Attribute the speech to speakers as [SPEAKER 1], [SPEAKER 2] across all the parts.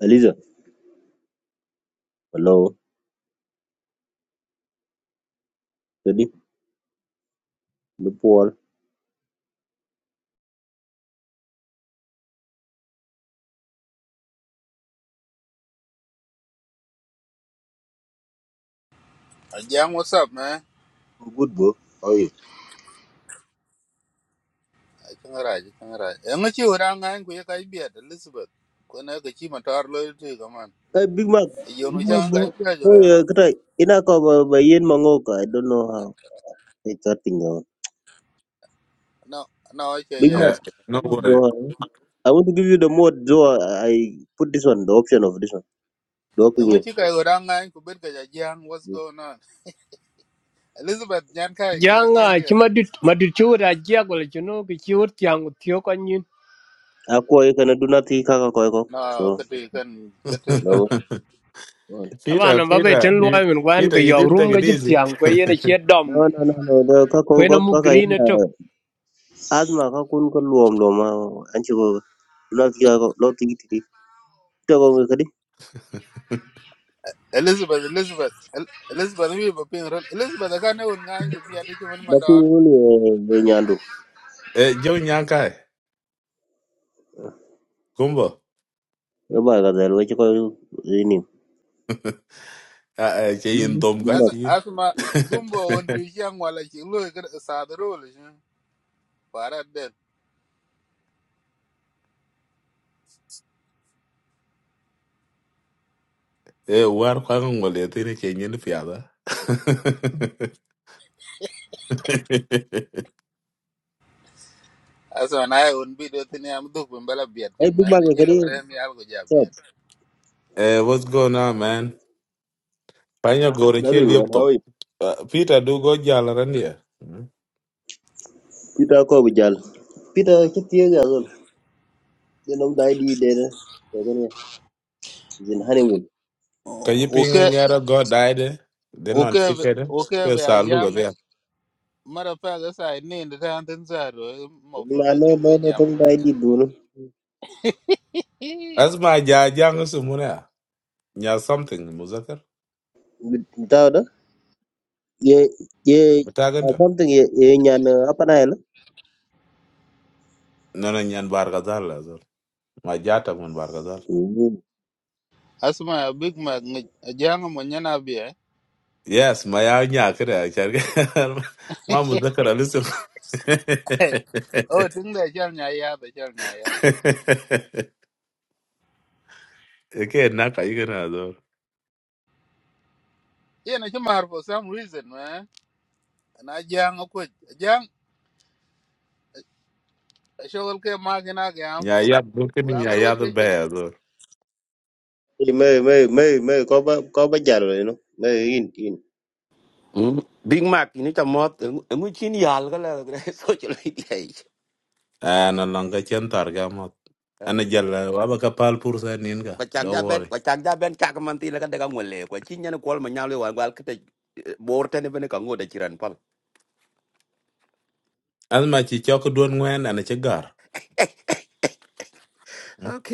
[SPEAKER 1] Eliza, hello, Teddy, The Paul.
[SPEAKER 2] Ajang, what's up, man?
[SPEAKER 1] Good bro, how are you?
[SPEAKER 2] I can't ride, I can't ride. Yang ngechi orang ngan kuya kai biat, Elizabeth. Kau nak kecil motor lo itu kaman.
[SPEAKER 1] Hey, Big Mac,
[SPEAKER 2] Iyo
[SPEAKER 1] Big
[SPEAKER 2] nu
[SPEAKER 1] Mac
[SPEAKER 2] cang
[SPEAKER 1] bro.
[SPEAKER 2] kai biat jual
[SPEAKER 1] Oh yeah,
[SPEAKER 2] yang.
[SPEAKER 1] kata ina ko ba ba yen mangoka. I don't know how it's starting now.
[SPEAKER 2] No, no, I
[SPEAKER 1] Big Mac,
[SPEAKER 2] can't.
[SPEAKER 3] Yeah, no
[SPEAKER 1] hello
[SPEAKER 3] worry.
[SPEAKER 1] bro. I want to give you the mode, so I, I put this one, the option of this one, the
[SPEAKER 2] Yang
[SPEAKER 1] option
[SPEAKER 2] ngechi kai orang ngan kubir kerja jang, what's
[SPEAKER 1] you.
[SPEAKER 2] going on? Elizabeth, jangan kai kira kan
[SPEAKER 4] janga
[SPEAKER 2] kia.
[SPEAKER 4] chima dit madit chiwur ajia gola chino ki chiwur tiang ku tiyo kanyin
[SPEAKER 1] Aqua, you can do nothing, kaka koeko.
[SPEAKER 2] No,
[SPEAKER 1] So
[SPEAKER 2] ketu kan, ketu kau.
[SPEAKER 1] no. No,
[SPEAKER 3] Peter,
[SPEAKER 4] tabana babe
[SPEAKER 3] Peter,
[SPEAKER 4] ten
[SPEAKER 3] you,
[SPEAKER 4] luwa min gwan
[SPEAKER 3] Peter,
[SPEAKER 4] ka
[SPEAKER 3] you
[SPEAKER 4] yaw
[SPEAKER 3] didn't
[SPEAKER 4] rum
[SPEAKER 3] take
[SPEAKER 4] ga
[SPEAKER 3] it
[SPEAKER 4] chit
[SPEAKER 3] easy.
[SPEAKER 4] tiang ko yene che dom
[SPEAKER 1] no, no, no. The
[SPEAKER 4] ko
[SPEAKER 1] kako
[SPEAKER 4] yene
[SPEAKER 1] kaka
[SPEAKER 4] mu
[SPEAKER 1] kaka
[SPEAKER 4] green to
[SPEAKER 1] ina asthma kakun ko luom luom ma anchi ko. Not kaka, not tiki tiki.
[SPEAKER 2] Elizabeth, Elizabeth, El- Elizabeth, ni bapin. Elizabeth, kan aku ngan kubiat itu cuma
[SPEAKER 1] Lakini
[SPEAKER 2] motor.
[SPEAKER 1] yule eh, eh, Nyandu
[SPEAKER 3] Eh, John Yankai, Kumbo.
[SPEAKER 1] yoba kadhal weche kwa ini.
[SPEAKER 3] Ah, eh, in Tom Kai.
[SPEAKER 2] As,
[SPEAKER 1] Bumak.
[SPEAKER 3] Yin.
[SPEAKER 2] asma, gumbo undi cang wala cing lo kira sadarul. Parat
[SPEAKER 3] Eh, war kwang wale tini Kenya ni fiada.
[SPEAKER 2] Asa na ay un video tini am duk bin bala biat
[SPEAKER 1] Ai
[SPEAKER 2] pin ma
[SPEAKER 1] bumak
[SPEAKER 2] ni kilo
[SPEAKER 1] kari
[SPEAKER 2] bare mi al go ja
[SPEAKER 1] sab.
[SPEAKER 2] biat.
[SPEAKER 3] Eh, what's going on, man? Panya gore
[SPEAKER 1] Nabe
[SPEAKER 3] kill yop
[SPEAKER 1] ngwan
[SPEAKER 3] top.
[SPEAKER 1] hawi.
[SPEAKER 3] Uh, Peter, do go jala randia. Can
[SPEAKER 1] Pita ko bijal. Pita kitiye gazol. Denom dai di dere. Kagani zin honeymoon.
[SPEAKER 3] you ping and
[SPEAKER 2] Oke
[SPEAKER 3] get a god died? Then on
[SPEAKER 2] oke
[SPEAKER 3] chicken.
[SPEAKER 2] oke be
[SPEAKER 3] Yes, I look
[SPEAKER 2] ajang
[SPEAKER 3] at them.
[SPEAKER 2] mara pa ga sa ni nda ta anten sa ro mo fruit
[SPEAKER 1] Na
[SPEAKER 2] be
[SPEAKER 1] no
[SPEAKER 2] chu
[SPEAKER 1] no
[SPEAKER 2] we
[SPEAKER 1] no
[SPEAKER 2] jam
[SPEAKER 1] tong
[SPEAKER 2] ta
[SPEAKER 1] dai
[SPEAKER 2] san.
[SPEAKER 1] di dun.
[SPEAKER 2] Ih
[SPEAKER 3] That's my jajang sumuna. Yes, something. Muzakkar.
[SPEAKER 1] Bita da. Ye ye
[SPEAKER 3] What
[SPEAKER 1] ah,
[SPEAKER 3] happened?
[SPEAKER 1] something ye ye nyan eh, apa na ele.
[SPEAKER 3] No, no. I am bargazal lah. Sir, my daughter won bargazal.
[SPEAKER 2] Asma a big mag ni ajang mo nyana bia.
[SPEAKER 3] Yes, my I am here. Sir, my muzakkar. Listen,
[SPEAKER 2] Oh
[SPEAKER 3] hehehehehehehehehe.
[SPEAKER 2] ting da chal nya ya da chal nya ya.
[SPEAKER 3] Okay, na kai ganah. Sir,
[SPEAKER 2] Ye na chimar for some reason ma. Na ajang ko ajang shogol ke ma gina ga am.
[SPEAKER 3] I am
[SPEAKER 2] Wa
[SPEAKER 3] looking.
[SPEAKER 2] ngar
[SPEAKER 3] I
[SPEAKER 2] we
[SPEAKER 3] am the
[SPEAKER 2] che
[SPEAKER 3] best. Sir,
[SPEAKER 1] Mei mei mei mei ko ba ko ba jalo no. Mei in in.
[SPEAKER 5] Ừ. Big Mac thì nó chầm mọt, chín yal cái là cái số chỗ lấy đi ấy.
[SPEAKER 3] ah, no longer can target me. I am jealous. I am kapalpur. Sir, Ninka.
[SPEAKER 5] Quả chạc
[SPEAKER 3] Don't
[SPEAKER 5] ra bên,
[SPEAKER 3] worry.
[SPEAKER 5] quả chạc ra bên chạc mà tí là cái đứa ngon lệ, quả chín nhá nó quál mà nhau lưu hoàn cái tạch bố tên bên cái ngô đại chỉ pal.
[SPEAKER 3] As much as you can do, Naina, it's a gar.
[SPEAKER 5] Ê, ok.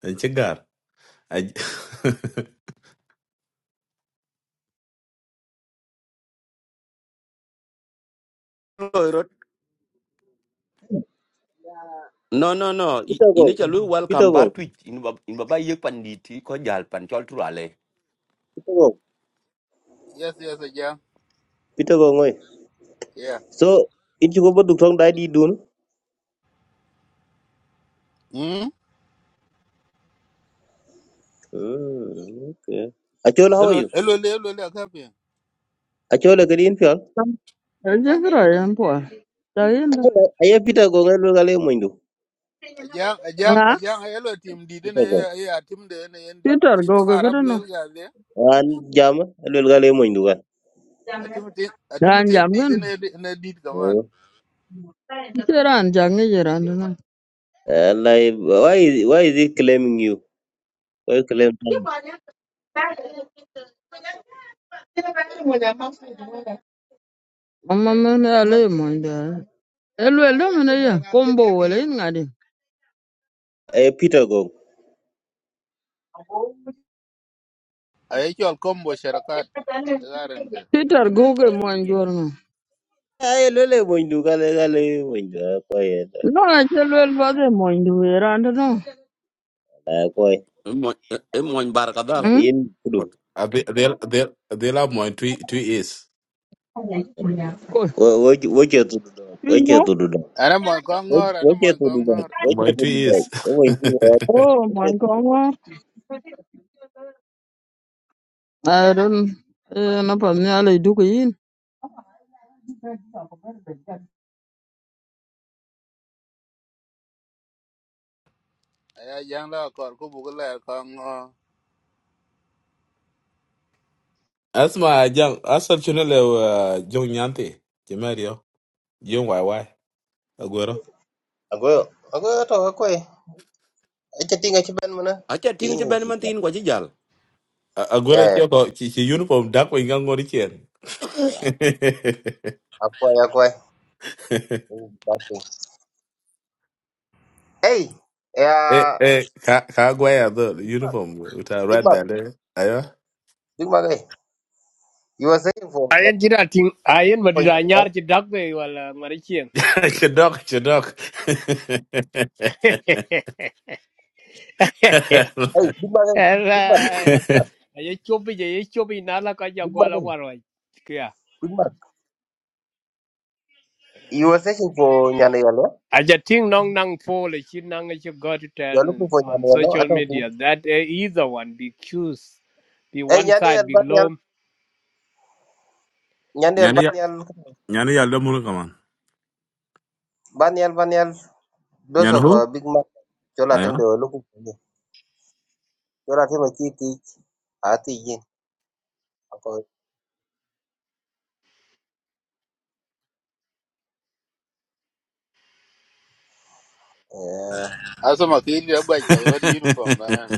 [SPEAKER 3] It's a gar.
[SPEAKER 5] Rồi rồi. No, no, no. I-
[SPEAKER 1] Pita ko.
[SPEAKER 5] Ini cho lưu
[SPEAKER 1] Pita
[SPEAKER 5] welcome bar
[SPEAKER 1] ko.
[SPEAKER 5] tweet. in bab ini baba yek pan di ti ko jal pan chol tu ale.
[SPEAKER 1] Pita ko.
[SPEAKER 2] yes yes ajang.
[SPEAKER 1] Pita ko ngoi.
[SPEAKER 2] Yeah.
[SPEAKER 1] So in chuko ba duk tong dai di dun.
[SPEAKER 2] Mm.
[SPEAKER 1] Mm, okay. Achola, how are
[SPEAKER 2] hello
[SPEAKER 1] you?
[SPEAKER 2] hello elo ka
[SPEAKER 1] Achola, good evening. Phil.
[SPEAKER 6] Ejekiro yen pua. Jainda.
[SPEAKER 1] Achola, I have Peter Gong, I'll go Moindu.
[SPEAKER 2] ajang ajang
[SPEAKER 6] Nga.
[SPEAKER 2] ajang ay team tim di de na
[SPEAKER 1] Peter Gong.
[SPEAKER 2] ya team de na yan di
[SPEAKER 6] Peter
[SPEAKER 2] ci to
[SPEAKER 6] Go
[SPEAKER 2] arab
[SPEAKER 6] kira
[SPEAKER 2] lo
[SPEAKER 6] no.
[SPEAKER 2] ga de
[SPEAKER 1] And Jama, I'll go Moindu.
[SPEAKER 2] atim tim atim
[SPEAKER 6] Ran
[SPEAKER 2] tim
[SPEAKER 6] jam
[SPEAKER 2] di
[SPEAKER 6] gin.
[SPEAKER 2] de na di ga man
[SPEAKER 6] Ichi ran jang iji ran dina.
[SPEAKER 1] Like, why is, why is he claiming you? Why is claiming
[SPEAKER 6] Mama mene ale moinda. Elwel do mene ya. Kombo wale in ngadi.
[SPEAKER 1] I Eh, Peter Gong.
[SPEAKER 2] ay ciol combo sharakat garen ke
[SPEAKER 6] Peter gogo moin jor no.
[SPEAKER 1] Ay, lele Moindu, gale, gale, Moindu. Akoy,
[SPEAKER 6] No na chelwel bade moin duwe ran dina.
[SPEAKER 1] akoy.
[SPEAKER 5] Em mon bar kadal.
[SPEAKER 6] Hmm?
[SPEAKER 1] In Kudu.
[SPEAKER 3] Abi- They'll they'll they'll have my two two years.
[SPEAKER 6] Ko.
[SPEAKER 1] Watch your to the dog. Watch your
[SPEAKER 6] Pinyo.
[SPEAKER 1] to the dog.
[SPEAKER 2] ana mo ko ngor
[SPEAKER 1] Watch
[SPEAKER 2] ana mo
[SPEAKER 1] your to
[SPEAKER 2] ko
[SPEAKER 1] the dog.
[SPEAKER 3] M-
[SPEAKER 2] ngor
[SPEAKER 1] Watch
[SPEAKER 3] My
[SPEAKER 1] your to
[SPEAKER 3] two
[SPEAKER 1] the dog.
[SPEAKER 3] years.
[SPEAKER 1] Oh, Moindu,
[SPEAKER 6] Oh
[SPEAKER 1] watch
[SPEAKER 6] my
[SPEAKER 1] your to the dog.
[SPEAKER 6] god. I don't. Eh, napa mene ale duku yin.
[SPEAKER 2] ay ajang la ko ko bu la ko ngor
[SPEAKER 3] That's my young. That's actually uh young Yante. Jemario. Young YY. Aguero.
[SPEAKER 1] Agoy, ato, akoy. Acha tinga chiban mana.
[SPEAKER 5] Acha ting cho bên man
[SPEAKER 1] Tinga.
[SPEAKER 5] tin ko chi jal.
[SPEAKER 3] A-
[SPEAKER 1] Ya
[SPEAKER 3] Aguero
[SPEAKER 1] ya.
[SPEAKER 3] choko chi chi uniform dark wing ngori chen.
[SPEAKER 1] Aku ya aku. Dati. Hey. Ya.
[SPEAKER 3] Eh eh ka ka gwaya the
[SPEAKER 1] Big Mac.
[SPEAKER 3] uniform with a
[SPEAKER 1] Big
[SPEAKER 3] red band. Eh? Ayo.
[SPEAKER 1] Mac. Hey. You were saying for.
[SPEAKER 4] ayen
[SPEAKER 1] You
[SPEAKER 4] jira ting
[SPEAKER 1] were
[SPEAKER 4] ayen
[SPEAKER 1] searching for
[SPEAKER 4] madit anyar
[SPEAKER 1] Nyandayalo.
[SPEAKER 4] chi dakbe wala mari chien
[SPEAKER 3] Chedok chedok.
[SPEAKER 1] Hey. Big Mac. Hey. Big Mac.
[SPEAKER 4] rai
[SPEAKER 1] Big Mac.
[SPEAKER 4] aye chobi je ye chobi nala ka ja
[SPEAKER 1] Big Mac.
[SPEAKER 4] gola
[SPEAKER 1] Hey.
[SPEAKER 4] warwa kya
[SPEAKER 1] Big Mac. You were searching for Nyandayalo.
[SPEAKER 4] aja ting nong nang po le chi nang che got to tell
[SPEAKER 1] You are looking for
[SPEAKER 4] on
[SPEAKER 1] Nyandayalo. I
[SPEAKER 4] social
[SPEAKER 1] don't think.
[SPEAKER 4] media that eh, either one be accused be
[SPEAKER 1] Hey.
[SPEAKER 4] one side
[SPEAKER 1] Nyandayal
[SPEAKER 4] be
[SPEAKER 1] Banyal.
[SPEAKER 4] low
[SPEAKER 1] Nyandayal
[SPEAKER 3] Nyani ya
[SPEAKER 1] Banyal.
[SPEAKER 3] nyani ya lomu kama.
[SPEAKER 1] Banyal Banyal. Those
[SPEAKER 3] Nyani
[SPEAKER 1] of uh,
[SPEAKER 3] who?
[SPEAKER 1] Big Mac. Chola them they were looking for you. Chola them a key teach. I teach you.
[SPEAKER 2] asama ki ni ga ga wa di uniform na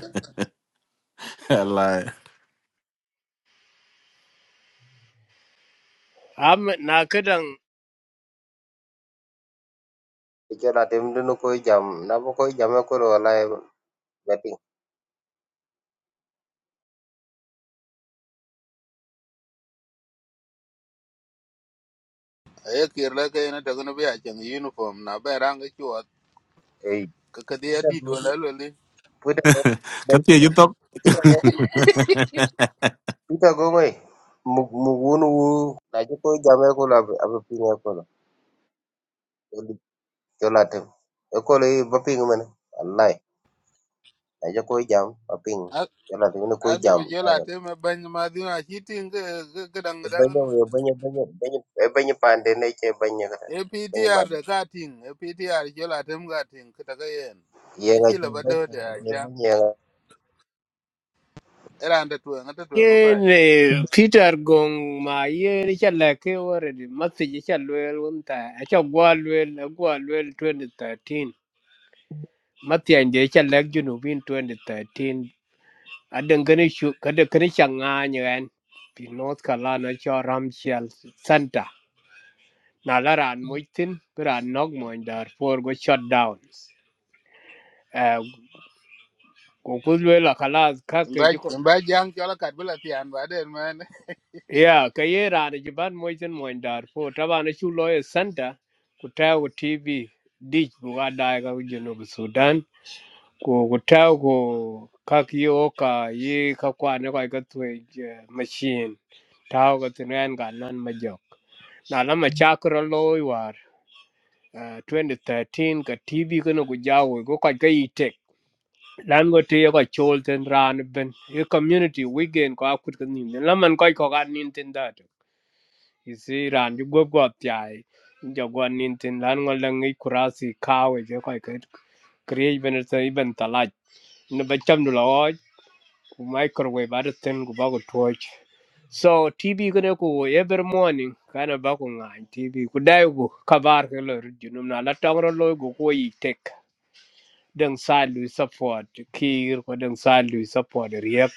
[SPEAKER 3] like,
[SPEAKER 4] am na kadan
[SPEAKER 1] Ijola dem du no koy jam na bo koy jame ko ro la beti
[SPEAKER 2] ay kir la ke na to no bi a chang uniform na ba rang ci wa
[SPEAKER 1] ei
[SPEAKER 2] ka ka de
[SPEAKER 1] pita
[SPEAKER 2] di
[SPEAKER 1] go
[SPEAKER 2] do la lo li
[SPEAKER 1] pita go do-
[SPEAKER 3] Kathy, you talk.
[SPEAKER 1] pita go pita go ngai mu mu wun wu na ji koy jame ko la ab pinga ko la jola tem e ko le ba ping men wallahi na ji koy jam ba ping jola dem no koy jam
[SPEAKER 2] asama jela
[SPEAKER 1] dagal
[SPEAKER 2] te me ban ma dina ci tin ga ga
[SPEAKER 1] e banyo
[SPEAKER 2] dang
[SPEAKER 1] e banyo banyo banyo e pande ne che banyo kata banyo
[SPEAKER 2] APTR
[SPEAKER 1] banyo
[SPEAKER 2] da ka ting, APTR jola tem ka ting kita ka ta ga yen.
[SPEAKER 1] ye nga
[SPEAKER 2] Achi
[SPEAKER 1] che
[SPEAKER 2] la ba do
[SPEAKER 1] banyo
[SPEAKER 2] de
[SPEAKER 1] nga
[SPEAKER 2] a jam. Era anda tuwe ngata tuwe ngafai.
[SPEAKER 4] yen peter gong ma yen challe ke already message chalwel unta acha gwalwel gwalwel 2013 matya inde challe junubin 2013 adan gane shu kada kane changa nyen pi north carolina cho ramchal center na laran moitin bra nog moindar for go shut down eh ko kulwela kalas
[SPEAKER 2] Imba
[SPEAKER 4] kake
[SPEAKER 2] imba jang jola kat bla ti tiyan ba den man.
[SPEAKER 4] Yeah, kaye rana jiban moitin moin Darfur. Tabana chu lawyer center kutao ku TV dich buga daiga ku Junub Sudan. Ku kutao ku kaki oka ye kakwa ne kwa ikatwe machine. Tao ka tinwen ga nan majok. Na lama chakra loy war uh, 2013 ka TV kuna kujawo ko kwa kai tek. Lan go te ka chol ten ran ben. Ye community weekend ko akut kan nim. Laman ko ko kan nim ten dat isi ran ju gop gop jai jo gon nin tin lan ngol lang ngi kurasi kawe je kai kai kriye ben ta ben talaj ne ba cham du loj ku microwave ar ten ku ba ku torch so tv gane ku every morning kana ba ku ngai tv ku dai ku kabar ke lo junum na la tong ro lo ku ko yi tek deng sa lu support kir ko deng sa lu support riek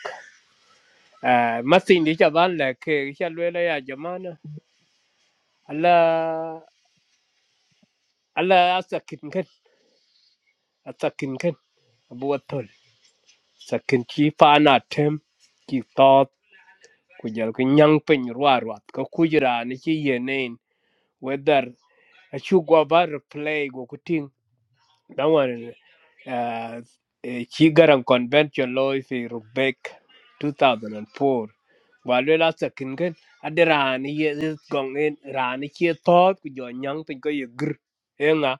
[SPEAKER 4] eh masin di chaban la ke cha le la ya jamana ala Allah ya sakin kan, a kan, abu watol. sakin ci paana tem ci toot ku jël ko ñang peñ ruaruat ko kujira ni ci yeneen wedar a ci goba replay go ku ting dan wan eh, eh, ci garan convention loy fi rubek 2004 walwe la sakin gen ade raani ye ye gong en raani ci toot ku jo ñang peñ ko ye gr enga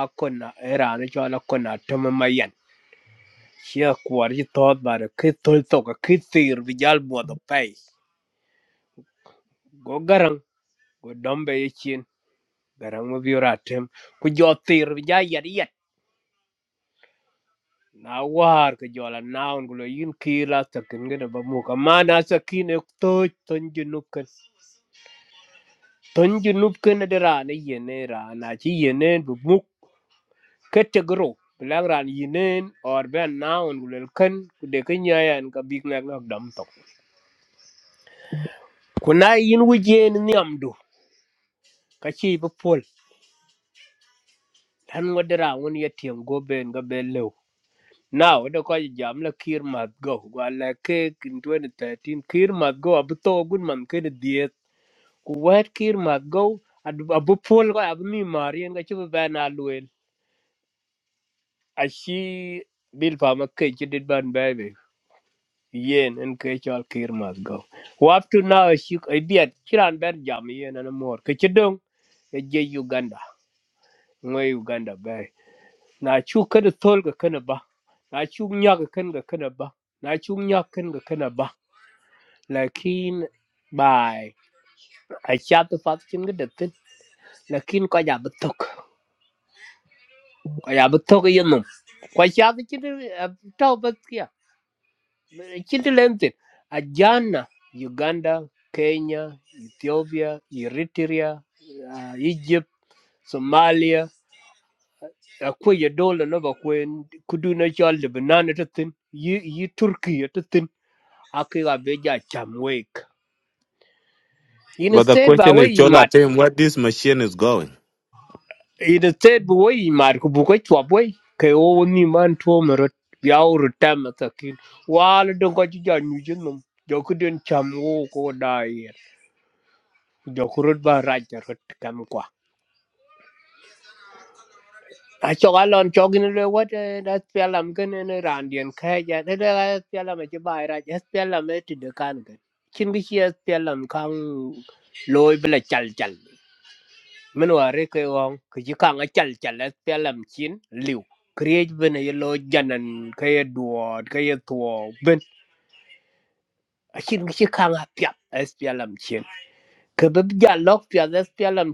[SPEAKER 4] akona raani ci ala kona tem mayen Xia kuar ji thot bare khi thol toka khi tir vijal muado pay. Go garang go dombe ye chin garang mo biura tem ku jo tir vija yat yat. Na war ke jola naun gulo yin kila takin gena ba mu kamana sakin ek toj tonju nukan. Tonju nukan adera ne yene ra na chi yene bu muk kategoro bilang ran yinen or ben naon gulel kan kude kenyayan ka big mac nok dam tok Kuna yin wujen ni amdu. Kachi ibu pol. Lan wadira wun yetiang go ben ga bellew. Now, the college jam la Kir Mat Go. While like cake in 2013, Kir Mat Go, Abuto Goodman, Kid Diet. Kuwait Kir Mat Go, ad- Abu Pol, Abmi Marian, Gachu Van Alwell. As she built for my cage, did ban baby. Yen and cage all Kir Mat Go. Who up to now, she I be at Chiran Ben Jam yen and more. Kachidong, a Uganda. ngo Uganda bai na chu kada tol ga kana ba na chu nya ga kan ga kana ba na chu nya kan ga kana ba lakin bai ai cha ta fat chin ga da tin lakin ko ya betok ko ya betok yin num ko cha ta chin ta ba kya chin ta lentin a jana Uganda Kenya Ethiopia Eritrea uh, Egypt Somalia akwai ya dole na ba kwen kudu na jol lebanon ta tin yi yi turki ta tin akai ga be ja cham wek in
[SPEAKER 3] but the
[SPEAKER 4] state ba
[SPEAKER 3] question is,
[SPEAKER 4] wai
[SPEAKER 3] Chola,
[SPEAKER 4] mat
[SPEAKER 3] tell him where this machine is going.
[SPEAKER 4] in state ba wai mat ku bu ko chwa boy kai o ni man to mero ya uru tam ta kin wal don ko ji ja nyu jin num jo ku den cham wo ko dai jo ku rut ba ra ja rut kam kwa I saw a cho ga lon cho gin le wa de da pya lam ken ne ran dien kha ja de da pya lam che bai ra ja pya lam ne ti de kan ke chin gi che pya lam kang loi bla chal chal men wa re ke won ke ji kang a chal chal le pya lam chin liu create ben ye lo janan ke ye duot ke ye tuo ben a chin gi che kang a pya es pya lam chin ke be ja lok pya es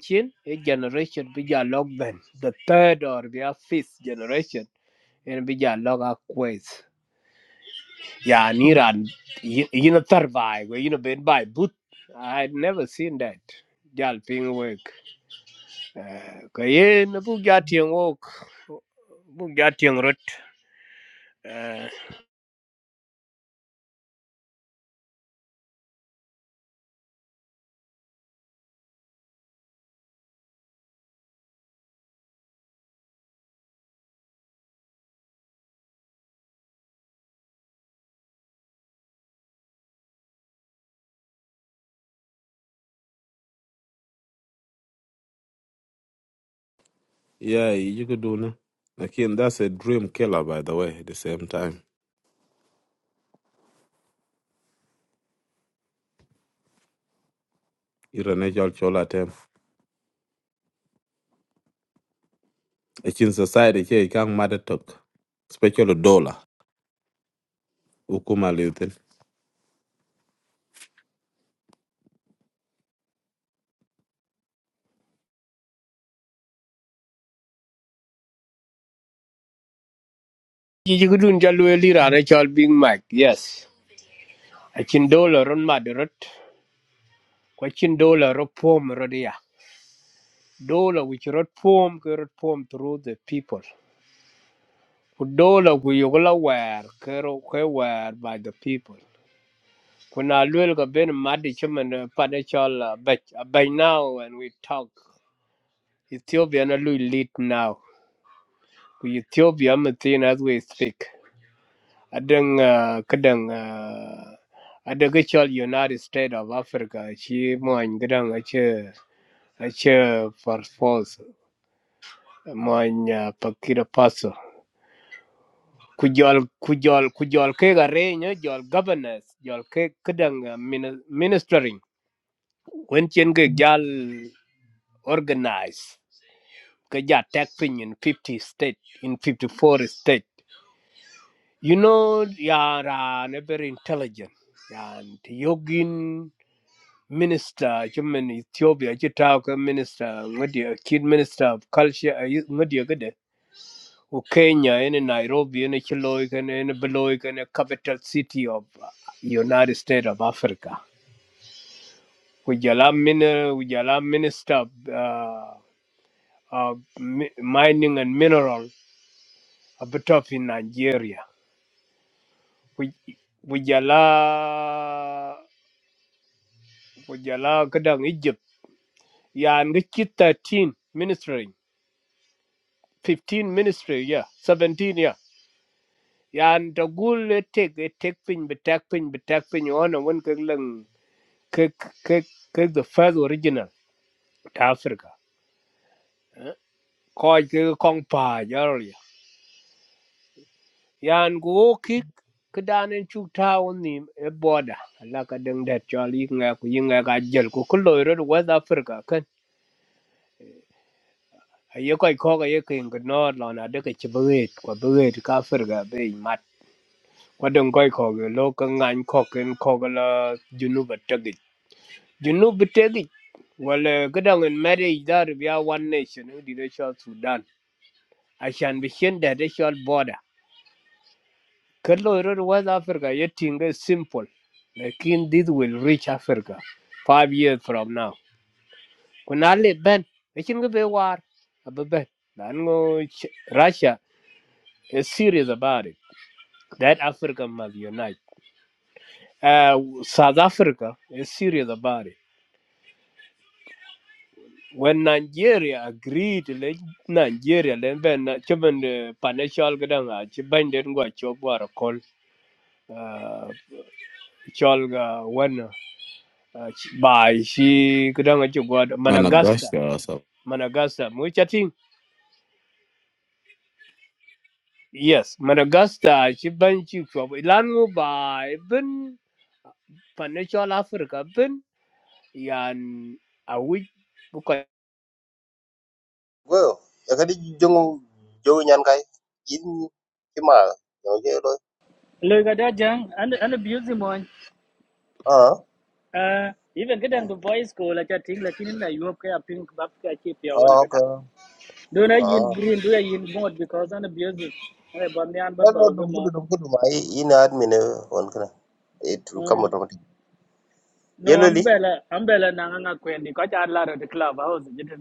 [SPEAKER 4] chin e generation be ja lok ben the third or the fifth generation ene bi ja loga quiz ya ni ran you know survive you know been by but i had never seen that jal ping work Uh, ka ye na bu ja tieng wok bu ja tieng rot
[SPEAKER 3] Yeah, you could do no. Again, that's a dream killer, by the way, at the same time. You're a natural Chola term. It's in society, here, you can't matter talk. Especially dollar. Ukuma Lutin.
[SPEAKER 4] ji ji gudun ja lu li ran chal bing mic yes a chin dollar on mad rot kwa chin dollar ro pom ro dollar which rot pom ke rot pom through the people ku dollar ku yugla wer ke ro ke wer by the people When I look at Ben Madichum and Padachal, but by now when we talk, Ethiopia na not lead now. We Ethiopia Matin as we speak. adeng, don't kadang I don't United States of Africa. She moan gadang a chair a chair for force moan Pakira Paso ku jol ku jol ku jol ke ga re nyo jol governors jol ke kedang uh, mini- ministering wen chen ke jal organize ke ja tech pin in 50 state in 54 state You know, you are uh, very intelligent. And Yogin minister, German Ethiopia, Chitaka minister, ngodi- kid minister of culture, uh, you- ngodi agede. U Kenya, in Nairobi, in Chiloik, and in Beloik, and a capital city of uh, United States of Africa. Ujala miner, ujala minister of uh, of mi- mining and mineral, a bit of in Nigeria. wujala wujala kadang egypt yan ga thirteen 13 ministry 15 ministry yeah 17 yeah yan ta gul le tek e tek pin be tek pin be tek pin ona won ke lang ke ke the first original ta africa ko ke kong pa yarol ya yan go ki kedanen chu ta woni e boda la ka deng da chali nga ku yinga ga jel ku kulo ro west africa aye koy ko ye kin ga no lo na de ke chbuet ko buet ka fer ga be mat ko dong koy ko ge lo ka ngan ko ken ko ga la junu ba tagi junu ba tagi wala ga dang en made da ya one nation di de shal sudan a shan bi shen da de shal border ka lo ro west africa ye tinga simple lakin this will reach africa five years from now kuna le ben kin ga be war ababen dan go russia is serious about it That Africa must unite. Uh, South Africa is serious about it. When Nigeria agreed, like Nigeria, then when when the financial gadang, when they go chop war call, uh, cholga when uh, by she gadang chop war
[SPEAKER 3] Man, I
[SPEAKER 4] Managasta,
[SPEAKER 3] gosh, yourself.
[SPEAKER 4] Managasta, which I think yes, Managasta, she ban chop chop. ilanu by ben financial Africa ben yan a week
[SPEAKER 1] Well, yakadi jongo jongo nyan kai in kima jongo je lo.
[SPEAKER 7] Lời gà đa jang, anh anh biểu gì mọi.
[SPEAKER 1] Ah,
[SPEAKER 7] À, even cái đang the voice call là chatting là khi nên là Europe cái appeal bắp cái chi piao na
[SPEAKER 1] ah,
[SPEAKER 7] cái đang.
[SPEAKER 1] okay.
[SPEAKER 7] Đôi này
[SPEAKER 1] Ah,
[SPEAKER 7] yin green, đôi này yin mod because anh abuse gì. Anh bảo bọn này anh
[SPEAKER 1] no
[SPEAKER 7] bắt
[SPEAKER 1] no
[SPEAKER 7] đầu cái
[SPEAKER 1] dum kudu
[SPEAKER 7] mod.
[SPEAKER 1] dum kudu ma i- in admin eh, on kana. It will come automatic.
[SPEAKER 7] No,
[SPEAKER 1] Yellow
[SPEAKER 7] anh
[SPEAKER 1] li.
[SPEAKER 7] bé là anh bé là nàng anh quen đi, có cha anh là ở the club house gì đó.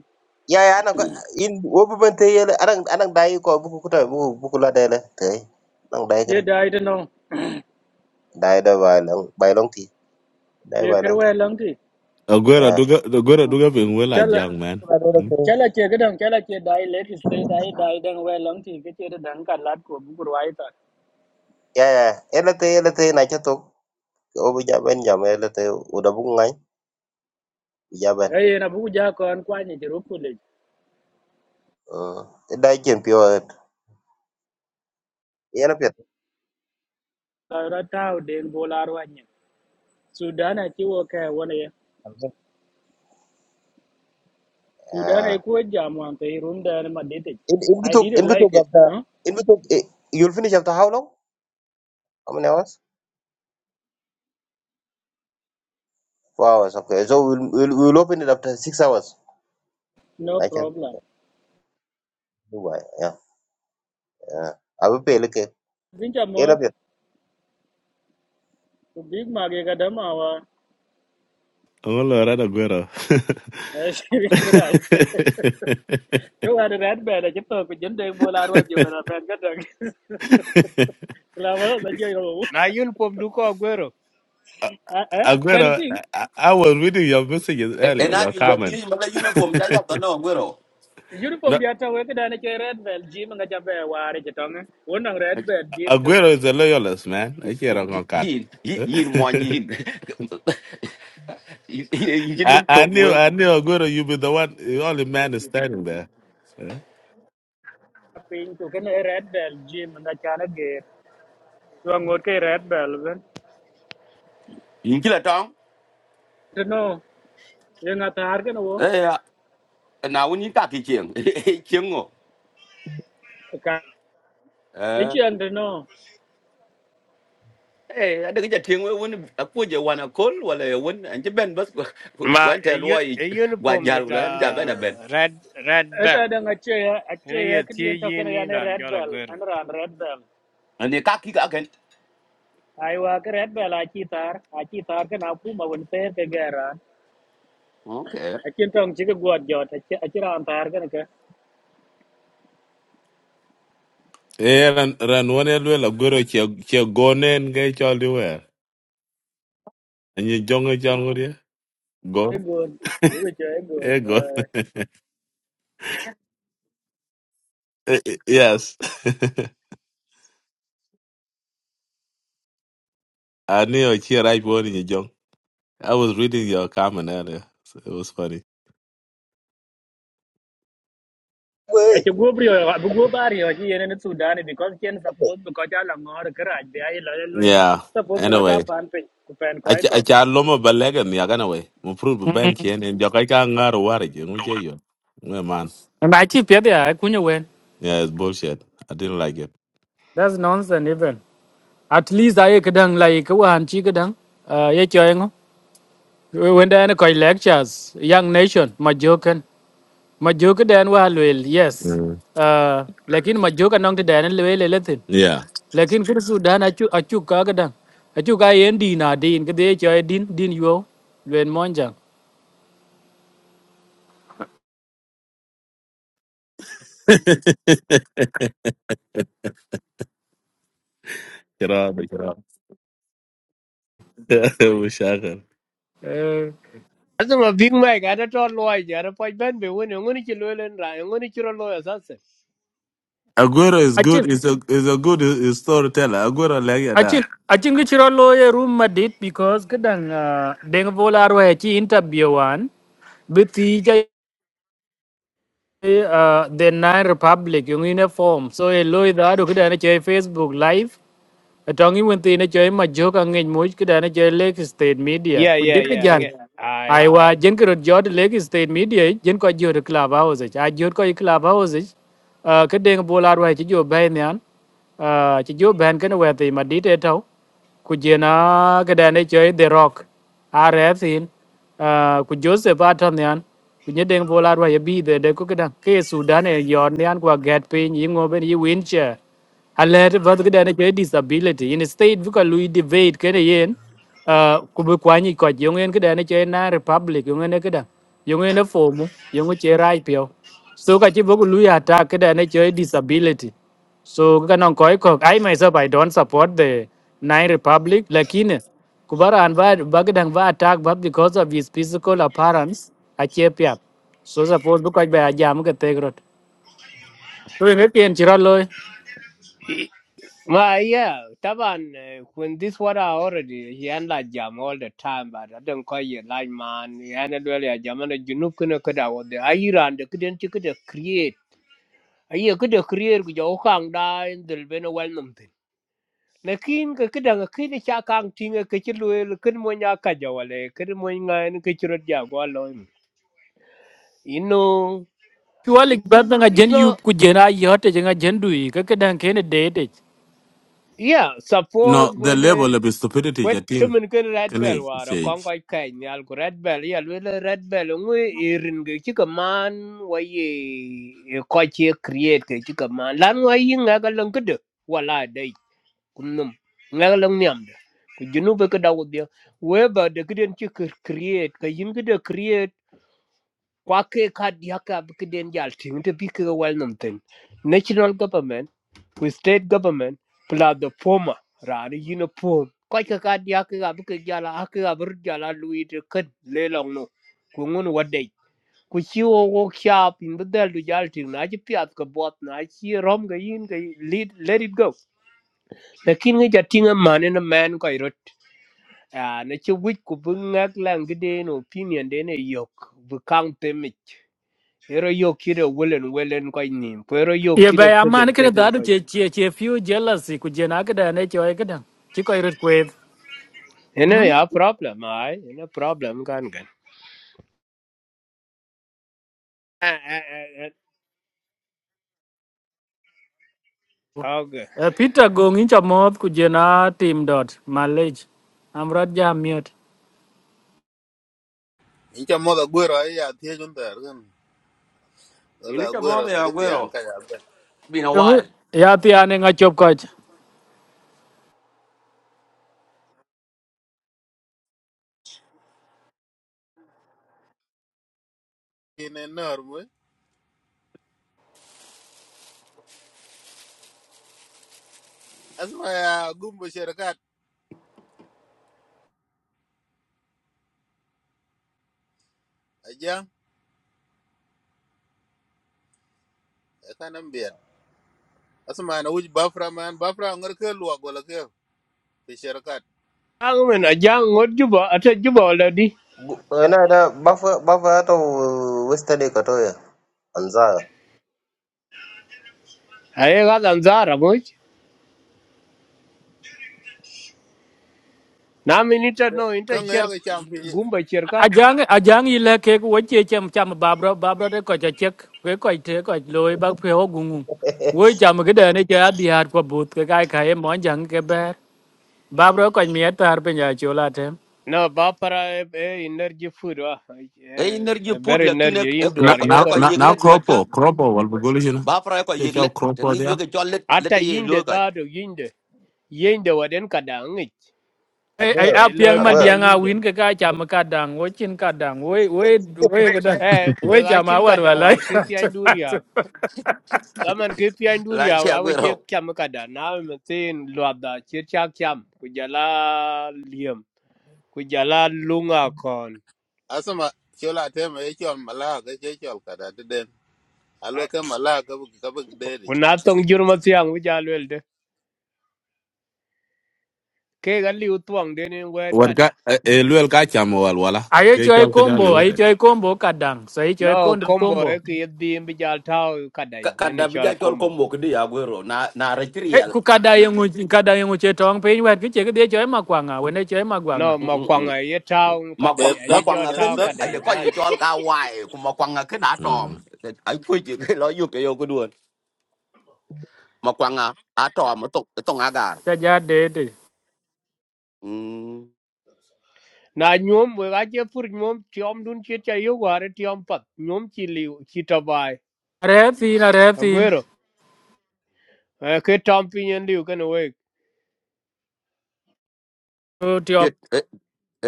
[SPEAKER 1] Ya ya anak in wobu bente yellow anak anak dai ko buku kuta buku buku la dai la tai. Nang dai
[SPEAKER 7] Ye
[SPEAKER 1] kana.
[SPEAKER 7] dai đó no,
[SPEAKER 1] Dai da bai long bai long ti. Dai
[SPEAKER 7] ye
[SPEAKER 1] bai long
[SPEAKER 7] kêu
[SPEAKER 1] ti.
[SPEAKER 7] ai lăng thì.
[SPEAKER 3] Aguero,
[SPEAKER 1] Ya.
[SPEAKER 3] duga, Aguero, duga, being well, a
[SPEAKER 7] chả là
[SPEAKER 3] young
[SPEAKER 1] Buku
[SPEAKER 3] man.
[SPEAKER 1] la dai la
[SPEAKER 3] Hmm?
[SPEAKER 1] tai.
[SPEAKER 7] chả là chơi cái đang chả là chơi dai late stay dai dai đang quay lăng thì cái chơi đó đang cả lát của bụng của ai ta.
[SPEAKER 1] Ya ya. Yellow tai yellow tai na chatok. Obu jaban jam yellow tai udah bungai. Jaban.
[SPEAKER 7] Ê, na bụng già còn qua nhà chỉ rút lên.
[SPEAKER 1] Uh, dai chen pio yana pet.
[SPEAKER 7] ra tao deng bolar wanya sudana ci wo ka wona ya sudana
[SPEAKER 1] Uh,
[SPEAKER 7] ko jam wan te rum da na madete
[SPEAKER 1] in in
[SPEAKER 7] i
[SPEAKER 1] between in
[SPEAKER 7] didn't
[SPEAKER 1] between
[SPEAKER 7] like it
[SPEAKER 1] after
[SPEAKER 7] huh?
[SPEAKER 1] in between eh, you'll finish after how long? How many hours? Four hours. Okay, so we'll we'll, we'll open it after six hours.
[SPEAKER 7] no
[SPEAKER 1] Like that.
[SPEAKER 7] problem
[SPEAKER 1] Dubai. Yeah. Yeah. I will pay. Look,
[SPEAKER 7] binja
[SPEAKER 1] yana
[SPEAKER 7] mo
[SPEAKER 1] pet.
[SPEAKER 7] to big mage ga da ma wa
[SPEAKER 3] I'm gonna learn
[SPEAKER 7] shiri ra
[SPEAKER 3] Aguero.
[SPEAKER 7] to wa red ba da ci to ko jende bolar wanya ba ba ga da la ma da je ro
[SPEAKER 4] na uniform duko Aguero
[SPEAKER 7] eh eh kan
[SPEAKER 3] Aguero,
[SPEAKER 7] ting
[SPEAKER 3] I, I was reading your messages
[SPEAKER 5] En
[SPEAKER 3] earlier, your
[SPEAKER 5] abi ba
[SPEAKER 3] comment.
[SPEAKER 5] ti ma la uniform cha ya to no gwero.
[SPEAKER 3] No,
[SPEAKER 7] uniform ya ta we ka da na ke red bell jim nga ja ba wa re ci to đang red bell jim to
[SPEAKER 3] Aguero is a loyalist, man. I can't wrong on card.
[SPEAKER 5] yin yin yin mo yin yin yin
[SPEAKER 3] I,
[SPEAKER 5] num
[SPEAKER 3] I
[SPEAKER 5] tok
[SPEAKER 3] knew,
[SPEAKER 5] wen
[SPEAKER 3] I knew Aguero, you be the one, the only man is standing there. Yeah,
[SPEAKER 7] piny ku kene red bell gym nga chana Wang ngot ke red bell ben.
[SPEAKER 5] yin kila tong
[SPEAKER 7] Tino, yang ngata harga no.
[SPEAKER 5] eh na un yin ka ki chen chen ngo
[SPEAKER 7] Ka.
[SPEAKER 5] eh
[SPEAKER 7] Ichi ande no.
[SPEAKER 5] eh ada ke chen wen wen ko je wana kol wala wen an je ben bas
[SPEAKER 4] ma
[SPEAKER 5] wan
[SPEAKER 4] a,
[SPEAKER 5] te lo
[SPEAKER 4] u-
[SPEAKER 5] yi
[SPEAKER 4] a
[SPEAKER 5] gwa
[SPEAKER 4] uniform
[SPEAKER 5] jal
[SPEAKER 4] with a
[SPEAKER 5] wala am ja ben a ben
[SPEAKER 4] red red bell
[SPEAKER 7] Eta ada ngace ya, ace
[SPEAKER 4] ni
[SPEAKER 7] ya
[SPEAKER 4] ye
[SPEAKER 7] ke
[SPEAKER 4] tie
[SPEAKER 7] dia
[SPEAKER 4] yi
[SPEAKER 7] token ya
[SPEAKER 4] ni
[SPEAKER 7] ne
[SPEAKER 4] ran
[SPEAKER 7] red
[SPEAKER 4] jolo
[SPEAKER 7] bell,
[SPEAKER 4] Aguero
[SPEAKER 7] an ran red bell.
[SPEAKER 5] ani ka ki ka ken
[SPEAKER 7] Ai wa ke red bell aci tar, aci tar ke na pu ma won te ke gara.
[SPEAKER 5] okay
[SPEAKER 7] Aci tong ci ke guat jot, aci aci ran tar ke ne ke.
[SPEAKER 3] Eh, ran ran one elwel Aguero che che gone nge chali wer. Anyi jonge changurie.
[SPEAKER 7] E
[SPEAKER 3] Go.
[SPEAKER 7] good. Yu ce e good.
[SPEAKER 3] Eh go. Eh, eh, Yes. I knew che right one in your jong. I was reading your comment earlier. So it was funny.
[SPEAKER 1] Wait.
[SPEAKER 7] Aci go brio, bu go bari ya ci ne ne sudan because ken support because ala ngor ke raj be ai la le.
[SPEAKER 3] Yeah.
[SPEAKER 7] Support bro
[SPEAKER 3] Anyway,
[SPEAKER 7] ta pan pe ku pen koi
[SPEAKER 3] acha
[SPEAKER 7] kok.
[SPEAKER 3] acha loma balega ni agana we mupru ben Chen en jokai ka ngaro wari je nguche yo we man
[SPEAKER 7] And I keep it there, I couldn't win.
[SPEAKER 3] yeah it's bullshit i didn't like it
[SPEAKER 7] That's nonsense even. At least I could dang like one chick dang. Uh, yeah, join. When they are lectures, young nation, my joke and my joke then well, yes.
[SPEAKER 3] mm.
[SPEAKER 7] Uh, like in my joke and on the dan and well, anything.
[SPEAKER 3] yeah
[SPEAKER 7] Like in Kuru Sudan, I chu, I chu kagadang. I chu guy and Dina, Dean, Gade, Joy, Dean, Dean, you, Len Monjang.
[SPEAKER 3] Get out, get out. We shaka.
[SPEAKER 7] Uh,
[SPEAKER 4] asa ma big mike ada to loy jara pa ben be woni ngoni ki lolen ra ngoni ki ro loy sasa
[SPEAKER 3] Aguero is good. Is a is a good uh, storyteller. Aguero like
[SPEAKER 7] I think
[SPEAKER 3] that.
[SPEAKER 7] I think it's a lawyer room madit because kadang uh, deng volar wa chi interview one with the uh, the nine republic yung uniform so a lawyer da do kadang che Facebook live trong những vấn Atongi wenti na choy ma joka ngej muj kida na chơi Lake State Media.
[SPEAKER 4] yeah yeah
[SPEAKER 7] Kujit ka
[SPEAKER 4] yeah
[SPEAKER 7] jan.
[SPEAKER 4] nge ai
[SPEAKER 7] Aiwa jen kiro jod Lake State Media dân ich, jen ko jod club house ich. A jod ko club house ich. Uh, Kadeng bola arwai chi jo bay niyan. Uh, Chi jo ban kana wenti ma dit e tau. cái đàn này chơi The Rock. RF in. Uh, Ku Joseph Aton niyan. Kujedeng bola bị ya bi de cái kukida. cái Sudan e yon niyan qua gat pin yi bên yi wheelchair ale te cái ke dane ke disability in state bu ka lui debate cái này yên, uh, ku bu kwa ni ko jong en ke dane ke na republic yong en ke da yong en fo mu yong che rai pio so cái chi bu ku lui ata ke dane ke disability so ka non ko ko i myself i don't support the nine republic lakini kubara an va ba ke dang va attack but because of his physical appearance a che pia so suppose bu ka ba jam ke te grot to nge pien chi ra loy
[SPEAKER 4] ma yeah taban eh, when this water already he and la jam all the time but i don't call you like man he and the jam and you know kuna kada wa the ayran the kiden ayi ke de krier ku jo kang da en del beno wal nam tin lekin ke ke dang ke ni cha kang tinga ke ti luel ken mo nya ka ja wale ke mo nya en ke ti rot ja go lo you know
[SPEAKER 7] Chualik badda nga
[SPEAKER 4] you
[SPEAKER 7] jen
[SPEAKER 4] know
[SPEAKER 7] yup ku jen a yote jenga jen dui ka ka dan kene date.
[SPEAKER 4] yeah suppose
[SPEAKER 3] No, the
[SPEAKER 4] when eh,
[SPEAKER 3] level of stupidity.
[SPEAKER 4] when
[SPEAKER 3] I think.
[SPEAKER 4] chumen ken red
[SPEAKER 3] Can
[SPEAKER 4] bell
[SPEAKER 3] he?
[SPEAKER 4] war
[SPEAKER 3] Shake.
[SPEAKER 4] kon ko kai ni al red bell ya luel red bell ngui irin ge ti ka man wa ye ko ti create ke ti ka man lan wa yin ga ga lang ke de wala dai kunum ngal lang niam de ku junu be ka dawo de we ba de kiden ci kir create ka yin de create kwa ke ka dia ka be kiden jal tin te bi ke wal nam ten national government with state government pla the former ra ni yin form ka ka ka dia ka be ke jala ha ka bur jala lui de kan le long no ku ngun wadai ku ci wo wo kya pin bedel du jal tin na ci piat ka bot na ci rom ga yin ga lead let it go lakin ngi jatinga mane na man ko irot a na ci wuj ku bu ngak lang de no opinion de ne yok bu kang temik ero yok kire welen welen ko nim ko ero yok
[SPEAKER 7] Ye ba
[SPEAKER 4] kire
[SPEAKER 7] ya
[SPEAKER 4] tegen
[SPEAKER 7] man ka
[SPEAKER 4] tegen
[SPEAKER 7] da du
[SPEAKER 4] ko
[SPEAKER 7] che che che few jealousy ku jen a ka da ne choi ka dan. Chi ko irit kwet.
[SPEAKER 4] ene ya problem ai ene problem kan gan à à à à, okay
[SPEAKER 7] Eh, Peter gong in chamoth ku jen a team dot malage. Amrat ja miot.
[SPEAKER 2] Incha moda gwero ay ya tiye junta ergan. Ola
[SPEAKER 5] yin ke mo
[SPEAKER 2] gwero
[SPEAKER 5] de
[SPEAKER 2] ka je tiyan
[SPEAKER 5] aguero
[SPEAKER 2] ka ya ba.
[SPEAKER 5] been a
[SPEAKER 7] Yung-
[SPEAKER 5] while
[SPEAKER 7] Ya ti ane nga chop koch.
[SPEAKER 2] Kine nor mu. Asma ya gumbo shirkat. Ajang, eka nam biyan. Asma na wuj bafra man. Bafra ngar ke luwa gola ke. Fi shirkat.
[SPEAKER 4] ang men a jang ngot juba ata juba la di
[SPEAKER 1] Ana da buffer buffer to western ka to ya. Anza.
[SPEAKER 4] ai ga dan zara moj na minita no inta
[SPEAKER 2] Ka
[SPEAKER 4] cher
[SPEAKER 2] ngaya ka cham fi.
[SPEAKER 4] gumba cherkat
[SPEAKER 7] Ajang ajang ile ke ku che chem cham babro babro de ko cha chek. Ke ko te ko loy bak pheo gungu. Woi cham cái đời này chơi đi hạt qua bụt cái gai khai em món chẳng cái bé Babro ko mi atar pe nya chola tem.
[SPEAKER 4] no ba para e energy food wa e
[SPEAKER 5] e energy put
[SPEAKER 4] very
[SPEAKER 5] la kin e
[SPEAKER 4] energy in
[SPEAKER 3] Now
[SPEAKER 4] duar
[SPEAKER 5] e
[SPEAKER 3] now
[SPEAKER 4] yo
[SPEAKER 5] ko yek
[SPEAKER 3] now
[SPEAKER 5] let wat ke
[SPEAKER 3] cropo. Kropo Kropo will be good. You know.
[SPEAKER 5] ba fra ko
[SPEAKER 3] They
[SPEAKER 5] yek
[SPEAKER 3] call
[SPEAKER 5] let tan
[SPEAKER 3] Kropo
[SPEAKER 5] ni jo
[SPEAKER 3] there.
[SPEAKER 5] ke chol let
[SPEAKER 4] Ata
[SPEAKER 5] let ye lo
[SPEAKER 4] yinde
[SPEAKER 5] ka
[SPEAKER 4] dhado yinde. Yinde waden kada angich.
[SPEAKER 7] Ai
[SPEAKER 1] Ago.
[SPEAKER 7] ai
[SPEAKER 4] E loy
[SPEAKER 7] apiang ma
[SPEAKER 4] kada
[SPEAKER 1] Ago.
[SPEAKER 7] diang a
[SPEAKER 4] yinde.
[SPEAKER 7] win ke ka cham ka dang wo chin ka dang wo wo wo ga da.
[SPEAKER 4] Eh, we
[SPEAKER 7] Wo cham a
[SPEAKER 4] achin
[SPEAKER 7] war
[SPEAKER 4] kada
[SPEAKER 7] wala.
[SPEAKER 4] war kipi anduriak. Daman kipi
[SPEAKER 5] la
[SPEAKER 4] anduria
[SPEAKER 5] che
[SPEAKER 4] we awe
[SPEAKER 5] aguero
[SPEAKER 4] chek cham kada. Na me tin luada chir chak cham. Kujala liam. Kujala lunga kon.
[SPEAKER 2] Asma jola tem ay chol malaka. Ay chol kada den. Alo ke mala ka bu ka bu dedi.
[SPEAKER 4] Unatong jurmatiang wijalwelde. Ke gali utwang deni wet
[SPEAKER 3] What guy?
[SPEAKER 4] kada.
[SPEAKER 3] Eluel guy chamo wal wala.
[SPEAKER 7] Ai choi
[SPEAKER 3] Kechal kada
[SPEAKER 7] combo ai
[SPEAKER 3] leo
[SPEAKER 7] choi combo ka dang. So ai choi
[SPEAKER 4] No
[SPEAKER 7] kondo
[SPEAKER 4] combo
[SPEAKER 7] combo.
[SPEAKER 4] eki yedhi mbijal tau kada.
[SPEAKER 5] Ka-
[SPEAKER 4] Jene
[SPEAKER 5] kada
[SPEAKER 4] chal
[SPEAKER 5] bija chol ko
[SPEAKER 4] combo.
[SPEAKER 5] mok di agwero na na
[SPEAKER 7] Eh
[SPEAKER 5] retriel
[SPEAKER 7] ku ka da yang ngu ka da yang ngu che tong pe wer ki che ke de choi ma kwanga we ne choi ma kwanga.
[SPEAKER 4] No, makwang a ye town kada
[SPEAKER 5] makwang
[SPEAKER 4] a ye
[SPEAKER 2] Bedap
[SPEAKER 5] makwang
[SPEAKER 4] jo
[SPEAKER 5] aken
[SPEAKER 4] town
[SPEAKER 5] de
[SPEAKER 2] bedap.
[SPEAKER 4] kada
[SPEAKER 5] aje ko ye
[SPEAKER 4] izatu.
[SPEAKER 5] chol ka wai ku makwang aken atom
[SPEAKER 3] Mm.
[SPEAKER 5] ai ku ji ke lo yu ke yo ku duon makwang a- atom to to ngagar
[SPEAKER 7] Ta ja de de.
[SPEAKER 5] mm
[SPEAKER 4] Na nyom we ga je fur nyom tiom dun che cha yo ware tiom pat nyom chi liu chi tabai.
[SPEAKER 7] Re tin a re tin.
[SPEAKER 4] Aguero. Eh, Ke tom pinyen liu kan we.
[SPEAKER 5] ket e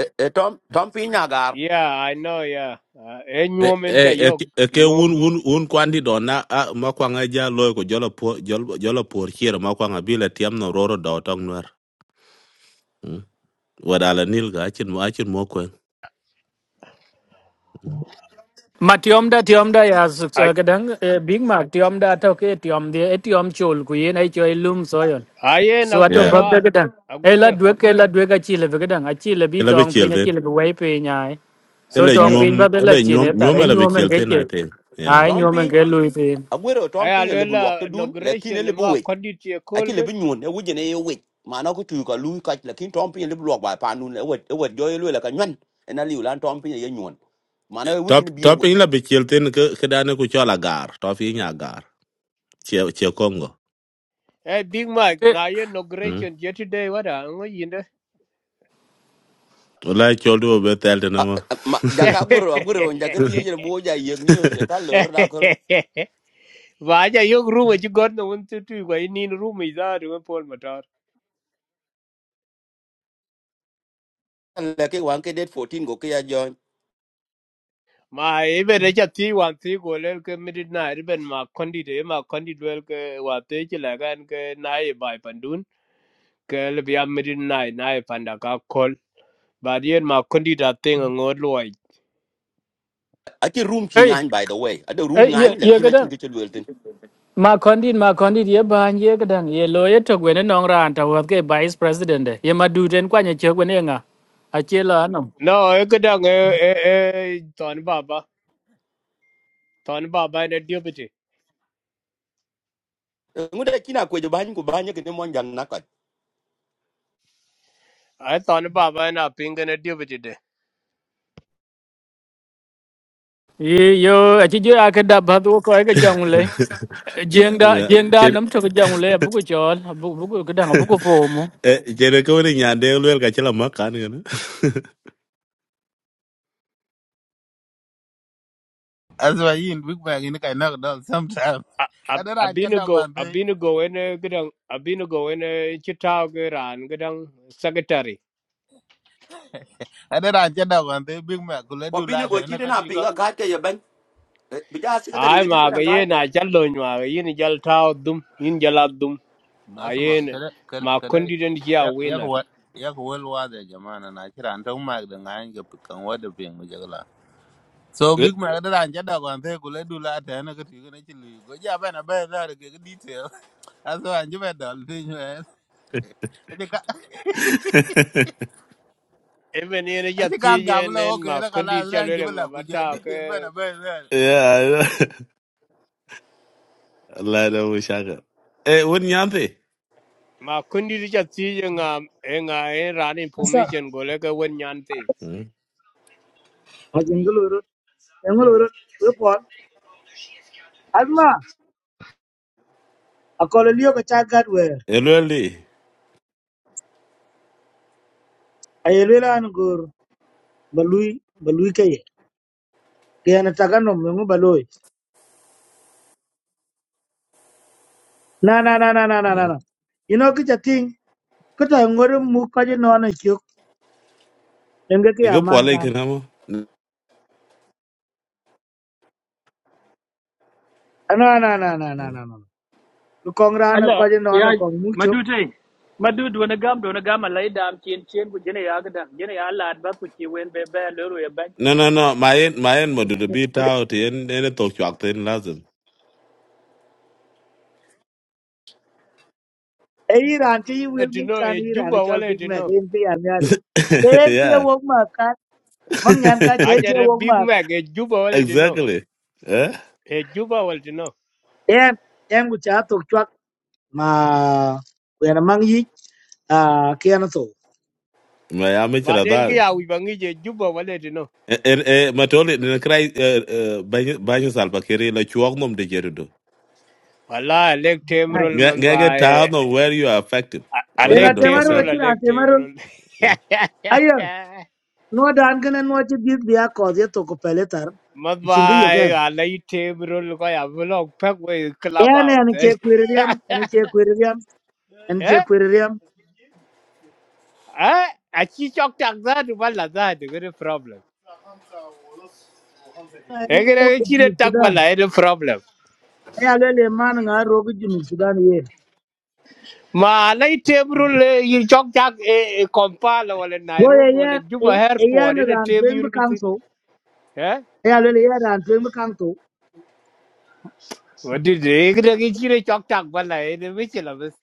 [SPEAKER 5] e e tom tom pin agar
[SPEAKER 4] Yeah, I know, yeah. Uh, e
[SPEAKER 3] e
[SPEAKER 4] nyom en
[SPEAKER 3] e
[SPEAKER 4] cha
[SPEAKER 3] e
[SPEAKER 4] yo
[SPEAKER 3] e ke un
[SPEAKER 4] nyom.
[SPEAKER 3] un un kwandi dona a ma kwanga ja loy ko jola po jol- jola por chiero ma kwanga bila tiam no roro do tong nwer Mm. wada la nil ga chin ma chin mo ko Mm.
[SPEAKER 7] Ma tiom da tiom da ya
[SPEAKER 4] Ai
[SPEAKER 7] kadang Big Mac tiom da to ke tiom dia e tiom chul ku yen ai choi lum soyon.
[SPEAKER 4] ai en
[SPEAKER 7] So ato
[SPEAKER 3] yeah
[SPEAKER 4] Aguero
[SPEAKER 7] bag da
[SPEAKER 4] ah.
[SPEAKER 7] kadang. E la
[SPEAKER 4] Aguero.
[SPEAKER 7] dwe ke la dwe ka chi le kadang a chi le bi
[SPEAKER 3] ela be
[SPEAKER 7] tong pe
[SPEAKER 3] chiel
[SPEAKER 7] na chi
[SPEAKER 3] den
[SPEAKER 7] le wei pe nyai. So tong
[SPEAKER 4] Aguero.
[SPEAKER 3] nyom
[SPEAKER 7] pin ba be
[SPEAKER 3] ela
[SPEAKER 7] la chi
[SPEAKER 3] nyom
[SPEAKER 7] ne ta
[SPEAKER 3] nyom
[SPEAKER 7] re
[SPEAKER 3] ela be
[SPEAKER 7] nyu men
[SPEAKER 3] chiel
[SPEAKER 7] ke
[SPEAKER 3] den i
[SPEAKER 7] che.
[SPEAKER 3] yeah
[SPEAKER 7] Ai
[SPEAKER 5] tom
[SPEAKER 7] nyu men
[SPEAKER 5] pin
[SPEAKER 7] ke lui pe.
[SPEAKER 5] agwero
[SPEAKER 4] Ai
[SPEAKER 5] tom pin le bulwak
[SPEAKER 4] alela
[SPEAKER 5] to dun le kin
[SPEAKER 4] inauguration
[SPEAKER 5] le bu
[SPEAKER 4] ma
[SPEAKER 5] wech
[SPEAKER 4] kodi ti kol
[SPEAKER 5] aki le bu
[SPEAKER 4] gan.
[SPEAKER 5] nyun e wuje ne ye wech mana ko tu ka lu ka le kin tom pin le bulwak ba pa nun e wet e wet jo ye lu le ka nyen en ali ulan tom pin ye nyun mana e
[SPEAKER 3] top
[SPEAKER 5] wuje ne
[SPEAKER 3] top
[SPEAKER 5] bi
[SPEAKER 3] ela be chiel ke ke dane ku chola gar top i nya gar che che kongo
[SPEAKER 4] Eh Big Mike
[SPEAKER 7] Te
[SPEAKER 4] na ye
[SPEAKER 3] mm
[SPEAKER 4] inauguration yesterday wada ngo yinde.
[SPEAKER 3] wala e chol do be tel den
[SPEAKER 5] Ah,
[SPEAKER 3] ma
[SPEAKER 5] ah, ma jaka agwero agwero jaga tije mo ja yeg news ka lor da ko
[SPEAKER 4] Vaja yok rumo ci god no un tu tu ko inin rumo izar un pol motor.
[SPEAKER 5] le ke wan ke date fourteen go ke ya join
[SPEAKER 4] Ma ibe de cha ti wan ti go le ke midit na iben ma kondi de ma kondi duel ke wa te ci la gan ke na e bai pandun ke le bia midit na e na e panda ka kol. Ba dien ma kondi da ting ngod loy.
[SPEAKER 5] ati room ki
[SPEAKER 7] ei
[SPEAKER 5] ngan by the way ada room
[SPEAKER 7] ei ye
[SPEAKER 5] ngan le
[SPEAKER 7] ye
[SPEAKER 5] kina ki
[SPEAKER 7] kadang.
[SPEAKER 5] ke lwelten
[SPEAKER 7] Ma kondit ma đi mà con đi ye ban ye cái đằng ye lo ye to gwen nong ran tàu wa ke vice president de. Ye mà du den kwa nya che gwen ye nga. A che la
[SPEAKER 4] No e ke dang e e e ton baba ton baba ne diobiti.
[SPEAKER 5] ngude kina ko je ban ko ban ke mon jan na ko
[SPEAKER 4] Ai ton baba na pingen ne diobiti
[SPEAKER 7] Ye- yo a ci je a ka dabba du ko ga jongle jengda jengda nam
[SPEAKER 3] yeah
[SPEAKER 7] to ga jongle bu ko chol bu bu ko dang bu ko fomo
[SPEAKER 3] Eh, Jere ko wani nyande ulwel ka chila makan gana.
[SPEAKER 2] Azwa yin big bag in kai nak dog sometime.
[SPEAKER 4] A- Ab-
[SPEAKER 2] Adara an chada
[SPEAKER 4] Abinago
[SPEAKER 2] gwante.
[SPEAKER 4] Abinago ene gidang Abinago ene chitao ge ran gidang secretary
[SPEAKER 2] Adara an chada gwante big mac kula du
[SPEAKER 5] ko
[SPEAKER 2] la
[SPEAKER 5] bine
[SPEAKER 2] ta
[SPEAKER 5] go
[SPEAKER 2] na
[SPEAKER 5] ti
[SPEAKER 2] ka
[SPEAKER 5] na
[SPEAKER 2] ti ko.
[SPEAKER 5] pinga ga ke ye ban bi ja secretary
[SPEAKER 4] ai
[SPEAKER 5] ga di ko
[SPEAKER 4] ma ga
[SPEAKER 5] na ga
[SPEAKER 4] ye na jallo nywa ga yin jal tao dum yin jala dum ma
[SPEAKER 2] Asma
[SPEAKER 4] yen
[SPEAKER 2] kada kada
[SPEAKER 4] ma
[SPEAKER 2] kada-
[SPEAKER 4] kondi den ya
[SPEAKER 2] ya ya
[SPEAKER 4] winner
[SPEAKER 2] ko ya ko wel wa da jama'a na kira an tan mac da ngan ga pikan wa da pin mujagla. So big mac adara an chada gwante kula du la ta na ka ti ko na chilu. Go ja bana ba na ba da ga detail. Azwa an jiba dal tin.
[SPEAKER 4] even ene ja
[SPEAKER 2] Aci kan
[SPEAKER 4] tiye
[SPEAKER 2] gabla
[SPEAKER 4] nen
[SPEAKER 2] oke
[SPEAKER 4] ma
[SPEAKER 2] la kala
[SPEAKER 4] kondi ja
[SPEAKER 2] ran
[SPEAKER 4] lele nga
[SPEAKER 2] jibla ku jo
[SPEAKER 4] bata ke
[SPEAKER 2] detail bana ben ben.
[SPEAKER 3] Yeah, Allah da mu shaka. Eh, wani nyante?
[SPEAKER 4] ma kondi ja tiye nga e nga e ran
[SPEAKER 8] What's up?
[SPEAKER 4] information go le ga wen nyante
[SPEAKER 8] ajunguluru enguluru report asma akolo liyo ko chagat wer
[SPEAKER 3] Ulwel di?
[SPEAKER 8] ayelela an gur balui balui ke kena tagano mengu baloi na na na na na na na na. ino ki chating ko ta ngor mu ka je no na chuk enge ki
[SPEAKER 3] Ego
[SPEAKER 8] aman
[SPEAKER 3] pwale
[SPEAKER 8] gam
[SPEAKER 3] ikana mo?
[SPEAKER 8] na na na na na na
[SPEAKER 3] Mm.
[SPEAKER 8] na ko kongra na ko
[SPEAKER 7] Allah
[SPEAKER 8] je no
[SPEAKER 7] ya
[SPEAKER 8] na kong mu chuk
[SPEAKER 7] madute madud wani gam da wani gam Allah ya dam cin cin ku jene ya gadan jene ya Allah ba ku ci wen be be loro ya ban
[SPEAKER 3] No, no, no. Mayen, mayen madudu bi tao ti en ene tok chwak ten lazim.
[SPEAKER 8] e iran ti i wil ngi
[SPEAKER 4] etino
[SPEAKER 8] kan
[SPEAKER 4] e
[SPEAKER 8] iran
[SPEAKER 4] juba
[SPEAKER 8] chal
[SPEAKER 4] wale
[SPEAKER 8] big mac
[SPEAKER 4] etino
[SPEAKER 8] en pi am yari en pi
[SPEAKER 3] Yeah,
[SPEAKER 8] wok ma ka man nyan ka chen
[SPEAKER 4] aja
[SPEAKER 8] ke
[SPEAKER 4] re
[SPEAKER 8] wok
[SPEAKER 4] big
[SPEAKER 8] ma
[SPEAKER 4] mac e juba wale etino
[SPEAKER 3] exactly. Eh?
[SPEAKER 4] e juba wale etino
[SPEAKER 8] em en gu cha tok ma wena mang yi a kiana to
[SPEAKER 3] Mayami chila
[SPEAKER 4] Baden ki
[SPEAKER 3] daro.
[SPEAKER 4] ya wi bangi je juba wale tino.
[SPEAKER 3] Eh, eh, eh, matoli, nina krai eh, eh, banyo salpa kiri la chuak nom de jerudo.
[SPEAKER 4] Wala a leg tem
[SPEAKER 8] ai
[SPEAKER 4] roll man
[SPEAKER 3] Get get
[SPEAKER 4] ba
[SPEAKER 3] get
[SPEAKER 4] a
[SPEAKER 3] down of where you are affected.
[SPEAKER 4] a
[SPEAKER 3] One
[SPEAKER 8] en
[SPEAKER 4] leg
[SPEAKER 3] hundred
[SPEAKER 4] tem
[SPEAKER 8] atemaro
[SPEAKER 4] roll
[SPEAKER 3] percent.
[SPEAKER 4] a
[SPEAKER 8] vechura
[SPEAKER 4] leg tem
[SPEAKER 8] atemaro
[SPEAKER 4] roll.
[SPEAKER 8] ayo no dan kana no ti bit bia ko ye to ko peletar
[SPEAKER 4] Man ba
[SPEAKER 8] chingi yo ken
[SPEAKER 4] a leg tem roll ko ya vlog pek we club
[SPEAKER 8] en
[SPEAKER 4] out.
[SPEAKER 8] en che kwiririam en che kwiririam en che
[SPEAKER 4] Eh?
[SPEAKER 8] kwiririam
[SPEAKER 4] Eh? A chi chok tak za tu bala za tu gre problem.
[SPEAKER 8] ai
[SPEAKER 4] E gre
[SPEAKER 8] yo ko
[SPEAKER 4] chi de
[SPEAKER 8] jinu
[SPEAKER 4] tak
[SPEAKER 8] sudan
[SPEAKER 4] bala e de problem.
[SPEAKER 8] ai ale le man nga ro ko jinu sudan ye
[SPEAKER 4] Ma a leg tem roll yi chok tak e e kompala wala
[SPEAKER 8] yo ye
[SPEAKER 4] Nairobi wala Juba
[SPEAKER 8] ye e yan
[SPEAKER 4] airport e
[SPEAKER 8] ran
[SPEAKER 4] tem
[SPEAKER 8] twen bu
[SPEAKER 4] roll
[SPEAKER 8] kang so
[SPEAKER 4] tin.
[SPEAKER 8] ai ale le yan ran twen bu kang to
[SPEAKER 4] Wadide, ikida kichire chok tak bala, ene michila bas.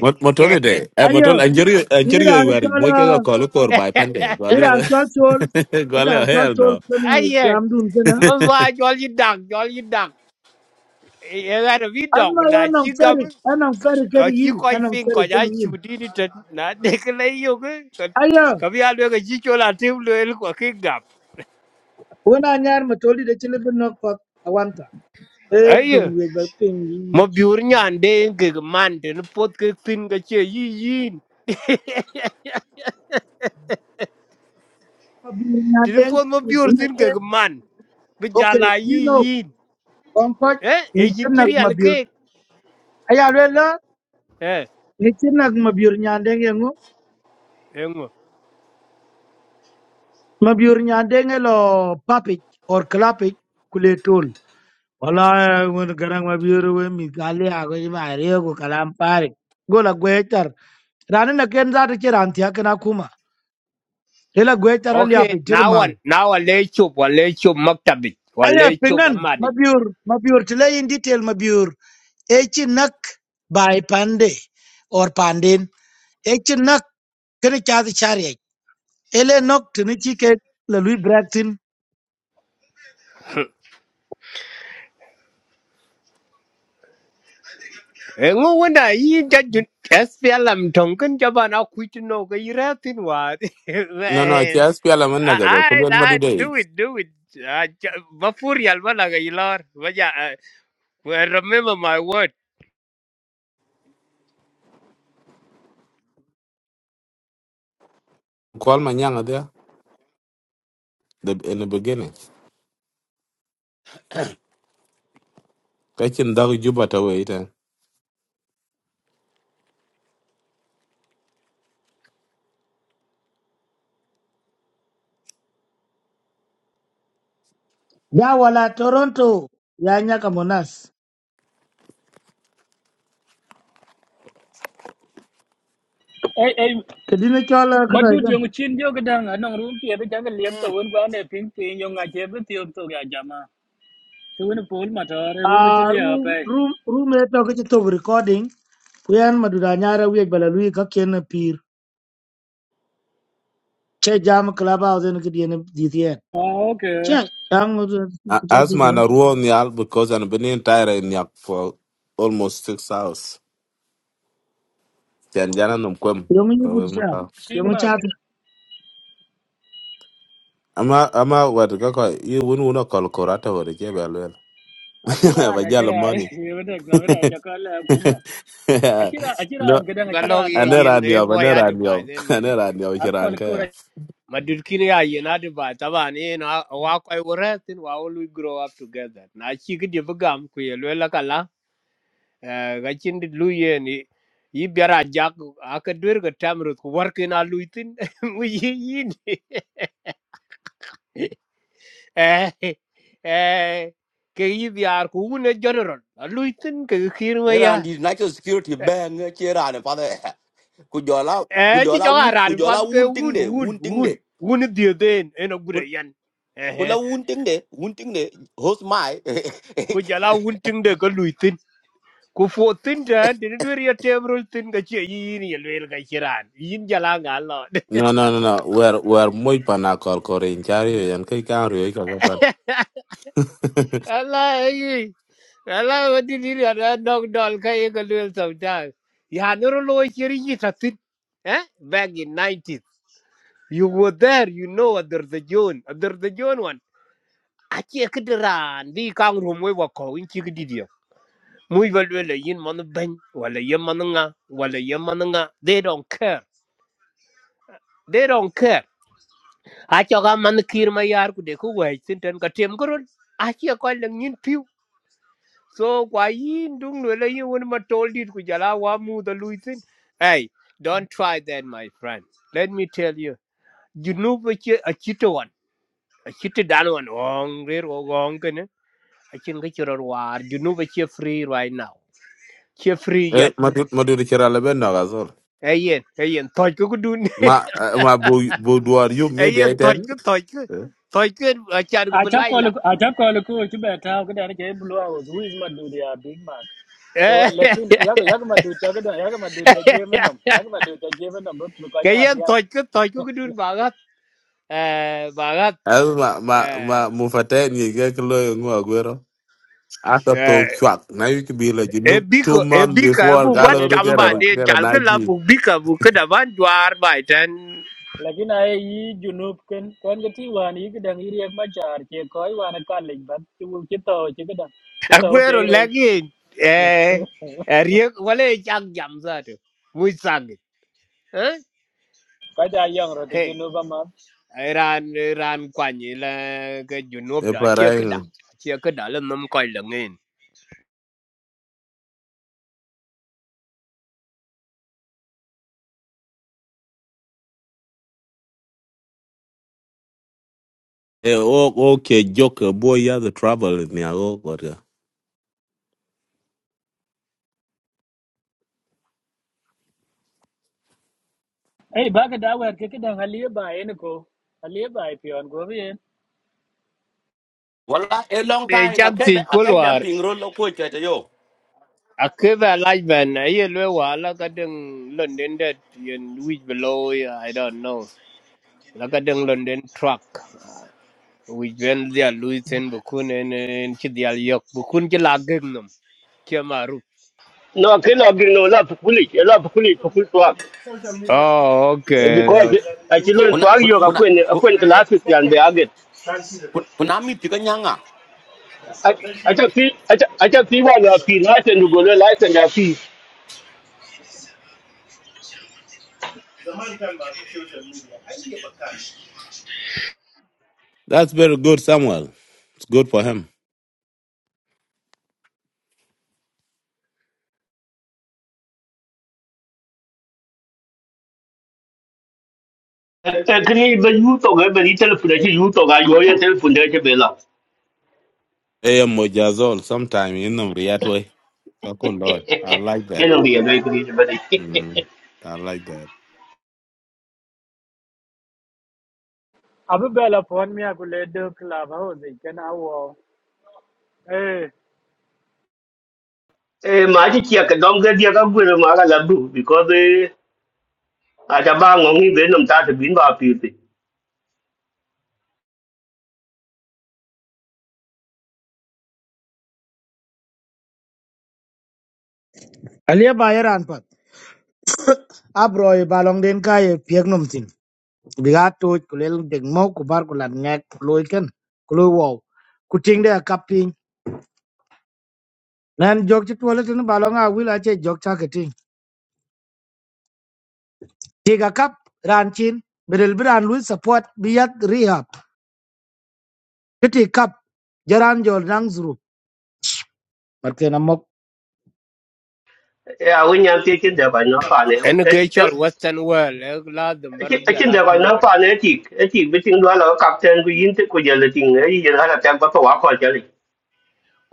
[SPEAKER 3] Mot Motoli de. Eh,
[SPEAKER 8] ayo
[SPEAKER 3] motoli. Anjiri anjiri
[SPEAKER 8] iran
[SPEAKER 3] you are. Mo
[SPEAKER 8] chola
[SPEAKER 3] kaya kalu kor by pande.
[SPEAKER 8] iran
[SPEAKER 3] Gwale
[SPEAKER 8] chol chol
[SPEAKER 3] gwale
[SPEAKER 8] iran
[SPEAKER 3] oh,
[SPEAKER 8] chol
[SPEAKER 3] hell
[SPEAKER 8] chol
[SPEAKER 3] no.
[SPEAKER 8] kene
[SPEAKER 4] Aye,
[SPEAKER 8] jamdun
[SPEAKER 4] mazwa jol yidak, jol yidak. Ega na
[SPEAKER 8] Asma
[SPEAKER 4] vidok, na
[SPEAKER 8] yanam
[SPEAKER 4] chi gam,
[SPEAKER 8] ferik, yanam ferik
[SPEAKER 4] ka
[SPEAKER 8] ken
[SPEAKER 4] chi
[SPEAKER 8] yin,
[SPEAKER 4] koi
[SPEAKER 8] yanam
[SPEAKER 4] fin, ka
[SPEAKER 8] ferik
[SPEAKER 4] ja
[SPEAKER 8] ken yin.
[SPEAKER 4] chudi ni tet, na dekla iyo ke,
[SPEAKER 8] Aya,
[SPEAKER 4] ka bi alwe ka chi chola tim lo el kwa ke gap.
[SPEAKER 8] wena nyar matoli de chile bin nok pak awanta. E
[SPEAKER 4] Aye,
[SPEAKER 8] dung we ba ping yin.
[SPEAKER 4] ma biur nyan de en ke man, tene pot ke fin ka che yi yin.
[SPEAKER 8] Mabi na
[SPEAKER 4] Tene
[SPEAKER 8] deng,
[SPEAKER 4] pot ma
[SPEAKER 8] ni
[SPEAKER 4] biur
[SPEAKER 8] chile
[SPEAKER 4] tin ke
[SPEAKER 8] ke.
[SPEAKER 4] man, bi
[SPEAKER 8] Okay,
[SPEAKER 4] jala
[SPEAKER 8] you
[SPEAKER 4] yi
[SPEAKER 8] know,
[SPEAKER 4] yin.
[SPEAKER 8] konkoj,
[SPEAKER 4] Eh,
[SPEAKER 8] ni
[SPEAKER 4] e yin
[SPEAKER 8] chile nak
[SPEAKER 4] kiri
[SPEAKER 8] mabiur.
[SPEAKER 4] alke.
[SPEAKER 8] Aya rela,
[SPEAKER 4] eh
[SPEAKER 8] ni chile nak mabiur nyandeng yengu.
[SPEAKER 4] engo
[SPEAKER 8] Mabiur nyandeng elo papik or klapik kule tol. Wala, wena garang mabiur we mi kali ako jima ariyo ko kalampari. Gola gwe char. Rani na ken zata chira antia kena lela gwe taral ya
[SPEAKER 4] okay
[SPEAKER 8] piktir
[SPEAKER 4] now
[SPEAKER 8] ma
[SPEAKER 4] one now a lecho wa lecho maktabi wa
[SPEAKER 8] aya
[SPEAKER 4] lecho
[SPEAKER 8] pingan
[SPEAKER 4] amadi
[SPEAKER 8] mabiur mabiur tila in detail mabiur echi nak bai pande or pandin echi nak kene chaad chariye ele nok tini chike la lui braktin
[SPEAKER 4] engo wanda yi da jun SPLM tonkin jaba na kuiti no ga iratin wa
[SPEAKER 3] no no. Kia
[SPEAKER 4] man
[SPEAKER 3] spiala man nagado.
[SPEAKER 4] I, I
[SPEAKER 3] Kumbel madu
[SPEAKER 4] I
[SPEAKER 3] de.
[SPEAKER 4] do it do it Ah, ja- bafurial wala ga ilor waja ah, well, remember my word
[SPEAKER 3] Call manyanga there. The in the beginning. Kachin dagu juba tawe ita.
[SPEAKER 8] ya wala toronto ya nyaka monas
[SPEAKER 7] ai ai
[SPEAKER 8] kedine chola kata
[SPEAKER 7] madud
[SPEAKER 8] ikan
[SPEAKER 7] yo cin yo gadan anan rum fiye da jangal liyab to wen ba ne pin pin yo ngaje be ti to ya jama to wen pol ma to re
[SPEAKER 8] a
[SPEAKER 7] rum ci liya
[SPEAKER 8] room
[SPEAKER 7] pe
[SPEAKER 8] room room eto kichi to recording kuyan madura nyara wiye bala lui ka ken pir che jam club house ne kidien dithien
[SPEAKER 7] ah ok,
[SPEAKER 8] che
[SPEAKER 3] A- Asma
[SPEAKER 8] jam
[SPEAKER 3] na ruo ni because an bini entire in yak for almost six hours. Tianjana numkwem.
[SPEAKER 8] Yung yi budja.
[SPEAKER 7] pin
[SPEAKER 8] Yung
[SPEAKER 7] mak
[SPEAKER 8] chat.
[SPEAKER 3] ama ama wat kaka i wun wun akol kor ata wori che ba lwel
[SPEAKER 7] Akhiran,
[SPEAKER 3] ba jalo
[SPEAKER 7] akhiran,
[SPEAKER 3] money
[SPEAKER 7] Ya betul, kamera cakap lah kuma. Akhiran,
[SPEAKER 3] no
[SPEAKER 7] akhiran, kadang
[SPEAKER 4] galog
[SPEAKER 7] akhiran
[SPEAKER 4] ye
[SPEAKER 3] ane
[SPEAKER 7] kang ni.
[SPEAKER 4] yin
[SPEAKER 3] ran
[SPEAKER 4] e
[SPEAKER 3] yob ane
[SPEAKER 4] moya
[SPEAKER 3] ran yob
[SPEAKER 4] divaden
[SPEAKER 3] ane
[SPEAKER 4] madit
[SPEAKER 3] ran yob
[SPEAKER 7] Aku
[SPEAKER 3] chiran
[SPEAKER 7] kalau
[SPEAKER 3] ka
[SPEAKER 7] kau
[SPEAKER 3] ya
[SPEAKER 4] madudkin ya united by taban in wa koy woretin wa we grow up together na chi gidi bugam ku ye lela kala eh, ga chin dit lu ye ni yi biara jak aka dur ga tamrut ku workin a luitin mu yi yi ni. eh eh ke yi biar ku un general a luitin ke khir ma ya
[SPEAKER 5] ran di national security ban che ran pa de ku jola ku
[SPEAKER 4] eh chi
[SPEAKER 5] jola
[SPEAKER 4] jo
[SPEAKER 5] un
[SPEAKER 4] ara
[SPEAKER 5] ku
[SPEAKER 4] fat
[SPEAKER 5] jola
[SPEAKER 4] ke
[SPEAKER 5] un ting
[SPEAKER 4] un
[SPEAKER 5] de
[SPEAKER 4] un
[SPEAKER 5] un ting
[SPEAKER 4] un
[SPEAKER 5] de
[SPEAKER 4] un di den en ogure
[SPEAKER 5] ku
[SPEAKER 4] yan eh
[SPEAKER 5] la
[SPEAKER 4] eh.
[SPEAKER 5] un ting de un ting de host mai
[SPEAKER 4] ku jala un ting de ko ku fo tin ta de de ri tebro tin ga che yi ni le ga chiran yin jala ga lo
[SPEAKER 3] no no no no Where where moy pana kor kor in chari yo yan kai
[SPEAKER 4] ala yi ala wadi ni ra da dog dol ka ye ga le so ta ya no lo chiri yi ta tin eh back in 90s you were there you know under the john under the john one a che kidran bi kang ru mo wa ko in chi kididio muy va le le yin man ban wala yin man nga wala yin man nga they don't care they don't care achoka man kir ma yar ku de ku wai sinten ka tem gurul achia ko lang yin piu so kwa yin dung no le yin won ma tol dit ku jala wa mu da luisin hey don't try that my friend let me tell you you know what you a chito one a chito dan one ong re ro ong ken a chin ga chiro war you know what you free right now you free yet
[SPEAKER 3] madu madu chira le ben no gazol
[SPEAKER 4] hey yen hey yen toy ku ku dun
[SPEAKER 3] ma eh, ma bo bo duar yu
[SPEAKER 4] hey
[SPEAKER 3] media
[SPEAKER 4] yen toy
[SPEAKER 3] ten
[SPEAKER 4] ku toy ku toy ku a chan ku
[SPEAKER 7] Acha
[SPEAKER 4] lai la
[SPEAKER 7] kalau acha kalau kau cuba tahu kadang ni jadi blue Who is madu dia Big Mac. So lekin yak yak madu cakap kadang yak madu cakap je menom. Yak madu cakap je menom. Bukan
[SPEAKER 4] cái
[SPEAKER 7] aja
[SPEAKER 4] yên
[SPEAKER 7] biar.
[SPEAKER 4] tôi cứ tôi cứ đun bà gắt à bà gắt
[SPEAKER 3] as ma ma ma
[SPEAKER 4] à
[SPEAKER 3] mu fata ni ga klo ngo agwero After
[SPEAKER 4] à
[SPEAKER 3] talk chuck. Now you could be like you
[SPEAKER 4] e
[SPEAKER 3] know
[SPEAKER 4] bi
[SPEAKER 3] two
[SPEAKER 4] ko e
[SPEAKER 3] months
[SPEAKER 4] bi ka
[SPEAKER 3] before
[SPEAKER 4] bu
[SPEAKER 7] Ni
[SPEAKER 4] wan
[SPEAKER 3] Galo
[SPEAKER 7] cuy
[SPEAKER 3] Rutera
[SPEAKER 4] chamba
[SPEAKER 7] media.
[SPEAKER 4] de
[SPEAKER 3] Kera
[SPEAKER 4] chal ke la
[SPEAKER 3] Naji.
[SPEAKER 4] bu bi ka bu ke da wan jwar bai ten
[SPEAKER 7] Lekin ayah i junub kan kan keti wan i kadang iri ak macar ke kau i wan kan lagi bat. Cuba kita kita kita
[SPEAKER 4] aguero
[SPEAKER 7] upiai roi.
[SPEAKER 4] lagi e riek wale chak jam za de muy sang eh
[SPEAKER 7] Kaja yang roti
[SPEAKER 4] he
[SPEAKER 7] junub amat.
[SPEAKER 4] ran ran kwani la ke junub da chia ke da
[SPEAKER 3] Eparango.
[SPEAKER 4] chia ke da la nam koi la ngin
[SPEAKER 3] Eh, oh, okay, Joker, boy, you have the trouble with me. I go, God, yeah.
[SPEAKER 7] Hey, baga da wer ke kidan haliye ba yen ko. Haliye ba pion go bi
[SPEAKER 5] Wala a long
[SPEAKER 4] e
[SPEAKER 5] time
[SPEAKER 4] chan ti
[SPEAKER 5] akebe akebe
[SPEAKER 4] kulwar
[SPEAKER 5] ping roll ko chete yo.
[SPEAKER 4] Akiva like ben aye lwe la ka deng London that yen which below I don't know. La ka deng London truck which ben dia Luisen bukun en en chi dia yok bukun chi lageng nom kia maru.
[SPEAKER 9] No, kino gino la pukuli, la pukuli pukul tuak.
[SPEAKER 4] Oh okay.
[SPEAKER 9] Because
[SPEAKER 4] okay.
[SPEAKER 9] achi lon
[SPEAKER 5] Kuna
[SPEAKER 9] tuak yo ka kwen
[SPEAKER 5] kuna
[SPEAKER 9] kwen classes yan be aget.
[SPEAKER 5] kuna mi tiga nyanga.
[SPEAKER 9] Acha ti acha acha ti wa na pi license to go le license ya pi.
[SPEAKER 3] That's very good, Samuel. It's good for him.
[SPEAKER 9] E kini be yu to ga be ni telephone achi yu to ga yo ye telephone de che bela.
[SPEAKER 3] Eh, yeah, Mojazol, sometime in the Riyadh way. Kako Lord. I like
[SPEAKER 9] Ye
[SPEAKER 3] that.
[SPEAKER 9] no ye be kini be de.
[SPEAKER 3] Mm, I like that.
[SPEAKER 7] Abu bela pon mi akule de club house i ken awo. Eh,
[SPEAKER 9] E ma ji ki ka dom ga dia ka gwe ma ga la bu because eh, acha ba ngong ni be nom ta te bin ba pi ti.
[SPEAKER 8] Alia bayaran pat. Abroy balong den kay piek num tin. Biga to kulel deg mo ku bar ku lat ngek loy ken. Kuloy wow. Ku ting de kap pin. Nan jok ti toilet ni balong a wil a che jok ta ke ting. Ti ga kap ran chin. Berel bran lu support biyat rehab. Kiti kap jaran jol nang zuru. Matke na mok.
[SPEAKER 9] E a wen yan ti chen da ba na pa ne.
[SPEAKER 4] En ke chol western world e la dum bar dia
[SPEAKER 9] Akin
[SPEAKER 4] la
[SPEAKER 9] da kwa
[SPEAKER 4] ting
[SPEAKER 9] nan
[SPEAKER 4] rot.
[SPEAKER 9] pa ne ti e ti bitin dwa la captain ku yin te ku je le tin ai je hala tan pa pa wa ko je le.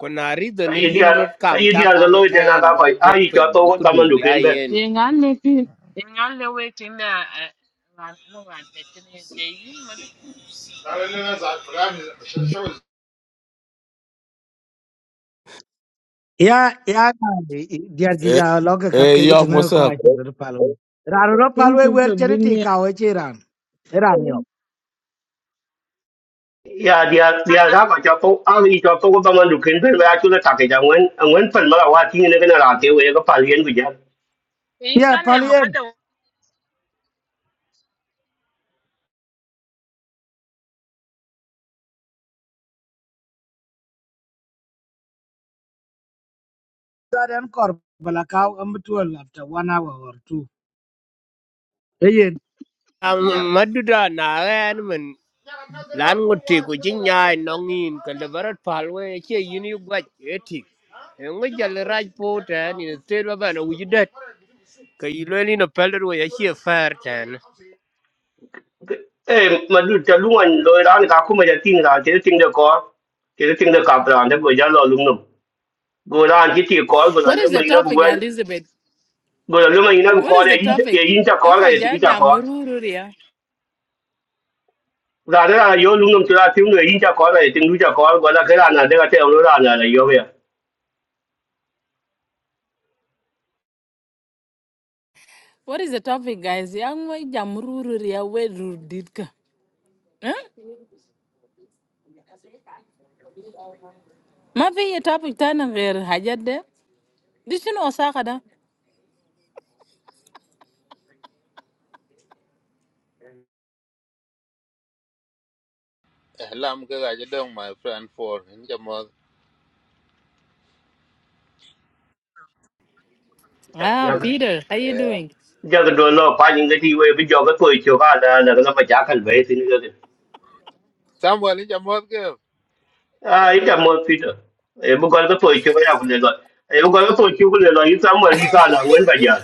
[SPEAKER 4] Konari do
[SPEAKER 9] Ka
[SPEAKER 4] ne
[SPEAKER 9] yi dia
[SPEAKER 4] yin rot
[SPEAKER 9] ka
[SPEAKER 4] kang
[SPEAKER 9] yi
[SPEAKER 4] cha
[SPEAKER 9] dia da
[SPEAKER 4] kang
[SPEAKER 9] loy te na
[SPEAKER 4] tan
[SPEAKER 9] ka ko
[SPEAKER 4] bar dok
[SPEAKER 9] ai cho
[SPEAKER 4] ping
[SPEAKER 9] to ko da man
[SPEAKER 4] bukudu
[SPEAKER 9] du
[SPEAKER 4] bi
[SPEAKER 9] ken ben.
[SPEAKER 4] ayen
[SPEAKER 10] Yenga leti. Yenga le waiting na ano nga tetene jayin madu.
[SPEAKER 8] Ya ya diar ji
[SPEAKER 3] Eh,
[SPEAKER 8] ja log kap
[SPEAKER 3] eh,
[SPEAKER 8] ke
[SPEAKER 3] yo, what's
[SPEAKER 8] gitene ko
[SPEAKER 3] up?
[SPEAKER 8] a che palo. Ran ro
[SPEAKER 10] Thank
[SPEAKER 8] palo
[SPEAKER 10] you
[SPEAKER 8] wer
[SPEAKER 10] for
[SPEAKER 8] chen
[SPEAKER 10] bringing
[SPEAKER 8] ti
[SPEAKER 10] me up.
[SPEAKER 8] ka we Iran yo.
[SPEAKER 9] Ya dia dia
[SPEAKER 10] Kada
[SPEAKER 9] da ka cho to ai cho to ko da man du ken ben ya chu le ta ke ja ngwen ngwen pen ma la wa ti ne ke na ra te we ko pa lien ku ja.
[SPEAKER 8] Yeah,
[SPEAKER 10] yenga ne
[SPEAKER 8] Palien.
[SPEAKER 10] makada
[SPEAKER 8] That and Corbala cow and after one hour or two. Hey, yeah,
[SPEAKER 4] maduda na ren men lan ngote ko jinya nongin ka lebarat palwe che yini gwat etik ngo jal raj po tan ni te ba na wujidet ka yilwe ni no pelro ya che fer
[SPEAKER 9] Eh ma du ta lu an loy ran ka ku ma ja tin ra te tin de ko. Te tin de ka ra ne ko ja lo lu no. Go ran ti ti ko go la
[SPEAKER 10] What
[SPEAKER 9] le
[SPEAKER 10] is the
[SPEAKER 9] ma ina
[SPEAKER 10] topic,
[SPEAKER 9] ku
[SPEAKER 10] Elizabeth?
[SPEAKER 9] go lo ma ina
[SPEAKER 10] What
[SPEAKER 9] ko
[SPEAKER 10] is the
[SPEAKER 9] le yin ye
[SPEAKER 10] topic?
[SPEAKER 9] yin cha ko
[SPEAKER 10] Eko
[SPEAKER 9] ga ye
[SPEAKER 10] aja
[SPEAKER 9] ti cha ko
[SPEAKER 10] jamurururia.
[SPEAKER 9] ra de ra yo lu nom cha ti no yin cha ko ga ye ti lu cha ko go la ke ra na de ga te lu ra na le yo ya
[SPEAKER 10] What is the topic, guys? Yang mo jamurururia we rudidka. Huh? Mafi ye topic tana gher hajade. Dishino osaka da.
[SPEAKER 2] Lam ke ga jadong my friend for in jamot.
[SPEAKER 10] Ah,
[SPEAKER 9] ya
[SPEAKER 10] Peter, how you
[SPEAKER 2] Eh.
[SPEAKER 10] doing?
[SPEAKER 9] ja ga do lo pa yin ga ti we bi jo ga to cho ga da na ga ma ja kan
[SPEAKER 2] Samuel in jamot ke.
[SPEAKER 9] à, ít là một a nữa, em mo pi to e bu ga ga to cho ga ya ku le lo e bu ga ga to cho ku le lo yin sa ma li sa na wen ba ya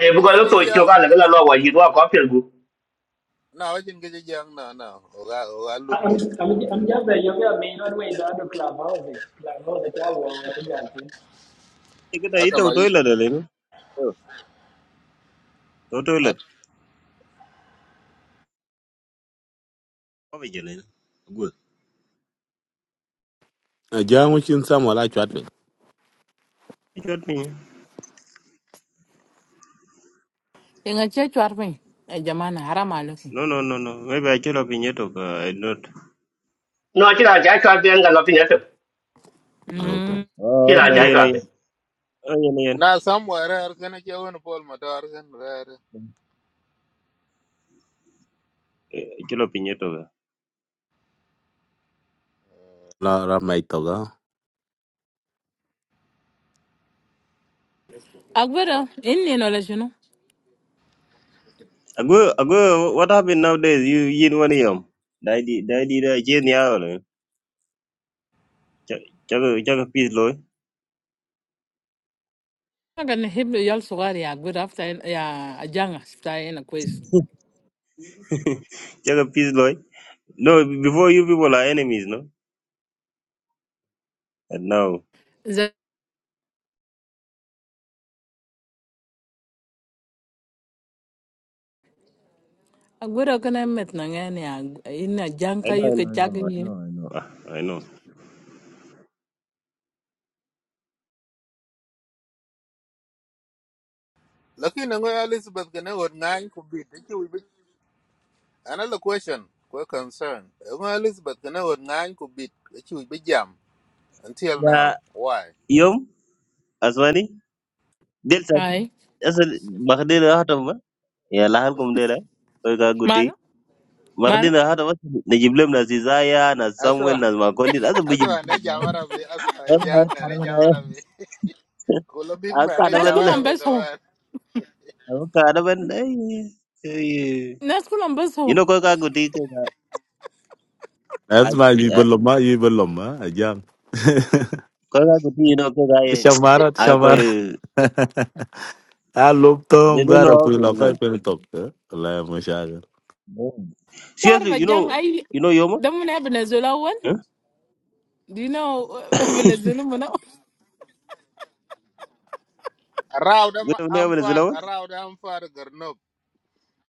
[SPEAKER 9] e bu
[SPEAKER 2] Aci
[SPEAKER 9] ga
[SPEAKER 2] ke
[SPEAKER 9] ga to cho
[SPEAKER 2] jijang.
[SPEAKER 9] ga la ga lo wa yi wa ko pe gu
[SPEAKER 2] Na aci ke jijang na na. Oga oga loop.
[SPEAKER 7] I'm just a yoga main on way down to clubhouse. Clubhouse, I walk with you.
[SPEAKER 1] Kita
[SPEAKER 2] Asa
[SPEAKER 1] ita
[SPEAKER 2] mari.
[SPEAKER 1] toilet ada ni. To toilet. Apa je ni? Good.
[SPEAKER 3] Eh, John, which in Samuel, I chat with.
[SPEAKER 1] Chot pin.
[SPEAKER 10] Inga che chwarping. Eh, jamana, haram aluki.
[SPEAKER 1] No no no no. Maybe I chot pin yeto.
[SPEAKER 9] nó chỉ là ja cha de ga lo pi ne
[SPEAKER 3] Okay.
[SPEAKER 9] chỉ
[SPEAKER 1] Oh,
[SPEAKER 9] là
[SPEAKER 1] okay,
[SPEAKER 9] ra
[SPEAKER 1] yeah,
[SPEAKER 9] ja
[SPEAKER 1] yeah,
[SPEAKER 9] cha
[SPEAKER 1] oh, yeah, yeah.
[SPEAKER 2] Na Samuel er kana ke won pol motor kan er.
[SPEAKER 1] Eh, Kilo pinyo to ga.
[SPEAKER 3] La, la, my toga.
[SPEAKER 10] Agüero, inni no lesiono.
[SPEAKER 1] Ago, ago, what happened nowadays? You, you know what I am? Daddy, daddy, da, jen ya ole. Chaga, chaga peace loy.
[SPEAKER 10] Naga nihiblo yal sugari ya Agüero after in- ya ajanga sita ina kwezi.
[SPEAKER 1] Chaga peace loy. No, before you people are enemies, no? And now,
[SPEAKER 10] Ze Agüero kana met na ngani ya ina
[SPEAKER 1] I
[SPEAKER 10] janka
[SPEAKER 1] know, I know,
[SPEAKER 10] yuke chaka
[SPEAKER 1] I know,
[SPEAKER 10] yi.
[SPEAKER 1] I know, I know. Ah, I know.
[SPEAKER 2] Lakin ngo Elizabeth kana won ngan ku bit. Aci wi bit. Ana la question. Kwa concern. Ngo Elizabeth kana won ngan ku bit. Aci wi jam until
[SPEAKER 1] Yeah,
[SPEAKER 2] now. Why?
[SPEAKER 1] yom, aswani, delta,
[SPEAKER 10] Aye,
[SPEAKER 1] asal, makhdela hatam ba? Ya, lahal kum dela. Koi ka guti.
[SPEAKER 10] Malo? Malo?
[SPEAKER 1] Makhdela hatam ba? Najiblem na Zizaya, na Samuel, na Makondi, asa
[SPEAKER 2] Asma ne
[SPEAKER 1] bijib.
[SPEAKER 2] jamara bi asma
[SPEAKER 1] കടവനായ
[SPEAKER 2] janga ne
[SPEAKER 1] കടവനായ
[SPEAKER 2] jamara bi kula big
[SPEAKER 1] ആ
[SPEAKER 2] ma ne
[SPEAKER 10] Nas
[SPEAKER 1] കടവന്
[SPEAKER 10] kula
[SPEAKER 2] jamara bi
[SPEAKER 10] mbeso.
[SPEAKER 2] kawan
[SPEAKER 1] അവ കടവന്
[SPEAKER 10] Nas kula mbeso.
[SPEAKER 1] ഇനൊക്കെ കുട്ടി
[SPEAKER 3] That's my, you belong, you belong, huh? John.
[SPEAKER 1] കൊറേ കുട്ടി ഇനൊക്കെ കായ
[SPEAKER 3] Te chamaron, te
[SPEAKER 1] I call
[SPEAKER 3] chamaron. Alô,
[SPEAKER 1] they
[SPEAKER 3] Tom,
[SPEAKER 1] don't know
[SPEAKER 3] era
[SPEAKER 1] how
[SPEAKER 3] por
[SPEAKER 1] to
[SPEAKER 3] lá, vai
[SPEAKER 1] listen.
[SPEAKER 3] pelo toque. Lá é mochada.
[SPEAKER 1] Mm. Seriously,
[SPEAKER 10] Tarva
[SPEAKER 1] you know
[SPEAKER 10] jang ai
[SPEAKER 1] you know Yoma?
[SPEAKER 10] damu na Venezuela wan.
[SPEAKER 1] Huh?
[SPEAKER 10] Do you know uh, Venezuela muna?
[SPEAKER 2] raw da
[SPEAKER 1] You
[SPEAKER 2] ma
[SPEAKER 1] know never Venezuela
[SPEAKER 2] amfar
[SPEAKER 1] one?
[SPEAKER 2] raw da amfar garnob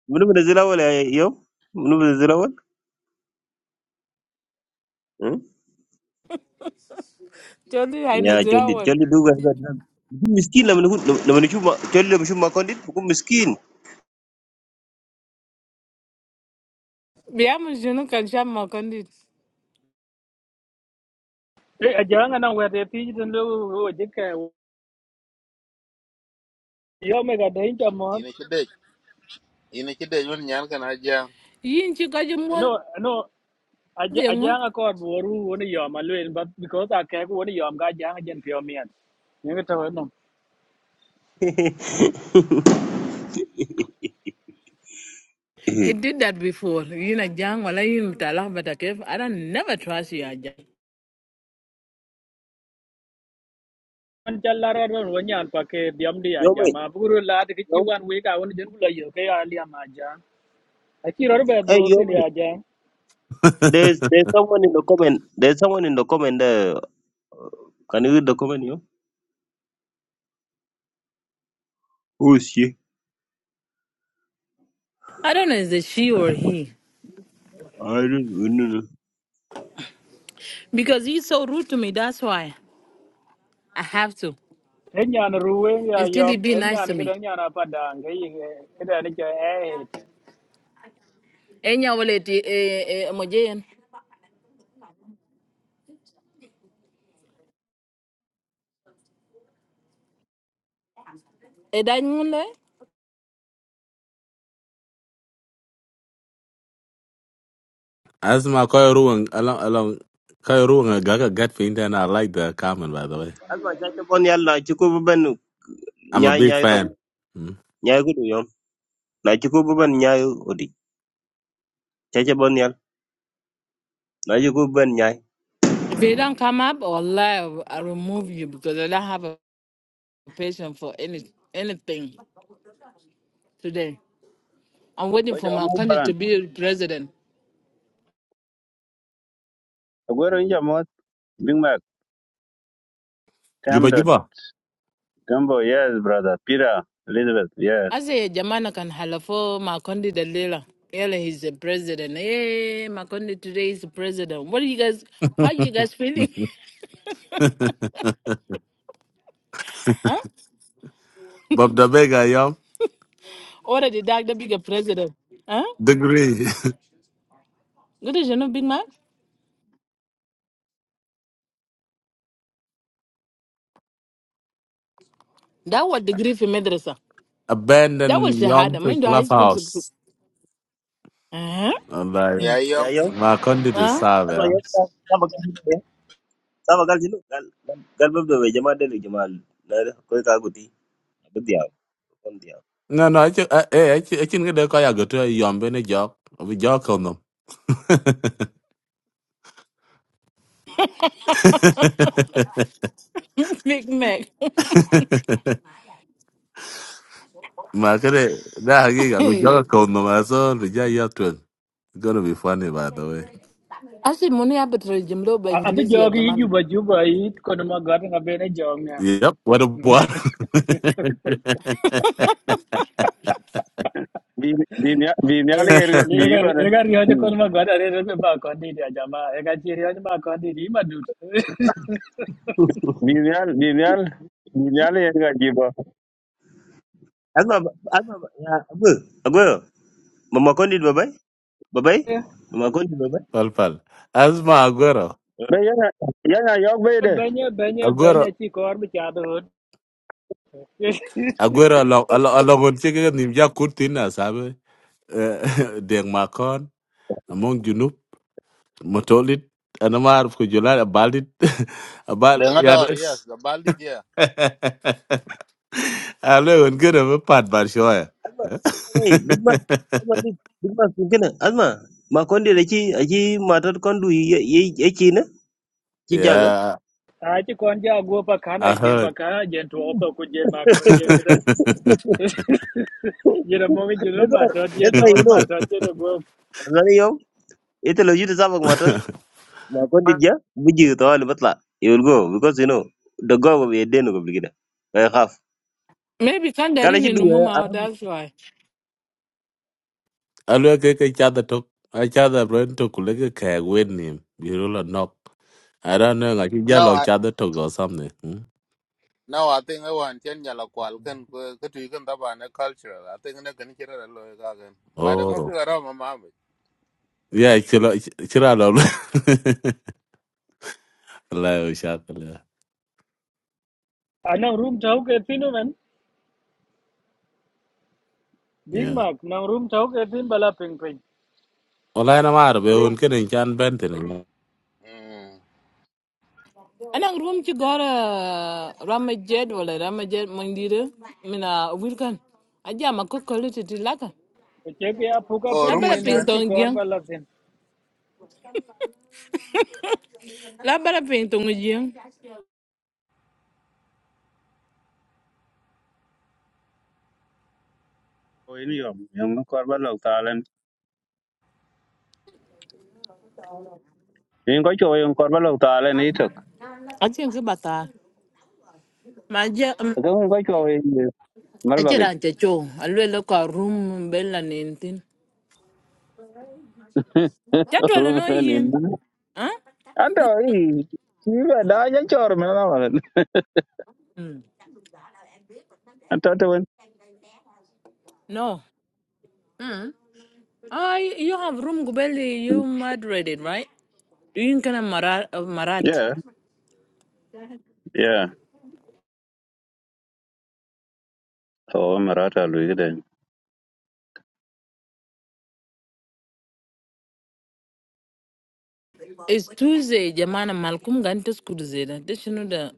[SPEAKER 1] You know Venezuela one eh, Yom? You know Venezuela one? Huh?
[SPEAKER 10] Jodi ai
[SPEAKER 1] Yeah,
[SPEAKER 10] Venezuela
[SPEAKER 1] Jolly
[SPEAKER 10] wan.
[SPEAKER 1] Jolly do guys got them. Miskin na manu na manu chuma Jolly na manu chuma kondit buku miskin.
[SPEAKER 10] Biamu junu kan sham makandi.
[SPEAKER 7] eh ajanga na wer te piji den lo wo je ka. Yo me ga dai ta mo.
[SPEAKER 2] ina ci dej ina ci dej won nyan kana jang
[SPEAKER 10] Yin chika
[SPEAKER 7] No, no.
[SPEAKER 10] jumu.
[SPEAKER 7] Ajanga ko boru woni yo ma luen but because I ke ko woni yo ga janga jen pion mi. Ngi to no.
[SPEAKER 10] He did that before. You know, Jang, wala yun talak batakef. I don't never trust you, Ajay.
[SPEAKER 7] an challara ron wanya pa ke diam dia
[SPEAKER 1] Yoma,
[SPEAKER 7] jama buru la de ki
[SPEAKER 1] Yom?
[SPEAKER 7] wan we ka won jen kula yo ke ali ma ja a ki ro be
[SPEAKER 1] Eh
[SPEAKER 7] do tin
[SPEAKER 1] Yoma.
[SPEAKER 7] ya ja
[SPEAKER 1] There's there's someone in the comment. There's someone in the comment there. Uh, Can you read the comment here? Who is she?
[SPEAKER 10] I don't know is it she or he.
[SPEAKER 1] I don't know.
[SPEAKER 10] Because he's so rude to me, that's why. I have to.
[SPEAKER 7] enya ruwe ya
[SPEAKER 10] Until he
[SPEAKER 7] yom
[SPEAKER 10] be
[SPEAKER 7] enya
[SPEAKER 10] nice to
[SPEAKER 7] na
[SPEAKER 10] me.
[SPEAKER 7] gidan yana pa da ngai yi kada ni ke eh eh."
[SPEAKER 10] Enya wala ti eh eh mojayen. Eh dan
[SPEAKER 3] Asma Koi Ruang along along Koi Ruang a Gaga Gat for and I like the comment by the way.
[SPEAKER 1] That's why I keep on yalla. Chiku buben
[SPEAKER 3] I'm a
[SPEAKER 1] nyai
[SPEAKER 3] big
[SPEAKER 1] nyai to
[SPEAKER 3] fan. Mm.
[SPEAKER 1] nyai kudu yom. Na chiku buben nyai odi. Chacha bon yal. Na chiku buben nyai.
[SPEAKER 10] If you don't come up, Allah, I'll remove you because I don't have a patience for any anything today. I'm waiting for
[SPEAKER 11] Ocha
[SPEAKER 10] my
[SPEAKER 11] omo
[SPEAKER 10] country to
[SPEAKER 11] baran.
[SPEAKER 10] be president.
[SPEAKER 11] Aguero inja mo Big Mac. Tam
[SPEAKER 3] Juba
[SPEAKER 11] dot
[SPEAKER 3] Juba.
[SPEAKER 11] Gumbo. Yes, brother. Pira. Elizabeth. Yes.
[SPEAKER 10] Ase Jamana can halafo Makondi Dalila. Yala he's the president. Hey, Makondi today is the president. What are you guys, how you guys feeling? huh?
[SPEAKER 3] Bob the Vega Yum
[SPEAKER 10] Already Dag the bigger president. Huh?
[SPEAKER 3] Degree.
[SPEAKER 10] Good as you know, big man. That was the grief in madrasa. That
[SPEAKER 3] Abandon
[SPEAKER 10] was
[SPEAKER 3] Yum
[SPEAKER 10] shahada.
[SPEAKER 3] to
[SPEAKER 10] Mind the high school. degree.
[SPEAKER 3] Clubhouse.
[SPEAKER 10] Huh?
[SPEAKER 3] And like
[SPEAKER 10] Hmm.
[SPEAKER 2] ya
[SPEAKER 1] Ya
[SPEAKER 2] yom
[SPEAKER 1] yom.
[SPEAKER 3] my content is
[SPEAKER 10] Huh?
[SPEAKER 3] sad,
[SPEAKER 1] That's why
[SPEAKER 3] yeah.
[SPEAKER 1] yom. Saba kal sinu ya. Saba kal sinu. Gal gal gal bab dobe jama dele jama. Na koi kaguti. Abu diaw. Kon diaw.
[SPEAKER 3] No, no, I can I, I, can, I can get the Kaya go to a Yum Benny Jock. We joke on them.
[SPEAKER 10] big Mac.
[SPEAKER 3] ما كده ده حقيقة رجال
[SPEAKER 10] I
[SPEAKER 3] كون نماسون رجال ياتون It's gonna be funny by the way.
[SPEAKER 10] Ase money abetre jimlo by
[SPEAKER 7] a
[SPEAKER 10] English ya
[SPEAKER 7] jogi
[SPEAKER 10] Jamana.
[SPEAKER 7] juba juba yi ko ma gar na be ne jong ya
[SPEAKER 3] Yep, what a boy.
[SPEAKER 11] Bi bi bi mial
[SPEAKER 7] e
[SPEAKER 11] yer bi
[SPEAKER 7] ye gar
[SPEAKER 11] iban.
[SPEAKER 7] ye gar yo ko ma gar are re ba ko ni dia jama e ga chi ri ba ko ni di Madut.
[SPEAKER 11] Bi mial bi mial bi mial yer ga jiba.
[SPEAKER 1] Asma asma ya abu abu. Mama kondi babai babai. Mama kondi babai.
[SPEAKER 3] Pal pal. Asma Aguero.
[SPEAKER 11] Be yana yana yok be
[SPEAKER 7] Banyak
[SPEAKER 11] de.
[SPEAKER 7] banyak banyak
[SPEAKER 3] Aguero
[SPEAKER 7] banya chi kor bi cha do
[SPEAKER 3] Aguero along along along on chicken nimja kurtina sabe. Eh, Deng Makon among Junub Motolit and a marf kujula a balit a
[SPEAKER 2] de
[SPEAKER 3] bal
[SPEAKER 2] nga dor yes da baldi dia
[SPEAKER 3] Hello, and good of a part, but sure.
[SPEAKER 1] Azma, Big Man, eh, Big Man, Azma, Big, Big Man, kin kana, Azma, ma konde da ki, a ki matar kondu yake na, ki jaga.
[SPEAKER 3] yeah,
[SPEAKER 7] a ci kon ja go pa kana
[SPEAKER 3] I
[SPEAKER 7] jen pa
[SPEAKER 3] heard.
[SPEAKER 7] kana jen to oto ku jen ma ko jen kada jen mo mi jen
[SPEAKER 1] That's
[SPEAKER 7] ma
[SPEAKER 1] why,
[SPEAKER 7] to jen
[SPEAKER 1] that's why,
[SPEAKER 7] na
[SPEAKER 1] you
[SPEAKER 7] ma
[SPEAKER 1] know,
[SPEAKER 7] to jen go
[SPEAKER 1] Azmani yau, ita lau yuta sabak matar, ma konde dia, buji ta wali batla, you will go, because you know, the go will be a den of obligida, I have.
[SPEAKER 10] Maybe
[SPEAKER 1] Kala ki
[SPEAKER 10] Kandarini
[SPEAKER 1] duwa, I
[SPEAKER 10] Numuma, that's why.
[SPEAKER 3] Hello, get each other talk. Each other brain to like a keg with him. You roll a knock. I don't know, like you yell
[SPEAKER 2] no
[SPEAKER 3] at each
[SPEAKER 2] I-
[SPEAKER 3] other talk or something. Hmm?
[SPEAKER 2] now i think i want chen nyala kwal kan ko ko tu kan da ba na cultural i think na kan kira da lo ka kan ba da ngo
[SPEAKER 3] Oh,
[SPEAKER 2] ka raw ma ma
[SPEAKER 3] yeah, chill, chill out. Hello, shut up.
[SPEAKER 7] ana room tau ke tinu men big
[SPEAKER 3] Yeah.
[SPEAKER 7] Mac. na room tau ke tin bala ping ping
[SPEAKER 3] Online, I'm out of it. I'm
[SPEAKER 2] room
[SPEAKER 3] getting John Benton.
[SPEAKER 2] mm.
[SPEAKER 10] Anang room ci gora ramajed wala ramajed mandira mina wilkan. Aja ma ko kolite ti laka.
[SPEAKER 7] ke ke ya
[SPEAKER 2] oh
[SPEAKER 10] La
[SPEAKER 7] ping
[SPEAKER 2] room
[SPEAKER 10] bala
[SPEAKER 7] e
[SPEAKER 10] ping
[SPEAKER 7] nan chi
[SPEAKER 10] tong
[SPEAKER 7] kor
[SPEAKER 10] jeng. La bala ping tong jeng.
[SPEAKER 11] O ini yom. Yom korba lok talen. Yin ko cho yin korba lok talen itok.
[SPEAKER 10] Aja ke bata. Ma je
[SPEAKER 11] Ko yung ko cho yin
[SPEAKER 10] aja
[SPEAKER 11] malbagi.
[SPEAKER 10] ran te cho. Alwe lo ka room bella nentin. Ja to
[SPEAKER 11] Rum
[SPEAKER 10] no
[SPEAKER 11] nin.
[SPEAKER 10] yin. Huh?
[SPEAKER 11] Anta i. Ki ba da ya chor me na wala.
[SPEAKER 10] Mm.
[SPEAKER 11] Anta to wen.
[SPEAKER 10] No. Mm. Ah, you have room gubeli you moderated, right? Do you kana marat marat?
[SPEAKER 11] Yeah, yeah. o marata lui den
[SPEAKER 10] It's Tuesday, jamana Malcolm gan ta school zeda. Da shinu the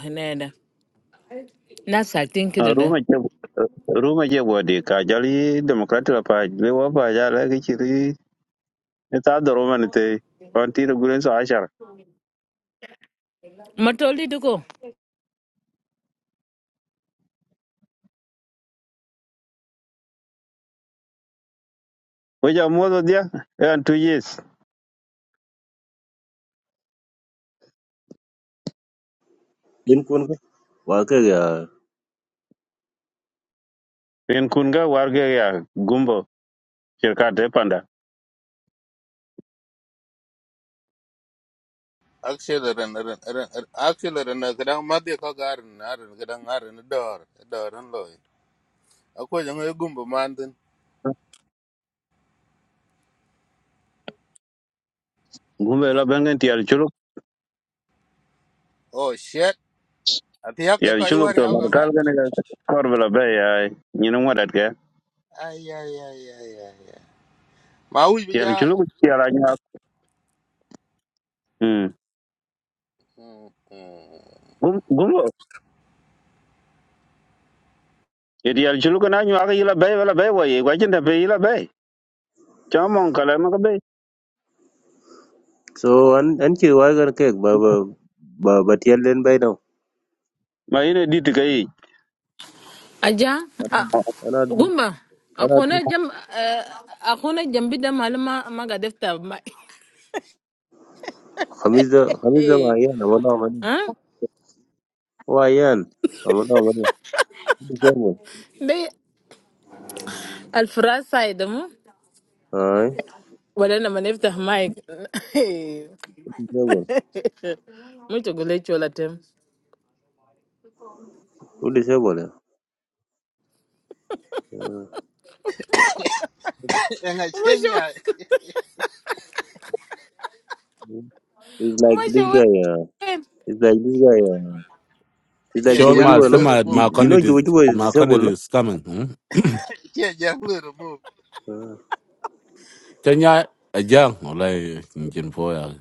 [SPEAKER 10] hanada. Na satin kida da.
[SPEAKER 11] ruma je ruma je wodi ka jali democrat la pa le wa pa ja la ki chiri ne ta doro man te on ti do gulen so ashar
[SPEAKER 10] Matoli duko.
[SPEAKER 11] we ja mo do dia en two years
[SPEAKER 1] din kun ka, wa ka ga,
[SPEAKER 11] en kun ga ya gumbo shirka te panda
[SPEAKER 2] Actually, ren ren ren actually ren kadang madhi ko garin arin kadang arin dor dor an loy. Ako jang e gumbo mantin.
[SPEAKER 11] gumbo la bengen ti al chuluk
[SPEAKER 2] Oh shit. Ati yak
[SPEAKER 11] ti al
[SPEAKER 2] ko i
[SPEAKER 11] chuluk
[SPEAKER 2] war
[SPEAKER 11] to
[SPEAKER 2] yaw
[SPEAKER 11] bar kal
[SPEAKER 2] gaba.
[SPEAKER 11] ga kor bela be ya ni no wadat ga
[SPEAKER 2] Ay ay ay ay ay. ay. Ma uj
[SPEAKER 11] ti al
[SPEAKER 2] bija.
[SPEAKER 11] chuluk ti ala nya hmm
[SPEAKER 2] Mm. mm.
[SPEAKER 11] Gum- gumbo ti al chuluk na nyu aga ila be wala be wa ye ga jinda be ila be chamon kala ma
[SPEAKER 1] so an, an ki wa ga ka ba, ba, ba, ba tiyal bai now.
[SPEAKER 11] ma ina dit ka yi
[SPEAKER 10] Aja, Ah.
[SPEAKER 1] ana,
[SPEAKER 10] gumba.
[SPEAKER 1] ana,
[SPEAKER 10] Akona jam eh, akona jambi da malama maga defta ma.
[SPEAKER 1] الخميس ده الخميس ده
[SPEAKER 10] Eh.
[SPEAKER 1] وعيان والله مليان
[SPEAKER 10] Ha?
[SPEAKER 1] هو عيان والله مليان كل شيء أول
[SPEAKER 10] Dai alfrasa da mu.
[SPEAKER 1] أي
[SPEAKER 10] Wala na manefta mic.
[SPEAKER 1] كل شيء أول
[SPEAKER 10] Muito gole chola tem.
[SPEAKER 1] كل شيء أول
[SPEAKER 2] Enga chenya.
[SPEAKER 1] It's like this
[SPEAKER 10] Umasha.
[SPEAKER 1] guy Yeah.
[SPEAKER 10] Umasha.
[SPEAKER 1] It's like this guy Yeah. It's like
[SPEAKER 2] Chia
[SPEAKER 3] Sure,
[SPEAKER 1] Juba
[SPEAKER 2] jang
[SPEAKER 3] my
[SPEAKER 1] Juba no
[SPEAKER 2] jelo
[SPEAKER 3] semi
[SPEAKER 1] You
[SPEAKER 2] remove.
[SPEAKER 3] my
[SPEAKER 1] you know
[SPEAKER 3] candidate
[SPEAKER 1] Juba Juba is
[SPEAKER 3] my
[SPEAKER 1] disabled
[SPEAKER 3] candidate
[SPEAKER 1] no
[SPEAKER 3] is coming. Hmm?
[SPEAKER 2] Chia jang lo move,
[SPEAKER 1] uh,
[SPEAKER 3] Kenya a young or like in Poya.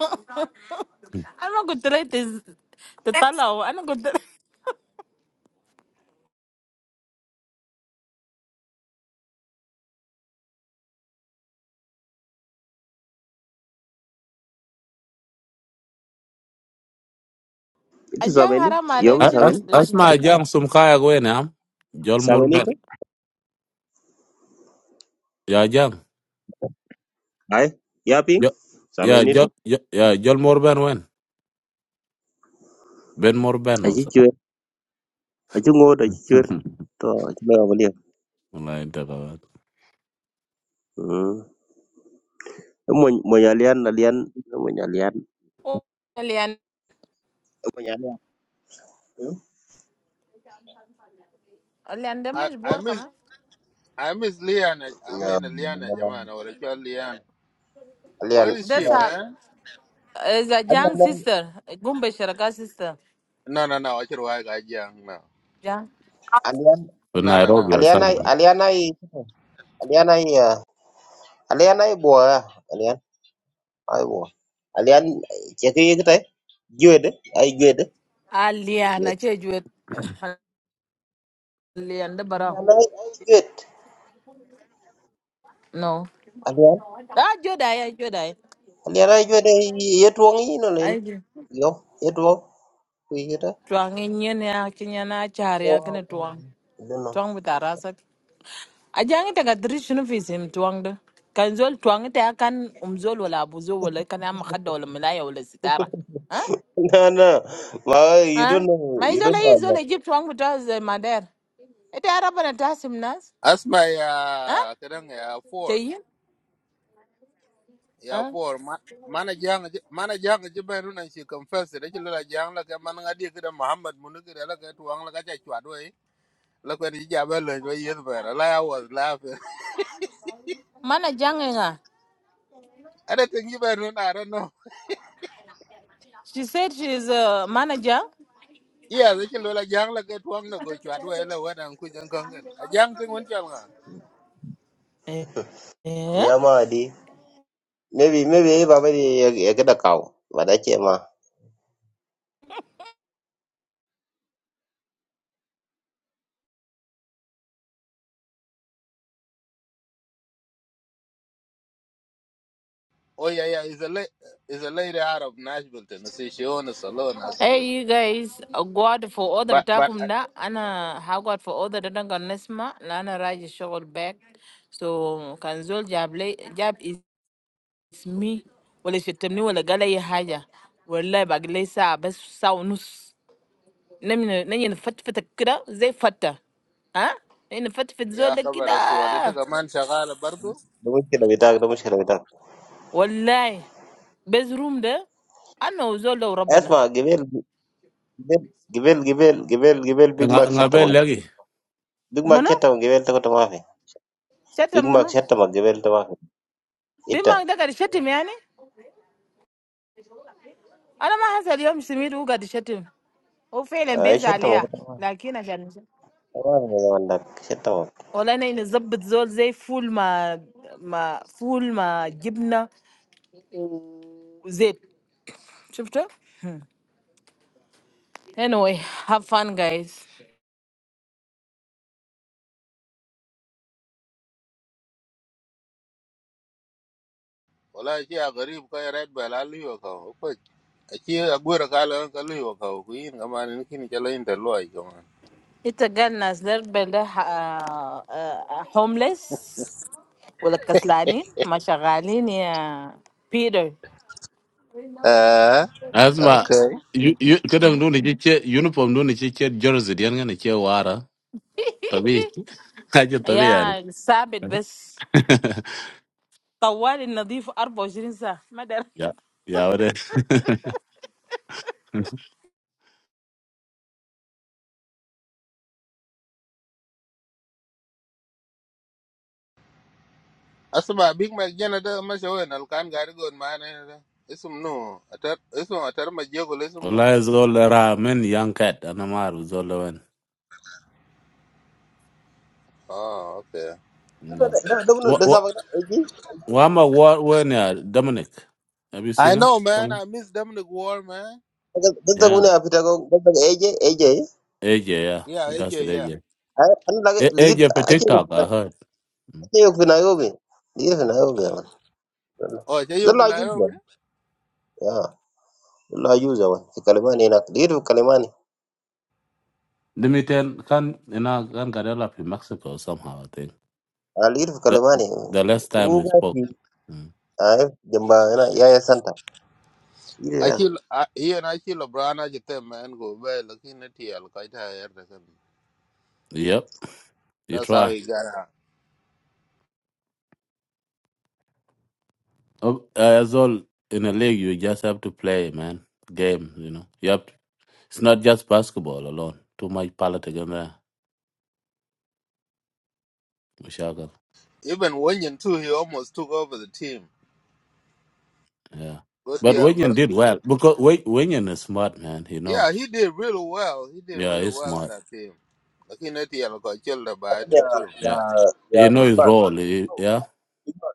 [SPEAKER 10] I'm not good at this. The tall one. I'm good. A
[SPEAKER 1] It's
[SPEAKER 10] young
[SPEAKER 1] Sameni
[SPEAKER 10] girl, my
[SPEAKER 1] You
[SPEAKER 10] like,
[SPEAKER 1] know
[SPEAKER 3] As
[SPEAKER 10] she'll do
[SPEAKER 1] Sameni
[SPEAKER 10] this.
[SPEAKER 3] as
[SPEAKER 10] No.
[SPEAKER 3] my young some kaya go in am. Jol
[SPEAKER 1] Sameni
[SPEAKER 3] Morben.
[SPEAKER 1] itu
[SPEAKER 3] Yeah, young.
[SPEAKER 1] Aye. Yapping.
[SPEAKER 3] Jo- Yeah,
[SPEAKER 1] Sameni itu
[SPEAKER 3] Jol Jo- yeah, Jol Morben when. Ben Morben
[SPEAKER 1] Aji
[SPEAKER 3] also.
[SPEAKER 1] cuir Aji To Aji lah
[SPEAKER 3] Like that. uh,
[SPEAKER 1] Hmm Mau mau alian alian Mau alian
[SPEAKER 10] Oh, Alian,
[SPEAKER 1] Mau Hmm.
[SPEAKER 10] Alian,
[SPEAKER 2] I
[SPEAKER 10] demos
[SPEAKER 2] I
[SPEAKER 10] bore,
[SPEAKER 2] miss
[SPEAKER 10] come.
[SPEAKER 2] I miss Liana. I
[SPEAKER 1] Ya,
[SPEAKER 2] mean
[SPEAKER 1] mau
[SPEAKER 2] Liana
[SPEAKER 1] alian
[SPEAKER 2] jamana or chol Liana.
[SPEAKER 1] alian
[SPEAKER 2] Where is she
[SPEAKER 10] This a
[SPEAKER 2] man?
[SPEAKER 10] is a young
[SPEAKER 1] alian
[SPEAKER 10] sister. Gumbesharika sister.
[SPEAKER 2] No no no. Achiro wa ga jang no.
[SPEAKER 10] Yeah.
[SPEAKER 1] alian
[SPEAKER 3] When
[SPEAKER 2] No no
[SPEAKER 3] Nairobi or
[SPEAKER 2] no.
[SPEAKER 1] Alian ai
[SPEAKER 3] something.
[SPEAKER 1] Alian ai Alian ai ah, Alian ai bùa à Alian ai bùa Alian chỉ cái cái đấy duyệt đấy ai duyệt đấy
[SPEAKER 10] Alian, I
[SPEAKER 1] duyệt
[SPEAKER 10] change with. Alian debara.
[SPEAKER 1] Alian ai ai duyệt
[SPEAKER 10] No.
[SPEAKER 1] Alian
[SPEAKER 10] Ah, Jodaeye, Jodaeye.
[SPEAKER 1] Alian ai duyệt đấy yết tuông ý nó lên
[SPEAKER 10] I do.
[SPEAKER 1] yếu yết tuông quý cái đấy
[SPEAKER 10] Tuan ngiye niakiniya na chariakini
[SPEAKER 1] Wow.
[SPEAKER 10] tuan.
[SPEAKER 1] You don't know.
[SPEAKER 10] Tuan with a razor. Ajangi taga drish no fisim tuang da. Kan zol tuang te akan umzol wala abuzol wala kan am khadda wala milaya wala sitara. Ha?
[SPEAKER 1] No, no. Well, you don't
[SPEAKER 10] Ha?
[SPEAKER 1] know.
[SPEAKER 10] Ma
[SPEAKER 1] You don't
[SPEAKER 10] izola
[SPEAKER 1] know.
[SPEAKER 10] yi
[SPEAKER 1] Alian.
[SPEAKER 10] izola Egypt tuang buta ze mader. Ete araba na tasim nas.
[SPEAKER 2] Asma ya
[SPEAKER 10] Ha?
[SPEAKER 2] kadang ya four
[SPEAKER 10] Cheyin?
[SPEAKER 2] ya
[SPEAKER 10] Ha?
[SPEAKER 2] four ma- mana jang mana jang je ben runan shi confess da kilo la jang la ka man ngadi kada Muhammad mun kada la ka tuang la ka cha chwa do yi la ko ni ja ba le do yes ba la I was laughing
[SPEAKER 10] Mana jangi nga.
[SPEAKER 2] ada tin ji ben run I don't know
[SPEAKER 10] She said she is a manager.
[SPEAKER 2] iya da kilo la jang la ka tuang na go chwa do yi la wa dan ku jang kan kan a jang tin won chal nga
[SPEAKER 10] Eh?
[SPEAKER 1] Yeah, ma di. Maybe, maybe, baba di ya ya kita kau. Pada cema.
[SPEAKER 2] oh yeah yeah is a la is a lady out of Nashville Tennessee she own a salon actually
[SPEAKER 10] Hey, you guys, uh, God for order
[SPEAKER 2] but but
[SPEAKER 10] bitakum da. Ana hagwad for order da dangan nesma. La ana raji shogol back. So kanzol jable jab is me. Wale shetemni wale gala ye haja. Wale bagle sa bas sa unus. Nemi nani na fat fat kira zay fatta. Ha? Nani fat fat zol
[SPEAKER 2] yeah
[SPEAKER 10] da
[SPEAKER 2] khabar
[SPEAKER 10] kida.
[SPEAKER 2] aswa da ta man shagala bardo
[SPEAKER 1] Dumus kita bitak, dumus kita bitak.
[SPEAKER 10] Wallahi. Bez room da. Ana uzol da rabbana.
[SPEAKER 1] Esma, give it. Gibel gibel gibel gibel Big Mac
[SPEAKER 3] Nga nga
[SPEAKER 1] shatta ma
[SPEAKER 3] bel lagi.
[SPEAKER 1] Big Mac
[SPEAKER 10] Muna?
[SPEAKER 1] shatta ma gibel ta kota mafi
[SPEAKER 10] Shetem
[SPEAKER 1] Big Mac
[SPEAKER 10] muna.
[SPEAKER 1] shatta ma gibel ta mafi itta
[SPEAKER 10] Bima da kari shetem yani? انا ما حاسه اليوم سمير وقعد يشتم، هو فعلا
[SPEAKER 1] ay
[SPEAKER 10] بيزعل
[SPEAKER 1] shatta ma
[SPEAKER 10] عليها،
[SPEAKER 1] kota mafi
[SPEAKER 10] لكن عشان
[SPEAKER 1] ta mafi ne zaman dak shatta ma
[SPEAKER 10] والله انا نظبط زول زي فول ما ما فول ما جبنه وزيت، شفته؟ Anyway, have fun, guys.
[SPEAKER 2] wala ci a garib ko red bel a liyo ka ho ko a ci a gwero ka lan ka liyo ka ko yin ka man ni kin ke lain da loy ko man
[SPEAKER 10] It's a girl named Bela, homeless, ولا كسلاني ما شغالين يا Peter.
[SPEAKER 2] eh
[SPEAKER 3] As my
[SPEAKER 2] okay
[SPEAKER 3] you you kadang do ni chiche uniform do ni chiche jersey dian nga ni chiche wara. Tabi. aja tabi yani.
[SPEAKER 10] Yeah, sabit بس طوال النظيف أربعة وعشرين ساعة. ما دار.
[SPEAKER 3] Yeah. Yeah, it is.
[SPEAKER 2] asma big mac jana da ma se wen al kan gari gon ma ne da isum no atar isum atar ma je ko isum no
[SPEAKER 3] والله Zola راح من young cat انا ما اعرف زول وين.
[SPEAKER 2] oh okay
[SPEAKER 3] Yeah.
[SPEAKER 1] da da bunu
[SPEAKER 3] What
[SPEAKER 1] da
[SPEAKER 3] what
[SPEAKER 1] sabak da eji
[SPEAKER 3] Wama what when yeah Dominic? Have you
[SPEAKER 2] i
[SPEAKER 3] seen him?
[SPEAKER 2] know man i
[SPEAKER 3] Come.
[SPEAKER 2] miss them the war man
[SPEAKER 1] da da
[SPEAKER 3] Yeah.
[SPEAKER 1] bunu afita ko da da eje eje
[SPEAKER 3] AJ, yeah.
[SPEAKER 2] yeah
[SPEAKER 3] That's
[SPEAKER 2] yeah
[SPEAKER 3] it,
[SPEAKER 2] yeah
[SPEAKER 3] AJ.
[SPEAKER 1] ay an da
[SPEAKER 3] A-
[SPEAKER 1] ligit
[SPEAKER 3] AJ for
[SPEAKER 1] ace
[SPEAKER 3] TikTok, I heard. Mm.
[SPEAKER 1] ace yok fina yobe ligit fina yobe zaman
[SPEAKER 2] oh je yu
[SPEAKER 1] zalla
[SPEAKER 2] na yo
[SPEAKER 1] yuza
[SPEAKER 2] bi
[SPEAKER 1] ya zalla yuza wa fi kalimani na ligit fi kalimani
[SPEAKER 3] Let me tell can you know can get up in Mexico somehow, I think.
[SPEAKER 1] a ligit fi
[SPEAKER 3] The
[SPEAKER 1] kalimani
[SPEAKER 3] the last time we
[SPEAKER 1] uga
[SPEAKER 3] spoke.
[SPEAKER 1] fi
[SPEAKER 3] Mm.
[SPEAKER 1] ay jamba yana yaya santa
[SPEAKER 2] a he and I ci LeBron, brana je tem man go be lakin na ti al ka ta yar da kan
[SPEAKER 3] Yep. You
[SPEAKER 2] that's how
[SPEAKER 3] try.
[SPEAKER 2] he got out
[SPEAKER 3] Oh, uh, As all in a league you just have to play, man. Game, you know. Yep. It's not just basketball alone. Too much politics in there. Michelle.
[SPEAKER 2] Even Wenyan too, he almost took over the team.
[SPEAKER 3] Yeah.
[SPEAKER 2] But the
[SPEAKER 3] But Wenyan
[SPEAKER 2] Algor-
[SPEAKER 3] did well because Wen- Wenyan is smart, man. He
[SPEAKER 2] yeah,
[SPEAKER 3] knows.
[SPEAKER 2] he did really well. He did
[SPEAKER 3] Yeah,
[SPEAKER 2] really
[SPEAKER 3] he's
[SPEAKER 2] well in
[SPEAKER 3] smart.
[SPEAKER 2] that team. Like he net yellow got killed by it
[SPEAKER 1] Yeah,
[SPEAKER 2] too.
[SPEAKER 3] Yeah.
[SPEAKER 1] yeah, yeah.
[SPEAKER 3] He knows
[SPEAKER 1] Big
[SPEAKER 3] his
[SPEAKER 1] Mac,
[SPEAKER 3] role. He-
[SPEAKER 1] no,
[SPEAKER 3] yeah.
[SPEAKER 1] Big Mac.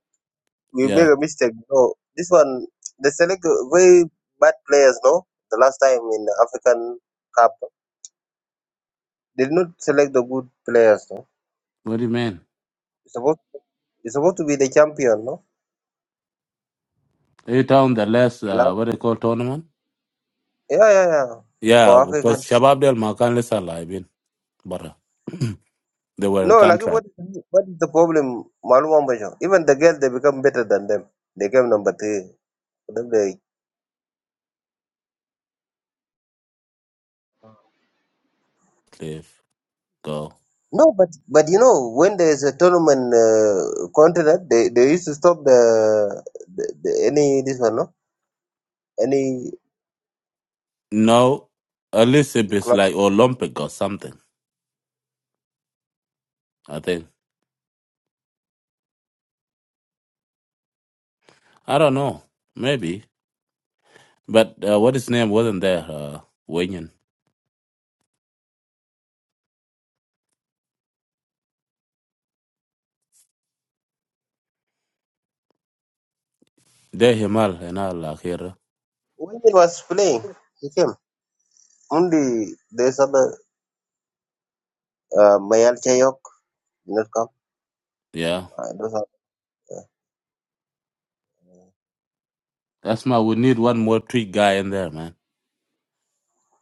[SPEAKER 1] We make
[SPEAKER 3] Yeah.
[SPEAKER 1] a mistake. No, this one they select very bad players. No, the last time in the African Cup, they did not select the good players. No,
[SPEAKER 3] What do you mean?
[SPEAKER 1] it's supposed it's supposed to be the champion. No,
[SPEAKER 3] He down the last, uh,
[SPEAKER 1] last,
[SPEAKER 3] what they call tournament?
[SPEAKER 1] yeah, yeah, yeah.
[SPEAKER 3] Yeah,
[SPEAKER 1] For
[SPEAKER 3] because
[SPEAKER 1] African,
[SPEAKER 3] Shabab Del Makan is alive in Bara. they were in
[SPEAKER 1] no. Like
[SPEAKER 3] contract.
[SPEAKER 1] what? What is the problem? Malu Wambajo. Even the girls, they become better than them. They came number three. For them, they
[SPEAKER 3] Leave. Go.
[SPEAKER 1] No, but but you know when there is a tournament uh, continent, they, they used to stop the, the, the any this one no any
[SPEAKER 3] No, at Elizabeth it is
[SPEAKER 1] club
[SPEAKER 3] like Olympic or something, I think. I don't know. Maybe. But uh, what his name wasn't there, uh, Wenyan. There Himal and all like here.
[SPEAKER 1] when it was playing. He came only there's other uh, Mayal Chayok did not come.
[SPEAKER 3] Yeah.
[SPEAKER 1] Uh, those are, uh,
[SPEAKER 3] That's my we need one more trick guy in there, man.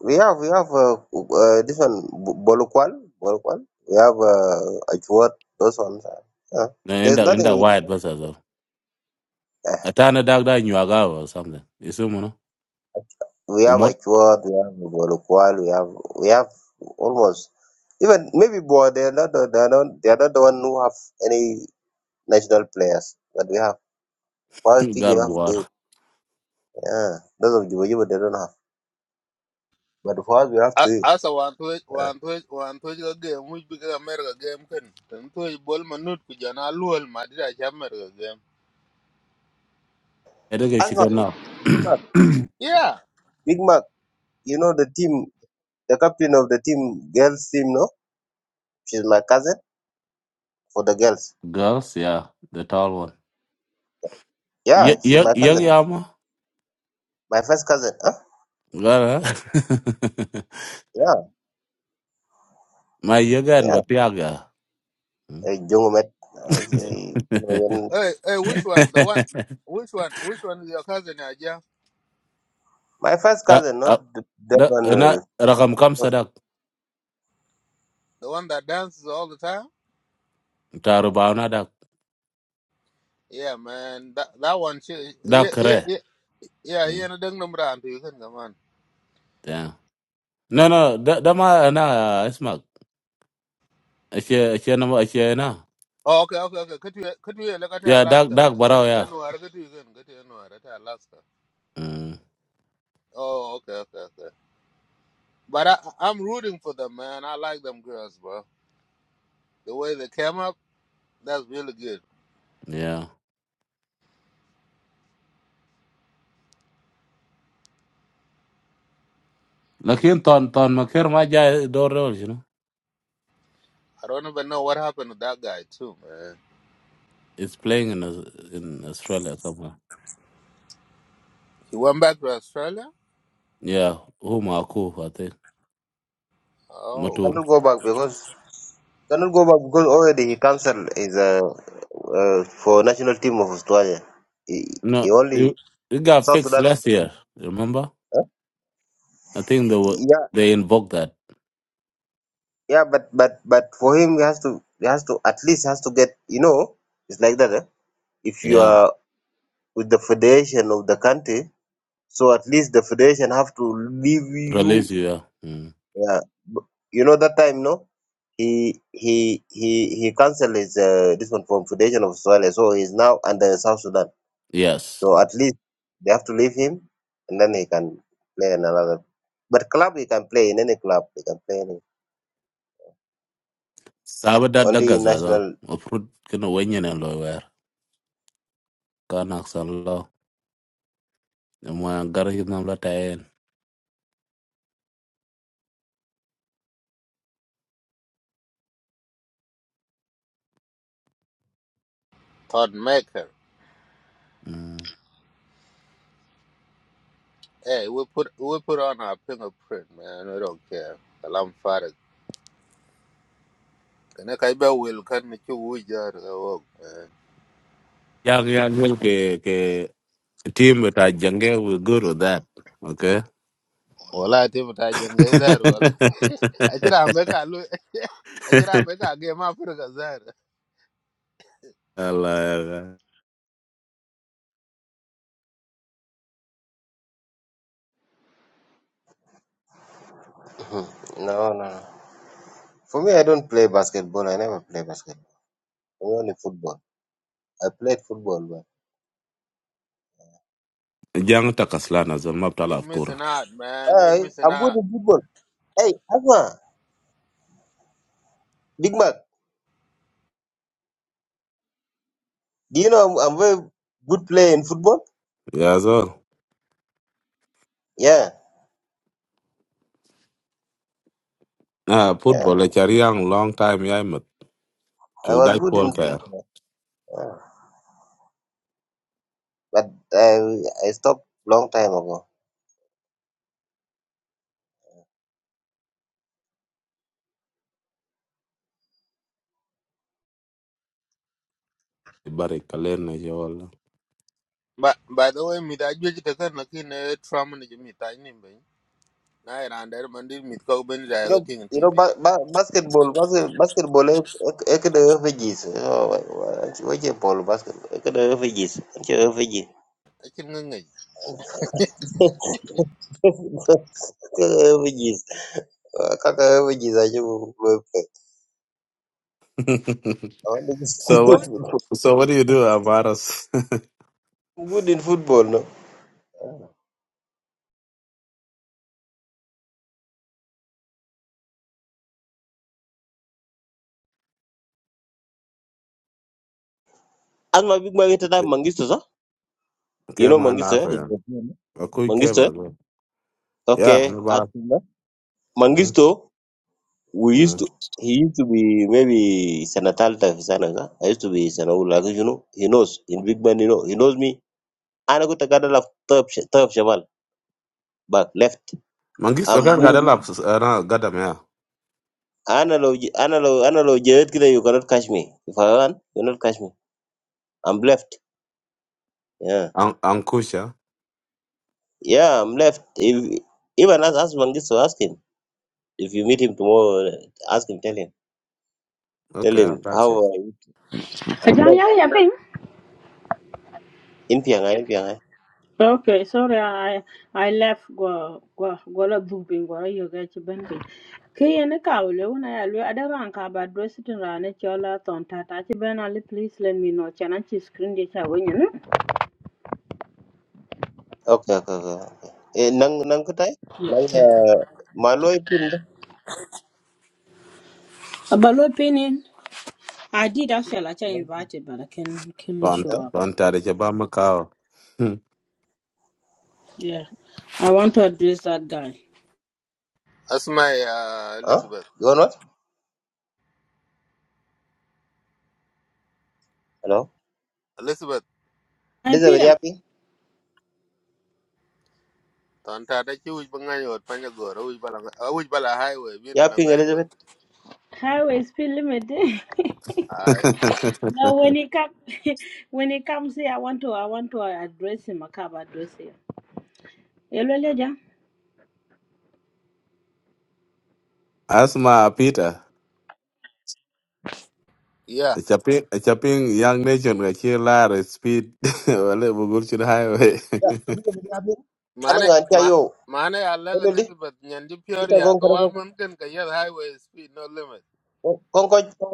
[SPEAKER 1] we have we have uh, uh, this one Bo- Bolokwal Bolokwal. We have uh, Achuat. Those ones. Are, yeah.
[SPEAKER 3] No, In
[SPEAKER 1] There's
[SPEAKER 3] the in
[SPEAKER 1] nothing
[SPEAKER 3] the
[SPEAKER 1] we
[SPEAKER 3] wide
[SPEAKER 1] cannot.
[SPEAKER 3] bus as
[SPEAKER 1] do.
[SPEAKER 3] well. Atana dog that in Yuagawa or something. You see, man.
[SPEAKER 1] We have
[SPEAKER 3] Umot
[SPEAKER 1] Achuat, we have Bolokwal, we have we have almost even maybe Boa. They are not they are not they are not the one who have any national players, but we have. For us, we
[SPEAKER 3] girl
[SPEAKER 1] have
[SPEAKER 3] war.
[SPEAKER 1] to. Yeah, those of Juba they don't have. But for us, we have
[SPEAKER 2] A-
[SPEAKER 1] two.
[SPEAKER 2] Asa one twitch
[SPEAKER 1] Yeah.
[SPEAKER 2] one twitch one twitch a game which became America game can then twitch ball manut kujana luel madida America game.
[SPEAKER 3] I think it's
[SPEAKER 1] Asma,
[SPEAKER 3] chicken
[SPEAKER 2] Eh,
[SPEAKER 3] now.
[SPEAKER 1] Big Mac,
[SPEAKER 2] Yeah.
[SPEAKER 1] Big Mac. You know the team, the captain of the team, girls team. No, she's my cousin for the girls.
[SPEAKER 3] Girls, yeah, the tall one.
[SPEAKER 1] Yeah, she's
[SPEAKER 3] Young
[SPEAKER 1] my cousin,
[SPEAKER 3] Yama,
[SPEAKER 1] my first cousin. Huh?
[SPEAKER 3] girl, huh?
[SPEAKER 1] Yeah,
[SPEAKER 3] My yoga and
[SPEAKER 1] yeah.
[SPEAKER 3] Batiaga.
[SPEAKER 1] Uh, Jungo met.
[SPEAKER 2] W- Hey, hey, which one? The one which one which one is your cousin Aja?
[SPEAKER 1] My first
[SPEAKER 3] Ka-
[SPEAKER 1] cousin, not
[SPEAKER 3] ah,
[SPEAKER 1] th- that one.
[SPEAKER 3] da- na-
[SPEAKER 1] Uh,
[SPEAKER 3] Rakam
[SPEAKER 1] because
[SPEAKER 3] Kamsa
[SPEAKER 2] The one that dances all the time?
[SPEAKER 3] Taro ba na da
[SPEAKER 2] Yeah man, that that one she
[SPEAKER 3] da
[SPEAKER 2] yeah yeah
[SPEAKER 3] kare.
[SPEAKER 2] yeah yeah yeah,
[SPEAKER 3] Mm,
[SPEAKER 2] no dung number and you can come on.
[SPEAKER 3] Yeah. No no da da ma na isma. Ashe ashe na ashe na.
[SPEAKER 2] Oh, okay, okay, okay. Could you could you look at
[SPEAKER 3] Ya da
[SPEAKER 2] Alaska?
[SPEAKER 3] da
[SPEAKER 2] And
[SPEAKER 3] barao ya.
[SPEAKER 2] and where could you go? Could you know at Alaska?
[SPEAKER 3] Mm,
[SPEAKER 2] Oh, okay, okay, okay. But I I'm rooting for them, man. I like them girls, bro. The way they came up, that's really good.
[SPEAKER 3] Yeah. Lakin ton ton makir ma ja door role you know.
[SPEAKER 2] I don't even know what happened to that guy too, man.
[SPEAKER 3] It's playing in Aus- in Australia somewhere.
[SPEAKER 2] He went back to Australia.
[SPEAKER 3] Yeah, who Maku I think
[SPEAKER 1] he
[SPEAKER 2] Oh,
[SPEAKER 3] Matur.
[SPEAKER 1] cannot go back because cannot go back because already he cancelled his uh, uh, for national team of Australia. He, he
[SPEAKER 3] No,
[SPEAKER 1] only
[SPEAKER 3] it, it got
[SPEAKER 1] South
[SPEAKER 3] fixed
[SPEAKER 1] Sudan.
[SPEAKER 3] last year. Remember?
[SPEAKER 1] Huh?
[SPEAKER 3] I think they were
[SPEAKER 1] Yeah,
[SPEAKER 3] they invoked that.
[SPEAKER 1] yeah, but but but for him, he has to he has to at least has to get you know it's like that. Eh? If you
[SPEAKER 3] Yeah,
[SPEAKER 1] are with the federation of the country, so at least the federation have to leave you
[SPEAKER 3] release you. Yeah. Mm.
[SPEAKER 1] Yeah. b- You know that time, no? He he he he cancelled his uh, this one from Foundation of Somalia, so he's now under South Sudan.
[SPEAKER 3] Yes.
[SPEAKER 1] So at least they have to leave him, and then he can play in another. But club he can play in any club. He can play any
[SPEAKER 3] Sabe dat da
[SPEAKER 1] only
[SPEAKER 3] gaza dol.
[SPEAKER 1] national.
[SPEAKER 3] Mafrut kena wenye na lo wer. Kan aksan lo. E Mwa gar hit nam la tayen.
[SPEAKER 2] thought maker. Hey, we put we put on our fingerprint, man. We don't care. Kalam farak. Kana kai ba will kan ni chu wujar ka wok.
[SPEAKER 3] Yang yang yang wil ke ke team with a jange we good with that. Okay.
[SPEAKER 2] wala te mata jangai zar wala a kira ambe ka lu a kira ambe ka ge ma furga zar
[SPEAKER 3] Allah.
[SPEAKER 1] Mhm. No, no. no. For me, I don't play basketball. I never play basketball. I only football. I played football, but
[SPEAKER 3] Jang takaslan azol
[SPEAKER 2] you
[SPEAKER 3] mabtala afkura.
[SPEAKER 2] missing out man you
[SPEAKER 1] hey,
[SPEAKER 2] missing
[SPEAKER 1] I'm good
[SPEAKER 2] out
[SPEAKER 1] in football. Hey, Asma, Big Mac, do you know I'm, I'm very good player in football?
[SPEAKER 3] Ya zol.
[SPEAKER 1] Yeah.
[SPEAKER 3] Ah,
[SPEAKER 1] Yeah.
[SPEAKER 3] football e chari yang long time ya e mat.
[SPEAKER 1] I
[SPEAKER 3] Chuk
[SPEAKER 1] was
[SPEAKER 3] dai
[SPEAKER 1] good in
[SPEAKER 3] pol kair.
[SPEAKER 1] football, yeah. but I I stopped long time ago.
[SPEAKER 3] Ibarik kalen na yo Allah.
[SPEAKER 2] but by the way mi da juji ta kan na kin trauma ne mi ta ni be na ira andar mandir mi ko ben
[SPEAKER 1] You
[SPEAKER 2] da
[SPEAKER 1] know,
[SPEAKER 2] ga tin
[SPEAKER 1] you know, ba-
[SPEAKER 2] tv
[SPEAKER 1] ba- basketball, basket, basketball. I I could the refugees. Oh, why- why- what's your ball basket? I could the refugees. I could refugees.
[SPEAKER 2] a kin ngai
[SPEAKER 1] refugees. Uh, Kaka refugees. I you I'm want to
[SPEAKER 3] so
[SPEAKER 1] be
[SPEAKER 3] what
[SPEAKER 1] good in football.
[SPEAKER 3] so what do you do, Amaras?
[SPEAKER 1] I'm good in football, No, as my big man that Mangisto, sir. You
[SPEAKER 3] Okay,
[SPEAKER 1] know
[SPEAKER 3] man,
[SPEAKER 1] Mangisto,
[SPEAKER 3] Arthur.
[SPEAKER 1] eh?
[SPEAKER 3] yeah. Okay, okay,
[SPEAKER 1] Mangisto. eh?
[SPEAKER 3] but uh, yeah,
[SPEAKER 1] Okay,
[SPEAKER 3] no
[SPEAKER 1] ask
[SPEAKER 3] bad.
[SPEAKER 1] him. eh?
[SPEAKER 3] Mm,
[SPEAKER 1] Mangisto. we used
[SPEAKER 3] mm.
[SPEAKER 1] to he used to be maybe Senatal Sananga. I used to be Senaula, you know. He knows in Big Man, you know. He knows me. Ana kuta kada la top top shamal back left.
[SPEAKER 3] Mangis, okay,
[SPEAKER 1] I'm
[SPEAKER 3] I got
[SPEAKER 1] good.
[SPEAKER 3] a lap. Uh, no, got them, yeah.
[SPEAKER 1] Analog analog analog jet kida you cannot catch me. If I run, you cannot catch me. I'm left. Yeah.
[SPEAKER 3] An- Ankusha.
[SPEAKER 1] Yeah, I'm left. If even as as Mangis to ask him. If you meet him tomorrow, ask him, tell him. Tell
[SPEAKER 3] Okay, I
[SPEAKER 1] him
[SPEAKER 3] got you.
[SPEAKER 1] how I, I'm
[SPEAKER 12] Ajahn ya
[SPEAKER 1] left.
[SPEAKER 12] ya ping.
[SPEAKER 1] In Pyongyang,
[SPEAKER 12] Okay, sorry, I I left go go go la duping go la yoga chiben Kaya ne kaule una ya lwe adaran ka ba dress tin rane chola ton tata chiben ali please let me know chana chi screen de cha wenye no.
[SPEAKER 1] Okay, okay, okay. okay. Eh, nang nang kutai? Nang
[SPEAKER 12] Yeah.
[SPEAKER 1] maloi pin ba?
[SPEAKER 12] About lwe I did actually like I
[SPEAKER 1] Nang eh?
[SPEAKER 12] invited but I can can you
[SPEAKER 3] Don't,
[SPEAKER 12] show
[SPEAKER 1] Huh?
[SPEAKER 12] up.
[SPEAKER 3] don't tell it about Macau.
[SPEAKER 12] Yeah. I want to address that guy.
[SPEAKER 2] asma ya
[SPEAKER 1] Huh?
[SPEAKER 2] elizabeth
[SPEAKER 1] You want what? Hello.
[SPEAKER 2] elizabeth
[SPEAKER 12] Hi
[SPEAKER 1] Elizabeth
[SPEAKER 12] Peter.
[SPEAKER 1] yapping.
[SPEAKER 2] ton ta da ki wuj bangai wot panya goro wuj bala wuj bala highway bi na
[SPEAKER 1] Yapping
[SPEAKER 2] ngai wot
[SPEAKER 1] Elizabeth.
[SPEAKER 12] Highway speed limit.
[SPEAKER 2] ai
[SPEAKER 12] No, when he come, when he comes here, I want to, I want to address him. I can address him. Yelweli aja.
[SPEAKER 3] Asma, Peter.
[SPEAKER 2] Yeah.
[SPEAKER 3] A Chapping, a chapping young nation, a chill lad, a speed, a little good to the highway.
[SPEAKER 1] Yeah, Elizabeth yapping. Ano
[SPEAKER 2] Mane,
[SPEAKER 1] nga antia
[SPEAKER 2] ma,
[SPEAKER 1] yo?
[SPEAKER 2] mane I like
[SPEAKER 1] Hello di.
[SPEAKER 2] Elizabeth Nyandi
[SPEAKER 1] Ita
[SPEAKER 2] Peoria,
[SPEAKER 1] gong
[SPEAKER 2] go
[SPEAKER 1] kara
[SPEAKER 2] on
[SPEAKER 1] gong.
[SPEAKER 2] Munkin, Kayel Highway Speed, no limit.
[SPEAKER 1] Gong koi gong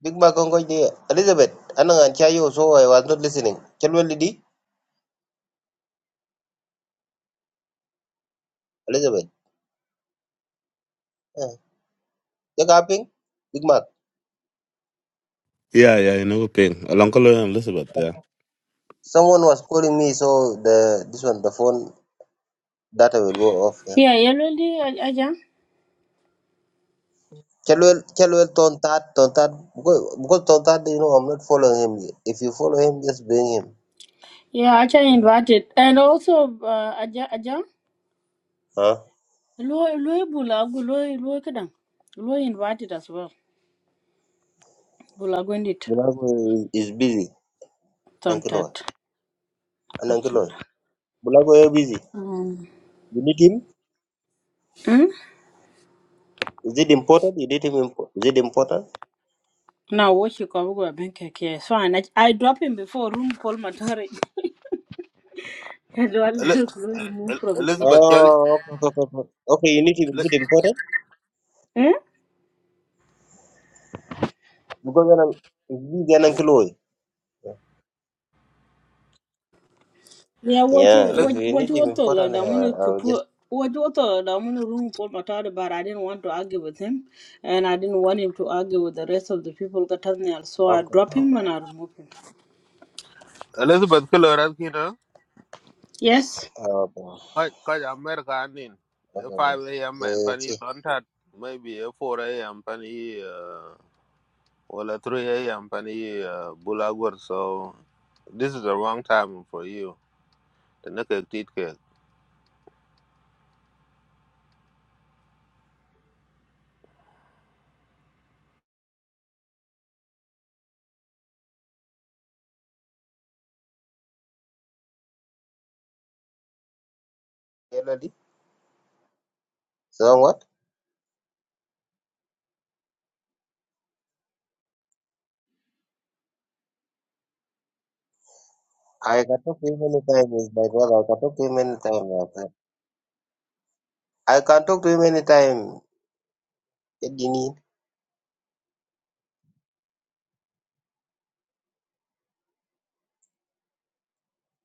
[SPEAKER 1] Big ma gong koi di. Elizabeth. Ano nga antia yo? So I was not listening. Chalwell di. Elizabeth. Yeah, Jack yapping. Big Mac.
[SPEAKER 3] yeah, yeah, you know, ping. Along Colonel Elizabeth, yeah.
[SPEAKER 1] Someone was calling me, so the this one the phone data will go off. yeah.
[SPEAKER 12] Yeah, Yelweli aja.
[SPEAKER 1] Chelwell Chelwell Tontat Tontat because because Tontat you know I'm not following him. If you follow him, just bring him.
[SPEAKER 12] Yeah, aja invited, and also uh, aja aja.
[SPEAKER 1] Huh?
[SPEAKER 12] Lo lo bulagu lo e, lo kadang. Lo e invited as well. Bulagu indeed.
[SPEAKER 1] Bulago is is busy. Uncle Loy.
[SPEAKER 12] Tontat.
[SPEAKER 1] And Uncle
[SPEAKER 12] Okay.
[SPEAKER 1] Loy. Bulago is busy.
[SPEAKER 12] Um.
[SPEAKER 1] You need him?
[SPEAKER 12] Hmm?
[SPEAKER 1] Is it important? You need him impo- is it important?
[SPEAKER 12] Now what you cover go bank here. So I I drop him before room Paul Matari. That's all.
[SPEAKER 2] Eli-
[SPEAKER 12] Lo remove
[SPEAKER 2] El-
[SPEAKER 12] from the room.
[SPEAKER 2] Elizabeth, Kelly-
[SPEAKER 1] Oh okay, okay, okay. okay Okay, you need him
[SPEAKER 2] Eli-
[SPEAKER 1] is it important?
[SPEAKER 12] Hmm?
[SPEAKER 1] Because when I'm it's busy and Uncle Loy.
[SPEAKER 12] Yeah, what you
[SPEAKER 1] Yeah,
[SPEAKER 2] Eli-
[SPEAKER 1] if
[SPEAKER 12] what
[SPEAKER 1] you
[SPEAKER 12] what
[SPEAKER 1] need
[SPEAKER 12] you were
[SPEAKER 1] him
[SPEAKER 12] told
[SPEAKER 1] important
[SPEAKER 12] i want
[SPEAKER 1] uh,
[SPEAKER 12] to
[SPEAKER 1] I'll just
[SPEAKER 12] put what you were told i want to room Paul Matari, but I didn't want to argue with him, and I didn't want him to argue with the rest of the people that has nail. So I
[SPEAKER 1] okay.
[SPEAKER 12] drop him and I remove him.
[SPEAKER 2] Elizabeth Colorado, you know,
[SPEAKER 12] Yes.
[SPEAKER 1] Okay,
[SPEAKER 2] quite America, I mean,
[SPEAKER 1] okay, okay.
[SPEAKER 2] 5 a.m. and
[SPEAKER 1] Let's
[SPEAKER 2] Penny
[SPEAKER 1] see.
[SPEAKER 2] Tontat, maybe eh, four a 4 a.m. Penny, uh, well, 3 a.m. Penny, uh, Bulagur, so this is the wrong time for you. The naked teeth cake.
[SPEAKER 1] Hello, Lee. So what? I can talk to him anytime. He's my brother. I can talk to him anytime. My friend. I can talk to him anytime. Edini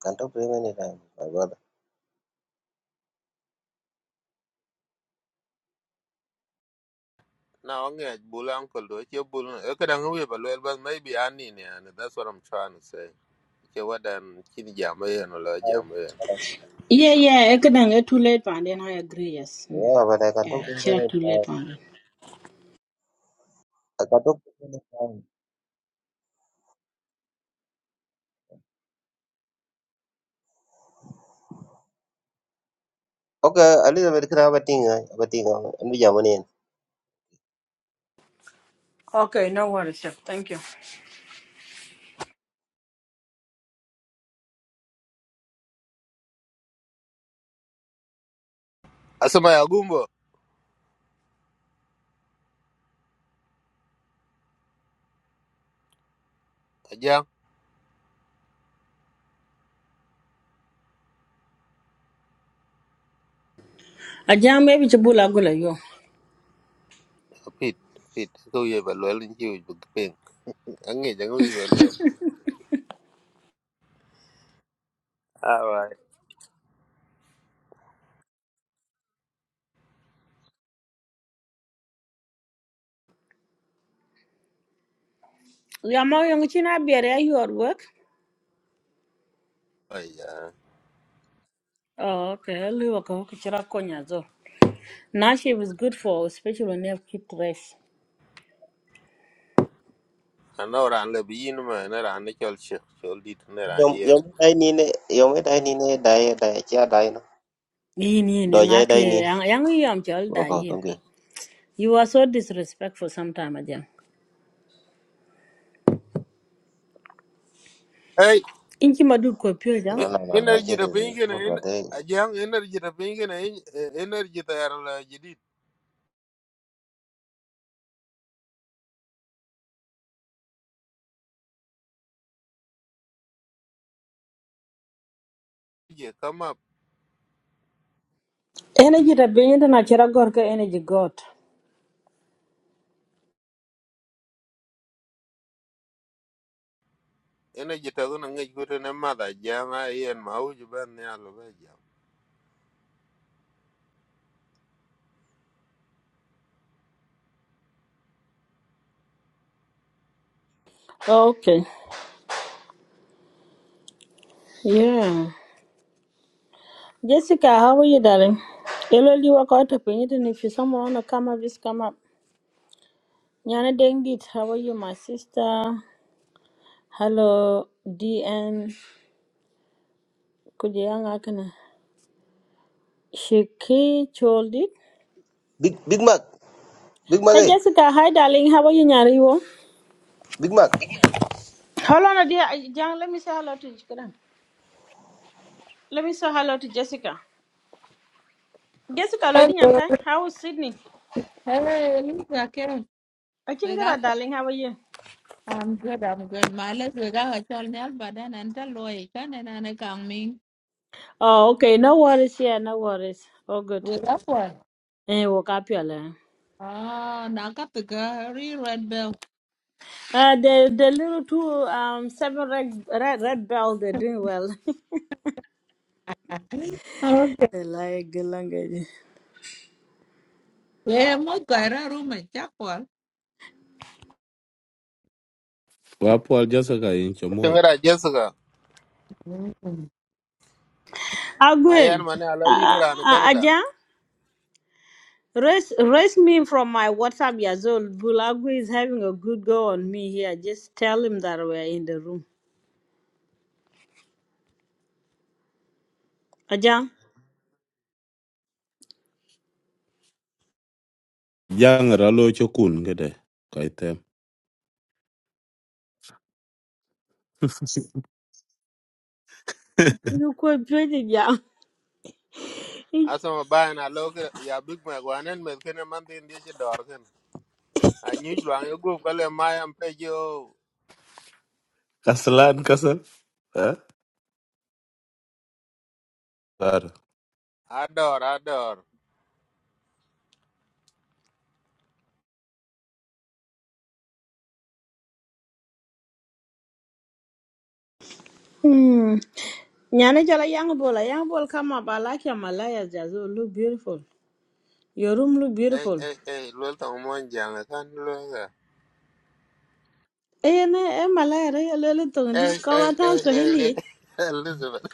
[SPEAKER 1] can talk to him anytime. My brother.
[SPEAKER 2] Now, I'm going to Bulanko, do it, you're Bulan, okay, I'm going to maybe I need, and that's what I'm trying to say. ke wadan chini jam e no la
[SPEAKER 1] I,
[SPEAKER 2] jam e
[SPEAKER 12] Yeah, yeah. I couldn't get too late, and then I agree. Yes. Mm.
[SPEAKER 1] yeah, but I can talk
[SPEAKER 12] Yeah,
[SPEAKER 1] to him
[SPEAKER 12] yeah, too late,
[SPEAKER 1] anytime.
[SPEAKER 12] and then.
[SPEAKER 1] I can talk to him anytime. Okay, a little bit can have a thing. eh, Have a thing. eh? And we jam on in.
[SPEAKER 12] Okay, no worries, Chef. Thank you.
[SPEAKER 2] asama ya gumbo ajam
[SPEAKER 12] Ajam, jam maybe to bull agula yo.
[SPEAKER 2] pit pit ko ye ba lo lin ji bu ping ange jang wi ba le awai
[SPEAKER 12] Yeah, my young china be are you at work?
[SPEAKER 2] ai ya
[SPEAKER 12] Oh, okay. I'll leave a coach. Now she was good for especially when you have kids
[SPEAKER 2] ana ran le bi yin ma na ran ne chol che chol dit ne ran
[SPEAKER 1] Yom
[SPEAKER 2] ye
[SPEAKER 1] yom dai ni ne yom dai ni ne dai dai chia dai no
[SPEAKER 12] Yin yin
[SPEAKER 1] do
[SPEAKER 12] in
[SPEAKER 1] jai dai
[SPEAKER 12] ake
[SPEAKER 1] ni.
[SPEAKER 12] yang yam chol da
[SPEAKER 1] Wow,
[SPEAKER 12] yin.
[SPEAKER 1] thank you.
[SPEAKER 12] You are so disrespectful sometime again.
[SPEAKER 2] ai
[SPEAKER 12] Inchi madud ko pure
[SPEAKER 1] No,
[SPEAKER 12] jam.
[SPEAKER 1] no, no, no. I
[SPEAKER 2] energy
[SPEAKER 1] can't
[SPEAKER 2] da ping
[SPEAKER 1] do
[SPEAKER 2] ne
[SPEAKER 1] this.
[SPEAKER 2] ajam energy da ping ne energy ta yar la jidit ye kama
[SPEAKER 12] Energy da benye da na chera gor ka energy got.
[SPEAKER 2] energy ta gona ngai ko ne ma da jam ai en ma u ju ban ne alo ba jam
[SPEAKER 12] Okay. Yeah. Jessica, how are you darling? Hello, you work out of it and if you someone wanna come up, just come up. Nyana Dengit, how are you my sister? Hello, DN. Kujiyanga kana. Shiki Choldit.
[SPEAKER 1] Big Big Mac, Big Mac,
[SPEAKER 12] Hey
[SPEAKER 1] eh?
[SPEAKER 12] Jessica, hi darling, how are you Nyariwo?
[SPEAKER 1] Big Mac.
[SPEAKER 12] Hold on, dear. John, let me say hello to Jessica. Let me say hello to Jessica. Jessica, Lodi
[SPEAKER 13] Hello.
[SPEAKER 12] Nyankai, how is Sydney?
[SPEAKER 13] Hey, Lisa Kim.
[SPEAKER 12] I can
[SPEAKER 13] We
[SPEAKER 12] get
[SPEAKER 13] got.
[SPEAKER 12] a darling. How are you?
[SPEAKER 13] I'm good. I'm good. My leg. We got a child now, but then and the lawyer can and I can mean.
[SPEAKER 12] Oh, okay. No worries. Yeah, no worries. All good.
[SPEAKER 13] We got one.
[SPEAKER 12] Eh, woke up your line.
[SPEAKER 13] Ah, now got the Red bell.
[SPEAKER 12] Uh, the the little two um seven red red, red bell they're doing well.
[SPEAKER 13] Okay.
[SPEAKER 12] they like good language.
[SPEAKER 13] Yeah, mo guy. room at Chapel.
[SPEAKER 3] Well, Paul Jessica in Chamot.
[SPEAKER 2] tengara jessica ma yan
[SPEAKER 12] Agwe,
[SPEAKER 2] ma ne ala
[SPEAKER 12] uh,
[SPEAKER 2] yin ran
[SPEAKER 12] uh,
[SPEAKER 2] canada
[SPEAKER 12] Aja, raise raise me from my WhatsApp. Yazol Bulagwe is having a good go on me here. Just tell him that we're in the room. Aja.
[SPEAKER 3] Young Ralo Chokun, get it. Quite them.
[SPEAKER 12] Nó quên phía thì dạng.
[SPEAKER 2] asama bayan a lo ke ya big mac wanen met kene man tin die ci dor ken a nyu jwang yo go kale mayam pe jo
[SPEAKER 3] Kaslan, kaslan. Huh? Sorry.
[SPEAKER 2] a dor a dor
[SPEAKER 12] Hmm. Nyana jala young bola. Young bola come up. I like your Malaya Jazo. Look beautiful. Your room look
[SPEAKER 2] ei
[SPEAKER 12] beautiful.
[SPEAKER 2] ei ei lol to mon jang kan lo ga
[SPEAKER 12] Eh na eh Malaya re lele tongi.
[SPEAKER 2] ei ei
[SPEAKER 12] Kawa tau
[SPEAKER 2] ei ei ei,
[SPEAKER 12] Swahili.
[SPEAKER 2] Elizabeth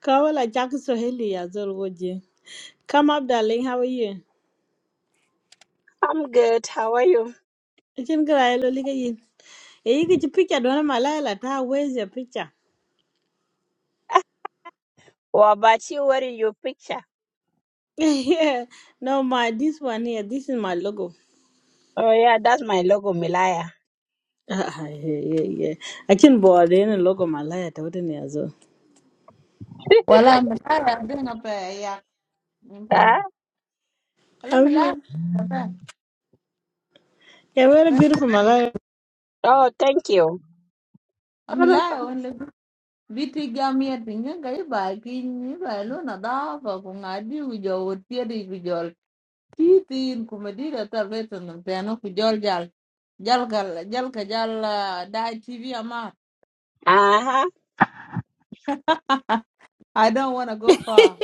[SPEAKER 12] Kawa la Jack Swahili ya zol woje. Come up darling. How are you?
[SPEAKER 14] I'm good. How are you?
[SPEAKER 12] Ichin gra elo lika you. Eh you get your picture. Dona Malaya la ta. Where's your picture?
[SPEAKER 14] What about you? What is your picture?
[SPEAKER 12] yeah. No my this one here. This is my logo.
[SPEAKER 14] Oh yeah, that's my logo, Milaya.
[SPEAKER 12] Ah, yeah, yeah, yeah. I can board in a logo Malaya. Tawde ni
[SPEAKER 13] Well, I'm tired of doing a pair. Yeah. Well,
[SPEAKER 14] Huh?
[SPEAKER 13] I'm
[SPEAKER 12] I'm good. You're very beautiful, my guy.
[SPEAKER 14] Oh, thank you.
[SPEAKER 13] Only biti gamia tinga kai ba kin ni ba lo na da ba ko ngadi u jo titin ku medira no te ano jal jal ka jal ka jal uh, dai tv ama
[SPEAKER 14] Aha.
[SPEAKER 13] i don't want to go far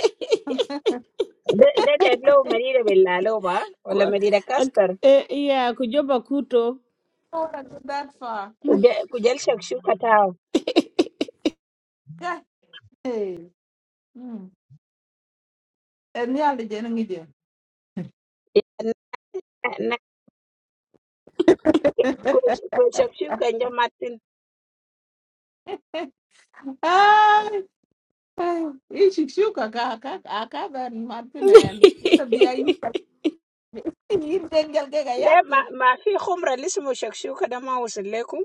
[SPEAKER 14] ده ده
[SPEAKER 13] i
[SPEAKER 14] جاب له مدينة بالله با
[SPEAKER 12] Ku-
[SPEAKER 14] ولا
[SPEAKER 12] uh,
[SPEAKER 14] مدينة كاستر
[SPEAKER 12] uh, Yeah, Kujoba Kuto.
[SPEAKER 13] don't want to go that far
[SPEAKER 14] وج- كجل شكشوكة تاو
[SPEAKER 13] God, hey mm. and ya le jen ngi je
[SPEAKER 14] كجل شكشوكة جماعتين
[SPEAKER 13] ai ai i shik shu ka ka ka a Martin. ben martinen ila bi ai in jengel ke ga
[SPEAKER 14] لا ما
[SPEAKER 13] yatin
[SPEAKER 14] ما في خمرة اللي اسمه شكشوكة ده ما وصل لكم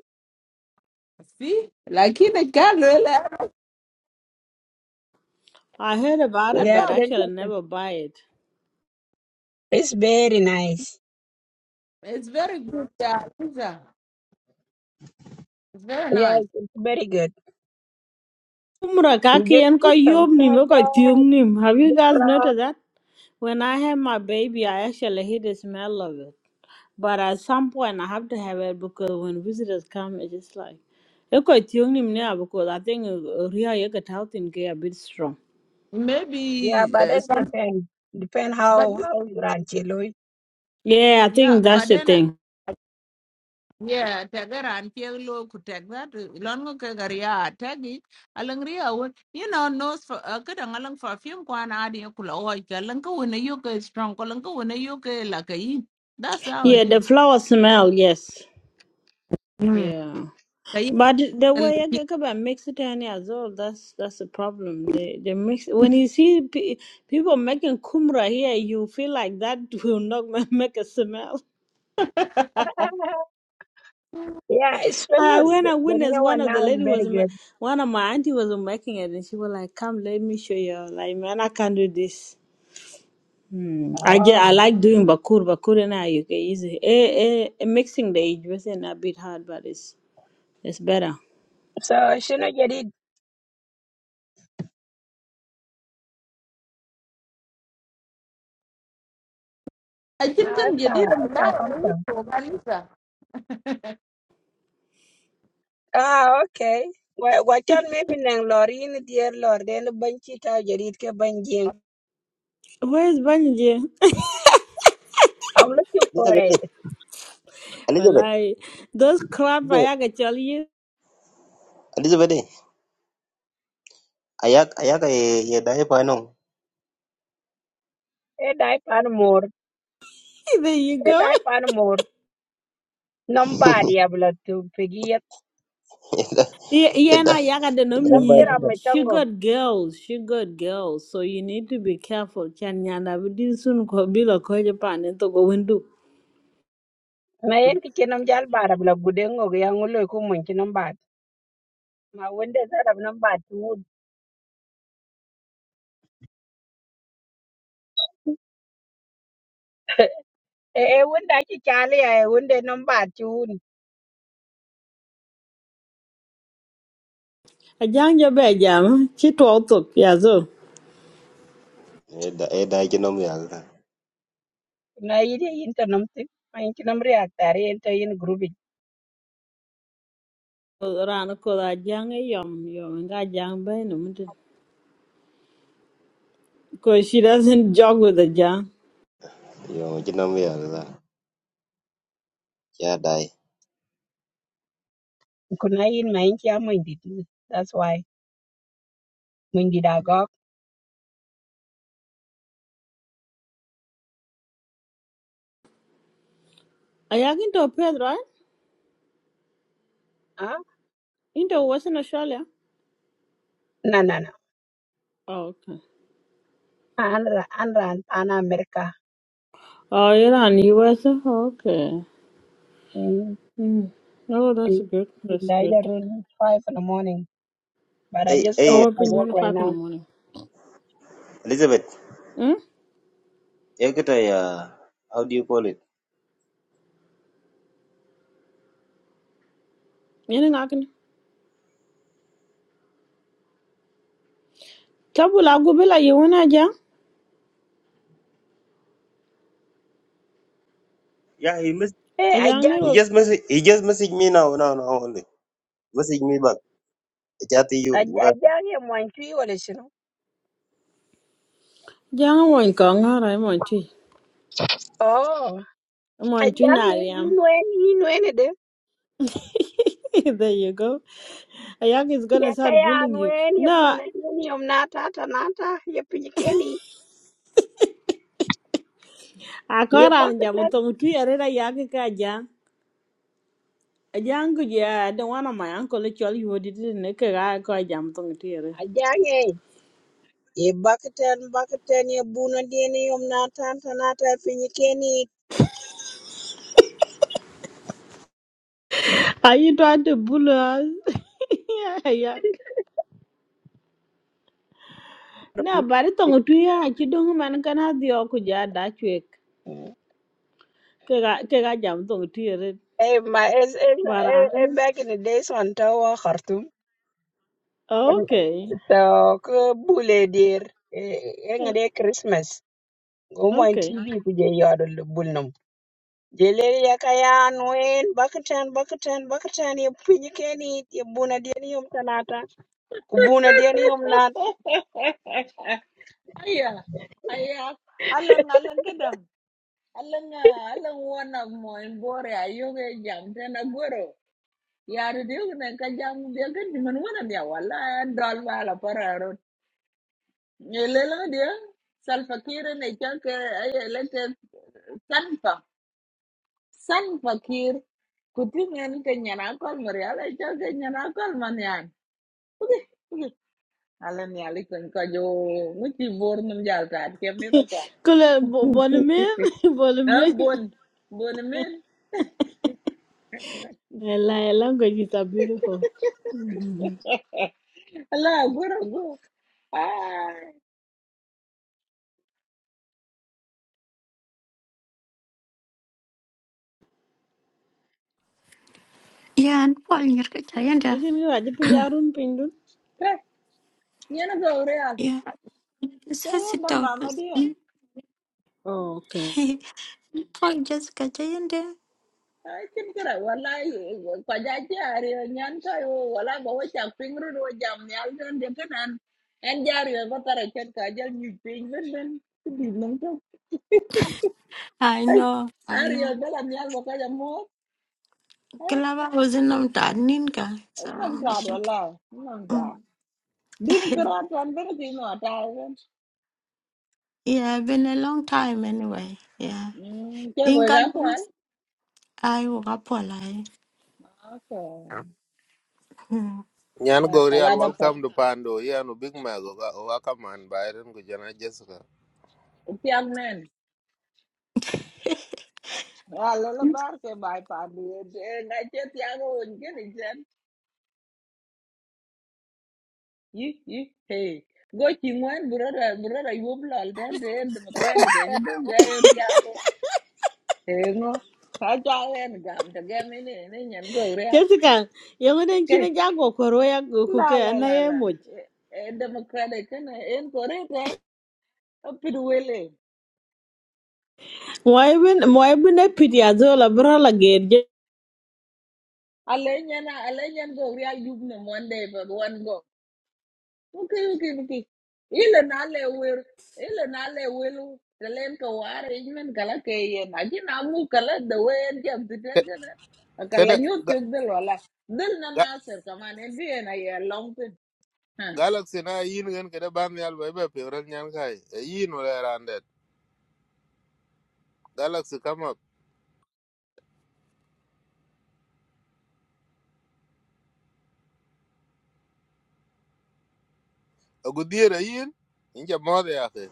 [SPEAKER 13] see lakini kan lo la
[SPEAKER 12] I heard about it,
[SPEAKER 14] يا
[SPEAKER 13] ata
[SPEAKER 12] but
[SPEAKER 14] كده
[SPEAKER 12] actually I
[SPEAKER 14] انت-
[SPEAKER 12] never buy it.
[SPEAKER 14] It's very nice.
[SPEAKER 13] it's very good uh, it's, uh, it's very
[SPEAKER 14] Yeah,
[SPEAKER 13] nice
[SPEAKER 14] it's very good.
[SPEAKER 12] Umra
[SPEAKER 14] You
[SPEAKER 12] kaki
[SPEAKER 14] just
[SPEAKER 12] en ko
[SPEAKER 14] put some
[SPEAKER 12] yob nim, e
[SPEAKER 14] sand
[SPEAKER 12] ko nim. Have you guys
[SPEAKER 14] there,
[SPEAKER 12] noticed that? When I had my baby, I actually hate the smell of it. But at some point, I have to have it because when visitors come, it's just like. e ko nim now because I think uh, Ria Yagat health in a bit strong.
[SPEAKER 14] Yeah,
[SPEAKER 13] maybe
[SPEAKER 14] but it
[SPEAKER 13] uh,
[SPEAKER 14] depends. Depend
[SPEAKER 13] But
[SPEAKER 14] how how you run Chiloy.
[SPEAKER 12] Yeah, I
[SPEAKER 13] yeah,
[SPEAKER 12] think that's
[SPEAKER 13] but
[SPEAKER 12] the
[SPEAKER 13] then
[SPEAKER 12] thing.
[SPEAKER 13] yeah, tagger and Pielo could take that. Longo Kagaria, Taggy, Alangria would, you know, nose. for a good and along for a few quan adia kula or Kalanko when a yoke is strong, Kalanko when a yoke like a yin. That's how it
[SPEAKER 12] Yeah,
[SPEAKER 14] Mhm.
[SPEAKER 12] the
[SPEAKER 13] is.
[SPEAKER 12] flower smell, yes.
[SPEAKER 13] Mm.
[SPEAKER 12] Yeah,
[SPEAKER 13] The yin-
[SPEAKER 12] but the
[SPEAKER 13] will
[SPEAKER 12] way I
[SPEAKER 13] be-
[SPEAKER 12] get about Mexican as well, that's that's the problem. They they mix when you see pe- people making kumra here, you feel like that will not ma- make a smell.
[SPEAKER 14] yeah,
[SPEAKER 12] I
[SPEAKER 14] especially
[SPEAKER 12] when
[SPEAKER 14] the,
[SPEAKER 12] I
[SPEAKER 14] the
[SPEAKER 12] witnessed
[SPEAKER 14] new
[SPEAKER 12] one
[SPEAKER 14] one
[SPEAKER 12] of the
[SPEAKER 14] now is
[SPEAKER 12] lady
[SPEAKER 14] very
[SPEAKER 12] was ma-
[SPEAKER 14] good.
[SPEAKER 12] one of my auntie was making it, and she was like, "Come, let me show you." Like, man, I can't do this. Hmm. I just, I
[SPEAKER 14] Oh,
[SPEAKER 12] like doing bakur bakur and I you get easy. Eh, eh, mixing the juice and a bit hard, but it's it's better.
[SPEAKER 14] so she not get it.
[SPEAKER 13] I think
[SPEAKER 14] Ah,
[SPEAKER 13] can
[SPEAKER 14] it's
[SPEAKER 13] you
[SPEAKER 14] a
[SPEAKER 13] did a
[SPEAKER 14] it's a
[SPEAKER 13] lot
[SPEAKER 14] custom.
[SPEAKER 13] of Marisa.
[SPEAKER 14] Ah, okay. Well, what can maybe if nang lorry in dear lord then banchi get it? ke banjing.
[SPEAKER 12] Where's Banji?
[SPEAKER 14] I'm looking for it.
[SPEAKER 1] Elizabeth, Elizabeth,
[SPEAKER 12] Wallahi, those crap I
[SPEAKER 1] Elizabeth,
[SPEAKER 12] yaga tell you.
[SPEAKER 1] Elizabeth. Ayak ayak e yeda e panom.
[SPEAKER 14] Hey, die pan more.
[SPEAKER 12] There you
[SPEAKER 14] Hey,
[SPEAKER 12] go.
[SPEAKER 14] die pan more. Nobody abla to piggy.
[SPEAKER 12] Yeah, yeah,
[SPEAKER 1] Yeda
[SPEAKER 12] na
[SPEAKER 1] yeda
[SPEAKER 12] yaga de
[SPEAKER 1] yeda
[SPEAKER 12] nom
[SPEAKER 1] e
[SPEAKER 14] Nam
[SPEAKER 12] nyir.
[SPEAKER 1] panom.
[SPEAKER 14] kira my
[SPEAKER 12] She
[SPEAKER 14] tongo.
[SPEAKER 12] got girls. She got girls. So you need to be careful. Chan nyana bidi sun ko bilo ko japan to go windu.
[SPEAKER 14] Na yen kitchen nam jal bar abla gudengo yang ulo kumunchi ma wunde zarab nan ba tuun e e wunde aki kyali ya e wunde nan ba tuun
[SPEAKER 12] Ajang jo be jam. Chi to to ya zo.
[SPEAKER 1] Yeda yeda chinom yalda.
[SPEAKER 14] kuna yi da yin ta ma yin ki namri a tare yin grubi
[SPEAKER 12] Rana ko da jang e yom yom nga jang be no mute. Cause she doesn't jog with the jang.
[SPEAKER 1] Yo chinom yalda. Ya dai.
[SPEAKER 14] kuna yin ma yin ki amma indi tin that's why mun da gok
[SPEAKER 12] Ayaga into Pedro, right?
[SPEAKER 14] ah
[SPEAKER 12] Into Western Australia.
[SPEAKER 14] na na na
[SPEAKER 12] Oh, okay.
[SPEAKER 14] an ra an ra an america
[SPEAKER 12] Oh, you're on US. Okay.
[SPEAKER 14] mm mm.
[SPEAKER 12] Mm. Oh, that's good.
[SPEAKER 14] mm.
[SPEAKER 12] That's
[SPEAKER 14] da
[SPEAKER 12] good.
[SPEAKER 14] ya 5 in the morning but i
[SPEAKER 1] Hey
[SPEAKER 14] just got
[SPEAKER 1] hey
[SPEAKER 12] Oh,
[SPEAKER 14] up
[SPEAKER 12] I've
[SPEAKER 14] from
[SPEAKER 12] been
[SPEAKER 14] work
[SPEAKER 12] doing
[SPEAKER 14] right
[SPEAKER 12] five in
[SPEAKER 14] now
[SPEAKER 12] the morning.
[SPEAKER 1] Elizabeth.
[SPEAKER 12] Hmm?
[SPEAKER 1] Ekita ya how do you call it?
[SPEAKER 12] Yini nga kini? Tabu la gubi la yiwu na jang?
[SPEAKER 1] Yeah, he mess
[SPEAKER 14] hey
[SPEAKER 12] A
[SPEAKER 14] i
[SPEAKER 12] jang ni
[SPEAKER 1] he
[SPEAKER 12] ro.
[SPEAKER 14] jangi
[SPEAKER 1] just message he just message me now now now only. Message me back. Chat to you.
[SPEAKER 14] i
[SPEAKER 1] Well,
[SPEAKER 14] wala shino
[SPEAKER 12] Jang a mwan ka nga ra, a mwan tui.
[SPEAKER 14] oh I young,
[SPEAKER 12] na
[SPEAKER 14] you
[SPEAKER 12] riam. There you go. A is
[SPEAKER 14] ye
[SPEAKER 12] gonna start
[SPEAKER 14] kaya
[SPEAKER 12] bullying you.
[SPEAKER 14] nuen ye
[SPEAKER 12] No,
[SPEAKER 14] mune ni yom nata ta nata ye pijikeni
[SPEAKER 12] a ka
[SPEAKER 14] ye
[SPEAKER 12] ra ni jam
[SPEAKER 14] bakatan
[SPEAKER 12] utong tui a ka jang. A jang ku jia, I don't want my uncle actually tell you what it is. Nike ra ka jam
[SPEAKER 14] ajange ye bakatan bakatan ye buna dini yom nata ta nata pijikeni
[SPEAKER 12] Are you trying to bully us? Yeah, yeah. na bari tongo twi ha chi man kan ha dio ku ja da chwek ke ga ke ga jam tongo twi re
[SPEAKER 14] eh ma is is
[SPEAKER 12] bara
[SPEAKER 14] eh eh back in the days on tawa khartum
[SPEAKER 12] okay
[SPEAKER 14] so ke bule dir eh ngade christmas Omo en
[SPEAKER 12] okay
[SPEAKER 14] TV ku je yodo bulnum. Je lele ya kaya nuen bakatan bakatan bakatan ye pijikeni ye buna dini yom tanata. Kubuna dia ni umnat.
[SPEAKER 13] Aya, aya, alang alang ka Alang alang one of my bore ayoge jam tena goro. Yari diyo na ka jam diya ka diman wana diya wala and dal wala para ro. Nyelela diya sal fakir na ka ka ayelete san pa san fakir kutingan ka nyana kal mariala ka ka nyana kal manyan. Ugi ugi alang yali kan ka muti bor num jal ka kemi ka ka.
[SPEAKER 12] kule bon min bon
[SPEAKER 13] Ha bon bon men
[SPEAKER 12] la la go ji ta beautiful Mhm.
[SPEAKER 13] Ala, guro, guro. Ah,
[SPEAKER 15] Yeah, and Paul Nyirkachayenda.
[SPEAKER 12] akin ga ji pin arun pin dun
[SPEAKER 13] eh, yana ga urea.
[SPEAKER 15] Yeah.
[SPEAKER 13] Eh, ba
[SPEAKER 15] Sasito
[SPEAKER 13] mama
[SPEAKER 15] was
[SPEAKER 13] dia.
[SPEAKER 12] okay
[SPEAKER 15] Paul Jessica Chayenda.
[SPEAKER 13] Ai, kin kira wallahi kwajaji ari nyan ka yo wala ba wacha pingru do jam nyal don de kanan. En jari ba tara ket ka jal nyu ping ben ben. Di nang to.
[SPEAKER 15] I
[SPEAKER 13] Ai,
[SPEAKER 15] know, I
[SPEAKER 13] ari
[SPEAKER 15] know.
[SPEAKER 13] ba la nyal ba ka jam mo. Eh,
[SPEAKER 15] Kalava was in Namtaninka, so
[SPEAKER 13] nang
[SPEAKER 15] I'm
[SPEAKER 13] ta
[SPEAKER 15] shocked.
[SPEAKER 13] wala. Nang
[SPEAKER 15] Mm.
[SPEAKER 13] ta. Dim kira tan ben ti no ta.
[SPEAKER 15] yeah, been a long time anyway. Yeah.
[SPEAKER 13] Hmm, ke bo
[SPEAKER 15] In
[SPEAKER 13] ga kwal.
[SPEAKER 15] Kansas, I woke up all I.
[SPEAKER 13] Okay.
[SPEAKER 15] Mm.
[SPEAKER 2] nyan
[SPEAKER 13] Ya,
[SPEAKER 2] go real
[SPEAKER 13] kala
[SPEAKER 2] welcome to pando yanu big mac ga wa kaman bayren go jana jessica
[SPEAKER 13] Tiang nen. Ah, lola bar ke bai pa du. Ngai che tiang on ke ni chen. Yi, yi, hey. Go chi ngwen brother, brother yu blal da de democratic ke do ga tiang ke. Hey ngo. Ka cha wen gam ta ga mi ni ni nyen go re.
[SPEAKER 12] Jessica, yang ada
[SPEAKER 13] Ke.
[SPEAKER 12] kina jago koro ya ku
[SPEAKER 13] La
[SPEAKER 12] ke
[SPEAKER 13] la
[SPEAKER 12] na
[SPEAKER 13] la
[SPEAKER 12] ye
[SPEAKER 13] la.
[SPEAKER 12] moj.
[SPEAKER 13] Eh democratic ke ne en ko re ke. Pidu wele.
[SPEAKER 12] Moy bin moy bin e pidi azola bra la
[SPEAKER 13] Ale nyen ale nyen go re yub ne one day but one go. Okay, okay, okay. Ile nale wil, ile nale wil, telen ka war imen kala ke ye na ji na mu kala de wer jam de ter kana. Akala
[SPEAKER 2] kede
[SPEAKER 13] nyut
[SPEAKER 2] ga
[SPEAKER 13] yuk del wala. Del na
[SPEAKER 2] ga-
[SPEAKER 13] na ser kaman en bi en ay long tin. Hmm.
[SPEAKER 2] galaxy na yin gen kede ban yal be be pe ran nyan kai e E yin wala randet galaxy kama agudiera yin inja mode yake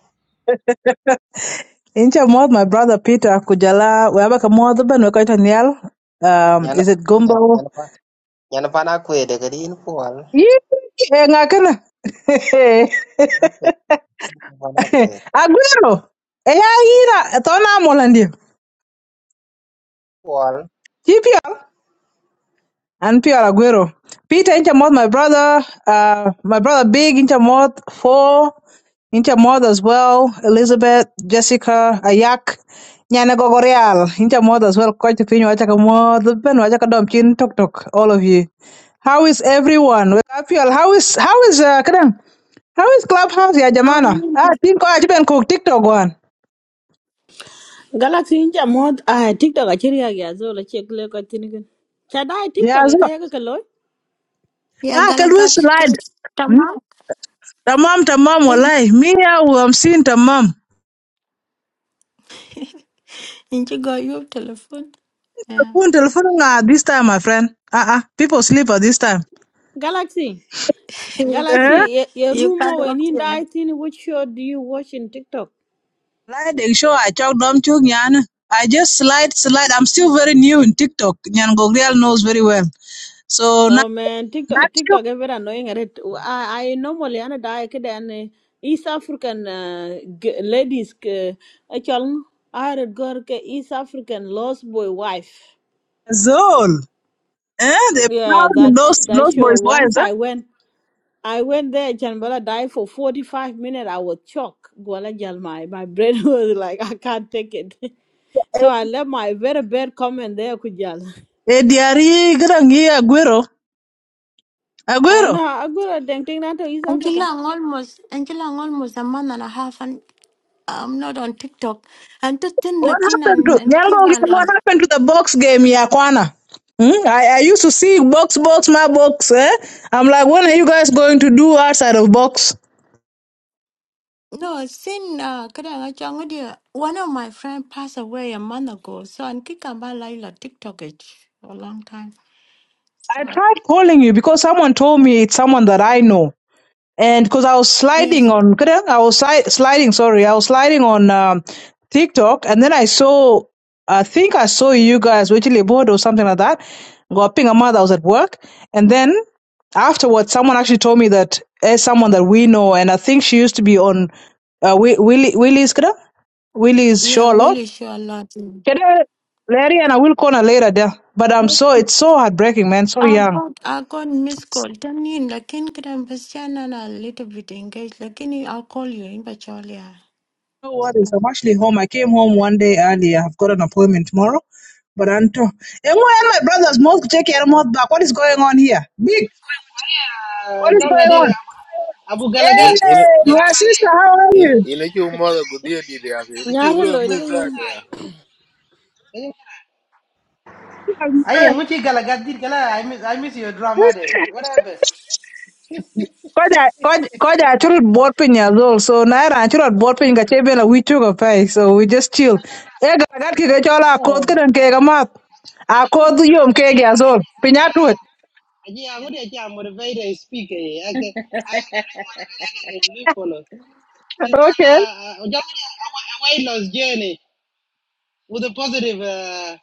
[SPEAKER 16] Incha mod my brother Peter kujala weba ka mod ban we koita nial. Um
[SPEAKER 1] Nyana
[SPEAKER 16] is it
[SPEAKER 1] nyana
[SPEAKER 16] gumbo?
[SPEAKER 1] nyana pa nyana pa na kwe de kadi in poal.
[SPEAKER 16] Yee, eh, ngakana.
[SPEAKER 1] Na kwe pa na kwe.
[SPEAKER 16] Aguero. Eh, ya ira tona molandia.
[SPEAKER 1] Poal.
[SPEAKER 16] and Pierre Aguero. Peter Inchamoth, my brother, uh, my brother Big Inchamoth, four Inchamoth as well, Elizabeth, Jessica, Ayak, Nyana Gogoreal. Inchamoth as well, Coach Pin, Wachakamoth, Ben, Wachakadom, Chin, Tok Tok, all of you. How is everyone? Well, I feel- How is, how is, uh, kadang? how is Clubhouse, ya
[SPEAKER 15] Oh,
[SPEAKER 16] jamana?
[SPEAKER 15] yeah,
[SPEAKER 16] Ah, think ko aji ben cook TikTok one.
[SPEAKER 12] Galaxy inja mod ah TikTok achiri agi azola chekle ko tinikin. Chada ai
[SPEAKER 16] Yeah,
[SPEAKER 12] TikTok e
[SPEAKER 16] so,
[SPEAKER 12] kaya ka loy.
[SPEAKER 15] Yeah,
[SPEAKER 16] ah, can we
[SPEAKER 15] Galagat,
[SPEAKER 16] slide? Hmm?
[SPEAKER 15] Tama.
[SPEAKER 16] Tamam, tamam, walai. Me, I'm seeing tamam.
[SPEAKER 15] In Chigo, you telephone. Yeah.
[SPEAKER 16] Telephone, telephone uh, this time, my friend. Uh-uh. People sleep at this time.
[SPEAKER 12] Galaxy Galaxy
[SPEAKER 16] Eh?
[SPEAKER 12] ye, ye
[SPEAKER 15] you cut
[SPEAKER 12] rumo we ni
[SPEAKER 15] off.
[SPEAKER 12] dai tin which show do you watch in TikTok?
[SPEAKER 16] Like they show I talk dumb chung yan. I just slide, slide. I'm still very new in TikTok. Nyan Gogriel knows very well. So now
[SPEAKER 12] Oh man
[SPEAKER 16] not
[SPEAKER 12] TikTok
[SPEAKER 16] you
[SPEAKER 12] TikTok is very annoying at it. I I normally ana dai kidan East African uh, g- ladies ke achal are gor ke East African lost boy wife.
[SPEAKER 16] all. Eh? They
[SPEAKER 12] Yeah,
[SPEAKER 16] proud in
[SPEAKER 12] that sh-
[SPEAKER 16] those
[SPEAKER 12] that
[SPEAKER 16] those
[SPEAKER 12] show.
[SPEAKER 16] boys'
[SPEAKER 12] Once
[SPEAKER 16] wives,
[SPEAKER 12] I
[SPEAKER 16] eh?
[SPEAKER 12] went. I went there, Janbala died for 45 minutes. I was shocked. Gwala Jalmai. My brain was like, I can't take it. So I left my very bad comment there, Kujal.
[SPEAKER 16] Eh diari grangi Aguero.
[SPEAKER 12] And uh,
[SPEAKER 16] Aguero.
[SPEAKER 12] I go to Deng Ting to East
[SPEAKER 15] Until
[SPEAKER 12] Africa.
[SPEAKER 15] I'm almost until I'm almost a month and a half and I'm not on TikTok. And to thin
[SPEAKER 16] What
[SPEAKER 15] like
[SPEAKER 16] happened
[SPEAKER 15] and,
[SPEAKER 16] to
[SPEAKER 15] and
[SPEAKER 16] Nyan
[SPEAKER 15] keep and
[SPEAKER 16] Gogriel,
[SPEAKER 15] um,
[SPEAKER 16] what happened to the box game, Yakwana? Hmm? I, I used to see box, box, my box, eh? I'm like, when are you guys going to do outside of box?
[SPEAKER 15] no sin uh kadang achang dia. one of my friend passed away a month ago. So and kikamba laila TikTok it for a long time.
[SPEAKER 16] I
[SPEAKER 15] So
[SPEAKER 16] tried calling you because someone told me it's someone that I know. And because I was sliding
[SPEAKER 15] yes.
[SPEAKER 16] on, kada- I was sli- sliding, sorry, I was sliding on um, TikTok and then I saw, I think I saw you guys, Wichily Board or something like that. Got ping a mother, I was at work. And then afterwards, someone actually told me that there's someone that we know. And I think she used to be on uh, Wi- Willie, Willie's, kada? Willie's
[SPEAKER 15] Yeah,
[SPEAKER 16] show a lot.
[SPEAKER 15] really sure a lot.
[SPEAKER 16] Kada, Larry and I will call her later there. But I'm
[SPEAKER 15] Yes,
[SPEAKER 16] so, it's so heartbreaking, man, so
[SPEAKER 15] I
[SPEAKER 16] young.
[SPEAKER 15] got I got missed call. Then in like in kadang Bastian and a little bit engaged. Like I'll call you in Bacholia.
[SPEAKER 16] No worries. I'm actually home. I came home one day early. I've got an appointment tomorrow. But Anto, Emo and my brother's mouth check your mouth back. What is going on here? Big,
[SPEAKER 17] Ah,
[SPEAKER 16] what is
[SPEAKER 17] kan
[SPEAKER 16] going
[SPEAKER 17] ngadi de
[SPEAKER 16] on?
[SPEAKER 17] abu galagat
[SPEAKER 16] Hey, my sister, how are
[SPEAKER 2] In
[SPEAKER 16] you?
[SPEAKER 2] in inachu mother good deal did yake. Inachu
[SPEAKER 12] Nyare
[SPEAKER 2] lo
[SPEAKER 12] lo,
[SPEAKER 2] means
[SPEAKER 12] ilika
[SPEAKER 2] that
[SPEAKER 12] yin.
[SPEAKER 2] yake.
[SPEAKER 17] Kan kira? Aye, nguci galagat dir kala I miss I miss your drama day. What happened?
[SPEAKER 16] Koja koja I told board pin as well. So naira I told board pin ka chebe la wichu ka pai. So we just chill. Eh, garagat ki gachola akod ka
[SPEAKER 13] Oh,
[SPEAKER 16] dan kega mat.
[SPEAKER 17] Aji ku
[SPEAKER 16] Akod
[SPEAKER 17] TikTok.
[SPEAKER 16] yom kege as well. Pinyatut.
[SPEAKER 17] Aji aku dia kia motivate and speak eh. Aku aku boleh motivate aku ke lui follow. Sisana udah dia a weight loss journey with a positive uh,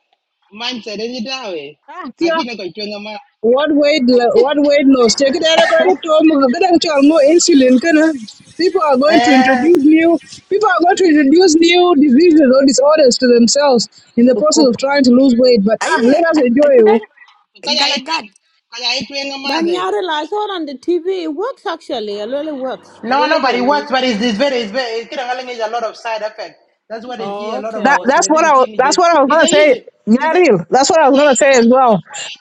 [SPEAKER 17] mindset ini dah we.
[SPEAKER 16] Okay.
[SPEAKER 17] Lagi nak kau cuci nama.
[SPEAKER 16] what weight lo- what weight loss take it out of to get actual more insulin kind of people are going to
[SPEAKER 17] Eh,
[SPEAKER 16] introduce new people are going to introduce new diseases or disorders to themselves in the
[SPEAKER 17] kuk
[SPEAKER 16] process
[SPEAKER 17] kuk.
[SPEAKER 16] of trying to lose weight but ah
[SPEAKER 15] Aye,
[SPEAKER 16] let us enjoy it.
[SPEAKER 15] I
[SPEAKER 17] Kau jadi cuci,
[SPEAKER 15] could
[SPEAKER 17] kau jadi cuci
[SPEAKER 12] But
[SPEAKER 17] ngamade.
[SPEAKER 12] Nyare lo, I saw it on the TV. It works actually. It really works. It
[SPEAKER 17] No, no,
[SPEAKER 12] really
[SPEAKER 17] but
[SPEAKER 12] you
[SPEAKER 17] it
[SPEAKER 12] lose.
[SPEAKER 17] works, but it's, it's very, it's very, it's getting is a lot of side effect. That's what they hear
[SPEAKER 12] Oh,
[SPEAKER 17] a lot of
[SPEAKER 16] that
[SPEAKER 17] our
[SPEAKER 12] okay.
[SPEAKER 16] that's what
[SPEAKER 17] Sudanese
[SPEAKER 16] i wa-
[SPEAKER 17] thing is
[SPEAKER 16] that's
[SPEAKER 17] that
[SPEAKER 16] what i was
[SPEAKER 17] it's a
[SPEAKER 16] gonna say
[SPEAKER 17] easy,
[SPEAKER 16] yeah
[SPEAKER 17] it's a, it's
[SPEAKER 16] real that's what i was
[SPEAKER 17] a
[SPEAKER 16] gonna
[SPEAKER 17] easy
[SPEAKER 16] say
[SPEAKER 17] way
[SPEAKER 16] as
[SPEAKER 17] to
[SPEAKER 16] well
[SPEAKER 17] lose weight,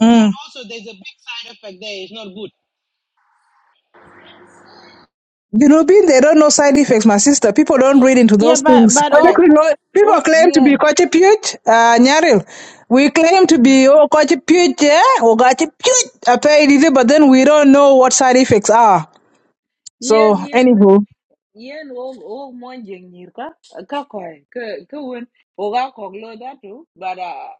[SPEAKER 16] Mm.
[SPEAKER 17] but also there's a big side effect there. It's not good.
[SPEAKER 16] You know, being they don't know side effects, my sister, people don't read into
[SPEAKER 12] Yeah,
[SPEAKER 16] those
[SPEAKER 12] but,
[SPEAKER 16] things.
[SPEAKER 12] but
[SPEAKER 16] But they
[SPEAKER 13] ayo,
[SPEAKER 12] all,
[SPEAKER 16] could know- People
[SPEAKER 12] all,
[SPEAKER 16] claim to be
[SPEAKER 13] yen.
[SPEAKER 16] Kochi Puch, uh, Nyaril. We claim to be,
[SPEAKER 13] Mhm.
[SPEAKER 16] oh, Kochi Puch, yeah, or Kochi Puch, I but then we don't know what side effects are. So,
[SPEAKER 13] Yen yen
[SPEAKER 16] anywho.
[SPEAKER 13] yen o o mon jeng nyir ka ka ko ke ke wen o ga ko lo da tu bara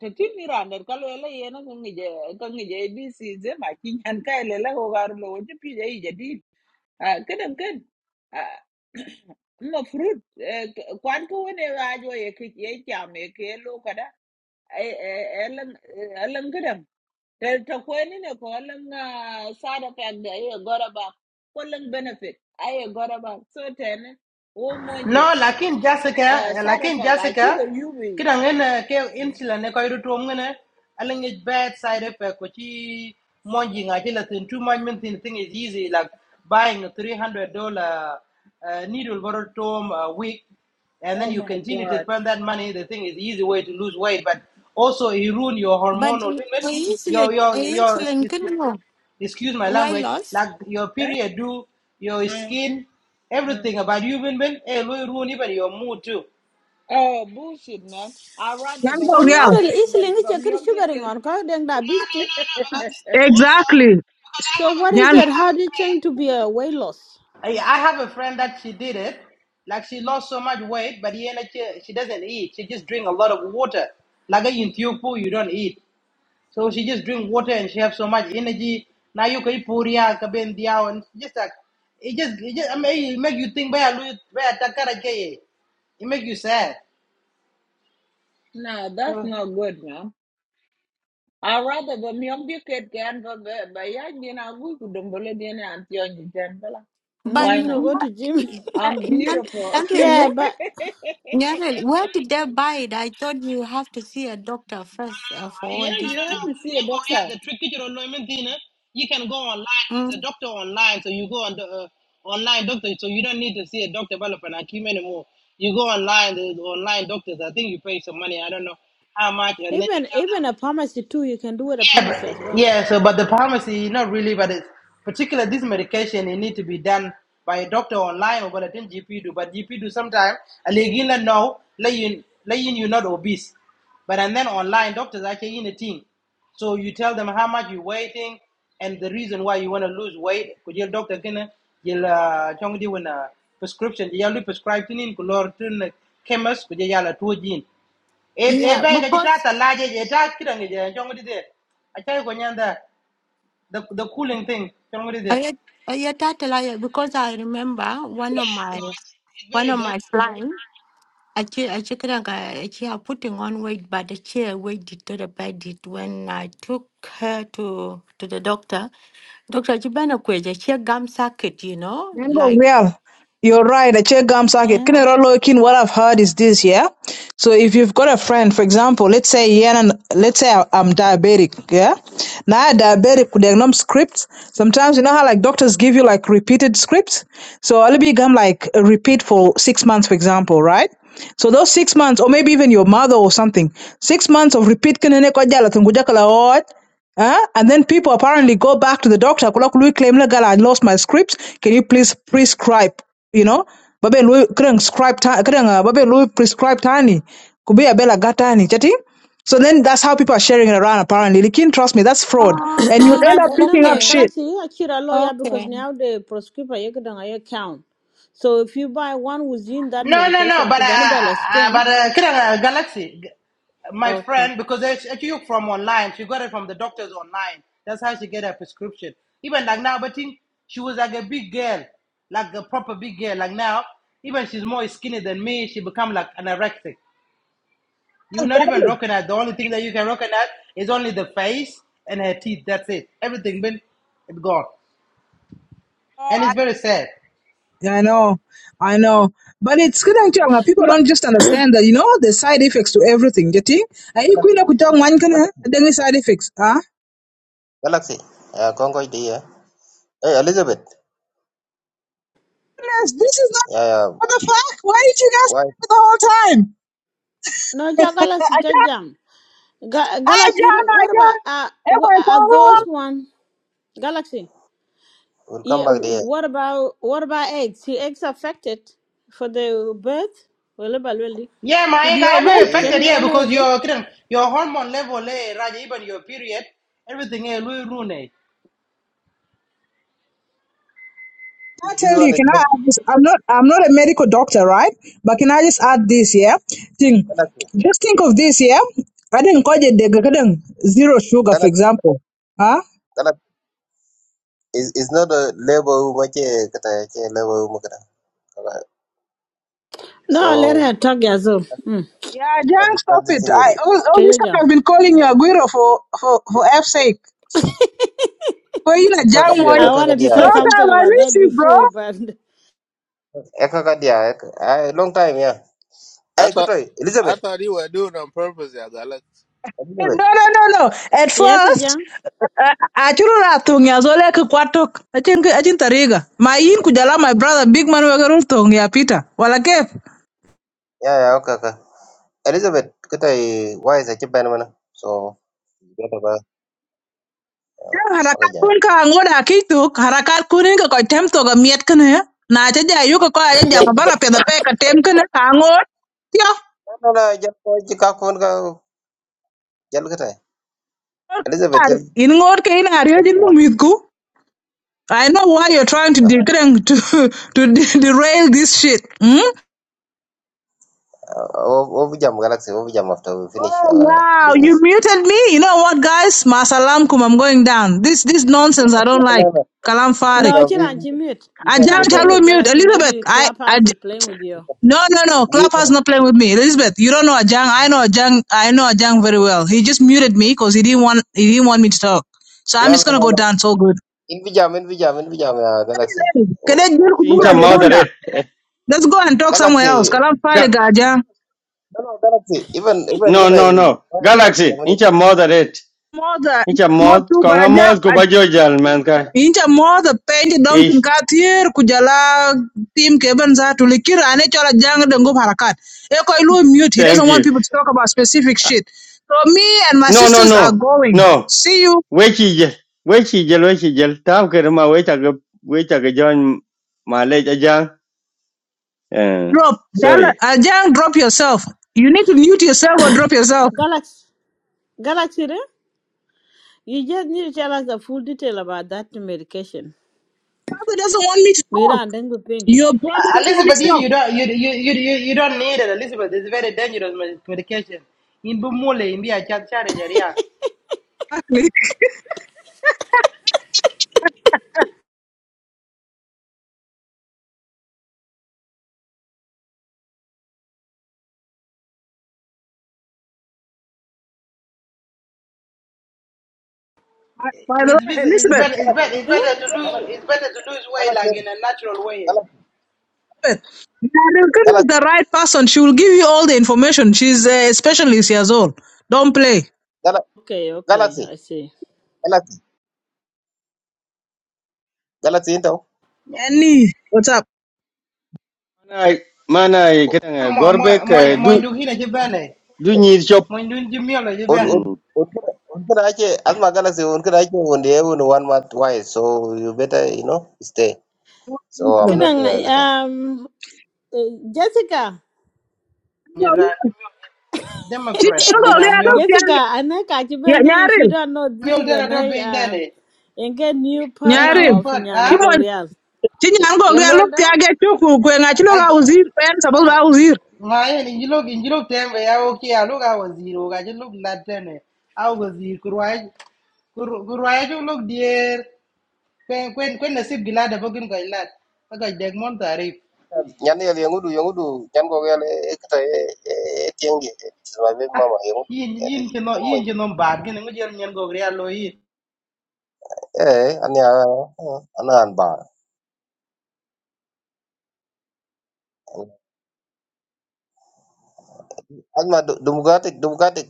[SPEAKER 13] tetin ni rander ka ella yena ka ngije ka ngije ABC ze ma kinyan ka lela ko garu lo je pi je je di ah kedan ken ah ma fruit kwan ko ne ga jo ye ke ye cham ye ke lo kada elan elan kadam. tel to ko ni ne ko elan side effect de ye goraba. ba ko elan benefit ay goraba. gora ba so ten o mo je
[SPEAKER 17] No, lakin Jessica,
[SPEAKER 13] side
[SPEAKER 17] lakin
[SPEAKER 13] effect a chugo
[SPEAKER 17] Jessica,
[SPEAKER 13] yubi
[SPEAKER 17] kida ngene ke
[SPEAKER 13] Mm,
[SPEAKER 17] insula ne koy rutu ngene alingi bad side effect ko ci monji nga ci la tin too much mean thing thing is easy like buying a $300 uh, needle bottle tom a week and
[SPEAKER 13] oh
[SPEAKER 17] then you
[SPEAKER 13] my
[SPEAKER 17] continue to
[SPEAKER 13] god
[SPEAKER 17] spend that money the thing is easy way to lose weight but also it ruin your
[SPEAKER 15] But
[SPEAKER 17] hormonal
[SPEAKER 15] insulin,
[SPEAKER 17] treatment your your
[SPEAKER 15] insulin it is
[SPEAKER 17] your
[SPEAKER 15] you,
[SPEAKER 17] excuse my
[SPEAKER 15] why
[SPEAKER 17] language,
[SPEAKER 15] loss?
[SPEAKER 17] like your
[SPEAKER 13] eh
[SPEAKER 17] period do, your
[SPEAKER 13] Mm,
[SPEAKER 17] skin,
[SPEAKER 13] mm.
[SPEAKER 17] everything about you, Bin when? it will ruin even your mood too.
[SPEAKER 13] Oh, bullshit, man. I rather,
[SPEAKER 16] Nyan
[SPEAKER 13] but
[SPEAKER 16] ko
[SPEAKER 12] but
[SPEAKER 16] real.
[SPEAKER 13] but
[SPEAKER 12] Nyare lo,
[SPEAKER 13] but
[SPEAKER 12] is
[SPEAKER 13] but
[SPEAKER 12] lingi
[SPEAKER 13] but
[SPEAKER 12] chakir
[SPEAKER 13] milk the
[SPEAKER 12] sugaring
[SPEAKER 13] kid.
[SPEAKER 12] on ka Deng da bisti.
[SPEAKER 16] Exactly.
[SPEAKER 12] So what is it? How do you change to be a weight loss?
[SPEAKER 17] I, I have a friend that she did it, like she lost so much weight, but yeah, like, she, she doesn't eat. She just drink a lot of water. Like in Thiokpo, you don't eat. So she just drink water and she have so much energy. Now you can eat puria, kabin diao, and just like, it just, it just I mean, it make you think, "Baya lu- baya takara ke ye." it make you sad.
[SPEAKER 13] No, that's
[SPEAKER 17] So
[SPEAKER 13] not good, man. I rather but milk the kid can but but but yeah, you know, we could don't believe in it until you can. but, like,
[SPEAKER 15] But
[SPEAKER 13] Why
[SPEAKER 12] Mm, I
[SPEAKER 13] not?
[SPEAKER 12] go to gym.
[SPEAKER 13] I'm beautiful.
[SPEAKER 15] Nyarele,
[SPEAKER 12] Yeah, but
[SPEAKER 15] Nyarele, where did they buy it? I thought you have to see a doctor first uh, for all
[SPEAKER 13] yeah,
[SPEAKER 15] this.
[SPEAKER 13] you have
[SPEAKER 15] thing.
[SPEAKER 13] to see a doctor.
[SPEAKER 17] The tricky to Loimentina, you can go online. There's a
[SPEAKER 15] Mm.
[SPEAKER 17] doctor online, so you go on the uh, online doctor, so you don't need to see a doctor develop an akim anymore. You go online, there's online doctors. I think you pay some money. I don't know how much, and then you
[SPEAKER 12] even
[SPEAKER 17] tell them.
[SPEAKER 12] even a pharmacy too, you can do it a
[SPEAKER 17] Yeah,
[SPEAKER 12] pharmacy as
[SPEAKER 17] but,
[SPEAKER 12] well.
[SPEAKER 17] yeah. So, but the pharmacy, not really, but it's particular this medication, it need to be done by a doctor online or what I think GP do. But GP do sometimes, and they give you no, let you, let you, you're not obese. But and then online, doctors actually in a team. So you tell them how much you're waiting and the reason why you want to lose weight. Could your doctor can you'll uh chong di when a prescription you prescribe to nin kulor to chemist could you yell at two gene e
[SPEAKER 15] Yeah,
[SPEAKER 17] bai ka ji ta
[SPEAKER 15] because
[SPEAKER 17] ta laje je eh, ta kiran ni je jong di de a ko nyanda the the cooling thing jong di de
[SPEAKER 15] I, I tatala because I remember one of my
[SPEAKER 17] it's
[SPEAKER 15] one
[SPEAKER 17] very
[SPEAKER 15] of my
[SPEAKER 17] dangerous
[SPEAKER 15] clients. Actually, actually, actually, she are putting on weight, but the chair weight deteriorated when I took her to to the doctor. Dr. Jibana Kweja, she a gum socket, you know,
[SPEAKER 16] Mango,
[SPEAKER 15] like,
[SPEAKER 16] yeah, you're right. I check gum socket.
[SPEAKER 15] eh?
[SPEAKER 16] Kine ro lo kin, What I've heard is this, yeah. So if you've got a friend, for example, let's say yeah, and let's say I- I'm diabetic, yeah. Now I diabetic, could diagnose scripts. Sometimes you know how like doctors give you like repeated scripts. So I'll be gum like a repeat for six months, for example, right? So those six months, or maybe even your mother or something, six months of repeat kine ne ko jala tungu jakala what? Huh? And then people apparently go back to the doctor. Kula kulu claim "La girl, I lost my scripts. Can you please prescribe? You know, babe, lu kren scribe ta kren uh, babe lu prescribe tani. Kubi abela gatani chati. So then that's how people are sharing it around. Apparently, Likin, trust me, that's fraud, and you'll
[SPEAKER 15] Oh,
[SPEAKER 16] end
[SPEAKER 12] but
[SPEAKER 16] up
[SPEAKER 12] no,
[SPEAKER 16] picking up
[SPEAKER 12] no,
[SPEAKER 15] okay,
[SPEAKER 16] shit.
[SPEAKER 12] Galaxy, you are actually a lawyer because
[SPEAKER 15] okay.
[SPEAKER 12] now the prescriber you can account. So if you buy one within that
[SPEAKER 17] no no no
[SPEAKER 12] medication,
[SPEAKER 17] but uh,
[SPEAKER 12] could be
[SPEAKER 17] uh,
[SPEAKER 12] a
[SPEAKER 17] uh,
[SPEAKER 12] scan.
[SPEAKER 17] but uh, kiran uh, galaxy g- my
[SPEAKER 12] Okay.
[SPEAKER 17] friend because it's actually from online she got it from the doctors online that's how she get her prescription even like now but think she was like a big girl like a proper big girl like now even she's more skinny than me she become like anorexic You're not even rocking at. The only thing that you can rock at is only the face and her teeth. That's it. Everything been it gone,
[SPEAKER 16] Oh,
[SPEAKER 17] and
[SPEAKER 16] I,
[SPEAKER 17] it's very sad.
[SPEAKER 16] yeah, I know, I know. But it's good and young. People
[SPEAKER 12] But
[SPEAKER 16] don't just understand that, you know, the side effects to everything. You think? Are you queen of one
[SPEAKER 1] Galaxy.
[SPEAKER 16] can side effects? Huh?
[SPEAKER 1] Galaxy. Uh, Congo idea. Hey Elizabeth.
[SPEAKER 16] Yes, This is not
[SPEAKER 1] Yeah, yeah.
[SPEAKER 16] What the fuck? Why did you guys do
[SPEAKER 1] Why?
[SPEAKER 16] it the whole time?
[SPEAKER 12] no, ja- Galaxy,
[SPEAKER 16] I
[SPEAKER 12] ja-
[SPEAKER 16] just,
[SPEAKER 12] jam. Ga-
[SPEAKER 16] I
[SPEAKER 12] Galaxy,
[SPEAKER 16] don't I
[SPEAKER 12] what about
[SPEAKER 16] don't
[SPEAKER 12] uh, wha-
[SPEAKER 16] ever go
[SPEAKER 12] are those
[SPEAKER 16] wrong.
[SPEAKER 12] one Galaxy?
[SPEAKER 1] We'll come
[SPEAKER 12] Yeah.
[SPEAKER 1] back there.
[SPEAKER 12] What about what about eggs? Is eggs affected for the birth? Well, really.
[SPEAKER 17] Yeah,
[SPEAKER 16] To
[SPEAKER 17] my
[SPEAKER 16] be
[SPEAKER 17] guy, I'm very
[SPEAKER 16] honest,
[SPEAKER 1] The,
[SPEAKER 12] Can
[SPEAKER 17] affected.
[SPEAKER 12] it
[SPEAKER 1] uh,
[SPEAKER 17] Yeah, because
[SPEAKER 12] be
[SPEAKER 17] your your hormone level, eh, Raja, even your period, everything, eh, Louis Rooney.
[SPEAKER 1] this,
[SPEAKER 16] I
[SPEAKER 1] this
[SPEAKER 16] tell you,
[SPEAKER 1] one is
[SPEAKER 16] can I
[SPEAKER 1] not
[SPEAKER 16] add this? I'm not I'm not a medical doctor, right? But can I just add this, yeah? Thing.
[SPEAKER 1] Galaxy.
[SPEAKER 16] Just think of this, yeah? I didn't call it the garden zero sugar, for
[SPEAKER 1] Galaxy,
[SPEAKER 16] example. Huh?
[SPEAKER 1] Galaxy is, is not a label much kata ke label mu kata. Kaba.
[SPEAKER 12] No, let
[SPEAKER 1] So
[SPEAKER 12] her talk, Yazoo. Mm.
[SPEAKER 16] Yeah,
[SPEAKER 1] I
[SPEAKER 16] Jan,
[SPEAKER 1] discuss
[SPEAKER 16] stop
[SPEAKER 1] this
[SPEAKER 16] it.
[SPEAKER 1] thing.
[SPEAKER 16] I
[SPEAKER 1] in-
[SPEAKER 16] all, all this
[SPEAKER 12] Jojo
[SPEAKER 16] time
[SPEAKER 12] Jam.
[SPEAKER 16] I've been calling you Aguero for for for F's sake. For you, like
[SPEAKER 1] Eka ka
[SPEAKER 16] Jan
[SPEAKER 12] I
[SPEAKER 16] one.
[SPEAKER 1] eka ka
[SPEAKER 12] wanted to say
[SPEAKER 16] Long
[SPEAKER 1] eka
[SPEAKER 12] something
[SPEAKER 16] time I
[SPEAKER 12] about
[SPEAKER 16] miss
[SPEAKER 12] that
[SPEAKER 16] you, bro.
[SPEAKER 12] before, but
[SPEAKER 1] eka ka eka- ah, Long time yeah.
[SPEAKER 2] I
[SPEAKER 1] Hey,
[SPEAKER 2] thought
[SPEAKER 1] kutoi
[SPEAKER 2] I
[SPEAKER 1] Elizabeth.
[SPEAKER 2] thought you were doing on purpose as I I'm like, yake.
[SPEAKER 16] No,
[SPEAKER 1] Elizabeth.
[SPEAKER 16] no, no, no. At
[SPEAKER 12] yes,
[SPEAKER 16] first,
[SPEAKER 12] Jam.
[SPEAKER 16] achurura tungi azole ke kwatok. Achin achin tariga. Ma yin kujala my brother big man wagarul tungi apita. Wala kef.
[SPEAKER 1] Yeah, yeah, okay, okay. Elizabeth, kutoi why is a chip mana? So you get about uh,
[SPEAKER 16] Jang harakat
[SPEAKER 1] okay jam.
[SPEAKER 16] kun ka angoda kituk. Harakat kunin ka koi tem toga miet kene ya. Na acha jayu ka koi acha jama
[SPEAKER 1] Jam,
[SPEAKER 16] bara peda pe ka tem kene ka angod. Ya.
[SPEAKER 1] no, no, no, jam ko chikakon ka jal kutoi. Elizabeth, jal
[SPEAKER 16] In ngod ke in ariyo
[SPEAKER 1] jal
[SPEAKER 16] jin
[SPEAKER 1] jam.
[SPEAKER 16] mumitku. I know why you're trying to de- to to de- derail this shit. Hmm?
[SPEAKER 1] Uh, What what we jam Galaxy? What we jam after we finish
[SPEAKER 16] Oh
[SPEAKER 1] our
[SPEAKER 16] wow, you
[SPEAKER 1] business?
[SPEAKER 16] muted me. You know what, guys? Masalamkum, I'm going down. This this nonsense I don't
[SPEAKER 1] No, no,
[SPEAKER 16] like.
[SPEAKER 1] no,
[SPEAKER 16] Kalam
[SPEAKER 1] no,
[SPEAKER 16] Farik.
[SPEAKER 1] no.
[SPEAKER 12] No,
[SPEAKER 1] We we
[SPEAKER 12] Chiranchi mute.
[SPEAKER 1] we can do
[SPEAKER 16] Ajahn,
[SPEAKER 12] Chiranchi
[SPEAKER 1] that. We
[SPEAKER 16] hello,
[SPEAKER 12] mute
[SPEAKER 16] mute.
[SPEAKER 12] Galaxy.
[SPEAKER 16] Elizabeth,
[SPEAKER 12] Maybe
[SPEAKER 16] I, I,
[SPEAKER 12] Clubhouse is playing with you.
[SPEAKER 16] no, no, no.
[SPEAKER 1] we
[SPEAKER 16] Clubhouse not playing with me. Elizabeth, you don't know Ajang. I know Ajang. I know Ajang very well. He just muted me because he didn't want he didn't want me to talk. So
[SPEAKER 1] No,
[SPEAKER 16] I'm just
[SPEAKER 1] no,
[SPEAKER 16] gonna
[SPEAKER 1] no,
[SPEAKER 16] go
[SPEAKER 1] no.
[SPEAKER 16] down. So good.
[SPEAKER 1] In we in we in we uh, Galaxy.
[SPEAKER 16] Kede
[SPEAKER 1] Oh,
[SPEAKER 16] jil
[SPEAKER 18] inch
[SPEAKER 1] let
[SPEAKER 18] a
[SPEAKER 16] kubura
[SPEAKER 1] me
[SPEAKER 16] de
[SPEAKER 18] mod
[SPEAKER 1] do.
[SPEAKER 16] bunda. Let's go and talk somewhere else.
[SPEAKER 1] Galaxy.
[SPEAKER 16] Kalam
[SPEAKER 18] Ga-
[SPEAKER 16] Farik, Ajahn.
[SPEAKER 1] No, no, Galaxy. Even even
[SPEAKER 18] No,
[SPEAKER 1] good I.
[SPEAKER 18] no, no. Galaxy,
[SPEAKER 1] Germany.
[SPEAKER 18] inch a mod red.
[SPEAKER 16] More, the-
[SPEAKER 18] Inch a
[SPEAKER 16] more
[SPEAKER 18] mod,
[SPEAKER 16] too, but
[SPEAKER 18] konga mod ko
[SPEAKER 16] Ajahn.
[SPEAKER 18] ba jo jal man ka.
[SPEAKER 16] Inja modho penj dom
[SPEAKER 18] Eh,
[SPEAKER 16] tin kathier kujala tim keben zatu likira ane chola jang de ngub harakat. Eko ilu mute. He
[SPEAKER 18] thank
[SPEAKER 16] doesn't
[SPEAKER 18] you.
[SPEAKER 16] want people to talk about specific shit. So me and my
[SPEAKER 18] No, no,
[SPEAKER 16] sisters are
[SPEAKER 18] no.
[SPEAKER 16] going.
[SPEAKER 18] No.
[SPEAKER 16] See you.
[SPEAKER 18] Wechi jel. Wechi jel, wechi jel. Tam ke ma wecha ke wecha ke join ma ajang. Eh,
[SPEAKER 16] Drop. Jala,
[SPEAKER 18] sorry.
[SPEAKER 16] uh, jang, drop yourself. You need to mute yourself or drop yourself.
[SPEAKER 12] Galaxy, Galaxy, eh? you just need to tell us the full detail about that medication.
[SPEAKER 16] Brother doesn't want me to
[SPEAKER 12] Mira,
[SPEAKER 16] talk.
[SPEAKER 12] and then we ping.
[SPEAKER 16] Your brother
[SPEAKER 17] Uh,
[SPEAKER 16] doesn't want me
[SPEAKER 17] Elizabeth,
[SPEAKER 16] to
[SPEAKER 17] you
[SPEAKER 16] talk.
[SPEAKER 17] don't you, you you you you don't need it, Elizabeth. It's very dangerous med- medication. In Bumule, in Bia Chad Chad, yeah.
[SPEAKER 16] Actually, by by the
[SPEAKER 17] It's,
[SPEAKER 16] way,
[SPEAKER 17] bes- it's
[SPEAKER 16] Elizabeth,
[SPEAKER 17] better it's
[SPEAKER 1] Galaxy,
[SPEAKER 17] better it's
[SPEAKER 12] Eh?
[SPEAKER 17] better to lose
[SPEAKER 1] Galaxy,
[SPEAKER 17] it's better to lose weight like
[SPEAKER 1] Galaxy,
[SPEAKER 17] in a natural way.
[SPEAKER 1] Galaxy,
[SPEAKER 16] Elizabeth, Nadinkun is
[SPEAKER 1] Galaxy,
[SPEAKER 16] the right person. She will give you all the information. She's a specialist years all. Don't play.
[SPEAKER 1] Gala-
[SPEAKER 12] Okay, okay,
[SPEAKER 1] Galaxy,
[SPEAKER 12] I see.
[SPEAKER 1] Galaxy, Galaxy. Into.
[SPEAKER 17] Yeah.
[SPEAKER 16] Annie, what's up?
[SPEAKER 18] Mana mana kitang
[SPEAKER 17] mo mo
[SPEAKER 18] gorbek
[SPEAKER 17] mo
[SPEAKER 18] eh,
[SPEAKER 17] mo
[SPEAKER 18] du
[SPEAKER 17] ndu hina je
[SPEAKER 18] du nyir chop.
[SPEAKER 17] mo ndu je miolo je
[SPEAKER 1] Od
[SPEAKER 17] ben
[SPEAKER 1] od
[SPEAKER 18] Hmm.
[SPEAKER 1] od kada od kada ache asma Galaxy. Od kada ache one day one one month wise. So you better you know stay. So I'm not uh,
[SPEAKER 12] Kidding,
[SPEAKER 1] kata.
[SPEAKER 12] um, eh, Jessica.
[SPEAKER 17] ni
[SPEAKER 16] Chị
[SPEAKER 17] democrat
[SPEAKER 16] nhắn
[SPEAKER 17] mo
[SPEAKER 16] gọi
[SPEAKER 17] nya
[SPEAKER 16] ra
[SPEAKER 17] miol
[SPEAKER 16] lúc kia
[SPEAKER 12] Jessica, Anna
[SPEAKER 16] Dạ
[SPEAKER 12] Kachibani, if
[SPEAKER 16] nyarin,
[SPEAKER 12] you don't know, this
[SPEAKER 17] miol
[SPEAKER 12] is
[SPEAKER 17] tena
[SPEAKER 12] an
[SPEAKER 17] to
[SPEAKER 12] I
[SPEAKER 17] bin
[SPEAKER 12] uh,
[SPEAKER 17] dene
[SPEAKER 12] a new
[SPEAKER 17] en
[SPEAKER 12] partner
[SPEAKER 17] new
[SPEAKER 16] nyarin
[SPEAKER 12] of
[SPEAKER 17] part a
[SPEAKER 12] Nyana
[SPEAKER 16] Chị mọi,
[SPEAKER 12] Gorial.
[SPEAKER 16] chị nhắn gọi ra lúc kia
[SPEAKER 13] Elwelda,
[SPEAKER 16] Cái chú cụ quyền à, chị
[SPEAKER 17] a
[SPEAKER 16] lúc ao uzir Quen sabah ra uzir
[SPEAKER 17] ngaye ni jilo gi jilo tembe ya oki ya luga waziro ga je lug latene a wazir kurwaj kurwaj lug dier kwen kwen kwen nasib gilada bogin ga lat ga deg mon tarif
[SPEAKER 1] Nyan yel yangudu yangudu nyan ko yel eh, kata eh, eh, tiengi eh, my baby
[SPEAKER 17] ah
[SPEAKER 1] mama yangudu.
[SPEAKER 17] yin
[SPEAKER 1] Yari
[SPEAKER 17] yin kino
[SPEAKER 1] yan mo.
[SPEAKER 17] yin kino bad gin ngi nyen go real lo yin.
[SPEAKER 1] Eh ani ah ah, ana an ba. Alma dumugatik dumugatik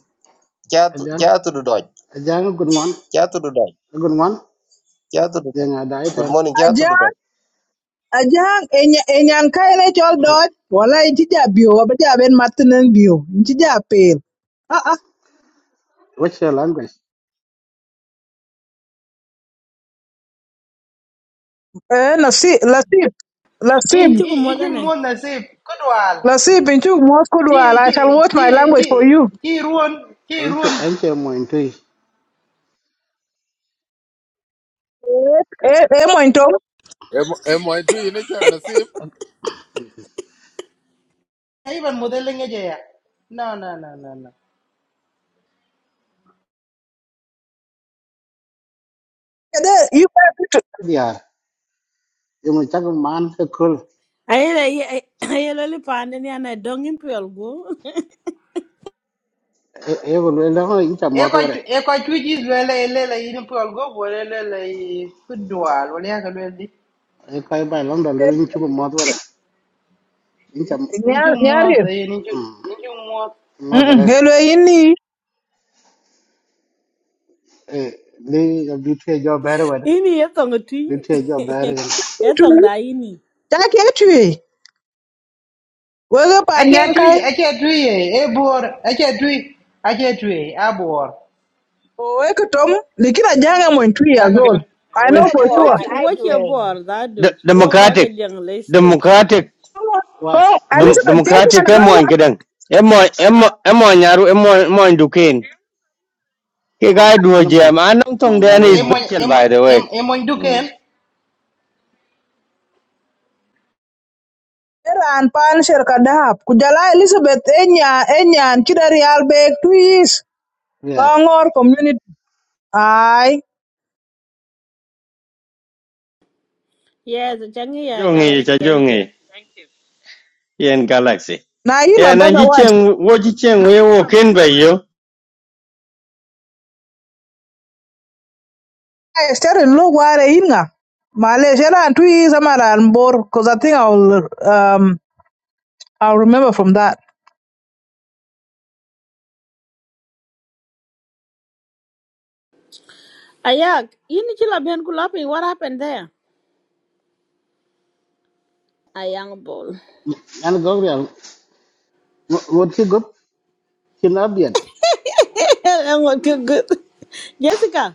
[SPEAKER 1] chatu
[SPEAKER 19] Ajahn,
[SPEAKER 1] chatu du doj
[SPEAKER 19] Ajahn, good one,
[SPEAKER 1] chatu du doj
[SPEAKER 19] good one.
[SPEAKER 1] chatu du doj.
[SPEAKER 19] Then I died
[SPEAKER 1] Good
[SPEAKER 19] and
[SPEAKER 1] morning chatu du
[SPEAKER 16] Ajang,
[SPEAKER 1] doj.
[SPEAKER 16] Ajang, enya enyan kaine chol dot. Wala inchi ja bio, waba ja ben matinen bio. Inchi ja pel. Ah ah.
[SPEAKER 19] what's your language?
[SPEAKER 16] Eh, nasib, nasib Nasib,
[SPEAKER 17] in
[SPEAKER 12] Inchi
[SPEAKER 17] in in
[SPEAKER 12] kumodane.
[SPEAKER 17] mon na se kodwal
[SPEAKER 16] nasib Inchu mwas kudwal
[SPEAKER 17] ti
[SPEAKER 16] I shall
[SPEAKER 17] ti
[SPEAKER 16] watch
[SPEAKER 17] ti
[SPEAKER 16] my language
[SPEAKER 17] ti
[SPEAKER 16] for you
[SPEAKER 17] ti ruon ti
[SPEAKER 19] Enche,
[SPEAKER 17] ruon
[SPEAKER 19] enche mo intui.
[SPEAKER 16] Eh, eh, eh, mwen
[SPEAKER 2] Alex. Emo itu inachu nasib.
[SPEAKER 17] even model nge je ya no no no no no
[SPEAKER 16] Kede, You better.
[SPEAKER 19] Diar, yung mo chak man sa kul.
[SPEAKER 12] Ayele ayele li pande ni ana dongin piol go.
[SPEAKER 19] E e ko lwe lang incha
[SPEAKER 17] e
[SPEAKER 19] mod
[SPEAKER 17] ko
[SPEAKER 19] wala.
[SPEAKER 17] e ko tu ji le le le le in pol go bo le le le kodwal wala ya ka le di
[SPEAKER 19] E kai bai lang da lwe incha mod wala. Incha
[SPEAKER 17] in
[SPEAKER 16] Nyar
[SPEAKER 17] ju mo
[SPEAKER 16] nyaril.
[SPEAKER 17] ta in ju in ju mo
[SPEAKER 19] mod
[SPEAKER 16] Mm
[SPEAKER 19] wala.
[SPEAKER 16] hello yini.
[SPEAKER 19] E li ga bitwe jo bare wala.
[SPEAKER 12] Ini yetong tui.
[SPEAKER 19] Bitwe jo bare wala.
[SPEAKER 12] Yetong da ini.
[SPEAKER 16] Take tui. Wege pa
[SPEAKER 17] ake tu
[SPEAKER 16] nyankai.
[SPEAKER 17] ake tu ye e bor ake tu ake tu ye a bor
[SPEAKER 16] O wege tom likira janga mo three years
[SPEAKER 17] aka tu
[SPEAKER 16] old. I
[SPEAKER 18] Arwen.
[SPEAKER 16] know
[SPEAKER 14] Siya
[SPEAKER 16] for sure.
[SPEAKER 12] Watch
[SPEAKER 14] board, ay
[SPEAKER 12] watch your
[SPEAKER 14] tuwe.
[SPEAKER 12] board that
[SPEAKER 18] D-
[SPEAKER 12] do. Walk aga
[SPEAKER 18] Democratic.
[SPEAKER 12] jeng lay stage.
[SPEAKER 18] Democratic
[SPEAKER 19] Wise,
[SPEAKER 16] Ko
[SPEAKER 18] Dem-
[SPEAKER 19] wise.
[SPEAKER 16] Elizabeth Tedi
[SPEAKER 18] democratic e moy
[SPEAKER 16] anakawa.
[SPEAKER 18] kedeng e moy e moy e moy nyaru e moy moy duken ke ga duo
[SPEAKER 19] Ano mo?
[SPEAKER 18] jam anong
[SPEAKER 19] Ma
[SPEAKER 18] tong den
[SPEAKER 19] nyaro
[SPEAKER 17] e
[SPEAKER 18] is
[SPEAKER 17] mo
[SPEAKER 19] nga.
[SPEAKER 17] e
[SPEAKER 18] special
[SPEAKER 17] mo
[SPEAKER 18] by the way
[SPEAKER 17] e mo
[SPEAKER 18] Mm.
[SPEAKER 17] duken
[SPEAKER 16] Era an pan sherka dahab. Kujala Elizabeth enya enya an kida real bag tui is.
[SPEAKER 19] Yes.
[SPEAKER 16] Kangor community. Ay.
[SPEAKER 12] Yes, the changi
[SPEAKER 18] chajongi
[SPEAKER 12] galaxy. Thank
[SPEAKER 18] chajongi
[SPEAKER 12] you.
[SPEAKER 18] yen galaxy
[SPEAKER 16] Na yin my
[SPEAKER 18] yen an
[SPEAKER 16] brother
[SPEAKER 18] ji
[SPEAKER 16] was.
[SPEAKER 18] chen wo ji chen we wo ken be yo
[SPEAKER 16] I started look where inga. Malaysia and two years I'm at Anbor because I think I'll um I'll remember from that.
[SPEAKER 12] Ayak, ini chila ben kulapi. What happened there? A young ball.
[SPEAKER 19] Ano gogrial? Wot ki gup? Kinabian.
[SPEAKER 12] I'm not too good. Jessica.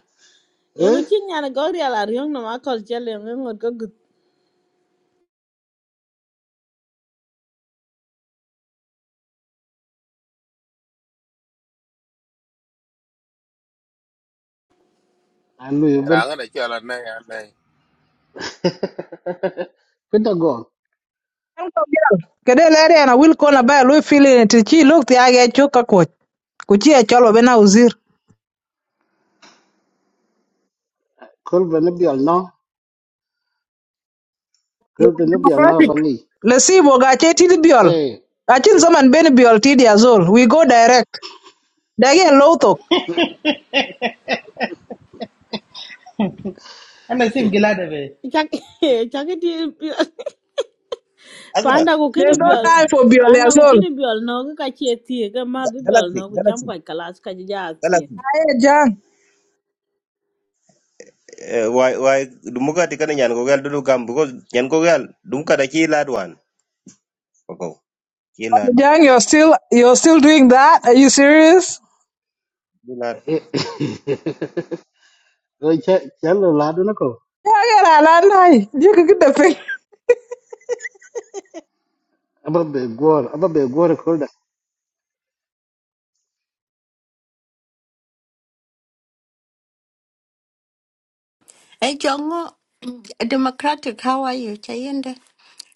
[SPEAKER 12] Okay,
[SPEAKER 19] Eh? Ano yun?
[SPEAKER 2] Ranga na chala na ya na.
[SPEAKER 19] Kita go
[SPEAKER 16] Kede lere yana wil kon abai lui fili ti chi luk ti age chuk ka Ku chi e cholo bena uzir.
[SPEAKER 19] Kul vene bial no, kul
[SPEAKER 16] Yeah,
[SPEAKER 19] vene bial no
[SPEAKER 16] democratic.
[SPEAKER 19] bangi.
[SPEAKER 16] Le sibo ga che tidi biol.
[SPEAKER 19] Hey,
[SPEAKER 16] Achin zaman beni biol tidi azol. We go direct. Dagi e low talk.
[SPEAKER 17] ana sim gilada be
[SPEAKER 1] Alma
[SPEAKER 16] There's no
[SPEAKER 1] dumugatik
[SPEAKER 16] time for biol azol.
[SPEAKER 1] Ga- galaxy galaxy
[SPEAKER 16] Aye, Jang.
[SPEAKER 1] kila
[SPEAKER 16] Jang, you're still, you're still doing that? Are you serious?
[SPEAKER 19] rồi che che lo la do nako.
[SPEAKER 16] Yeah, Age la lan You Jik get the fi.
[SPEAKER 19] Aba be gor, aba be gor kul da.
[SPEAKER 15] Hey, Jongo, Democratic, how are you, Chayende?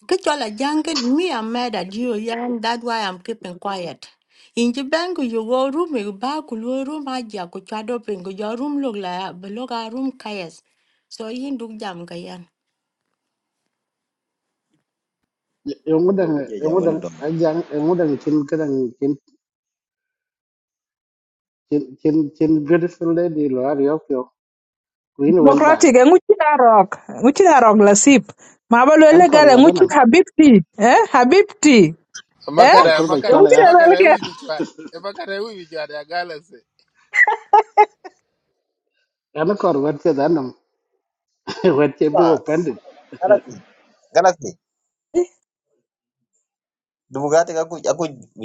[SPEAKER 15] Kichola junket, me, I'm mad at you, young. that's why I'm keeping quiet. In Jibangu, you go room, you back, you room, Aja, Kuchado Pingu, your room look like, below our room, Kayas. So, yin do jam, Kayan.
[SPEAKER 19] Yong dang,
[SPEAKER 1] je
[SPEAKER 19] yong
[SPEAKER 1] jamanu
[SPEAKER 19] dang
[SPEAKER 1] doj.
[SPEAKER 19] ajang, yong dang kin kadang kin kin kin kin beautiful lady lo ari ok yo. Queen will buy.
[SPEAKER 16] Democratic. E nguchi na rok. Nguchi na rok le sip. Mabalo
[SPEAKER 19] An
[SPEAKER 16] ele
[SPEAKER 19] kor
[SPEAKER 16] gale
[SPEAKER 19] wa
[SPEAKER 16] nguchi
[SPEAKER 19] danam.
[SPEAKER 16] habibti. Eh? Habibti. eh
[SPEAKER 19] Acha
[SPEAKER 2] Makara
[SPEAKER 19] kul ba
[SPEAKER 2] makara
[SPEAKER 19] chola
[SPEAKER 16] mungkin
[SPEAKER 19] ya.
[SPEAKER 16] ada
[SPEAKER 2] makara
[SPEAKER 16] lagi
[SPEAKER 2] ewi bichwat. Makara ewi bichwat ya galaxy.
[SPEAKER 19] An kor wa che danam. Wa che
[SPEAKER 1] Ba
[SPEAKER 19] bu offended.
[SPEAKER 1] galaxy galaxy dumugatik aku aku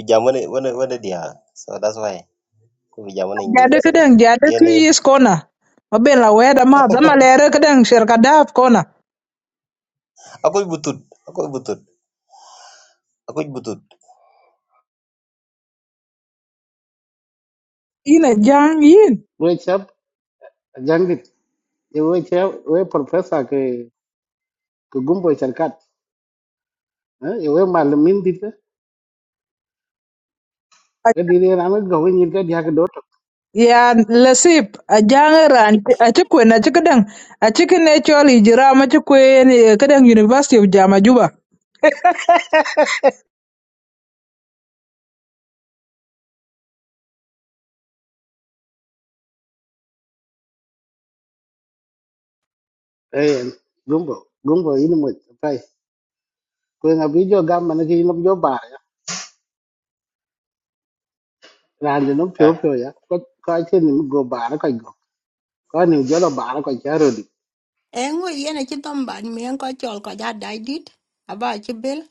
[SPEAKER 1] jamanu wana wana dia. So that's why aku jamanu
[SPEAKER 16] jadi
[SPEAKER 1] ni
[SPEAKER 16] kedang jadi tu
[SPEAKER 1] so.
[SPEAKER 16] is kona oben la weda ma dama lere kedang sherkadaf kona
[SPEAKER 1] Ako'y butod. Ako'y butod. Ako'y butod.
[SPEAKER 16] ina jang yin
[SPEAKER 19] We chap ajang dit. Ye we che we professor ke ke gumbo charkat. Ye we malamin dit. cái đi ra nó go cái nhìn cái dia cái đốt
[SPEAKER 16] ya lasip a jangaran a ci a ci a cikin natural hijira ma ci kwen eh, kadan university of jama juba
[SPEAKER 19] eh gumbo gumbo ini mo tay ko na video gam mà nó cái nó vô bà ya ran nó phiêu
[SPEAKER 1] Ah,
[SPEAKER 19] phiêu ya có có cái ni go bà nó coi go có ni jo lo bà nó coi cha rồi đi
[SPEAKER 15] Engo, yen, a chitomba, me, and Kochol, Kajad, I did, about your bill.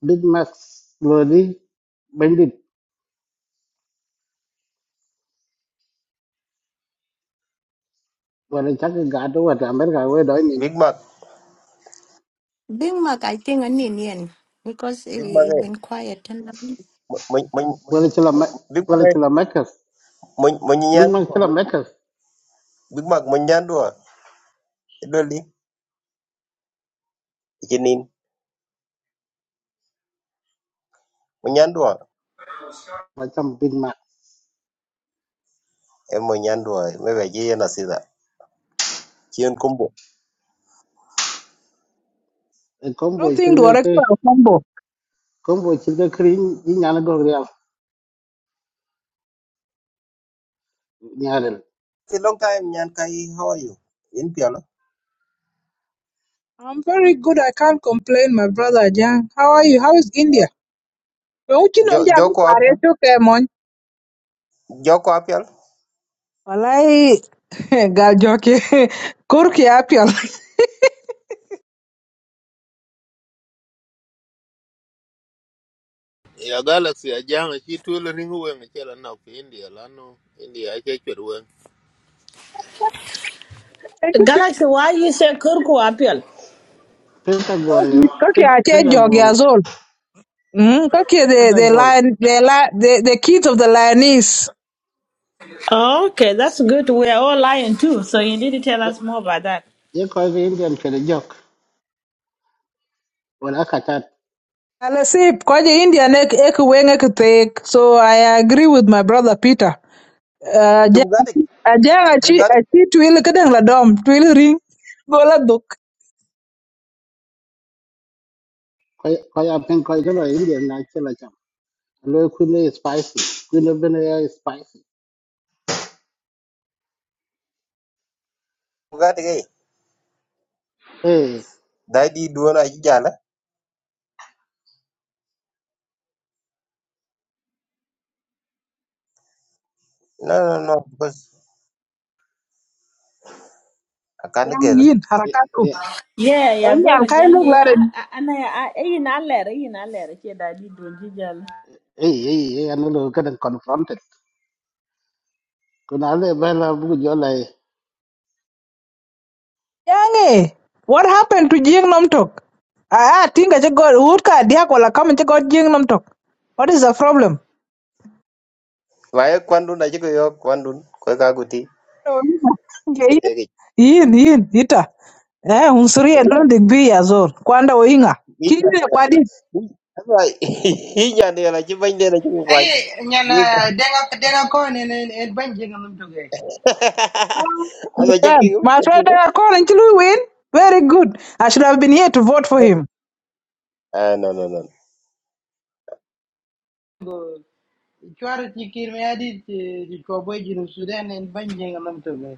[SPEAKER 19] big max lo đi bandit wala chắc cái gà đó wala america we đói ni
[SPEAKER 1] Big Mac.
[SPEAKER 15] Being Mac, I think an Indian because it,
[SPEAKER 1] Big Mac
[SPEAKER 15] it
[SPEAKER 1] eh.
[SPEAKER 15] been quiet. And
[SPEAKER 1] Ma- ma- ma-
[SPEAKER 19] wala
[SPEAKER 1] ma-
[SPEAKER 19] chila mac
[SPEAKER 1] Big Mac
[SPEAKER 19] wala
[SPEAKER 1] eh.
[SPEAKER 19] chila macas
[SPEAKER 1] Ma-
[SPEAKER 19] big
[SPEAKER 1] Manyanyan
[SPEAKER 19] max
[SPEAKER 1] dua.
[SPEAKER 19] chila macas
[SPEAKER 1] Big Mac manyan dua. Ito li. Ikinin. Manyan dua.
[SPEAKER 19] mà chăm big max
[SPEAKER 1] Eh manyan dua. eh. Maybe aje yan asida. Chien kumbo.
[SPEAKER 16] I
[SPEAKER 19] combo
[SPEAKER 16] don't
[SPEAKER 19] chỉ
[SPEAKER 16] think do
[SPEAKER 19] cái
[SPEAKER 16] are
[SPEAKER 19] cái
[SPEAKER 16] combo
[SPEAKER 19] combo chỉ cái cream đi nhà nó go real nhà rồi
[SPEAKER 1] It's a long time nyan kai. How are you? In piala.
[SPEAKER 16] I'm very good I can't complain my brother Jang how are you how is India Kwen uchi nom
[SPEAKER 1] Jo
[SPEAKER 16] jang
[SPEAKER 1] Joko
[SPEAKER 16] pare
[SPEAKER 1] apial.
[SPEAKER 16] to ke mon
[SPEAKER 1] Joko apial.
[SPEAKER 16] walai gal joke kurki apial
[SPEAKER 2] Ya galaxy ya janga chi tulo ringu weng chala na ku India lano. India I ake chweru weng.
[SPEAKER 19] pentagon
[SPEAKER 16] because kake ache jog
[SPEAKER 19] pentagon
[SPEAKER 16] ya zol mm kake the
[SPEAKER 19] kada
[SPEAKER 16] the
[SPEAKER 19] gol
[SPEAKER 16] lion the li- the the kids of the lioness
[SPEAKER 12] that's good. We are all lying too. So you need to tell us more about that.
[SPEAKER 19] ye ko ge indian ke de jok wala katat
[SPEAKER 16] ala sip kwaje india ne ek wenge ktek so i agree with my brother peter uh ja-
[SPEAKER 1] Dumgatik.
[SPEAKER 16] ajang achi
[SPEAKER 1] Dumgatik.
[SPEAKER 16] achi twil kedang la dom twil ring gola duk
[SPEAKER 19] ko ko ya pen ko ge lo indian na ke la cham lo ku ne spicy ku ne ben ya e spicy
[SPEAKER 1] Dumgatik eh.
[SPEAKER 19] eh
[SPEAKER 1] Dai di dua na jala. No no no. Because akan
[SPEAKER 16] yang
[SPEAKER 1] gel.
[SPEAKER 16] yin
[SPEAKER 19] eh
[SPEAKER 16] harakatu
[SPEAKER 19] eh
[SPEAKER 12] Yeah, yeah, so
[SPEAKER 16] enyan kai mug lare
[SPEAKER 12] long.
[SPEAKER 19] eh eh an lo ka dan confronted ku na le ba la bu jo la e,
[SPEAKER 16] yange what happened to jing nom tok ah ah, tinga che god ut ka dia kola kam che god jing nom tok what is the problem
[SPEAKER 1] Wae kwandun aje ko yo kwandun. Ko kaguti.
[SPEAKER 16] nge yin
[SPEAKER 1] Ketegi.
[SPEAKER 16] yin ita eh unsuria don the be azor kwanda oinga kile
[SPEAKER 1] Ketegi.
[SPEAKER 16] kwadi
[SPEAKER 1] That's why nhà này là chứ bánh đây là chứ không quanh.
[SPEAKER 17] Ay,
[SPEAKER 1] Như
[SPEAKER 17] nyana
[SPEAKER 1] vậy.
[SPEAKER 17] denga denga ko ne ne ne ban jinga num toge.
[SPEAKER 16] Ah,
[SPEAKER 1] Anh mà chấp nhận không?
[SPEAKER 16] my
[SPEAKER 1] Chấp nhận
[SPEAKER 16] friend are calling Chilu win very good i should have been here to vote for
[SPEAKER 1] No.
[SPEAKER 16] him
[SPEAKER 1] À, no, no, no.
[SPEAKER 17] Go chwar ti kir me adi ti ko boy jinu sudan ne ban jinga toge.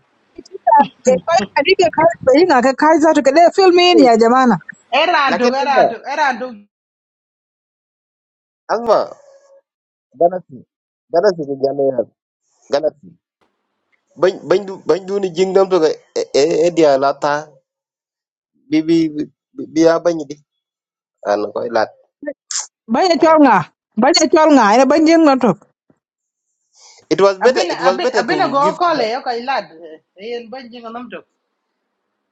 [SPEAKER 16] oinga ke kaiza to kele fill me in
[SPEAKER 1] Hey,
[SPEAKER 16] ya jamana
[SPEAKER 17] Era to
[SPEAKER 1] lakin
[SPEAKER 17] era
[SPEAKER 1] Azma,
[SPEAKER 17] to era to
[SPEAKER 1] Azma, ganasi, ganasi ke jana ya, ganasi. Bany, bany, bany duni jingdam to ke, eh, eh, eh, dia lata, bi, bi, bi, bi- biar bany di. Ano kau lat.
[SPEAKER 16] banya chwalnga banya chwalnga ina banjing notok
[SPEAKER 1] It was better,
[SPEAKER 17] abin
[SPEAKER 1] it was
[SPEAKER 17] abin
[SPEAKER 1] better
[SPEAKER 17] abin
[SPEAKER 1] to
[SPEAKER 17] go
[SPEAKER 1] give,
[SPEAKER 17] ko le ko ilad en ban jinga num to.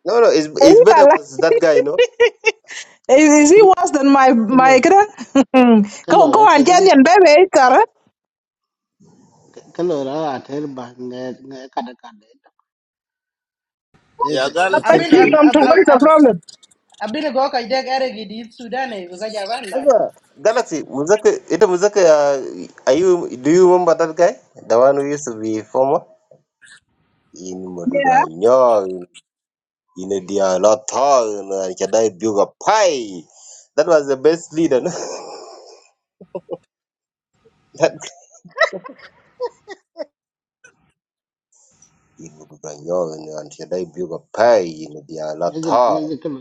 [SPEAKER 1] no, no, it's, it's
[SPEAKER 16] oinga
[SPEAKER 1] better
[SPEAKER 16] la
[SPEAKER 1] was that guy, no?
[SPEAKER 16] is, is he
[SPEAKER 19] ke
[SPEAKER 16] worse than my my
[SPEAKER 19] lo
[SPEAKER 16] kira?
[SPEAKER 19] ke
[SPEAKER 16] go
[SPEAKER 19] lo ra
[SPEAKER 16] go
[SPEAKER 19] ke
[SPEAKER 16] and get
[SPEAKER 19] ni
[SPEAKER 16] your baby Kara.
[SPEAKER 19] ke lo ra a ter ba ne ne ka da ka de te
[SPEAKER 2] Ya
[SPEAKER 19] ga ai
[SPEAKER 2] galaxy
[SPEAKER 16] Dapat
[SPEAKER 19] cher
[SPEAKER 2] I
[SPEAKER 17] Abin
[SPEAKER 19] ke
[SPEAKER 16] gym
[SPEAKER 19] ni
[SPEAKER 17] ab
[SPEAKER 16] i
[SPEAKER 17] ab
[SPEAKER 2] katu.
[SPEAKER 16] What is the
[SPEAKER 17] ab
[SPEAKER 16] problem?
[SPEAKER 17] abin go ka deg era gi di sudan ne go ga jaban lad.
[SPEAKER 1] Other Galaxy, was that a- it was that a- are you do you remember that guy? The one who used to be former? In
[SPEAKER 16] Yeah.
[SPEAKER 1] Maduranya, in a dialata, and Chadai Buga Pai. That was the best leader. no? that in Maduranya, and Chadai Buga Pai, in a
[SPEAKER 19] ne ge ne
[SPEAKER 1] dialata.
[SPEAKER 19] ge ke lo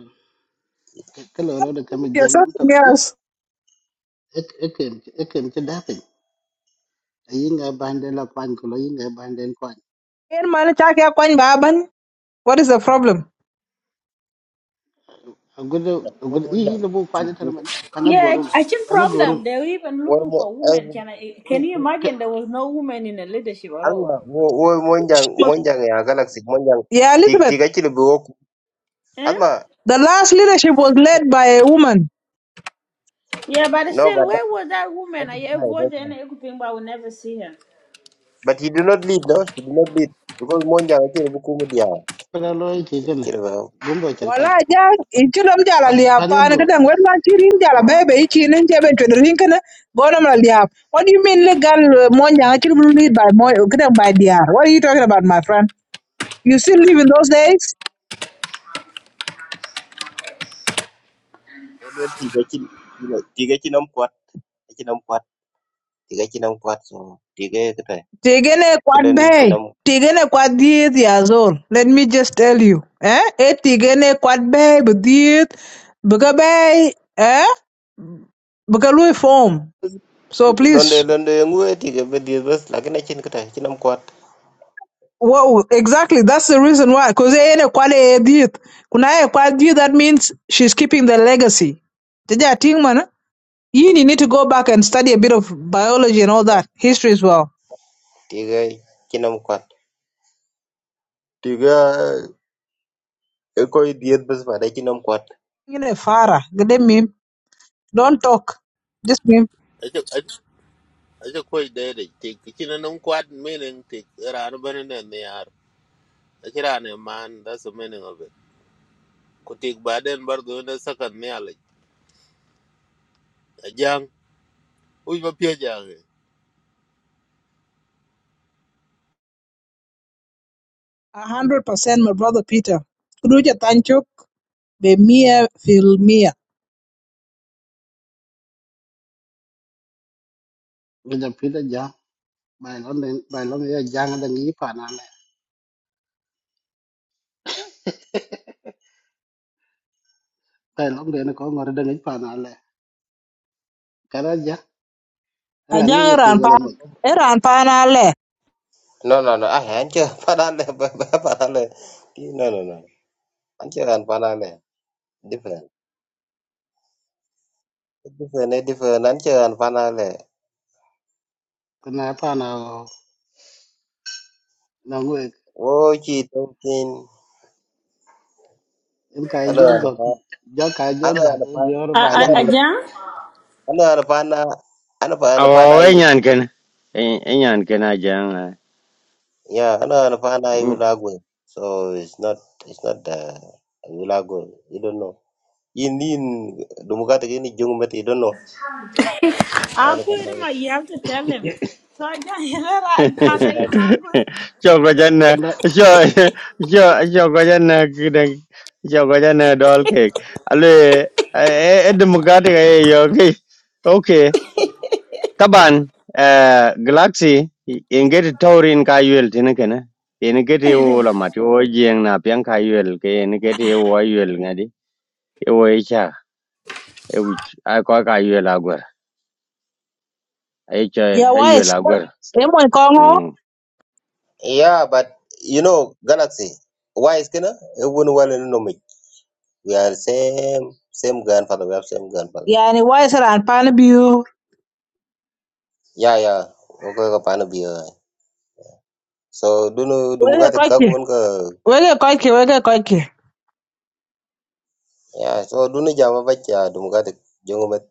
[SPEAKER 19] ke lo ra de ka me jen
[SPEAKER 16] yes,
[SPEAKER 19] nam to
[SPEAKER 16] something
[SPEAKER 19] ke de
[SPEAKER 16] else.
[SPEAKER 19] ek ek em- ek em ke da pe yinga bande la kwan ko lo yinga bande kwan
[SPEAKER 16] Ken man chake kwan baban. What is the problem?
[SPEAKER 19] agudo agudo i lo bu kwan tan man pana
[SPEAKER 12] Yeah,
[SPEAKER 19] gorum
[SPEAKER 12] I Achin
[SPEAKER 19] pana gorum
[SPEAKER 12] problem. They were even looking for women. Can I, can you
[SPEAKER 19] ke
[SPEAKER 12] imagine there was no woman in the leadership at all?
[SPEAKER 1] Alma, wo
[SPEAKER 16] She
[SPEAKER 1] monjang
[SPEAKER 16] was
[SPEAKER 1] monjang ya Galaxy monjang.
[SPEAKER 16] Yeah,
[SPEAKER 1] Tik
[SPEAKER 16] Elizabeth.
[SPEAKER 1] tik actually be
[SPEAKER 12] Eh?
[SPEAKER 1] Alma,
[SPEAKER 16] The last leadership was led by a woman.
[SPEAKER 12] Yeah, but
[SPEAKER 1] no,
[SPEAKER 12] still,
[SPEAKER 1] but that
[SPEAKER 12] where was that
[SPEAKER 1] that
[SPEAKER 12] woman?
[SPEAKER 1] is
[SPEAKER 12] I
[SPEAKER 1] guy. That's
[SPEAKER 12] voted and everything, but I will never see her.
[SPEAKER 1] But he did not lead, no? He did not lead. Because Monja akira bukumu dia.
[SPEAKER 19] pana lo i ti tan
[SPEAKER 1] Akira ba.
[SPEAKER 19] gumbo
[SPEAKER 16] Wala
[SPEAKER 19] cerkan
[SPEAKER 16] ja ichilom jala liap
[SPEAKER 19] pana
[SPEAKER 16] an
[SPEAKER 19] go
[SPEAKER 16] kadang wet ma chirin jala bebe ichin en chebe chwe rin kana gonam la liap. What do you mean legal uh, mo nyang ichilom lead by mo kadang by DR? What are you talking about my friend? You still live in those days?
[SPEAKER 1] Elwel tiga chin, you know, tiga chin am kwat, chin am kwat, tiga chin am kwat. So tiga kata.
[SPEAKER 16] Tigene
[SPEAKER 1] Kelen chin
[SPEAKER 16] kwadbe.
[SPEAKER 1] am.
[SPEAKER 16] Tigene kwadith yazol. Let me just tell you. Eh? E tigene kwadbe bdith. Bugabe. Eh? Bugalui form. So
[SPEAKER 1] Londe
[SPEAKER 16] please.
[SPEAKER 1] londe ngue tiga bedi bus lakina chin kata, chin am kwat.
[SPEAKER 16] Whoa, exactly. That's the reason why. Because ene kwade edith. Kuna e kwadith, that means she's keeping the legacy. Jaja Tingman. You need to go back and study a bit of biology and all that. History as well.
[SPEAKER 1] Tiga chin am kwat. Tiga eko idiet bus pada chin am kwat.
[SPEAKER 16] Tigene fara. Gede mim. Don't talk. Just mim.
[SPEAKER 2] I acho koi dede tik kina nung kwad meaning tik rano bana I niar. Achira ne man that's the meaning of it. ku tik baden bar do na sakan ne ala ajang uj ba pye jange
[SPEAKER 16] A hundred percent, my brother Peter. Kuduja tanchuk be mia fil mia.
[SPEAKER 19] mi da pida ja bai lon den bai lon ya jang da ngi pana le bai lon den ko ngor da ngi pana le kara ja la ngi
[SPEAKER 16] Ajang
[SPEAKER 19] te
[SPEAKER 16] ran pa,
[SPEAKER 19] gole mo
[SPEAKER 16] ran pa na le.
[SPEAKER 1] No no no, ah ancha padale padale. No no no. Ancha an padale. Different. Different, eh, different. Ancha an padale.
[SPEAKER 19] kana pana na ngwe
[SPEAKER 1] Wo chi tung tin
[SPEAKER 19] em kai
[SPEAKER 1] ano
[SPEAKER 19] jo
[SPEAKER 1] ano
[SPEAKER 19] go
[SPEAKER 1] pa
[SPEAKER 19] jo kai jo
[SPEAKER 1] ano
[SPEAKER 19] ga
[SPEAKER 1] ano pa
[SPEAKER 19] dior bai
[SPEAKER 1] ano
[SPEAKER 12] Uh,
[SPEAKER 19] lon
[SPEAKER 12] uh,
[SPEAKER 19] dun
[SPEAKER 1] ano
[SPEAKER 12] Ajahn,
[SPEAKER 1] ano ano pa na ano pa ano
[SPEAKER 18] awo
[SPEAKER 1] pa na
[SPEAKER 18] we
[SPEAKER 1] iwi
[SPEAKER 18] nyan ken e e nyan ken a jang eh.
[SPEAKER 1] yeah ano ano pa na iwi
[SPEAKER 18] Hmm.
[SPEAKER 1] lagwe so it's not it's not the iwi lagwe you don't know in in dumukata kini jung mati you don't know
[SPEAKER 12] I'll
[SPEAKER 1] ano pa
[SPEAKER 12] quit
[SPEAKER 1] na
[SPEAKER 12] him. You have to tell him. So Ajahn, you know that, and I
[SPEAKER 1] iwi
[SPEAKER 12] not
[SPEAKER 1] lagwe
[SPEAKER 12] good.
[SPEAKER 18] cho có chân
[SPEAKER 19] tan
[SPEAKER 18] cho cho cho có chân kidang cho có chân dol ke ale e democratic e yo ke okay taban eh, galaxy in get taurin ka yuel tin ke na in get yo la mat yo jeng na pian ka yuel ke in get yo wa yuel ngadi e wo e cha e wi a ko ka yuel agwer e cha
[SPEAKER 16] Ya
[SPEAKER 18] e yuel
[SPEAKER 16] wise,
[SPEAKER 18] agwer
[SPEAKER 16] emo kongo.
[SPEAKER 18] mm
[SPEAKER 1] yeah but you know galaxy why is kina it wouldn't well no me we are same same grandfather we have same grandfather
[SPEAKER 16] Yani wise ran pan biu.
[SPEAKER 1] yeah yeah okay ka pa na biya so duno
[SPEAKER 16] Wege
[SPEAKER 1] dumukata ka
[SPEAKER 16] koike,
[SPEAKER 1] kun ka
[SPEAKER 16] wege koike, wege koike.
[SPEAKER 1] Yeah, so don't duni jama bacha dum gade jongo met.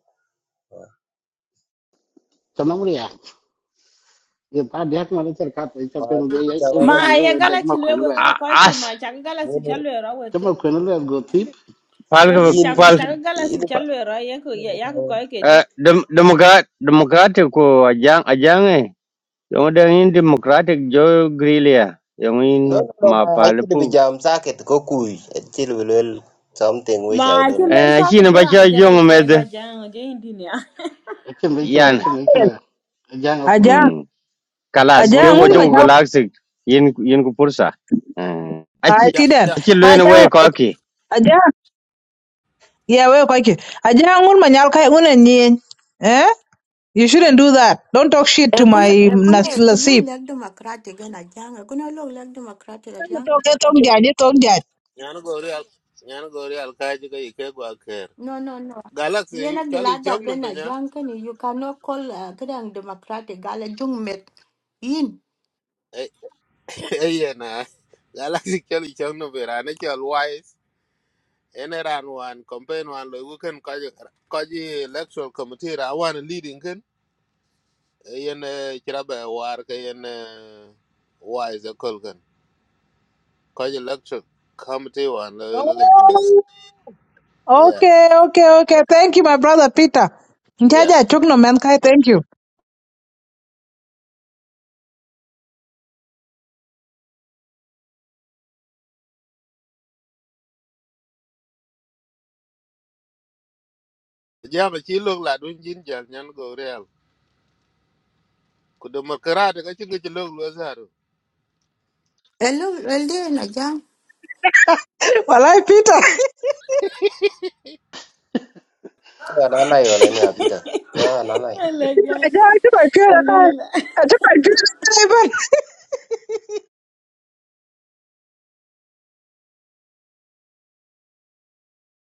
[SPEAKER 19] tan mo ye pa dek ma ne cer kat e cha
[SPEAKER 1] Ma
[SPEAKER 19] peng de
[SPEAKER 1] duni
[SPEAKER 19] ye e
[SPEAKER 1] jama
[SPEAKER 19] da
[SPEAKER 1] bacha
[SPEAKER 19] man e
[SPEAKER 12] My
[SPEAKER 19] we dek ma
[SPEAKER 12] galaxy
[SPEAKER 19] kwen
[SPEAKER 12] level,
[SPEAKER 19] le
[SPEAKER 12] I
[SPEAKER 18] A-
[SPEAKER 12] call him
[SPEAKER 18] as
[SPEAKER 12] my Chaka galaxy
[SPEAKER 1] mono
[SPEAKER 12] chalwe ra
[SPEAKER 19] cha
[SPEAKER 12] weke.
[SPEAKER 19] ma kwen le go tip
[SPEAKER 18] pal
[SPEAKER 12] Weke
[SPEAKER 1] yin yin
[SPEAKER 18] pal
[SPEAKER 12] Chaka galaxy
[SPEAKER 1] yin.
[SPEAKER 12] chalwe ra yako yako koi kedi.
[SPEAKER 18] Uh, dem Democrat Democratic ko ajang ajang eh. Yung ada in Democratic Joe Grelia. Yung in
[SPEAKER 1] No no no ma actually be
[SPEAKER 18] mapalapu.
[SPEAKER 1] jam socket ko kui. Actually will well something which I
[SPEAKER 12] My
[SPEAKER 1] don't know.
[SPEAKER 12] children
[SPEAKER 18] Eh, sino
[SPEAKER 12] socket, get
[SPEAKER 18] ba
[SPEAKER 12] on a
[SPEAKER 18] siya
[SPEAKER 12] jera
[SPEAKER 18] yung
[SPEAKER 12] explain
[SPEAKER 18] med
[SPEAKER 12] that Jan, Jane Dinia.
[SPEAKER 19] e chen be kala
[SPEAKER 18] yan?
[SPEAKER 19] chen be kala e jang ko
[SPEAKER 16] Ajang,
[SPEAKER 18] Hmm.
[SPEAKER 19] a
[SPEAKER 18] Kalas
[SPEAKER 19] gur
[SPEAKER 18] ke
[SPEAKER 19] ka
[SPEAKER 16] ajang
[SPEAKER 18] wo
[SPEAKER 16] un
[SPEAKER 19] kan
[SPEAKER 16] manyal
[SPEAKER 19] wan
[SPEAKER 18] galaxy yin yin ko pursa. Eh,
[SPEAKER 16] kai
[SPEAKER 18] achi
[SPEAKER 2] cha
[SPEAKER 16] tiden.
[SPEAKER 2] cha
[SPEAKER 18] achi luen
[SPEAKER 16] Ajang,
[SPEAKER 18] we ko ki.
[SPEAKER 16] ajang. Yeah, wege koike. Ajang un manyal kai un nyen. Eh? You shouldn't do that. Don't talk shit
[SPEAKER 15] I
[SPEAKER 16] to
[SPEAKER 15] couldn't,
[SPEAKER 16] my
[SPEAKER 15] I couldn't,
[SPEAKER 16] nas-
[SPEAKER 15] I couldn't
[SPEAKER 16] nasib.
[SPEAKER 15] like democratic and a young. I couldn't look like democratic and young.
[SPEAKER 16] Talk, talk, Don't judge.
[SPEAKER 2] nyana go real nyana go real ka ji ga ike go aker
[SPEAKER 15] No, no, no.
[SPEAKER 2] galaxy
[SPEAKER 15] Yena
[SPEAKER 2] chali
[SPEAKER 15] gilada
[SPEAKER 2] chong no
[SPEAKER 15] ben
[SPEAKER 2] pe
[SPEAKER 15] a
[SPEAKER 2] nya
[SPEAKER 15] young can you cannot call a grand democratic gala jung met in.
[SPEAKER 2] e ye na galaxy chali chong no pe rane chal wise ene ran wan campaign wan lo ku ken ka ji ka electoral committee ra wan leading ken e yen chira ba war ka yen eh, wise e kol ken ka ji electoral committee wan lo
[SPEAKER 16] Oh,
[SPEAKER 2] yeah
[SPEAKER 16] okay, okay, okay. Thank you, my brother Peter.
[SPEAKER 2] yeah
[SPEAKER 16] Njaja achuk no man kai. Thank you.
[SPEAKER 2] jam ci lok la dun jin jal nyan go real ku demokrat ka ci ngi ci lok lo zaru
[SPEAKER 15] Hello, well, then a young.
[SPEAKER 16] Walai Peter.
[SPEAKER 1] Ananai wala ni apita. Ja ananai.
[SPEAKER 12] Hello, guys.
[SPEAKER 16] Njaja achuk achuk na.
[SPEAKER 12] Lila.
[SPEAKER 16] Achuk achuk na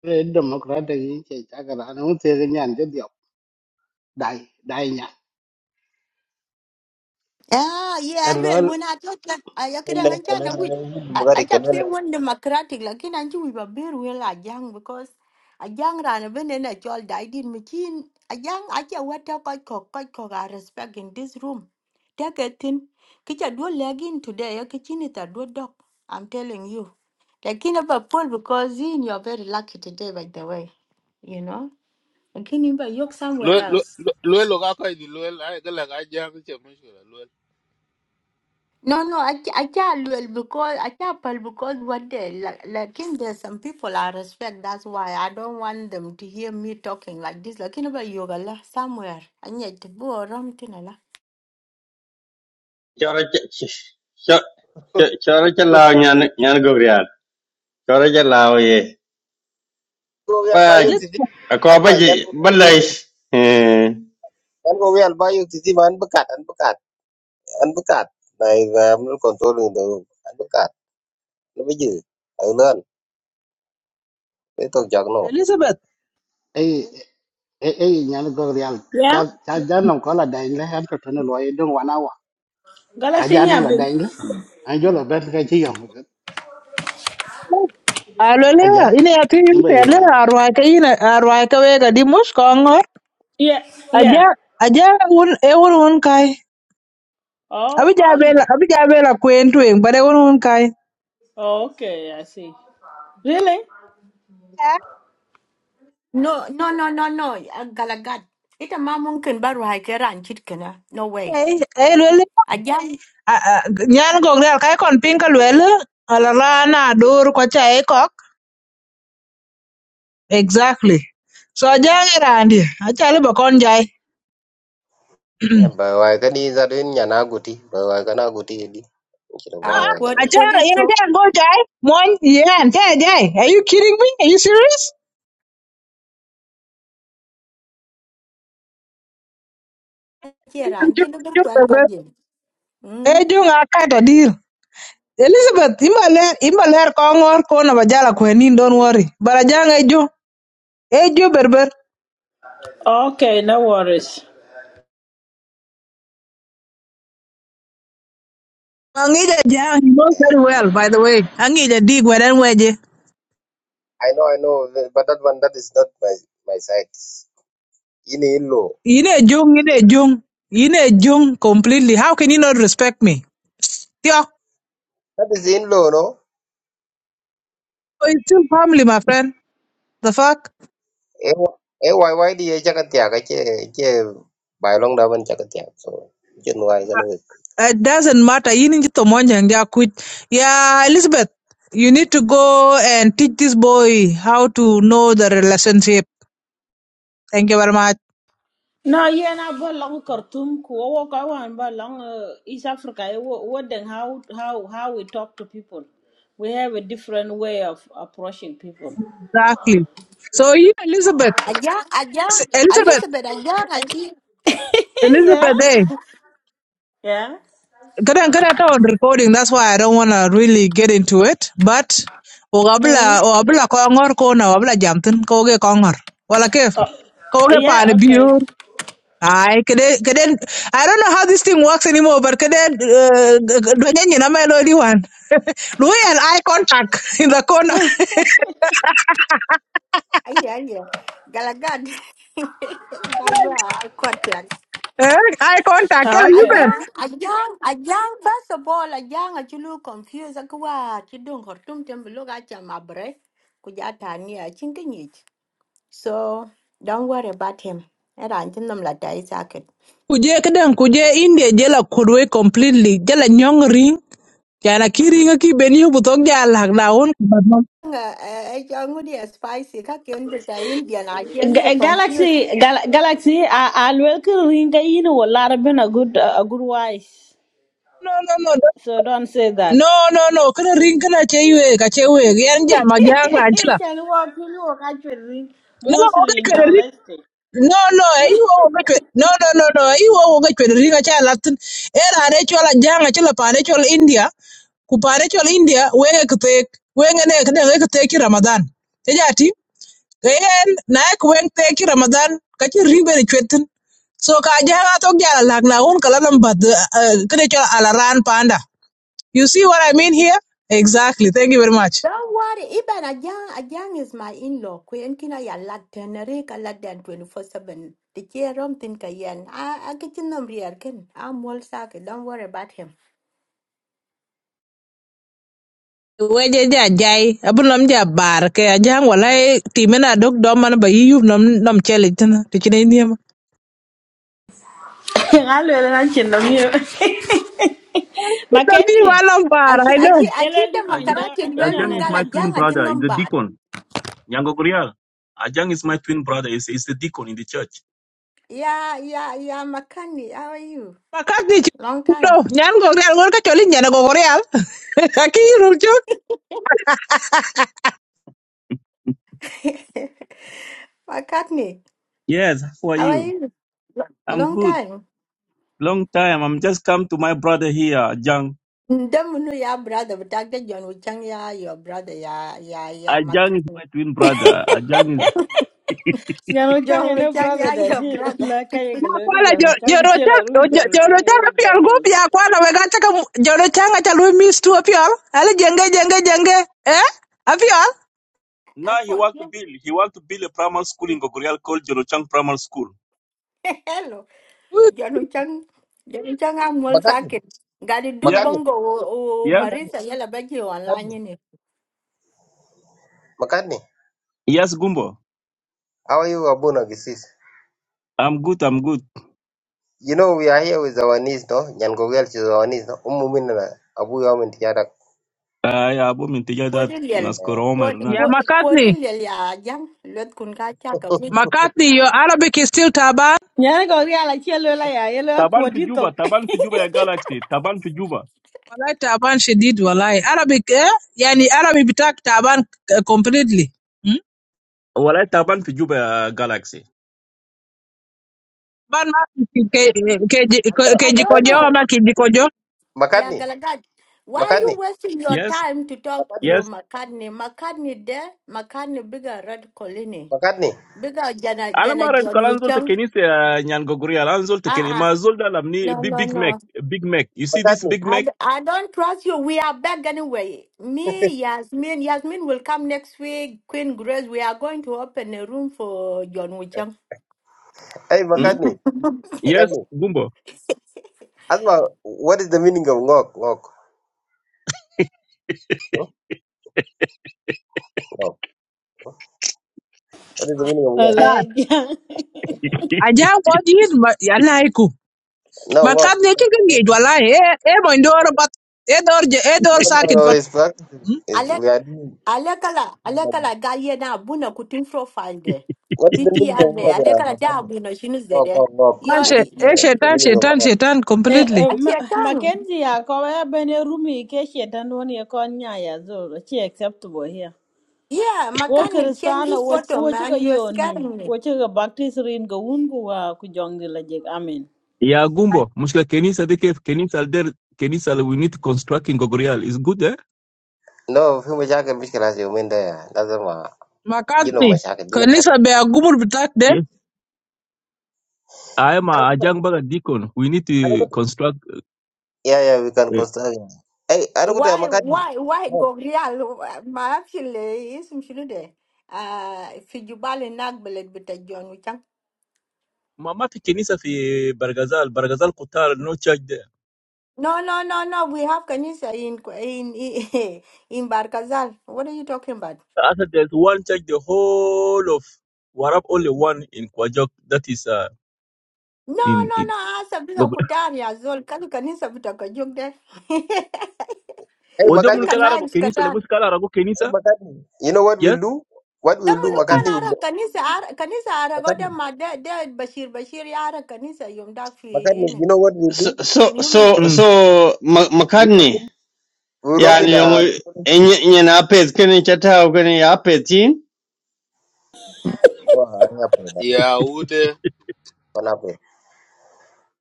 [SPEAKER 19] e democrat de yi che cha ka ran un te nyan de dio dai dai nya
[SPEAKER 15] Ah,
[SPEAKER 19] e
[SPEAKER 15] yeah,
[SPEAKER 19] lo
[SPEAKER 15] well, when I talk, uh, I I can
[SPEAKER 1] Inde
[SPEAKER 15] understand
[SPEAKER 1] kelen yin dum
[SPEAKER 15] I I
[SPEAKER 1] gade
[SPEAKER 15] kept
[SPEAKER 1] kelen.
[SPEAKER 15] saying one democratic, like in and you were very well a young because a young ran a ben and a child died in machine. A young, I can what talk I cock, I cock, I respect in this room. Take a thing, kitchen do leg in today, a kitchen it a do dog. I'm telling you. Like in a pool because in you're very lucky today, by the way, you know. And can in a yoke
[SPEAKER 2] lo
[SPEAKER 15] somewhere
[SPEAKER 2] lo
[SPEAKER 15] else.
[SPEAKER 2] lo lo ka koy di lo ay gala ga jam ci mushkila lo
[SPEAKER 15] No, no, I ca- I can't well because I can't well because what they like, like in there's some people I respect. That's why I don't want them to hear me talking like this. Like in about yoga lah somewhere. I need to go around tina lah.
[SPEAKER 18] Chora ch- ch- cho- cho- chora chala nyan nyan gogrian. Chora chala ye.
[SPEAKER 1] Ko wial
[SPEAKER 18] Pa
[SPEAKER 1] bayo titi.
[SPEAKER 16] Elizabeth,
[SPEAKER 18] ako ba
[SPEAKER 1] Alwa nyan
[SPEAKER 18] ji
[SPEAKER 1] ko wial.
[SPEAKER 18] balais.
[SPEAKER 1] Nyan ko wial bayo titi man bekat an bekat an bekat. Nai va am controlling the room. An bekat. Lebih je. Ayo lan. Itu jak no.
[SPEAKER 16] Elizabeth.
[SPEAKER 19] e e e nyan go real cha
[SPEAKER 12] Yeah?
[SPEAKER 19] cha jan no ko la dai le han to ne lo e dong wa na wa a
[SPEAKER 12] Galaxy
[SPEAKER 19] jan no la
[SPEAKER 12] Abin.
[SPEAKER 19] dai le an jo la ben ka chi yong a ja
[SPEAKER 16] Alolea, ine ati
[SPEAKER 19] in ba
[SPEAKER 16] yute
[SPEAKER 19] yo ba
[SPEAKER 16] alea
[SPEAKER 19] de
[SPEAKER 16] arwaika ine arwaika wega di mush kongor.
[SPEAKER 12] Yeah, yeah.
[SPEAKER 16] Aja aja un e un un kai.
[SPEAKER 12] Oh,
[SPEAKER 16] Abi
[SPEAKER 12] oh, yeah.
[SPEAKER 16] jabela abi jabela kwentu eng, but e un un kai.
[SPEAKER 12] oh, okay, I see. Really?
[SPEAKER 15] No, no, no, no, no. uh, Galagat. Ita ma mungkin baru hai keran chit kena. No way.
[SPEAKER 16] Eh, eh,
[SPEAKER 15] Ajang
[SPEAKER 16] Ah, ah, nyan gok del kai kon piny ka luel ala ra na dur ko cha e kok exactly so jang irandi achali ba kon jai
[SPEAKER 1] By why can is that in Yanaguti? By why can Aguti?
[SPEAKER 15] uh,
[SPEAKER 16] ah
[SPEAKER 15] what what
[SPEAKER 16] achara
[SPEAKER 15] the
[SPEAKER 16] yen
[SPEAKER 15] chok
[SPEAKER 16] te go jai mon yen te jai are you kidding me are you serious
[SPEAKER 15] keran chit no tuan kau je.
[SPEAKER 16] e
[SPEAKER 15] Hmm.
[SPEAKER 16] jung akata deal Elizabeth imbaler imbaler kongor kona bajala kwenin don't worry bara jang ejo ejo berber
[SPEAKER 12] Okay, no worries.
[SPEAKER 16] angija jang you know very well by the way angija dig weden weje
[SPEAKER 1] I know, I know, but that one that is not my my side. In in law.
[SPEAKER 16] Ine jung, ine jung, ine jung completely. How can you not respect me? Yeah,
[SPEAKER 1] That is in law, no?
[SPEAKER 16] it's still family, my friend. The fuck?
[SPEAKER 1] A why why the Jagatia? I by long down Jagatia. So, Jen why can we?
[SPEAKER 16] It doesn't matter. You need to monjang they are quit. Yeah, Elizabeth, you need to go and teach this boy how to know the relationship. Thank you very much.
[SPEAKER 12] No, yeah, na ba long Khartoum ko wo ka wan ba long uh, East Africa eh, wo wo then how how how we talk to people. We have a different way of approaching people.
[SPEAKER 16] Exactly. So you, Elizabeth,
[SPEAKER 15] Ajang, ajang,
[SPEAKER 16] Elizabeth,
[SPEAKER 15] Elizabeth, ajang,
[SPEAKER 12] yeah.
[SPEAKER 16] Elizabeth, eh?
[SPEAKER 15] ajang.
[SPEAKER 12] Yeah.
[SPEAKER 16] Kada kada ta on recording, that's why I don't wanna really get into it. But wabla
[SPEAKER 12] Uh,
[SPEAKER 16] wabla kongor kona wabla jamtin koge kongor. Wala kef
[SPEAKER 12] oh,
[SPEAKER 16] koge pan
[SPEAKER 12] yeah, okay.
[SPEAKER 16] biur. Ay kede kede I don't know how this thing works anymore, but kede eh, dwenye ni nama elo diwan. Lui and eye contact in the corner.
[SPEAKER 15] Iya, iya. Galagad. Galwa, kwartiyan.
[SPEAKER 16] Eh, eye contact. Kela
[SPEAKER 12] Oh, okay.
[SPEAKER 16] yupen.
[SPEAKER 15] Ajang, ajang, ajang, first of all, ajang, achulu confused akwa, chidung hortum tembelo gacha mabre, kujata ni achinkinyich. So, don't worry about him. Era antinam la dai saket.
[SPEAKER 16] Kuje kede kuje India jela kudwe completely. Jela nyong ring. Jana kiringa ki beni hubutok jala hagdaun.
[SPEAKER 15] Nga, eh, eh, ngudi spicy, kakin bita Indian, I get
[SPEAKER 12] Ga-
[SPEAKER 15] you
[SPEAKER 12] eh,
[SPEAKER 15] confused.
[SPEAKER 12] Galaxy, gal- Galaxy, I, I welcome Ringa in a lot of been a good, a good wife.
[SPEAKER 16] no no no
[SPEAKER 12] So don't say that.
[SPEAKER 16] no no no no ring kana che yue ka che we yan ja ma ja ra chila
[SPEAKER 12] Can you walk in your country ring
[SPEAKER 16] no o ga
[SPEAKER 12] mostly in
[SPEAKER 16] chwe ring
[SPEAKER 12] domestic.
[SPEAKER 16] no no ai o ga chwe no no no no ai o ga chwe ring cha latin era re chola janga chila pa re chola india ku pa re chola india we ga kte we ga ne kada ga kte ki ramadan te ja ti ga yan na ku wen te ki ramadan ka chi ring be re chwetin so ka ja ga to ja la na un kala nam bad kada chola alaran panda You see what I mean here? Exactly. Thank you very much.
[SPEAKER 15] Don't worry, even Ajang, Ajang is my in-law. Kuyen kina ya lat tenere ka lat dan 24-7. The chair room tin ka yen. I, I get in them rear ken. I'm all sake. Don't worry about him.
[SPEAKER 16] Weje ja jai abun ja bar ke ajang walai timena dok dom man ba yiyup nom nom chele tana to chine
[SPEAKER 12] I will lunch in the mirror.
[SPEAKER 16] Ti
[SPEAKER 12] Mackenzie,
[SPEAKER 16] walam bar
[SPEAKER 15] Achi,
[SPEAKER 16] I know.
[SPEAKER 15] achi,
[SPEAKER 12] you
[SPEAKER 15] achi
[SPEAKER 12] will
[SPEAKER 15] the
[SPEAKER 12] do more in
[SPEAKER 20] Ajang,
[SPEAKER 12] the
[SPEAKER 15] makarati and well
[SPEAKER 20] Ajang is
[SPEAKER 15] wingala
[SPEAKER 12] Adinana.
[SPEAKER 20] my twin
[SPEAKER 15] Ajang, achi
[SPEAKER 20] brother.
[SPEAKER 15] nom
[SPEAKER 20] He's a
[SPEAKER 15] bad.
[SPEAKER 20] deacon. Nyango Gurial. Ajang is my twin brother. He's, he's the deacon in the church.
[SPEAKER 15] Yeah, yeah, yeah, Makani, how are you?
[SPEAKER 16] Makat ni
[SPEAKER 15] Long
[SPEAKER 16] chudo
[SPEAKER 15] time.
[SPEAKER 16] nyan go real gor ka choli nyana go real. Aki rul chuk.
[SPEAKER 15] Makani,
[SPEAKER 20] Yes, how are
[SPEAKER 15] how are
[SPEAKER 20] you?
[SPEAKER 15] you?
[SPEAKER 20] I'm
[SPEAKER 15] Long
[SPEAKER 20] good.
[SPEAKER 15] time.
[SPEAKER 20] Long time. I'm just come to my brother here, Ajang.
[SPEAKER 15] Ndamunu ya brother, but Dr. John Wuchang ya your brother ya ya ya
[SPEAKER 20] Ajang is
[SPEAKER 15] Makani.
[SPEAKER 20] my twin brother. Ajang is.
[SPEAKER 12] Janu Chang
[SPEAKER 15] John
[SPEAKER 12] and her
[SPEAKER 15] Wuchang
[SPEAKER 12] brother
[SPEAKER 15] ya
[SPEAKER 12] that
[SPEAKER 15] your
[SPEAKER 12] deal
[SPEAKER 15] brother.
[SPEAKER 12] like I can
[SPEAKER 16] Na
[SPEAKER 12] look at
[SPEAKER 16] kwala
[SPEAKER 12] Janu Chang, the
[SPEAKER 16] joro chak
[SPEAKER 12] chiller room, Janu
[SPEAKER 16] joro
[SPEAKER 12] Chang, you
[SPEAKER 16] chak
[SPEAKER 12] will go
[SPEAKER 16] apial go
[SPEAKER 12] nose.
[SPEAKER 16] pia kwala we gacha ka joro changa chalu mis tu apial. Ale jenge jenge jenge eh apial.
[SPEAKER 20] Now he
[SPEAKER 15] Apple.
[SPEAKER 20] want to build. He want to build a primary school in Gogorial called Jolochang Primary School.
[SPEAKER 15] Hello. Janu chang janu chang amul
[SPEAKER 1] McCartney,
[SPEAKER 15] sakit. Gadi duk
[SPEAKER 20] Yes,
[SPEAKER 1] McCartney,
[SPEAKER 15] bongo o, o
[SPEAKER 20] yes,
[SPEAKER 1] McCartney,
[SPEAKER 15] Marisa yala bagi
[SPEAKER 1] McCartney.
[SPEAKER 15] online ni.
[SPEAKER 1] McCartney,
[SPEAKER 20] yes, Gumbo.
[SPEAKER 1] how are you, Abuna Gisis?
[SPEAKER 20] I'm good. I'm good.
[SPEAKER 1] You know, we are here with our niece, no? Nyangogel is our niece, no? Umumina, Abu Yamin Tiadak.
[SPEAKER 20] I abo mintiya dat
[SPEAKER 15] Kodin yel.
[SPEAKER 20] naskoro Omer
[SPEAKER 16] Ya
[SPEAKER 20] nag.
[SPEAKER 16] makat
[SPEAKER 15] Kodin yel ya jang. Let kun ka chaka which
[SPEAKER 16] McCartney, your Arabic is still taban.
[SPEAKER 12] Nyana go real, I chill, I yellow,
[SPEAKER 20] Taban fi Juba.
[SPEAKER 12] quadritok.
[SPEAKER 20] Taban fi Juba ya Galaxy. Taban fi Juba.
[SPEAKER 16] Wallahi taban she did. wallahi. Arabic, eh? Yani Arabic bitak taban eh, completely. Hmm?
[SPEAKER 20] Walay tapan fijuba galaxy.
[SPEAKER 16] Ban ma ke- ke- ke-
[SPEAKER 15] I don't
[SPEAKER 16] kejikojo
[SPEAKER 1] McCartney,
[SPEAKER 15] know.
[SPEAKER 16] ama kijikojo.
[SPEAKER 15] Yeah,
[SPEAKER 1] McCartney.
[SPEAKER 15] Galagad. Why are you
[SPEAKER 1] McCartney,
[SPEAKER 15] wasting your
[SPEAKER 20] Yes,
[SPEAKER 15] time to talk
[SPEAKER 1] McCartney,
[SPEAKER 15] to
[SPEAKER 20] yes.
[SPEAKER 15] McCartney? McCartney there, McCartney bigger red colony.
[SPEAKER 1] McCartney,
[SPEAKER 15] Bigger Jana Jana
[SPEAKER 20] Anama red
[SPEAKER 15] John
[SPEAKER 20] kalanzo
[SPEAKER 15] Wichang.
[SPEAKER 20] tekeni se nyangogoria. Kalanzo tekeni.
[SPEAKER 15] Ah ah.
[SPEAKER 20] Ma zulda lamni
[SPEAKER 15] No
[SPEAKER 20] big
[SPEAKER 15] no
[SPEAKER 20] big
[SPEAKER 15] no.
[SPEAKER 20] mac. Big mac. You see this
[SPEAKER 1] McCartney.
[SPEAKER 20] big
[SPEAKER 15] I,
[SPEAKER 20] mac?
[SPEAKER 15] d- I don't trust you. We are back anyway. Me, Yasmin. Yasmin will come next week. Queen Grace, we are going to open a room for John Wichang.
[SPEAKER 1] Hey,
[SPEAKER 20] Hm.
[SPEAKER 1] McCartney,
[SPEAKER 20] Yes.
[SPEAKER 1] McCartney.
[SPEAKER 20] Gumbo.
[SPEAKER 1] Asma, what is the meaning of ngok? Ngok. Hmm? Ngok. What is the meaning of ngok?
[SPEAKER 16] Sad. Aja what is ma- yalaiku.
[SPEAKER 1] No, ngok.
[SPEAKER 16] McCartney chicken gate wallahi. Eh, eh, moindoro but eh, door, je- eh,
[SPEAKER 1] No,
[SPEAKER 16] door
[SPEAKER 1] no,
[SPEAKER 16] socket
[SPEAKER 1] no.
[SPEAKER 16] but
[SPEAKER 1] It's black.
[SPEAKER 16] hmm?
[SPEAKER 1] It's,
[SPEAKER 15] Alek,
[SPEAKER 1] we are doing.
[SPEAKER 15] Alekala, Alekala, Gaye na Buna Kutin profile there.
[SPEAKER 1] What is the meaning of
[SPEAKER 15] CTR
[SPEAKER 1] ngok,
[SPEAKER 15] there.
[SPEAKER 1] uh,
[SPEAKER 15] Alekala,
[SPEAKER 1] McCartney?
[SPEAKER 15] Jabuna, Shinu
[SPEAKER 1] Ngok,
[SPEAKER 15] Zede.
[SPEAKER 1] ngok, ngok.
[SPEAKER 15] Your,
[SPEAKER 16] Tan
[SPEAKER 1] You
[SPEAKER 16] she-
[SPEAKER 1] need to
[SPEAKER 16] eh,
[SPEAKER 1] know
[SPEAKER 15] actually,
[SPEAKER 1] the
[SPEAKER 16] shetan,
[SPEAKER 1] meaning of
[SPEAKER 16] shetan,
[SPEAKER 1] ngok.
[SPEAKER 16] shetan
[SPEAKER 12] Eh,
[SPEAKER 16] completely.
[SPEAKER 12] eh, Ma-
[SPEAKER 15] I can
[SPEAKER 12] Mackenzie, ya ko ya bene rumi ke shetan woni e kon nyaya zolo chi acceptable here.
[SPEAKER 15] Yeah,
[SPEAKER 12] Wo
[SPEAKER 15] Makani, change
[SPEAKER 12] kristana
[SPEAKER 15] this
[SPEAKER 12] wo
[SPEAKER 15] photo,
[SPEAKER 12] wo chi ga
[SPEAKER 15] man. You're
[SPEAKER 12] yonim,
[SPEAKER 15] scaring me.
[SPEAKER 12] wo chi ga baptist rin ga wun ku wa ku jongi la jek amen.
[SPEAKER 20] Yeah, gumbo. Mucha keni sa teke. Keni sa der. Keni sa we need to construct in Gogoria. It's good there.
[SPEAKER 1] No, في مشاكل مش كلاس يومين ده لازم آه، جينهم
[SPEAKER 16] McCartney,
[SPEAKER 1] مشاكل جينهم مشاكل.
[SPEAKER 16] kanisa be agumur bitak de.
[SPEAKER 20] Yes. I am
[SPEAKER 1] أنا
[SPEAKER 20] a
[SPEAKER 1] كنت
[SPEAKER 20] young baga dicon. We need
[SPEAKER 1] أنا
[SPEAKER 20] to
[SPEAKER 1] كنت.
[SPEAKER 20] construct.
[SPEAKER 1] Yeah, yeah. We can construct. Hey, أنا كنت
[SPEAKER 15] واي
[SPEAKER 1] McCartney.
[SPEAKER 15] واي واي جوريال ما اعرفش اللي اسم شنو ده آه في جبال هناك بلد بتاع جون وشان
[SPEAKER 20] Mama fikeni sa fijebra gazal. Bra gazal kutar no charge there.
[SPEAKER 15] No, no, no, no. We have Kanisa in in in in Barkazal. What are you talking about?
[SPEAKER 20] After there's one church, the whole of Warab only one in Kwajok. That is uh,
[SPEAKER 15] No,
[SPEAKER 20] in
[SPEAKER 15] no, no.
[SPEAKER 20] it.
[SPEAKER 15] Asa bila kutari azol. Kani kanisa vitaka jogde.
[SPEAKER 1] Hey,
[SPEAKER 20] Odemun
[SPEAKER 1] McCartney.
[SPEAKER 15] Fika
[SPEAKER 20] Kalarago
[SPEAKER 15] nice
[SPEAKER 20] Kenisa,
[SPEAKER 15] katan.
[SPEAKER 20] Lemus Kalarago Kenisa.
[SPEAKER 1] McCartney, you know what
[SPEAKER 20] Yes.
[SPEAKER 1] we'll do? What we'll
[SPEAKER 15] Damu
[SPEAKER 1] do,
[SPEAKER 20] Mm.
[SPEAKER 15] nukan
[SPEAKER 1] McCartney will
[SPEAKER 15] ara
[SPEAKER 1] go.
[SPEAKER 15] kanisa ara kanisa ara goda
[SPEAKER 1] McCartney,
[SPEAKER 15] ma de de Bashir Bashir ya ara kanisa yom dak fi
[SPEAKER 1] McCartney,
[SPEAKER 15] ine.
[SPEAKER 1] you know what we'll
[SPEAKER 18] so
[SPEAKER 1] do?
[SPEAKER 18] so so
[SPEAKER 20] Mm.
[SPEAKER 18] so Ma-
[SPEAKER 1] We'll
[SPEAKER 18] McCartney
[SPEAKER 1] open, we'll open
[SPEAKER 18] yani yong
[SPEAKER 1] a.
[SPEAKER 18] enye na pet kene chata kene ya petin
[SPEAKER 20] Mm.
[SPEAKER 1] Oh, hang up here, man.
[SPEAKER 2] ya ude
[SPEAKER 1] Hang up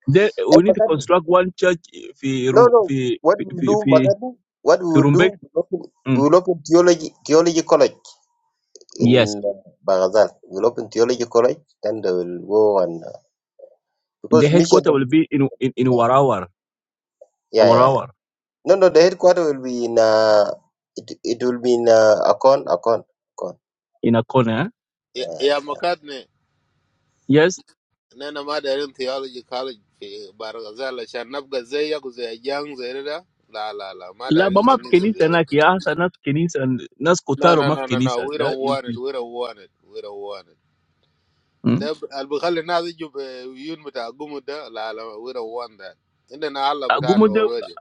[SPEAKER 20] Then
[SPEAKER 1] Hey,
[SPEAKER 20] we need to
[SPEAKER 1] McCartney.
[SPEAKER 20] construct one church fi
[SPEAKER 1] No,
[SPEAKER 20] Ru-
[SPEAKER 1] no.
[SPEAKER 20] fi
[SPEAKER 1] What
[SPEAKER 20] fi
[SPEAKER 1] we'll
[SPEAKER 20] fi, fi
[SPEAKER 1] do,
[SPEAKER 20] fi
[SPEAKER 1] McCartney? What we will
[SPEAKER 20] Rumbek.
[SPEAKER 1] do? We'll open,
[SPEAKER 20] Mm.
[SPEAKER 1] we'll open theology, theology college
[SPEAKER 20] Yes.
[SPEAKER 1] in uh, Baghdad. We'll open theology college, then they will go and uh,
[SPEAKER 20] The
[SPEAKER 1] because mission.
[SPEAKER 20] headquarter will
[SPEAKER 1] is,
[SPEAKER 20] be in in, in
[SPEAKER 1] Uh,
[SPEAKER 20] Warawar,
[SPEAKER 1] yeah, yeah, yeah.
[SPEAKER 20] Warawar,
[SPEAKER 1] No, no. The headquarter will be in. Uh, it it will be in uh, Akon, Akon, Akon.
[SPEAKER 20] in a corner.
[SPEAKER 2] ya makat ne
[SPEAKER 20] Yes.
[SPEAKER 2] nana ma da rin theology college fi bargazal shan nabga zai ya ku zai jang zai da la la la ma da
[SPEAKER 20] La
[SPEAKER 2] rin
[SPEAKER 20] mama
[SPEAKER 2] kan ni
[SPEAKER 20] fi
[SPEAKER 2] so
[SPEAKER 20] Kenisa
[SPEAKER 2] zai
[SPEAKER 20] na ki asa nas Kenisa and nas
[SPEAKER 2] no
[SPEAKER 20] kotaro
[SPEAKER 2] no
[SPEAKER 20] maf
[SPEAKER 2] no no no
[SPEAKER 20] Kenisa.
[SPEAKER 2] we
[SPEAKER 20] That
[SPEAKER 2] don't
[SPEAKER 20] is.
[SPEAKER 2] want it we don't want it we don't want it
[SPEAKER 20] is-
[SPEAKER 2] ده البخلي الناس يجوا بيون بتاع قوم ده لا لا we don't want that عندنا الله بتاعنا
[SPEAKER 20] Mm.
[SPEAKER 2] already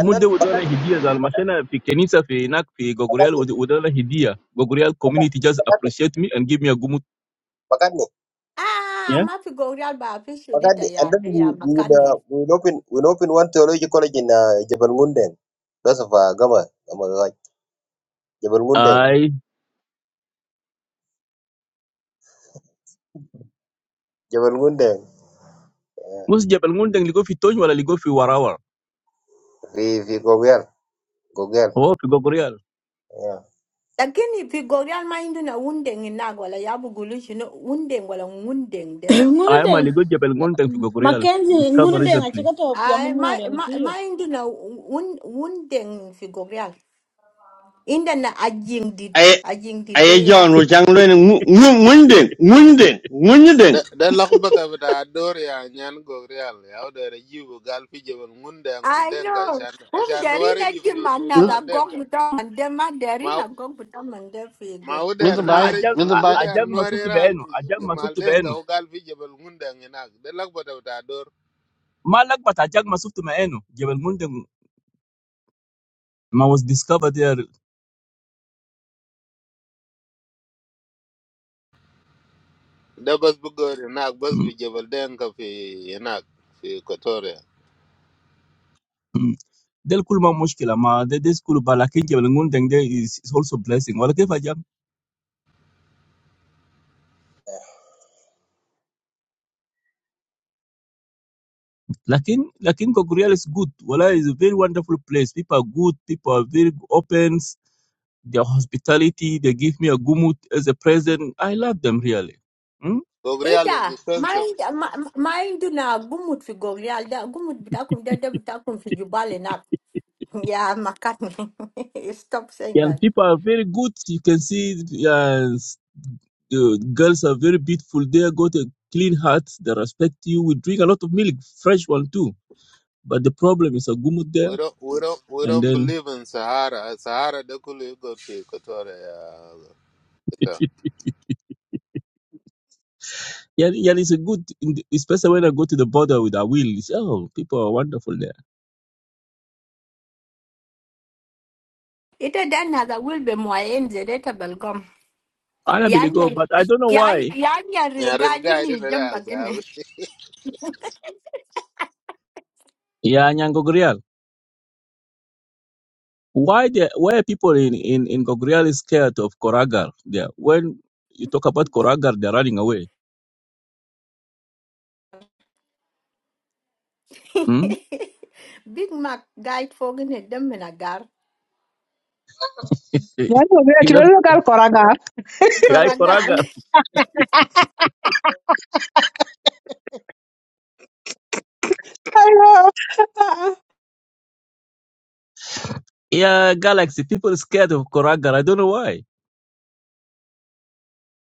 [SPEAKER 1] And then
[SPEAKER 20] udala hidia zalmashana fi kenisa fi nak fi
[SPEAKER 1] McCartney,
[SPEAKER 20] gogorial ud- udala hidia gogorial
[SPEAKER 1] Pakat,
[SPEAKER 20] community just
[SPEAKER 1] pakat
[SPEAKER 20] appreciate me and give me a gumut
[SPEAKER 1] Makadni,
[SPEAKER 15] Ah,
[SPEAKER 20] yeah
[SPEAKER 15] ma mapigorial ba
[SPEAKER 1] pakat
[SPEAKER 15] apishirita
[SPEAKER 1] Makadni, and
[SPEAKER 15] ya
[SPEAKER 1] then we
[SPEAKER 15] ya
[SPEAKER 1] we uh,
[SPEAKER 15] makani.
[SPEAKER 1] we open we open one theology college in uh, Jebel Ngundeng. That's of uh, Gama Gama Gaj. Jebel Ngundeng,
[SPEAKER 20] i
[SPEAKER 1] Jebel Ngundeng.
[SPEAKER 20] mus jabal ngundeng ligo fi tony wala ligo fi warawa
[SPEAKER 1] We we go girl, go girl.
[SPEAKER 20] oh fi gogorial
[SPEAKER 1] Yeah.
[SPEAKER 15] Lakini pigorial mindu na wundeng inag wala yabu gulishi no wundeng wala wundeng de.
[SPEAKER 20] i
[SPEAKER 12] Ngunu
[SPEAKER 20] am a
[SPEAKER 12] den
[SPEAKER 20] ligo jabal ngundeng fi gogorial
[SPEAKER 12] Mackenzie
[SPEAKER 20] discover
[SPEAKER 12] ngunu den a chi
[SPEAKER 20] recently
[SPEAKER 12] ka to pyo
[SPEAKER 15] Ay
[SPEAKER 12] mun
[SPEAKER 15] ma
[SPEAKER 12] wore ngi
[SPEAKER 15] ma
[SPEAKER 12] chi yo.
[SPEAKER 15] mindu na wun wundeng pigorial. Inda na ajing did
[SPEAKER 18] ay
[SPEAKER 15] ajing did
[SPEAKER 18] ay
[SPEAKER 15] de ya
[SPEAKER 18] John ro
[SPEAKER 15] fi.
[SPEAKER 18] chang le ngunden ngunden ngunden
[SPEAKER 2] da da lakbata bata ador ya nyan go real ya da re jibu gal fi jebel ngunde ang fi
[SPEAKER 15] I
[SPEAKER 2] denga
[SPEAKER 15] know.
[SPEAKER 2] shan
[SPEAKER 15] Um
[SPEAKER 2] shan nuare
[SPEAKER 15] derina
[SPEAKER 2] ji fi fi
[SPEAKER 15] jimana
[SPEAKER 19] mi
[SPEAKER 15] ga
[SPEAKER 2] mal
[SPEAKER 15] gog
[SPEAKER 2] denga
[SPEAKER 15] butam and de ma
[SPEAKER 2] ma
[SPEAKER 15] derina gog butam and de
[SPEAKER 2] ma
[SPEAKER 15] figo.
[SPEAKER 19] mi
[SPEAKER 2] uder
[SPEAKER 20] la
[SPEAKER 19] bai
[SPEAKER 2] nuare
[SPEAKER 20] ajag
[SPEAKER 19] mi
[SPEAKER 20] a-
[SPEAKER 2] uder
[SPEAKER 20] ajag
[SPEAKER 2] nuare
[SPEAKER 20] masuftu
[SPEAKER 2] ral
[SPEAKER 20] beenu
[SPEAKER 2] fi
[SPEAKER 20] ajag
[SPEAKER 2] fi mal
[SPEAKER 20] masuftu
[SPEAKER 2] denga
[SPEAKER 20] beenu
[SPEAKER 2] o gal fi jebel ngunde ang enak da lakbata bata ador
[SPEAKER 20] Ma bat ajag masuftu maenu jabal ngundeng ma was discovered there
[SPEAKER 2] da bas bu gor enak bas fi
[SPEAKER 20] Mm,
[SPEAKER 2] jebel denga fi enak fi kotoria
[SPEAKER 20] mm. del kulma mushkila ma de this kul balakin jabal ngundeng there is, is also blessing wala kif ajag Lakin, Lakin Goguryala is good. Wala is a very wonderful place. People are good. People are very open. Their hospitality, they give me a gumut as a present. I love them really. Mm?
[SPEAKER 2] go real is
[SPEAKER 15] Ida,
[SPEAKER 2] expensive
[SPEAKER 15] mind, mind na gumut fi gorial da gumut bitakum da da bitakum fi jubale Yeah, McCartney. Stop saying
[SPEAKER 20] Yeah, and
[SPEAKER 15] that.
[SPEAKER 20] people are very good. You can see uh, s- the girls are very beautiful. They got a clean heart. They respect you. We drink a lot of milk, fresh one too. But the problem is a gumut
[SPEAKER 2] we
[SPEAKER 20] there.
[SPEAKER 2] don't we don't we
[SPEAKER 20] And
[SPEAKER 2] don't
[SPEAKER 20] then,
[SPEAKER 2] believe in sahara sahara da kulu go fi kotoria
[SPEAKER 20] yeah, yeah, it's a good, in the- especially when I go to the border with Awil. It's, oh, people are wonderful there.
[SPEAKER 15] Ita dan hada will be moyen zedeta belgom.
[SPEAKER 20] I don't really go,
[SPEAKER 15] Yanya
[SPEAKER 20] but I don't know why.
[SPEAKER 15] yanya real
[SPEAKER 2] Yeah,
[SPEAKER 15] guy
[SPEAKER 2] nyaril guy da
[SPEAKER 15] ni jamba
[SPEAKER 2] da
[SPEAKER 15] gine.
[SPEAKER 20] Yeah, Nyangogrial. Why the why people in in in Gogrial is scared of Koragar? Yeah, when you talk about Koragar, they're running away. Hmm?
[SPEAKER 15] Big Mac guy fogine demina gar.
[SPEAKER 20] Eh,
[SPEAKER 16] Yani, be are
[SPEAKER 20] In that
[SPEAKER 16] children, we are koraga.
[SPEAKER 20] yeah,
[SPEAKER 15] Koragar.
[SPEAKER 20] Koragar.
[SPEAKER 16] Ayo.
[SPEAKER 20] Yeah, Galaxy. People is scared of Koragar. I don't know why.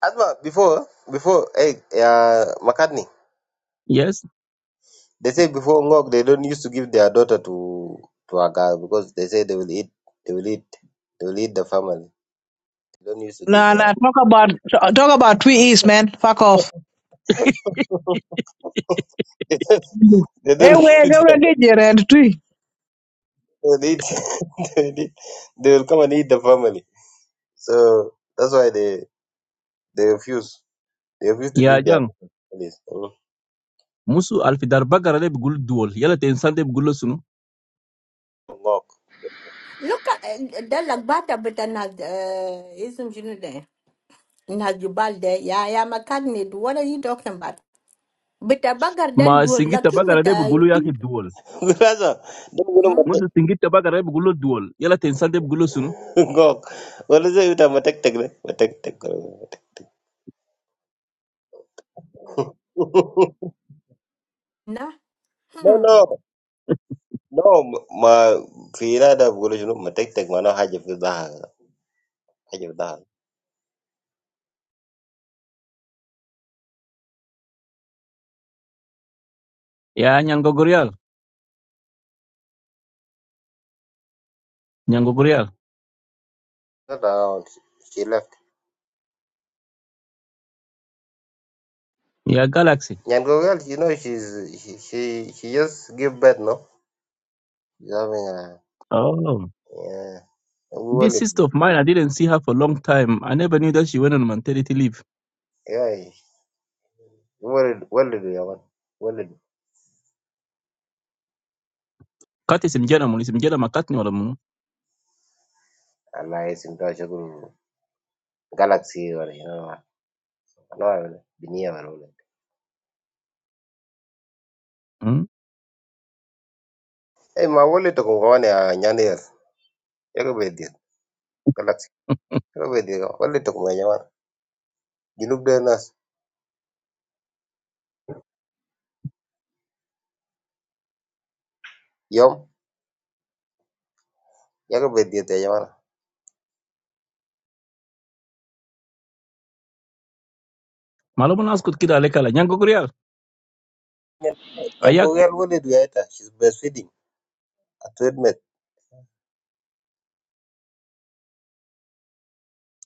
[SPEAKER 1] Asma, before before hey uh, Makadni,
[SPEAKER 20] Yes.
[SPEAKER 1] they say before Ngok they don't used to give their daughter to to a girl because they say they will eat they will eat they will eat the family. They don't used to give
[SPEAKER 16] Nah,
[SPEAKER 1] their
[SPEAKER 16] nah. Talk about talk about Tweet East, man. Fuck off.
[SPEAKER 1] they
[SPEAKER 16] Hey,
[SPEAKER 1] don't they don't
[SPEAKER 16] wait,
[SPEAKER 1] give
[SPEAKER 16] go
[SPEAKER 1] their
[SPEAKER 16] get your end Tweet.
[SPEAKER 1] They'll eat, they'll eat, they will come and eat the family. So that's why they they refuse. They refuse to
[SPEAKER 20] Yeah,
[SPEAKER 1] give their
[SPEAKER 20] Jang.
[SPEAKER 1] families. Mm.
[SPEAKER 20] Musu alfidar bagara de bugulu duol. Yala te insan de bugulu sunu.
[SPEAKER 1] Ngok.
[SPEAKER 15] Look at the lagbata butana Uh, but nad ism jinude. Najubalde. Yeah, yeah, McCartney. What are you talking about? But a bagger that
[SPEAKER 20] Ma
[SPEAKER 15] do
[SPEAKER 20] singita
[SPEAKER 15] lucky
[SPEAKER 20] bagara
[SPEAKER 15] with
[SPEAKER 20] de
[SPEAKER 15] a
[SPEAKER 20] bugulu yake duol.
[SPEAKER 1] Sasa ndio ngoro
[SPEAKER 20] Musu
[SPEAKER 1] mate-
[SPEAKER 20] singita bagara de bugulu duol. Yala te insan de bugulu sunu.
[SPEAKER 1] Ngok. Walize yuta matek-tek ne? Matek-tek, kore matek-tek.
[SPEAKER 15] na.
[SPEAKER 1] No
[SPEAKER 15] hmm.
[SPEAKER 1] no no m- ma fi inada bugolo shinu matek-tek maana haja fi dhahaka. Haja fi dhahaka.
[SPEAKER 20] Yeah, Nyangogrial. Nyangogrial.
[SPEAKER 1] Not around. She left.
[SPEAKER 20] Yeah, Galaxy.
[SPEAKER 1] Nyango girl, you know she's she she, she just give birth, no? She's having a
[SPEAKER 20] Oh.
[SPEAKER 1] yeah.
[SPEAKER 20] This
[SPEAKER 1] Wale,
[SPEAKER 20] sister of mine, I didn't see her for a long time. I never knew that she went on maternity leave.
[SPEAKER 1] yeah, Wale, Wale, do you want Wale?
[SPEAKER 20] Kat is mjana mun, is mjana makatni wala mun.
[SPEAKER 1] Allah is into a shagun galaxy or you know, Allah, billionaire Wale.
[SPEAKER 20] Hmm?
[SPEAKER 1] Hey, my Wale, talk with my man. I'm Nigerian. I go bedie galaxy. I go bedie. Wale, talk with my man. You look dangerous. Yom? I go bedie with my man.
[SPEAKER 20] Malo mun askut kida aleka la. Nyango kurial.
[SPEAKER 1] Hey, I'm
[SPEAKER 20] Ayak,
[SPEAKER 1] going. Wale do you think she's breastfeeding? A twin bed.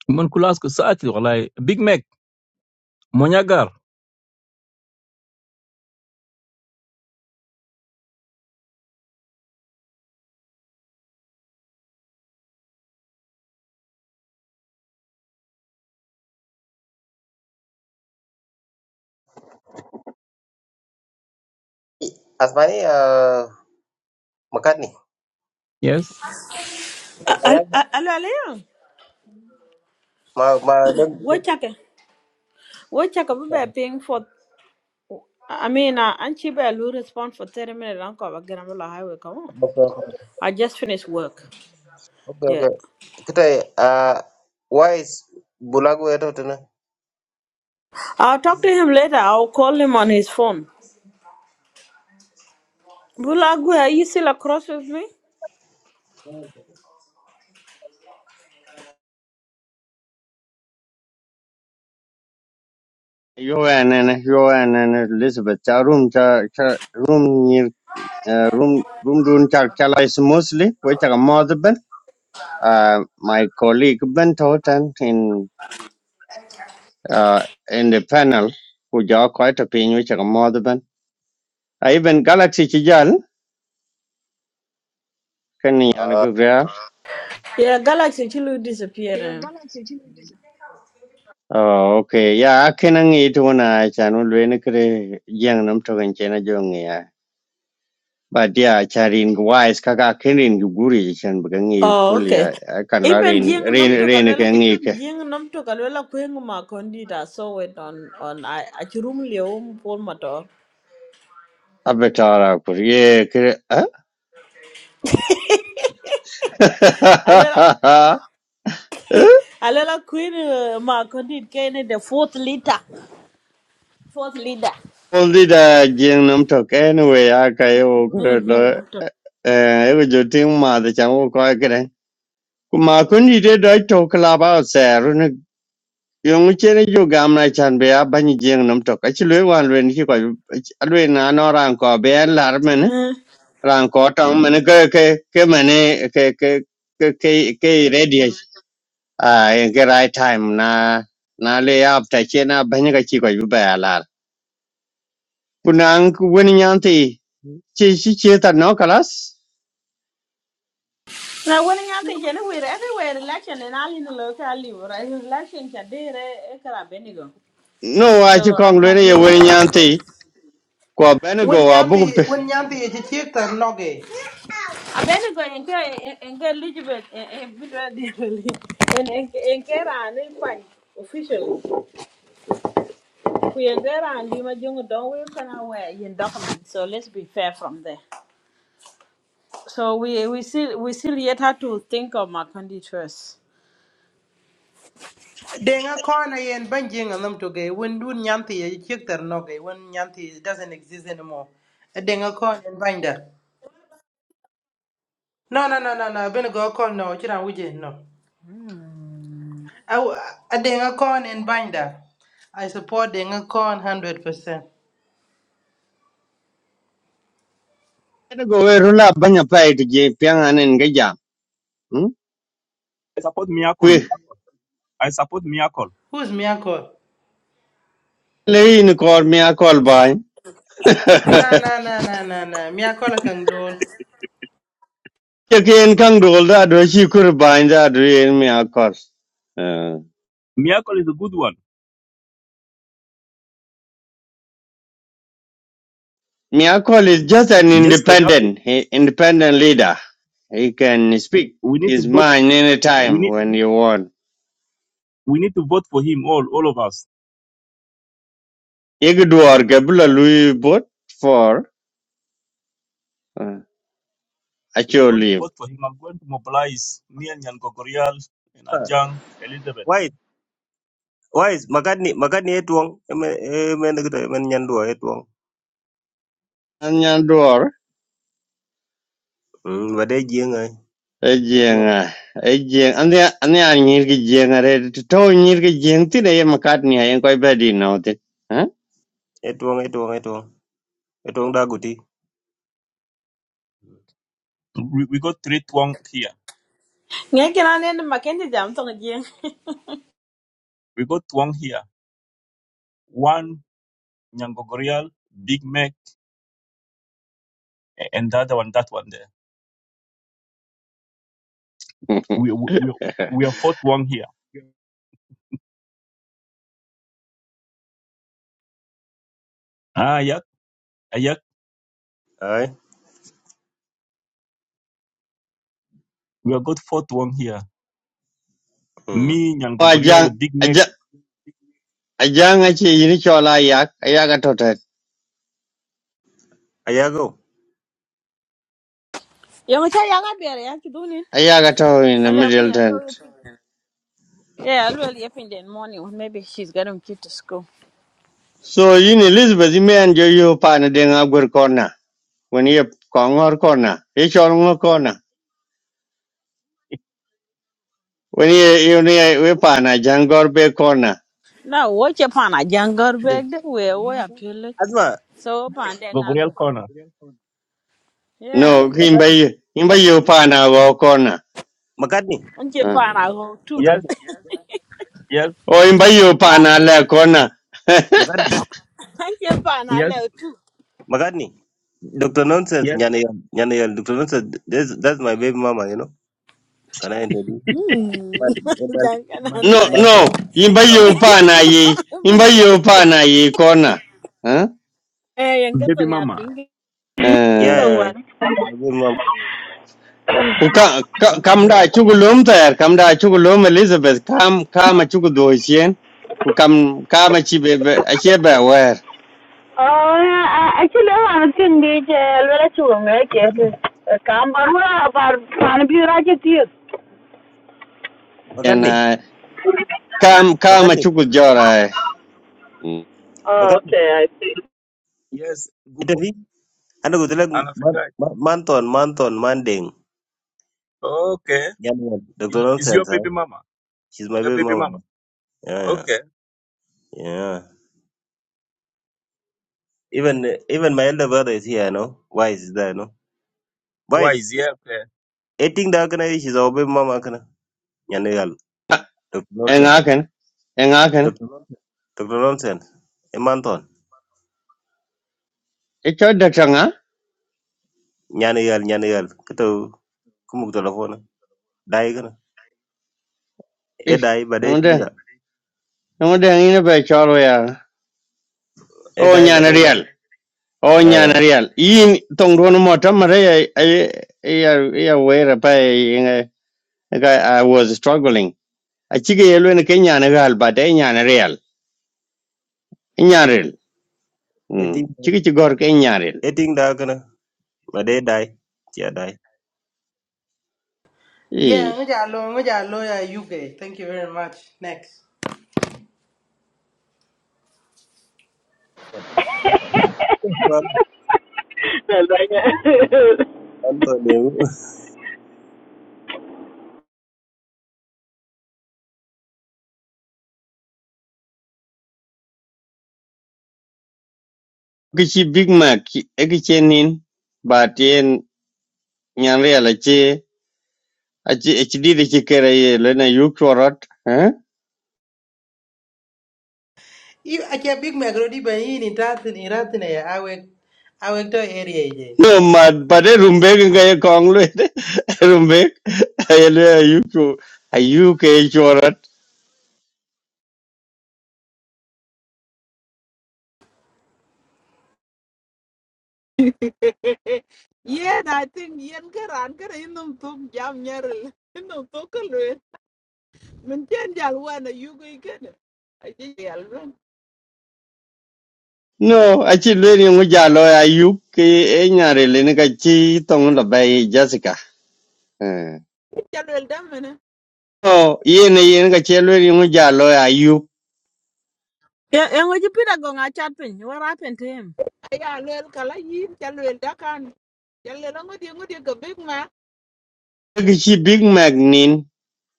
[SPEAKER 20] mun kula askut saati wala. Big Mac, monyagar.
[SPEAKER 1] Asmani, ah, Makani.
[SPEAKER 20] Yes.
[SPEAKER 12] Al
[SPEAKER 1] Anya,
[SPEAKER 12] al al al- yo.
[SPEAKER 1] my my don't
[SPEAKER 12] Wo
[SPEAKER 1] don't.
[SPEAKER 12] chaka. Wo chaka bu be ping for I mean, uh, and she better respond for 30 minutes. Uncle, I'm going to highway. Come on.
[SPEAKER 1] Okay,
[SPEAKER 12] I just finished work.
[SPEAKER 1] okay, okay.
[SPEAKER 12] Yeah.
[SPEAKER 1] Kitai uh, wise bulago eto na?
[SPEAKER 12] I'll talk to him later. I'll call him on his phone. Bulagwe, are you still across with me?
[SPEAKER 18] yo anene yo anene Elizabeth cha room cha cha room ni uh, room room dun cha cha la is mostly we cha mod ben uh, my colleague ben totan in uh, in the panel who ja quite a pin we cha mod ben I even galaxy chijal kan yana
[SPEAKER 12] Yeah, Galaxy Chilu disappeared. eh.
[SPEAKER 18] oh okay ya kenan yi to na chanu le ne kre yang nam to gan chena jong ya But dia charin wise kaka ka kenin guri chan bugan yi
[SPEAKER 12] Oh,
[SPEAKER 18] full ya
[SPEAKER 12] okay.
[SPEAKER 18] kan la
[SPEAKER 12] Even
[SPEAKER 18] rin
[SPEAKER 12] Jing
[SPEAKER 18] rin
[SPEAKER 12] Namto
[SPEAKER 18] rin ke
[SPEAKER 12] Galwela.
[SPEAKER 18] ngi ke
[SPEAKER 12] Jing Namto Galwela Queen Ma Condita saw it on on I Achurumli Om Polmato.
[SPEAKER 18] abetara kur ye kre ah.
[SPEAKER 12] Alela Alela Queen uh, Ma Condit Kane the fourth leader. Fourth leader.
[SPEAKER 18] Only da jing nam to anyway ya kayo yo
[SPEAKER 12] Eh, Jing Namto.
[SPEAKER 18] eh e go jotin ma da chan wo ko kre ma kun ni de dai to kalaba ba Yung chen ju gam na chan be a ban jing nam tok. Achi lue wan lue ni ko lue na no ran ko be an lar men ran ko tong men ke ke ke men ke ke ke ke ke ready a in ke right time na na le up ta chen a ban ga chi ko ju ba lar. Kunang ku wen nyan ti chi chi chi ta no kalas.
[SPEAKER 12] Now, when I think anywhere, everywhere election and all in the local level, right? Election can be a Benigo.
[SPEAKER 18] No a chi
[SPEAKER 12] So I
[SPEAKER 18] kong
[SPEAKER 12] don't
[SPEAKER 18] lue
[SPEAKER 12] really
[SPEAKER 18] ye
[SPEAKER 12] know
[SPEAKER 18] wen nyan
[SPEAKER 12] the
[SPEAKER 18] ti
[SPEAKER 12] rest.
[SPEAKER 18] ko ben
[SPEAKER 17] Wun
[SPEAKER 18] go a
[SPEAKER 17] nyamti
[SPEAKER 18] bu
[SPEAKER 17] wun nyamti ye ti chik tar noge.
[SPEAKER 12] A Benigo and get and get Elizabeth and Peter and and get on it fine officially. We are there and Lima Jungle don't we can aware in document. So let's be fair from there. So we we still we still yet have to think of Macondi first.
[SPEAKER 17] Denga corner yen banjing and banging on them toge when do Nyanti? a chickter noge when Nyanti doesn't exist anymore. A denga corn and binder. No no no no no been a go call no chira wije no. I w- A denga corn and binder. I support denga corn hundred percent.
[SPEAKER 18] Ben go we rula ban ya pai ti je pyang anen ga jam.
[SPEAKER 20] I support Miracle. I support Miracle.
[SPEAKER 17] Who's Miyako?
[SPEAKER 18] leyin kor mi akol bai
[SPEAKER 17] Na na na na na na Miyako la kang dol.
[SPEAKER 18] ke ken kang dol da do shi kur bai da do yen mi akol Uh,
[SPEAKER 20] Miracle is a good one.
[SPEAKER 18] mi akol is just an
[SPEAKER 20] Jessica, we have to,
[SPEAKER 18] independent he, independent leader he can speak
[SPEAKER 20] we need to
[SPEAKER 18] his
[SPEAKER 20] vote,
[SPEAKER 18] mind
[SPEAKER 20] we
[SPEAKER 18] anytime
[SPEAKER 20] need,
[SPEAKER 18] when he want
[SPEAKER 20] we need to vote for him, all, all of us.
[SPEAKER 18] yeg duor ke bula lui bot for uh,
[SPEAKER 20] We are
[SPEAKER 18] acho
[SPEAKER 20] going to
[SPEAKER 18] live
[SPEAKER 20] vote for him. I'm going to mobilize me and Nyango Gurial and Ajang, Elizabeth.
[SPEAKER 1] Wise, wise, makadni, Magadni etuong, emen, emen kita, emen nyandua etuong.
[SPEAKER 18] anyan duor
[SPEAKER 1] Hmm, wade jieng ay, etuong,
[SPEAKER 18] ejenga ejeng ane ane anyir ki jenga re to nyir ki jeng ti ne yem kat ni ayen ko be di no ti
[SPEAKER 1] etuong, etuong, etuong, etuong daguti.
[SPEAKER 20] We, we got three twang here.
[SPEAKER 12] Ngeke na nene Macondi jam to ngien.
[SPEAKER 20] We got twang here One Nyangogorial, Big Mac, and the other one, that one there. We we we we are fourth one here. Ah, yeah, ah, yeah. We are good fourth one here.
[SPEAKER 1] Hmm.
[SPEAKER 20] Me, Nyangogorial,
[SPEAKER 18] Ajang,
[SPEAKER 20] Big Mac,
[SPEAKER 18] Ajang, Ajang achi yini chola yak, ayaga totet,
[SPEAKER 12] Yong cha yanga bere ya kidunin.
[SPEAKER 18] ayaga to in the middle tent.
[SPEAKER 12] Hello, Yeah, well, if in the morning, when maybe she's getting kid to school.
[SPEAKER 18] So yin Elizabeth you may enjoy yu pana ding agur corner. When ye kongor corner, ye cholngo corner. When you you ni we pana jangor be corner.
[SPEAKER 12] Now, watch upon a younger
[SPEAKER 18] De-
[SPEAKER 12] bag, we we appeal it.
[SPEAKER 1] Asma,
[SPEAKER 12] So, upon then I
[SPEAKER 20] Gogorial
[SPEAKER 12] go.
[SPEAKER 20] corner.
[SPEAKER 12] Yeah,
[SPEAKER 18] No, him imba
[SPEAKER 1] Magadni
[SPEAKER 18] yu, imba yu pana go corner.
[SPEAKER 1] Magadni
[SPEAKER 12] and you
[SPEAKER 18] Uh.
[SPEAKER 12] pan I go too.
[SPEAKER 20] Yes,
[SPEAKER 1] Magadni
[SPEAKER 20] yes,
[SPEAKER 18] O imba yu
[SPEAKER 12] Pan-
[SPEAKER 18] pana le corner.
[SPEAKER 1] Magadni
[SPEAKER 12] And you pan I
[SPEAKER 20] yes,
[SPEAKER 12] love too.
[SPEAKER 1] Magadni. Dr. Nonsense,
[SPEAKER 20] yes.
[SPEAKER 1] nyana yal, nyana yal, Dr. Nonsense, that's, that's my baby mama, you know. Can I introduce?
[SPEAKER 12] Hmm,
[SPEAKER 1] Man, man,
[SPEAKER 12] jangan
[SPEAKER 18] No,
[SPEAKER 12] night,
[SPEAKER 18] no, him imba
[SPEAKER 1] man.
[SPEAKER 18] yu
[SPEAKER 12] Baby,
[SPEAKER 18] pana yi,
[SPEAKER 12] mama.
[SPEAKER 18] imba yu pana yi corner. Huh?
[SPEAKER 12] Eh, yang kau
[SPEAKER 20] Baby mama.
[SPEAKER 12] ngapain?
[SPEAKER 1] Yeah, yeah,
[SPEAKER 12] Ngwan.
[SPEAKER 1] my baby mama.
[SPEAKER 18] Ku ka, ka, kam da chugu lum tayar, kam da chugu lum Elizabeth, kam kam a chugu do chien. Ku kam kam a chi be be- a chi be wer.
[SPEAKER 12] Oh, I actually, I'm thinking this. Well, it's wrong. Okay,
[SPEAKER 1] Magadni.
[SPEAKER 12] okay. Come on, we're about to be right at you.
[SPEAKER 18] En
[SPEAKER 1] makadni,
[SPEAKER 18] uh, kam kam a
[SPEAKER 1] makadni,
[SPEAKER 18] chugu jora.
[SPEAKER 12] Oh, Okay, I see.
[SPEAKER 20] Yes, Gumbo.
[SPEAKER 1] makadni. Ana go like
[SPEAKER 20] And I
[SPEAKER 1] man,
[SPEAKER 20] forgot.
[SPEAKER 1] man, Manton, Manton, Manding.
[SPEAKER 20] Okay.
[SPEAKER 1] Nyanwan. Dr.
[SPEAKER 20] Is is your
[SPEAKER 1] Nonsense, huh?
[SPEAKER 20] baby mama?
[SPEAKER 1] She's my
[SPEAKER 20] Your
[SPEAKER 1] baby
[SPEAKER 20] baby
[SPEAKER 1] mama.
[SPEAKER 20] mama.
[SPEAKER 1] Yeah, yeah.
[SPEAKER 20] Okay.
[SPEAKER 1] yeah. Even even my elder brother is here, no? Wise is there, no?
[SPEAKER 20] Why is
[SPEAKER 1] Wise.
[SPEAKER 20] yeah okay?
[SPEAKER 1] Eating that baby mama kana. Nyanagal. Dr.
[SPEAKER 20] Why
[SPEAKER 18] En
[SPEAKER 20] is
[SPEAKER 1] Nonsense.
[SPEAKER 18] aken, en
[SPEAKER 1] Dr. Nonsense. E Manton.
[SPEAKER 18] E chod da changa.
[SPEAKER 1] Nyanagal, nyanagal. Kato kumuk telefona. Dai kana. E
[SPEAKER 18] Eh,
[SPEAKER 1] dai bade eating da.
[SPEAKER 18] ngonde ngonde ngine be choro ya.
[SPEAKER 1] E
[SPEAKER 18] O
[SPEAKER 1] dai
[SPEAKER 18] nyana
[SPEAKER 1] bade.
[SPEAKER 18] real. O
[SPEAKER 1] Yeah, yeah.
[SPEAKER 18] nyana
[SPEAKER 1] yeah.
[SPEAKER 18] real. Yin tong do no mota mare ya ya ya wer pa I I was struggling. A chi yelo ne kenya na gal ba de nyana real. nyarel mm
[SPEAKER 1] Eating
[SPEAKER 18] chiki ci gor ke nyarel
[SPEAKER 1] eating da kana. Bade dai. Yeah, dai.
[SPEAKER 17] Yeah,
[SPEAKER 18] eh
[SPEAKER 17] nguja lo nguja lo ya UK. Thank you very much. Next.
[SPEAKER 1] Manton, Manton.
[SPEAKER 18] ki big mac e ki chenin ba tien nyarel a ci a e de ci ye le na yuk chorot eh
[SPEAKER 17] You a big magrodi in yini tatin I ya I awek to area
[SPEAKER 18] no mad, ba de rumbe ga ye kong le rumbe ye le yuk ayuk e chorot
[SPEAKER 13] yen I think yen karan kara inum tuk jam nyaril inum tuk kalwel min chen jal wana yugo ikene aji yal
[SPEAKER 18] no a ci le ni mu jalo ayuk ke e nyarel ni ka ci tong la bay jessica eh
[SPEAKER 13] ben
[SPEAKER 18] Oh, yene yene ka ci le ni mu jalo ayuk
[SPEAKER 12] Yeah, and what you put a gong a chat pin? What happened to him?
[SPEAKER 13] ya lel kala yin cha lel da kan cha lel ngo di ngo di ka big ma
[SPEAKER 18] ki big mac nin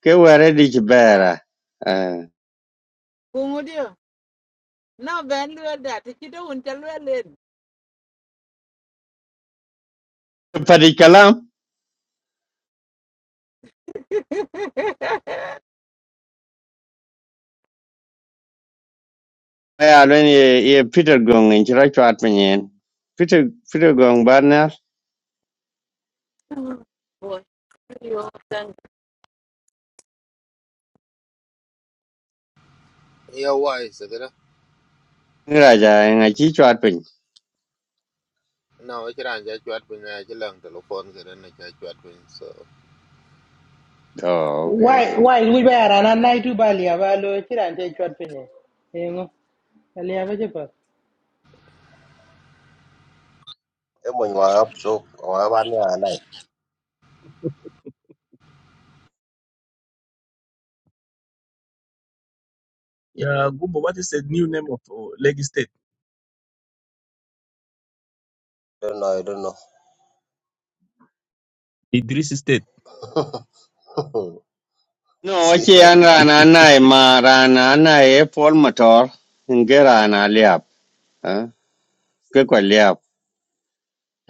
[SPEAKER 18] Kewere dich
[SPEAKER 13] a
[SPEAKER 18] bera. eh
[SPEAKER 13] ngo di no ben lel da ti do un cha lel len
[SPEAKER 18] Padi kalam. Ya lwen ye ye Peter Gong in chira chwat pinyin. Peter Peter Gong barnar.
[SPEAKER 13] bo
[SPEAKER 2] ya wai se kada
[SPEAKER 18] Ngiraja nga chi chat pin.
[SPEAKER 2] na wa chiran ja chwat pin na chi lang telephone kada na ja chwat pin so
[SPEAKER 18] Oh, okay.
[SPEAKER 17] Why why we were an anai tu bali avalo chiran te chwat pinye. Engo ali avaje pa.
[SPEAKER 1] Emo nywa up so. Wa banya
[SPEAKER 20] yeah Gumbo? What is the new name of uh, Lagos State?
[SPEAKER 1] don't know. I don't
[SPEAKER 20] Idris State.
[SPEAKER 1] know.
[SPEAKER 18] No,
[SPEAKER 1] See
[SPEAKER 18] wachi
[SPEAKER 1] that?
[SPEAKER 18] an rana anai ma rana anai e pol motor. Nge na liap. ah, Ke kwa liap.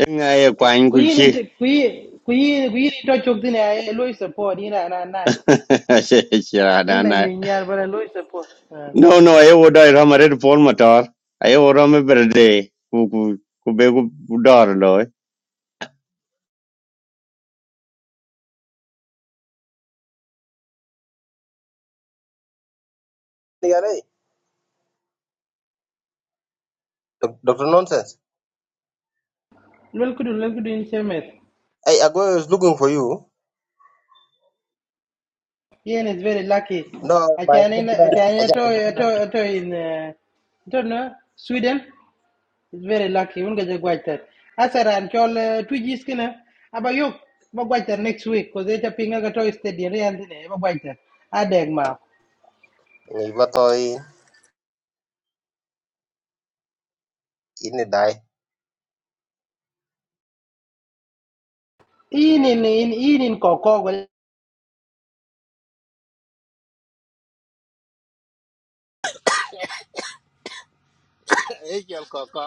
[SPEAKER 18] Nga ye kwany
[SPEAKER 17] Kuyin
[SPEAKER 18] kuchi.
[SPEAKER 17] inte kuyin kuyin kuyin to chok dine ay loy support ina na na.
[SPEAKER 18] Chi che chira na
[SPEAKER 17] In la nyu
[SPEAKER 18] anai.
[SPEAKER 17] nyar bala loy support. Lol
[SPEAKER 18] No, no, e wodai rama red pol motor. Ayo rama berde. Ku ku ku be ku dor loy.
[SPEAKER 1] Yeah, right. Doc- Doctor Nonsense.
[SPEAKER 17] kudu lol kudu in chemet.
[SPEAKER 1] Hey, Agoy is looking for you.
[SPEAKER 17] Yen is very lucky.
[SPEAKER 1] No, my
[SPEAKER 17] Achane
[SPEAKER 1] kedina aja
[SPEAKER 17] achane
[SPEAKER 1] aja
[SPEAKER 17] to
[SPEAKER 1] kana.
[SPEAKER 17] to to in uh, I don't know Sweden. It's very lucky. Won't get quite that. I said, and all uh, two G's killer. About you, but quite that next week because they're tapping a toy stadium and then about quite that. I beg ma.
[SPEAKER 1] Iba toy ini dai
[SPEAKER 17] In in in in in coco. well,
[SPEAKER 2] e chal ko ko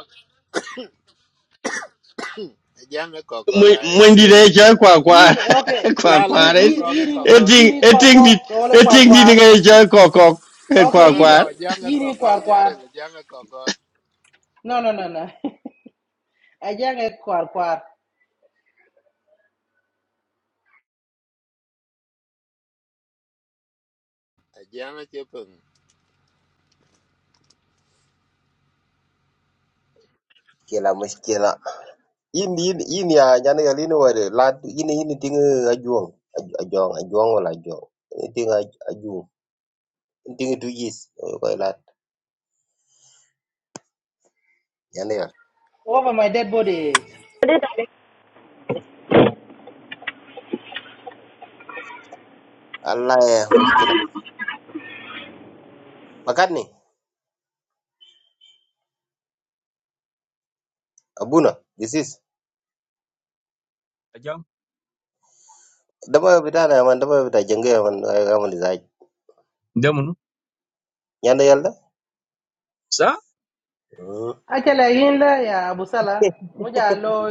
[SPEAKER 2] jam e ko ko
[SPEAKER 18] Mwe-
[SPEAKER 2] ga e kdo
[SPEAKER 18] mwendi ne
[SPEAKER 2] yi
[SPEAKER 18] cho kwa kwa
[SPEAKER 17] In okay.
[SPEAKER 18] kwa
[SPEAKER 2] la
[SPEAKER 17] In
[SPEAKER 2] la
[SPEAKER 18] kwa
[SPEAKER 2] e
[SPEAKER 18] re
[SPEAKER 2] ko
[SPEAKER 17] in
[SPEAKER 2] ko ge ko ko
[SPEAKER 17] in in
[SPEAKER 18] eting
[SPEAKER 17] in coco.
[SPEAKER 18] eting dit
[SPEAKER 17] All far
[SPEAKER 18] eting dit
[SPEAKER 17] far.
[SPEAKER 18] ngai cho ko ko eh,
[SPEAKER 2] no
[SPEAKER 18] kwa
[SPEAKER 2] no
[SPEAKER 17] Okay. In
[SPEAKER 18] kwa
[SPEAKER 2] no jam e
[SPEAKER 17] in
[SPEAKER 2] ko
[SPEAKER 17] in
[SPEAKER 2] ko
[SPEAKER 17] far
[SPEAKER 2] nyare
[SPEAKER 17] far.
[SPEAKER 2] le jam e ko ko
[SPEAKER 17] No no no no. I just get far far
[SPEAKER 2] jam e che pin
[SPEAKER 1] kila muskila. Ini ini ini ya jana ya lini wade lad ini ini tinga ajuang Aju- ajuang ajuang wala ajuang. Ini tinga aj- ajuang. Ini tinga two years. Koi lad jana ya.
[SPEAKER 17] over my dead body.
[SPEAKER 1] Allah ya muskila. Makat ni abuna this is.
[SPEAKER 20] Ajang.
[SPEAKER 1] Dama bida na man dama bida jenge man man desire.
[SPEAKER 20] Demonu.
[SPEAKER 1] Jana ya
[SPEAKER 20] Sir.
[SPEAKER 1] la.
[SPEAKER 17] Actually, in la ya Abusala. Muja lo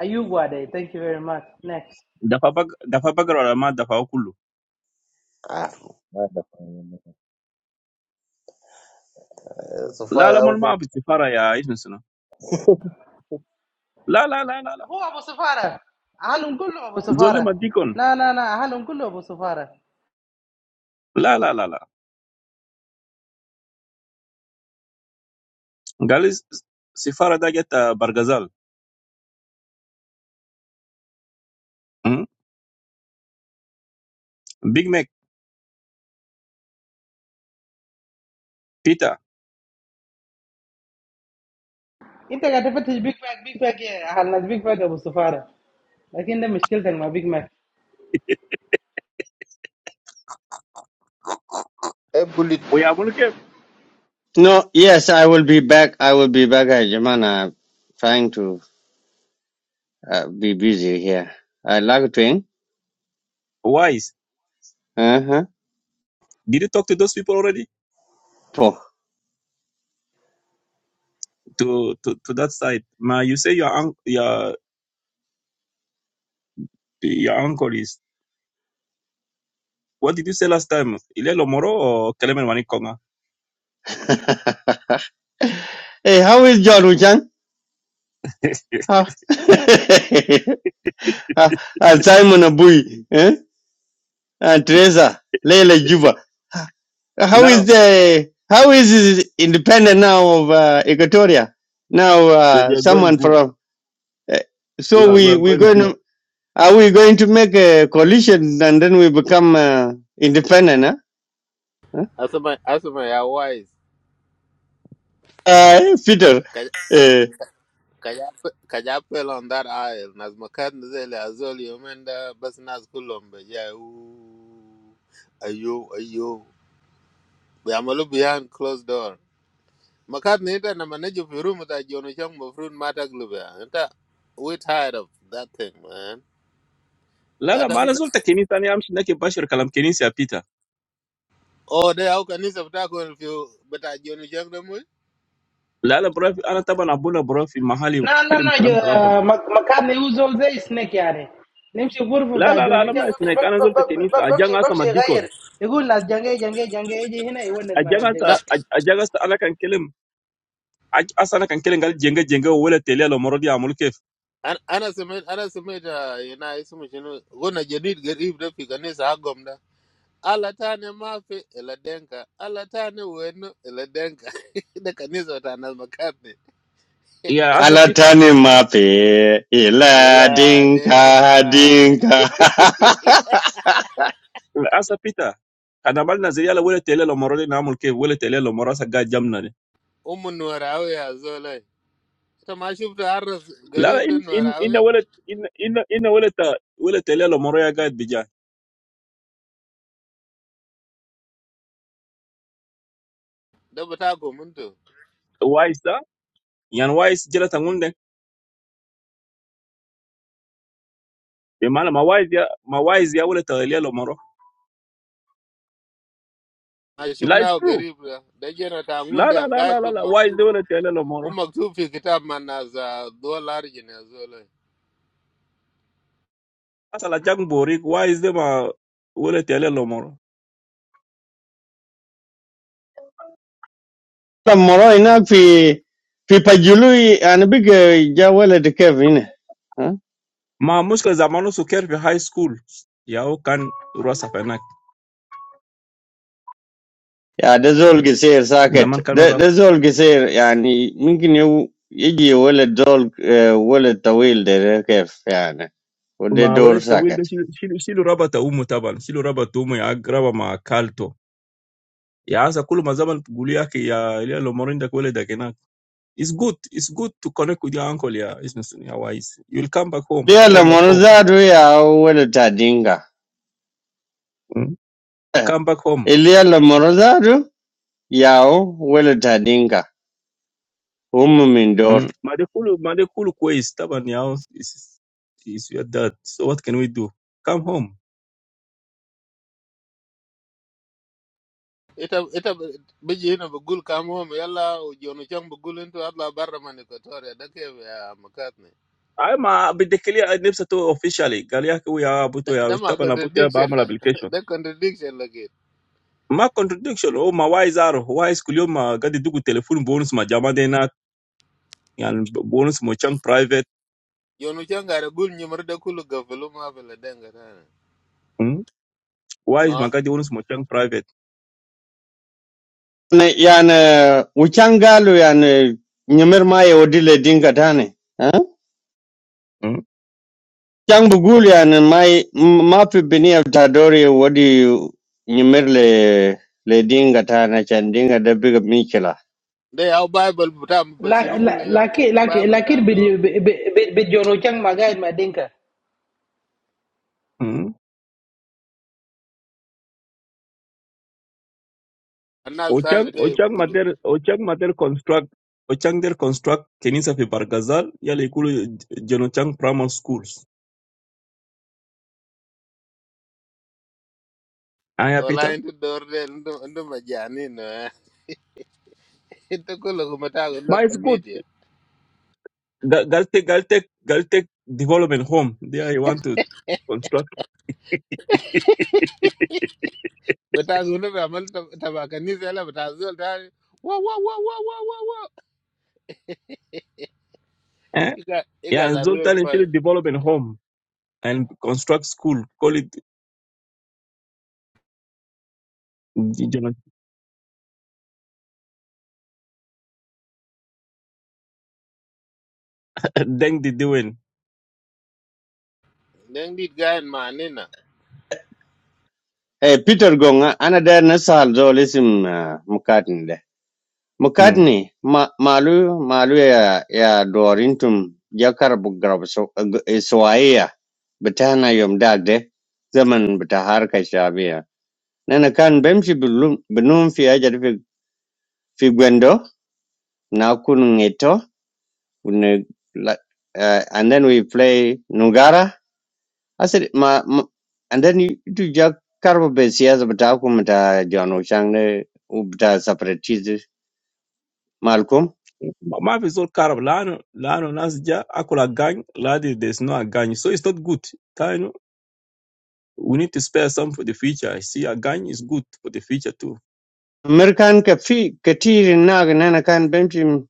[SPEAKER 17] ayugwa day. Thank you very much. Next.
[SPEAKER 20] Did Papa Did Papa Karoma mad? Did Papa Okulu?
[SPEAKER 1] Ah, Wonderful. so
[SPEAKER 20] La la,
[SPEAKER 1] far
[SPEAKER 20] my
[SPEAKER 1] huko,
[SPEAKER 20] mother is a sifara. Yeah, I don't know. La la la la la.
[SPEAKER 17] هو ابو سفاره اهلهم كلهم ابو سفاره
[SPEAKER 20] Zollemadikon.
[SPEAKER 17] لا لا لا اهلهم كلهم ابو سفاره
[SPEAKER 20] La la la la. Guys, sifara da get a bargazal. Hmm. Big Mac, Peter.
[SPEAKER 17] انت قاعد تفتش بيج ماك بيج ماك يا اهل ناس بيج ماك ابو سفاره لكن ده مشكلتك مع بيج ماك
[SPEAKER 1] hebu
[SPEAKER 20] We are looking.
[SPEAKER 18] no yes i will be back i will be back I jamana trying to uh, be busy here i like to
[SPEAKER 20] Wise.
[SPEAKER 18] uh huh
[SPEAKER 20] Did you talk to those people already?
[SPEAKER 18] po
[SPEAKER 20] To to to that side. Ma, you say your un- your your uncle is. What did you say last time? Ilé lomoro or kilemenwani koma?
[SPEAKER 18] hey how is john uchan how Ah, and simon abui eh and teresa leila juba How
[SPEAKER 20] Now
[SPEAKER 18] is the how is it independent now of uh, Equatoria? Now
[SPEAKER 20] they
[SPEAKER 18] uh,
[SPEAKER 20] are going
[SPEAKER 18] someone
[SPEAKER 20] good.
[SPEAKER 18] from uh,
[SPEAKER 20] We
[SPEAKER 18] so
[SPEAKER 20] are we
[SPEAKER 18] we
[SPEAKER 20] are
[SPEAKER 18] we
[SPEAKER 20] going
[SPEAKER 18] going
[SPEAKER 20] good.
[SPEAKER 18] to, are we going to make a coalition and then we become uh, independent? Huh? Huh?
[SPEAKER 2] asma asma ya wai
[SPEAKER 18] Uh, Peter, uh,
[SPEAKER 2] kaja kaja pel on that aisle nas makat zele azol yomenda bas nas kulombe ja u ayo ayo be amalu behind closed door Makat ni ita na manage fi room ta jono chang ma fruit mata glove ya. Ita we tired of that thing man.
[SPEAKER 20] La la.
[SPEAKER 2] Gata
[SPEAKER 20] Ma, la
[SPEAKER 2] mta
[SPEAKER 20] zolte kenita ni amshinake bashir kalam kenisa Peter.
[SPEAKER 2] oh de au kanisa mta ko fi beta jono chang da mu.
[SPEAKER 20] La la broffi. Ana taba na bula broffi mahali
[SPEAKER 17] لا لا
[SPEAKER 20] kile
[SPEAKER 17] لا
[SPEAKER 20] mukalam taraba na.
[SPEAKER 17] جو- مك- مكان يوزول زي سنيك يعني نمشي غرفه
[SPEAKER 20] La
[SPEAKER 17] بتاع
[SPEAKER 20] la la
[SPEAKER 17] جونو كان
[SPEAKER 20] alama
[SPEAKER 17] بمشي
[SPEAKER 20] esneka.
[SPEAKER 17] بم-
[SPEAKER 20] Ana
[SPEAKER 17] بم-
[SPEAKER 20] zole
[SPEAKER 17] بم-
[SPEAKER 20] tekeni te.
[SPEAKER 17] بم-
[SPEAKER 20] Aja
[SPEAKER 17] بمشي
[SPEAKER 20] ngasa
[SPEAKER 17] بمشي
[SPEAKER 20] madikon.
[SPEAKER 17] يغير يقول ناس جنجي جنجي جنجي يجي هنا يونس مع
[SPEAKER 20] Aja
[SPEAKER 17] ناس
[SPEAKER 2] Na
[SPEAKER 20] ngasa
[SPEAKER 17] جنجي
[SPEAKER 20] a aja ngasa ana kan kilem. Aja ana kan kilengali jenga jenga uwele telelo morodi amulkev.
[SPEAKER 2] an- ana sema ana sema ita yana isu mu shinu gona jadid garib da fi kanisa agom da. Ala tane mafi ila denka. Ala tane wenu ila denka. Da kanisa ta na makat ni.
[SPEAKER 20] Yeah. Aja Peter.
[SPEAKER 18] alatani mape ila
[SPEAKER 2] Ila
[SPEAKER 18] dinka
[SPEAKER 2] denka.
[SPEAKER 18] dinka.
[SPEAKER 20] Aja Peter. Kanamaliza yala uwele telelo morodi na amulkev. Uwele telelo moro sa ga jamna ni.
[SPEAKER 2] Umu nuwara au ya zolai. Ita ma shubta arras
[SPEAKER 20] La la
[SPEAKER 2] garib da
[SPEAKER 20] in
[SPEAKER 2] nuwara
[SPEAKER 20] in
[SPEAKER 2] au
[SPEAKER 20] in
[SPEAKER 2] ya.
[SPEAKER 20] uwele in in in uwele ta uwele telelo moro ya gaet bija.
[SPEAKER 2] da bata gomunto
[SPEAKER 20] Wise ta? Yana wise jela tungunde? Yemala ma wise ya ma wise ya uwele telelo moro.
[SPEAKER 2] a
[SPEAKER 20] It
[SPEAKER 2] shifna
[SPEAKER 20] lies
[SPEAKER 2] wa
[SPEAKER 20] true.
[SPEAKER 2] garib da da gena ta
[SPEAKER 20] La la
[SPEAKER 2] ngunda
[SPEAKER 20] la la
[SPEAKER 2] ngat
[SPEAKER 20] la
[SPEAKER 2] bi
[SPEAKER 20] la. Why is
[SPEAKER 2] maktub
[SPEAKER 20] they wanna tell
[SPEAKER 2] u
[SPEAKER 20] lomoro?
[SPEAKER 2] maktub fi kitab man na za dolar jina zola
[SPEAKER 20] Asa la Jack Borik. Why is they ma wanna tell lomoro?
[SPEAKER 18] Moro ina fi fi pajului anabige jawala de kevin. huh?
[SPEAKER 20] Ma muska zamanu suker fi high school. Yao kan rasa fenak.
[SPEAKER 18] Yeah, this all goes in socket.
[SPEAKER 20] Zaman kan rasa.
[SPEAKER 18] This all goes. I mean, maybe he will do all the time. How? I mean, he will
[SPEAKER 20] Ma
[SPEAKER 18] do
[SPEAKER 20] wale tawil de
[SPEAKER 18] socket.
[SPEAKER 20] shilu shilu shilu raba ta umu taban. Shilu raba ta umu ya agraba ma kalto. Ya asa kulu ma zaman guli yake ya ile lomoro inda kwele da kenak. It's good. It's good to connect with your uncle. Yeah, it's not wise. You'll come back home.
[SPEAKER 18] The other
[SPEAKER 20] Come back
[SPEAKER 18] one is
[SPEAKER 20] home.
[SPEAKER 18] going to be the charging one.
[SPEAKER 20] Mm. Come back home.
[SPEAKER 18] The other one is going to be the charging one. Home indoor.
[SPEAKER 20] Mmadikulu, madikulu kwe is tabaniyo is your dad. So what can we do? Come home.
[SPEAKER 2] ita ita biji ina bugul kamo mu yalla u jonu chan bugul into Allah barra man ekatoria da ke ya makat ne
[SPEAKER 20] I ma abidekele a nebsato officially. Galiake we ya
[SPEAKER 2] da
[SPEAKER 20] abuto ya
[SPEAKER 2] da ma
[SPEAKER 20] tabaniyo abuto ya ba
[SPEAKER 2] contradiction da
[SPEAKER 20] malabikation.
[SPEAKER 2] da contradiction la ke
[SPEAKER 20] Ma contradiction. Oh, ma why is aro? Why is kuleyo ma gadi du ku telephone bonus ma jamade na yon bonus mochang private.
[SPEAKER 2] jonu chan gara gul nyimar da kulu gafalu ma fala denga ta ne
[SPEAKER 20] Why is ma
[SPEAKER 2] ngot
[SPEAKER 20] gadi bonus mochang private?
[SPEAKER 18] I mean, we can go. I mean, number five will be charging. Chang Bugulian, and my mapi bini of Tadori, what do you numerle le dinga tana chandinga de big Michela?
[SPEAKER 2] da ya bible buta
[SPEAKER 17] لا-
[SPEAKER 2] bashiru kulu
[SPEAKER 17] لا-
[SPEAKER 2] yom
[SPEAKER 17] لكن
[SPEAKER 2] da
[SPEAKER 17] لكن
[SPEAKER 2] bible ta
[SPEAKER 17] لكن
[SPEAKER 2] dor
[SPEAKER 17] بيد- بيد- بيد- بيد جونو كان ما قاعد مع دينكا
[SPEAKER 2] annas
[SPEAKER 20] Ochang
[SPEAKER 2] sani da ya
[SPEAKER 20] ochang
[SPEAKER 2] gulu
[SPEAKER 20] mater ochang mater construct ochang der construct keni sa fe bar gazal yale kule jono chang primary schools. Ah, yeah,
[SPEAKER 2] Wala
[SPEAKER 20] Peter.
[SPEAKER 2] into dorde into into majani no. Into kulo kumatago no
[SPEAKER 20] But it's good.
[SPEAKER 2] comedia.
[SPEAKER 20] Gal- gal take, Galtech, take gal take development home. There you want to construct. it.
[SPEAKER 2] Matago no ramal tabaka ni sela matazo tari. Wow wow wow wow wow wow wow.
[SPEAKER 20] Eh?
[SPEAKER 2] You guys, you
[SPEAKER 20] Yeah,
[SPEAKER 2] guys
[SPEAKER 20] and
[SPEAKER 2] are real
[SPEAKER 20] Zoltan is really
[SPEAKER 2] funny.
[SPEAKER 20] development home and construct school. Call it, you know, deng the doing.
[SPEAKER 2] Then did guy in manina.
[SPEAKER 18] Hey, Peter Gonga, another Nasal Zolism Mukatni. de.
[SPEAKER 20] Hmm.
[SPEAKER 18] Mukatni, ma, malu, malu ya, ya Dorintum, Jakar Bugrab, so, Soaya, Betana Yom Dagde, Zaman Betaharka Shabia. Nana kan bemshi belum, benum fi ajar fi, fi gwendo, Would like, uh, and then we play Nungara. I said, ma, ma and then you do Jack Carbo Besias, but Akumata John O'Shangle, Ubda separatists, Malcolm.
[SPEAKER 20] Ma ma fi zol karab lano lano nas ja akula gang ladi there's no a gang so it's not good Ta, you know, we need to spare some for the future I see a gang is good for the future too
[SPEAKER 18] American Kafi, Katir Nag and Anakan Benchim,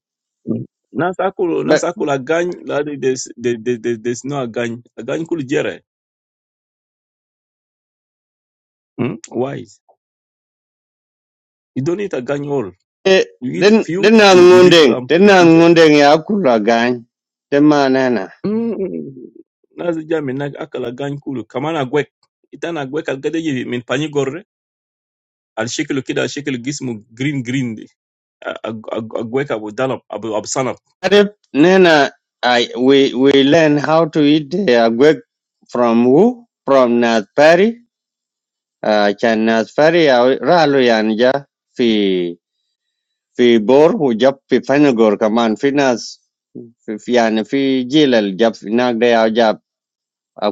[SPEAKER 20] Mm. nas akulu nas
[SPEAKER 18] but
[SPEAKER 20] akula gang ladi there's there, there, there- there's no a gang a gang kulu jere Mm? Wise. You don't eat a gang all.
[SPEAKER 18] uh,
[SPEAKER 20] You eat
[SPEAKER 18] then
[SPEAKER 20] few,
[SPEAKER 18] then Nang
[SPEAKER 20] you, you leave
[SPEAKER 18] Munding,
[SPEAKER 20] some for
[SPEAKER 18] then
[SPEAKER 20] the
[SPEAKER 18] Nang
[SPEAKER 20] future.
[SPEAKER 18] Munding Yakula Gang, the man Nana.
[SPEAKER 20] Mm. Nazi jami na akala gang kulu. Kamana gwek. Itana gwek al gade yivi min pani gorre. Al shekilu kida al shekilu gismu green green. di. A a- a- a gwek abu dalap abu abu sanap.
[SPEAKER 18] Adep Nana, I we we learn how to eat the agwek from who? From Nath Perry. Ah, Chinese Perry. I'll go. I'm going to go. In February, I'm going to go. In February, I'm going to go. In June, I'm going to go. I'm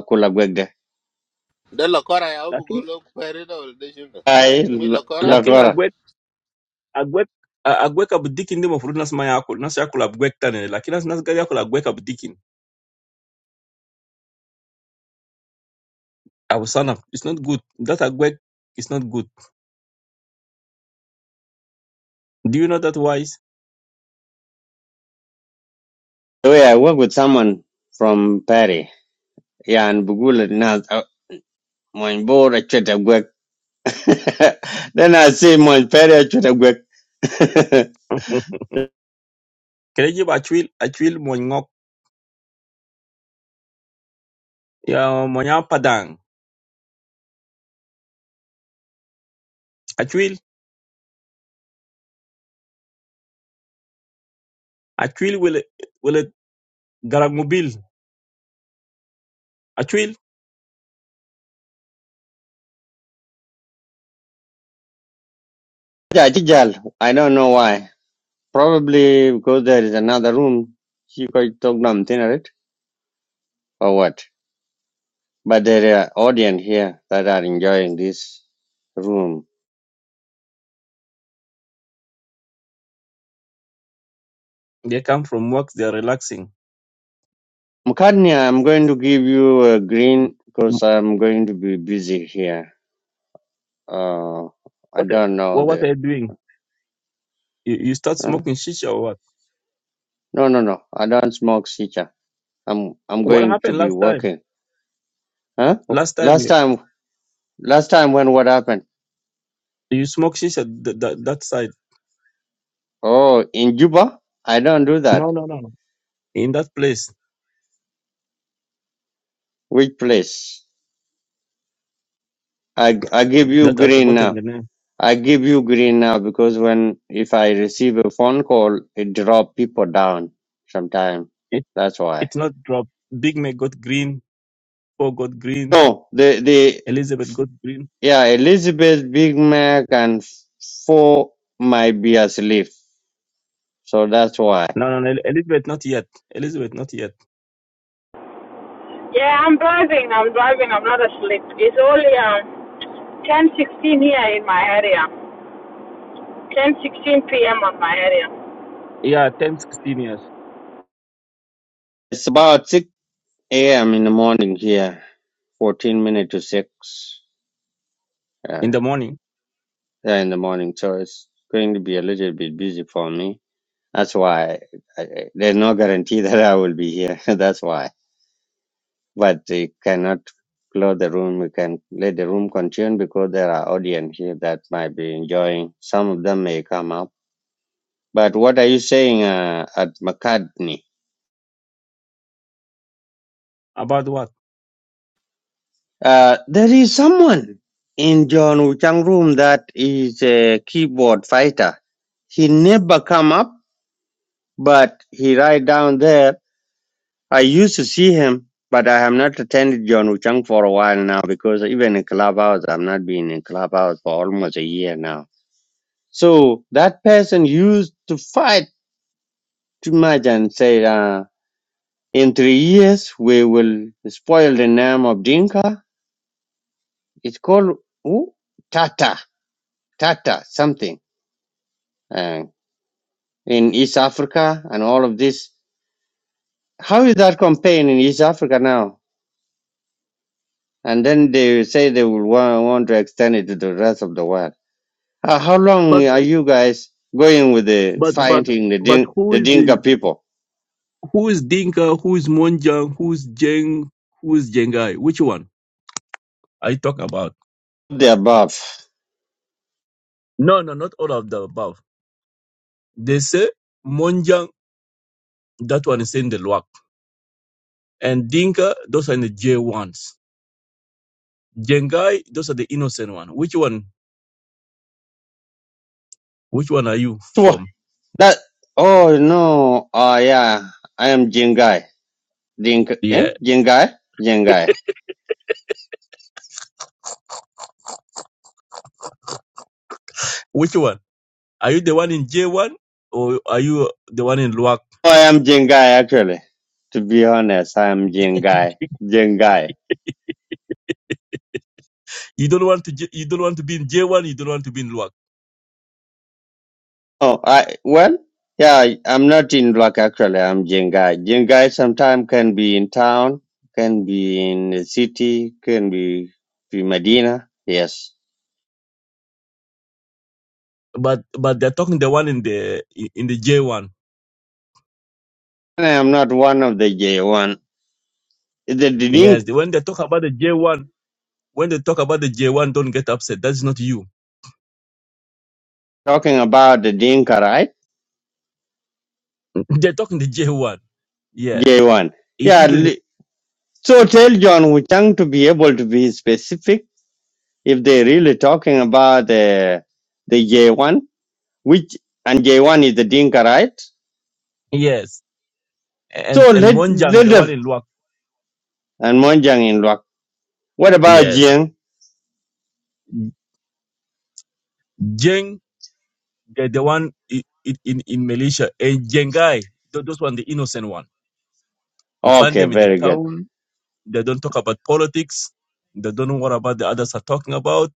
[SPEAKER 2] The lokora ya ubu
[SPEAKER 20] Lakin
[SPEAKER 2] gulo kweri da ulde shuno. lokora?
[SPEAKER 18] going to
[SPEAKER 20] lakin a
[SPEAKER 18] go.
[SPEAKER 20] gwek a gwek a a gwek abu dikin dimo furu nas maya akul. Nas yakul abu gwek tane. Lakin nas nas gade yakul abu gwek abu dikin. Abu sanap. It's not good. That a gwek is not good. Do you know that wise?
[SPEAKER 18] I work with someone from Perry. I'm going to go. Then I see my Perry.
[SPEAKER 20] Kere jib achwil, mo ngok, ya mo nya padang. Achwil, achwil will will garamubil. Achwil,
[SPEAKER 18] I don't know why. Probably because there is another room. You could talk about dinner, it or what. but there are audience here that are enjoying this room.
[SPEAKER 20] they come from work, they're relaxing.
[SPEAKER 18] Mukanya, I'm going to give you a green because I'm going to be busy here. Uh, I
[SPEAKER 20] What
[SPEAKER 18] don't know
[SPEAKER 20] what what are
[SPEAKER 18] the.
[SPEAKER 20] you doing? You, you start
[SPEAKER 18] Huh?
[SPEAKER 20] smoking shisha or what?
[SPEAKER 18] No, no, no. I don't smoke shisha. I'm I'm
[SPEAKER 20] What
[SPEAKER 18] going to
[SPEAKER 20] happened
[SPEAKER 18] be
[SPEAKER 20] last time?
[SPEAKER 18] working. Huh?
[SPEAKER 20] Last time
[SPEAKER 18] Last
[SPEAKER 20] you
[SPEAKER 18] time, last time when what happened?
[SPEAKER 20] you smoke shisha th- th- that side.
[SPEAKER 18] Oh, in Juba, I don't do that.
[SPEAKER 20] No, no, no. no. In that place
[SPEAKER 18] Which place? I I give you
[SPEAKER 20] that I've
[SPEAKER 18] green
[SPEAKER 20] forgotten
[SPEAKER 18] now.
[SPEAKER 20] the name.
[SPEAKER 18] I give you green now because when if I receive a phone call, it drop people down sometime.
[SPEAKER 20] It
[SPEAKER 18] That's why.
[SPEAKER 20] it's not drop. Big Mac got green. Paul got green.
[SPEAKER 18] No, the the
[SPEAKER 20] Elizabeth got green.
[SPEAKER 18] yeah Elizabeth, Big Mac, and four might be asleep, so that's why.
[SPEAKER 20] No, no, no. Elizabeth not yet. Elizabeth not yet.
[SPEAKER 12] yeah, I'm driving. I'm driving. I'm not asleep. It's only um, 10:16 here in my area. 10:16 p.m. on my area.
[SPEAKER 20] Yeah, 10, 16 years.
[SPEAKER 18] It's about six a.m. in the morning here. Fourteen minutes to six
[SPEAKER 20] in
[SPEAKER 18] uh,
[SPEAKER 20] the morning.
[SPEAKER 18] there in the morning, so it's going to be a little bit busy for me. That's why I, I, there's no guarantee that I will be here. that's why. but they cannot close the room. We can let the room continue because there are audience here that might be enjoying. Some of them may come up. But what are you saying uh, at McCartney?
[SPEAKER 20] About what?
[SPEAKER 18] Uh, there is someone in John Wuchang room that is a keyboard fighter. He never come up, but he right down there. I used to see him, but I have not attended John Wuchang for a while now because even in clubhouse, I've not been in clubhouse for almost a year now So that person used to fight too much and said, uh, in three years, we will spoil the name of Dinka. It's called who? Tata, Tata, something. Uh, in East Africa and all of this. How is that campaign in East Africa now? And then they say they will want, want to extend it to the rest of the world. How how
[SPEAKER 20] But
[SPEAKER 18] long are you guys going with the
[SPEAKER 20] but but
[SPEAKER 18] fighting the,
[SPEAKER 20] but
[SPEAKER 18] Din-
[SPEAKER 20] who
[SPEAKER 18] the
[SPEAKER 20] is
[SPEAKER 18] Dinka
[SPEAKER 20] the
[SPEAKER 18] people?
[SPEAKER 20] who is Dinka? Who is Monjang? Who is Jeng? Who is Jengai? Which one are you talking about?
[SPEAKER 18] The above.
[SPEAKER 20] No, no, not all of the above. They say Monjang. That one is in the Luak, and Dinka. Those are in the J ones. Jengai. Those are the innocent one. Which one? Which one are you from?
[SPEAKER 18] That oh no, oh yeah, I am Jingai. Ding eh?
[SPEAKER 20] Yeah.
[SPEAKER 18] Jingai? Jingai.
[SPEAKER 20] Which one? Are you the one in J one or are you the one in Luak?
[SPEAKER 18] Oh, I am Jingai actually. To be honest, I am Jingai. Jingai.
[SPEAKER 20] You don't want to. J- You don't want to be in J one. You don't want to be in Luak.
[SPEAKER 18] Oh, I well, yeah, I- I'm not in black actually. I'm Jingai. Jingai sometimes can be in town, can be in the city, can be be Medina. Yes,
[SPEAKER 20] but but they're talking the one in the in the J1.
[SPEAKER 18] and I am not one of the J one. The Ding
[SPEAKER 20] Yes, the- when they talk about the J1, when they talk about the J1, don't get upset. That's not you.
[SPEAKER 18] talking about the Dinka, right?
[SPEAKER 20] They're talking the J1. Yeah,
[SPEAKER 18] J one.
[SPEAKER 20] E-
[SPEAKER 18] Yeah,
[SPEAKER 20] even
[SPEAKER 18] So tell John Wu Chang to be able to be specific if they're really talking about the the J1, which and J1 is the Dinka, right?
[SPEAKER 20] yes, and
[SPEAKER 18] So
[SPEAKER 20] and
[SPEAKER 18] let
[SPEAKER 20] Monjang,
[SPEAKER 18] let
[SPEAKER 20] the one
[SPEAKER 18] the
[SPEAKER 20] in Luak.
[SPEAKER 18] and Monjang in luck. What about
[SPEAKER 20] Yes,
[SPEAKER 18] Jiang?
[SPEAKER 20] Jeng, the, the one in in, in Malaysia, and Jengai, tho- those one the innocent one. You find
[SPEAKER 18] Okay,
[SPEAKER 20] them in the
[SPEAKER 18] very good.
[SPEAKER 20] town. They don't talk about politics. They don't know what about the others are talking about.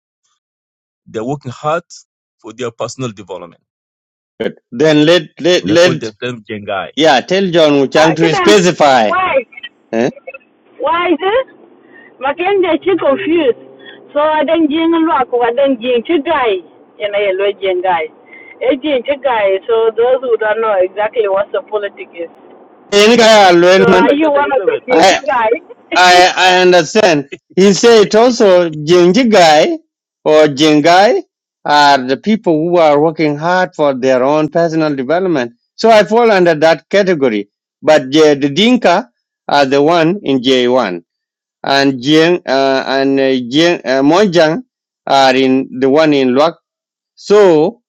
[SPEAKER 20] They're working hard for their personal development.
[SPEAKER 18] Good. Then let let
[SPEAKER 20] They call
[SPEAKER 18] let
[SPEAKER 20] themselves Jengai.
[SPEAKER 18] yeah, tell John Wu
[SPEAKER 12] Uh,
[SPEAKER 18] Chang
[SPEAKER 12] get
[SPEAKER 18] to
[SPEAKER 12] them.
[SPEAKER 18] specify.
[SPEAKER 12] Why?
[SPEAKER 18] eh?
[SPEAKER 12] Why is it? Mackenzie, she confused. So I don't jing and rock. I don't jing to guy. You know, you guy. A jing to guy. So those who don't know exactly what the politics is.
[SPEAKER 18] Any guy I
[SPEAKER 12] So
[SPEAKER 18] learn,
[SPEAKER 20] Not
[SPEAKER 12] are
[SPEAKER 20] like
[SPEAKER 12] you
[SPEAKER 20] that,
[SPEAKER 12] one of the
[SPEAKER 20] Elizabeth.
[SPEAKER 12] J J guys?
[SPEAKER 18] I I understand. He said also Jinjigai or Jingai are the people who are working hard for their own personal development. So I fall under that category. But the, the Dinka are the one in J1, and Jing uh, and uh, Jing uh, Monjang are in the one in Luak. So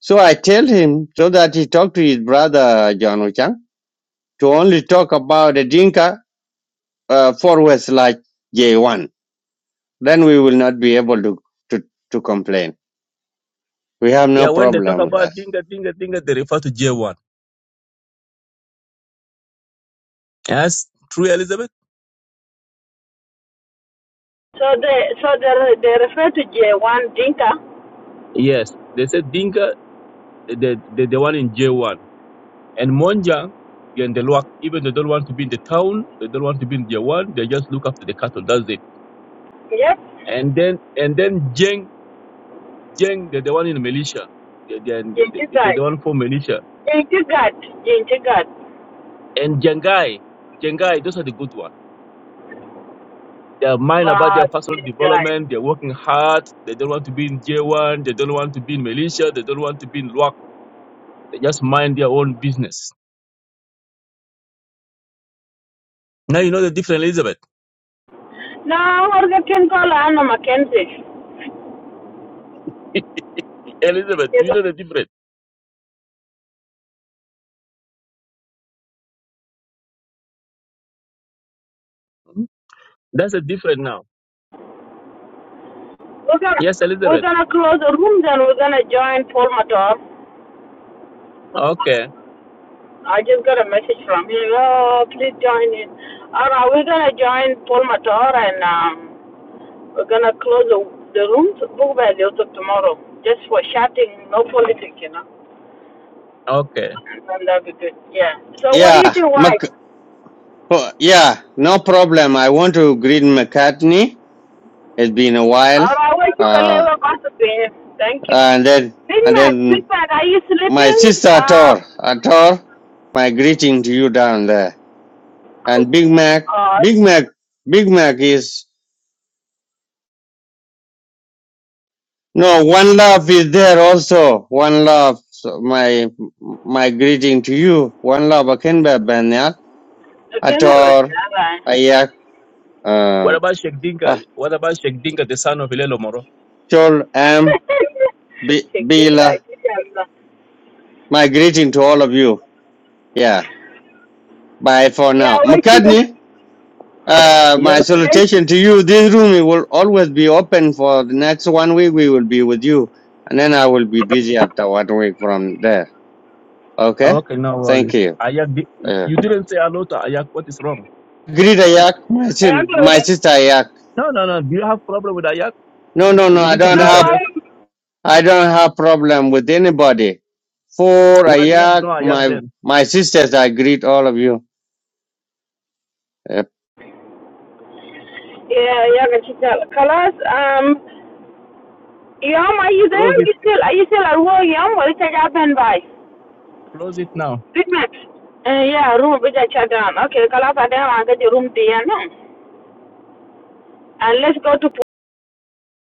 [SPEAKER 18] so I tell him so that he talk to his brother John Ochang to only talk about the Dinka uh, for West like J1 then we will not be able to to, to complain. We have no
[SPEAKER 20] Yeah, when they talk
[SPEAKER 18] problem with that.
[SPEAKER 20] about Dinka, Dinka, Dinka, they refer to J1. That's true, Elizabeth?
[SPEAKER 12] so they so they they refer to J one Dinka.
[SPEAKER 20] Yes. They said Dinka, the, the, the one in J1. And Monjang, and the Luak, even they don't want to be in the town, they don't want to be in J1, they just look after the cattle, that's it.
[SPEAKER 12] Yes,
[SPEAKER 20] And then, and then Jeng, Jeng, they're the one in militia. They're, they're,
[SPEAKER 12] J J
[SPEAKER 20] they're
[SPEAKER 12] guy.
[SPEAKER 20] the one for militia.
[SPEAKER 12] J J guy. J J guy.
[SPEAKER 20] And Jengai, Jengai, those are the good ones. They are mind about
[SPEAKER 12] Ah,
[SPEAKER 20] their personal
[SPEAKER 12] J J guy.
[SPEAKER 20] development. They're working hard. They don't want to be in J1. They don't want to be in militia. They don't want to be in LWAC. They just mind their own business. Now you know the difference, Elizabeth.
[SPEAKER 12] Now we're gonna call Anna Mackenzie.
[SPEAKER 20] Elizabeth, do you know the
[SPEAKER 12] We're
[SPEAKER 20] difference? Hmm? That's a difference now.
[SPEAKER 12] gonna
[SPEAKER 20] Yes,
[SPEAKER 12] we're
[SPEAKER 20] Elizabeth.
[SPEAKER 12] gonna close the room then we're gonna join Paul Mator.
[SPEAKER 20] Oh, Okay.
[SPEAKER 12] I just got a message from him. Oh, please join in. All right, we're gonna join Paul Mator and um. We're gonna close the, the room book by the to tomorrow, just for chatting, no politics, you know.
[SPEAKER 20] Okay.
[SPEAKER 12] And that'll be good. Yeah. So what do
[SPEAKER 18] Yeah,
[SPEAKER 12] you think, wife?
[SPEAKER 18] Mc, oh, yeah, no problem. I want to greet McCartney. It's been a while.
[SPEAKER 12] All right, well, you can
[SPEAKER 18] Uh,
[SPEAKER 12] let her gossip here. Thank you.
[SPEAKER 18] and then
[SPEAKER 12] Big
[SPEAKER 18] and
[SPEAKER 12] Mac, Big
[SPEAKER 18] then
[SPEAKER 12] Mac, are you
[SPEAKER 18] my
[SPEAKER 12] sleeping?
[SPEAKER 18] sister
[SPEAKER 12] Uh,
[SPEAKER 18] Ator, Ator, my greeting to you down there. And Big Mac,
[SPEAKER 12] uh,
[SPEAKER 18] Big Mac, Big Mac is no one love is there also. One love, so my my greeting to you. One love, Akinba
[SPEAKER 12] apparently,
[SPEAKER 18] ator
[SPEAKER 12] all right.
[SPEAKER 18] ayak
[SPEAKER 20] What
[SPEAKER 18] uh,
[SPEAKER 20] about Sheikh Dinka?
[SPEAKER 18] ah,
[SPEAKER 20] What about Sheikh Dinka, the son of Ilelo Moro?
[SPEAKER 18] chol am Bi-
[SPEAKER 12] Check this out.
[SPEAKER 18] bila
[SPEAKER 12] check this out.
[SPEAKER 18] my greeting to all of you yeah bye for
[SPEAKER 12] Yeah,
[SPEAKER 18] now
[SPEAKER 12] well, you can,
[SPEAKER 18] mccartney uh, my
[SPEAKER 20] Yes.
[SPEAKER 12] let's,
[SPEAKER 18] salutation to you this room will always be open for the next one week we will be with you and then i will be busy after one week from there okay
[SPEAKER 20] Okay, no worries.
[SPEAKER 18] thank you
[SPEAKER 20] Ayak, di-
[SPEAKER 18] uh,
[SPEAKER 20] you didn't say hello to Ayak. What is wrong?
[SPEAKER 18] greet ayak my,
[SPEAKER 12] I'm
[SPEAKER 18] sim-
[SPEAKER 12] good.
[SPEAKER 18] my sister ayak
[SPEAKER 20] No, no, no. Do you have problem with Ayak?
[SPEAKER 18] no no no
[SPEAKER 20] You
[SPEAKER 18] i
[SPEAKER 20] need to
[SPEAKER 18] don't
[SPEAKER 20] greet
[SPEAKER 12] No,
[SPEAKER 18] have
[SPEAKER 12] why?
[SPEAKER 20] Ayak.
[SPEAKER 18] I don't have problem with anybody. For
[SPEAKER 20] Why do you
[SPEAKER 18] Ayak,
[SPEAKER 20] ignore Ayak
[SPEAKER 18] my
[SPEAKER 20] then?
[SPEAKER 18] my sisters, I greet all of you.
[SPEAKER 12] Yeah, yeah, can check out. Colors, um, Yum, are you
[SPEAKER 20] Close
[SPEAKER 12] there?
[SPEAKER 20] it.
[SPEAKER 12] You still are you still at work, Yum? Well it's a job and by.
[SPEAKER 20] Close it now.
[SPEAKER 12] Big Mac. Uh, yeah, room which I shut down. Okay, Kalapa then I'll get the room to you know. And let's go to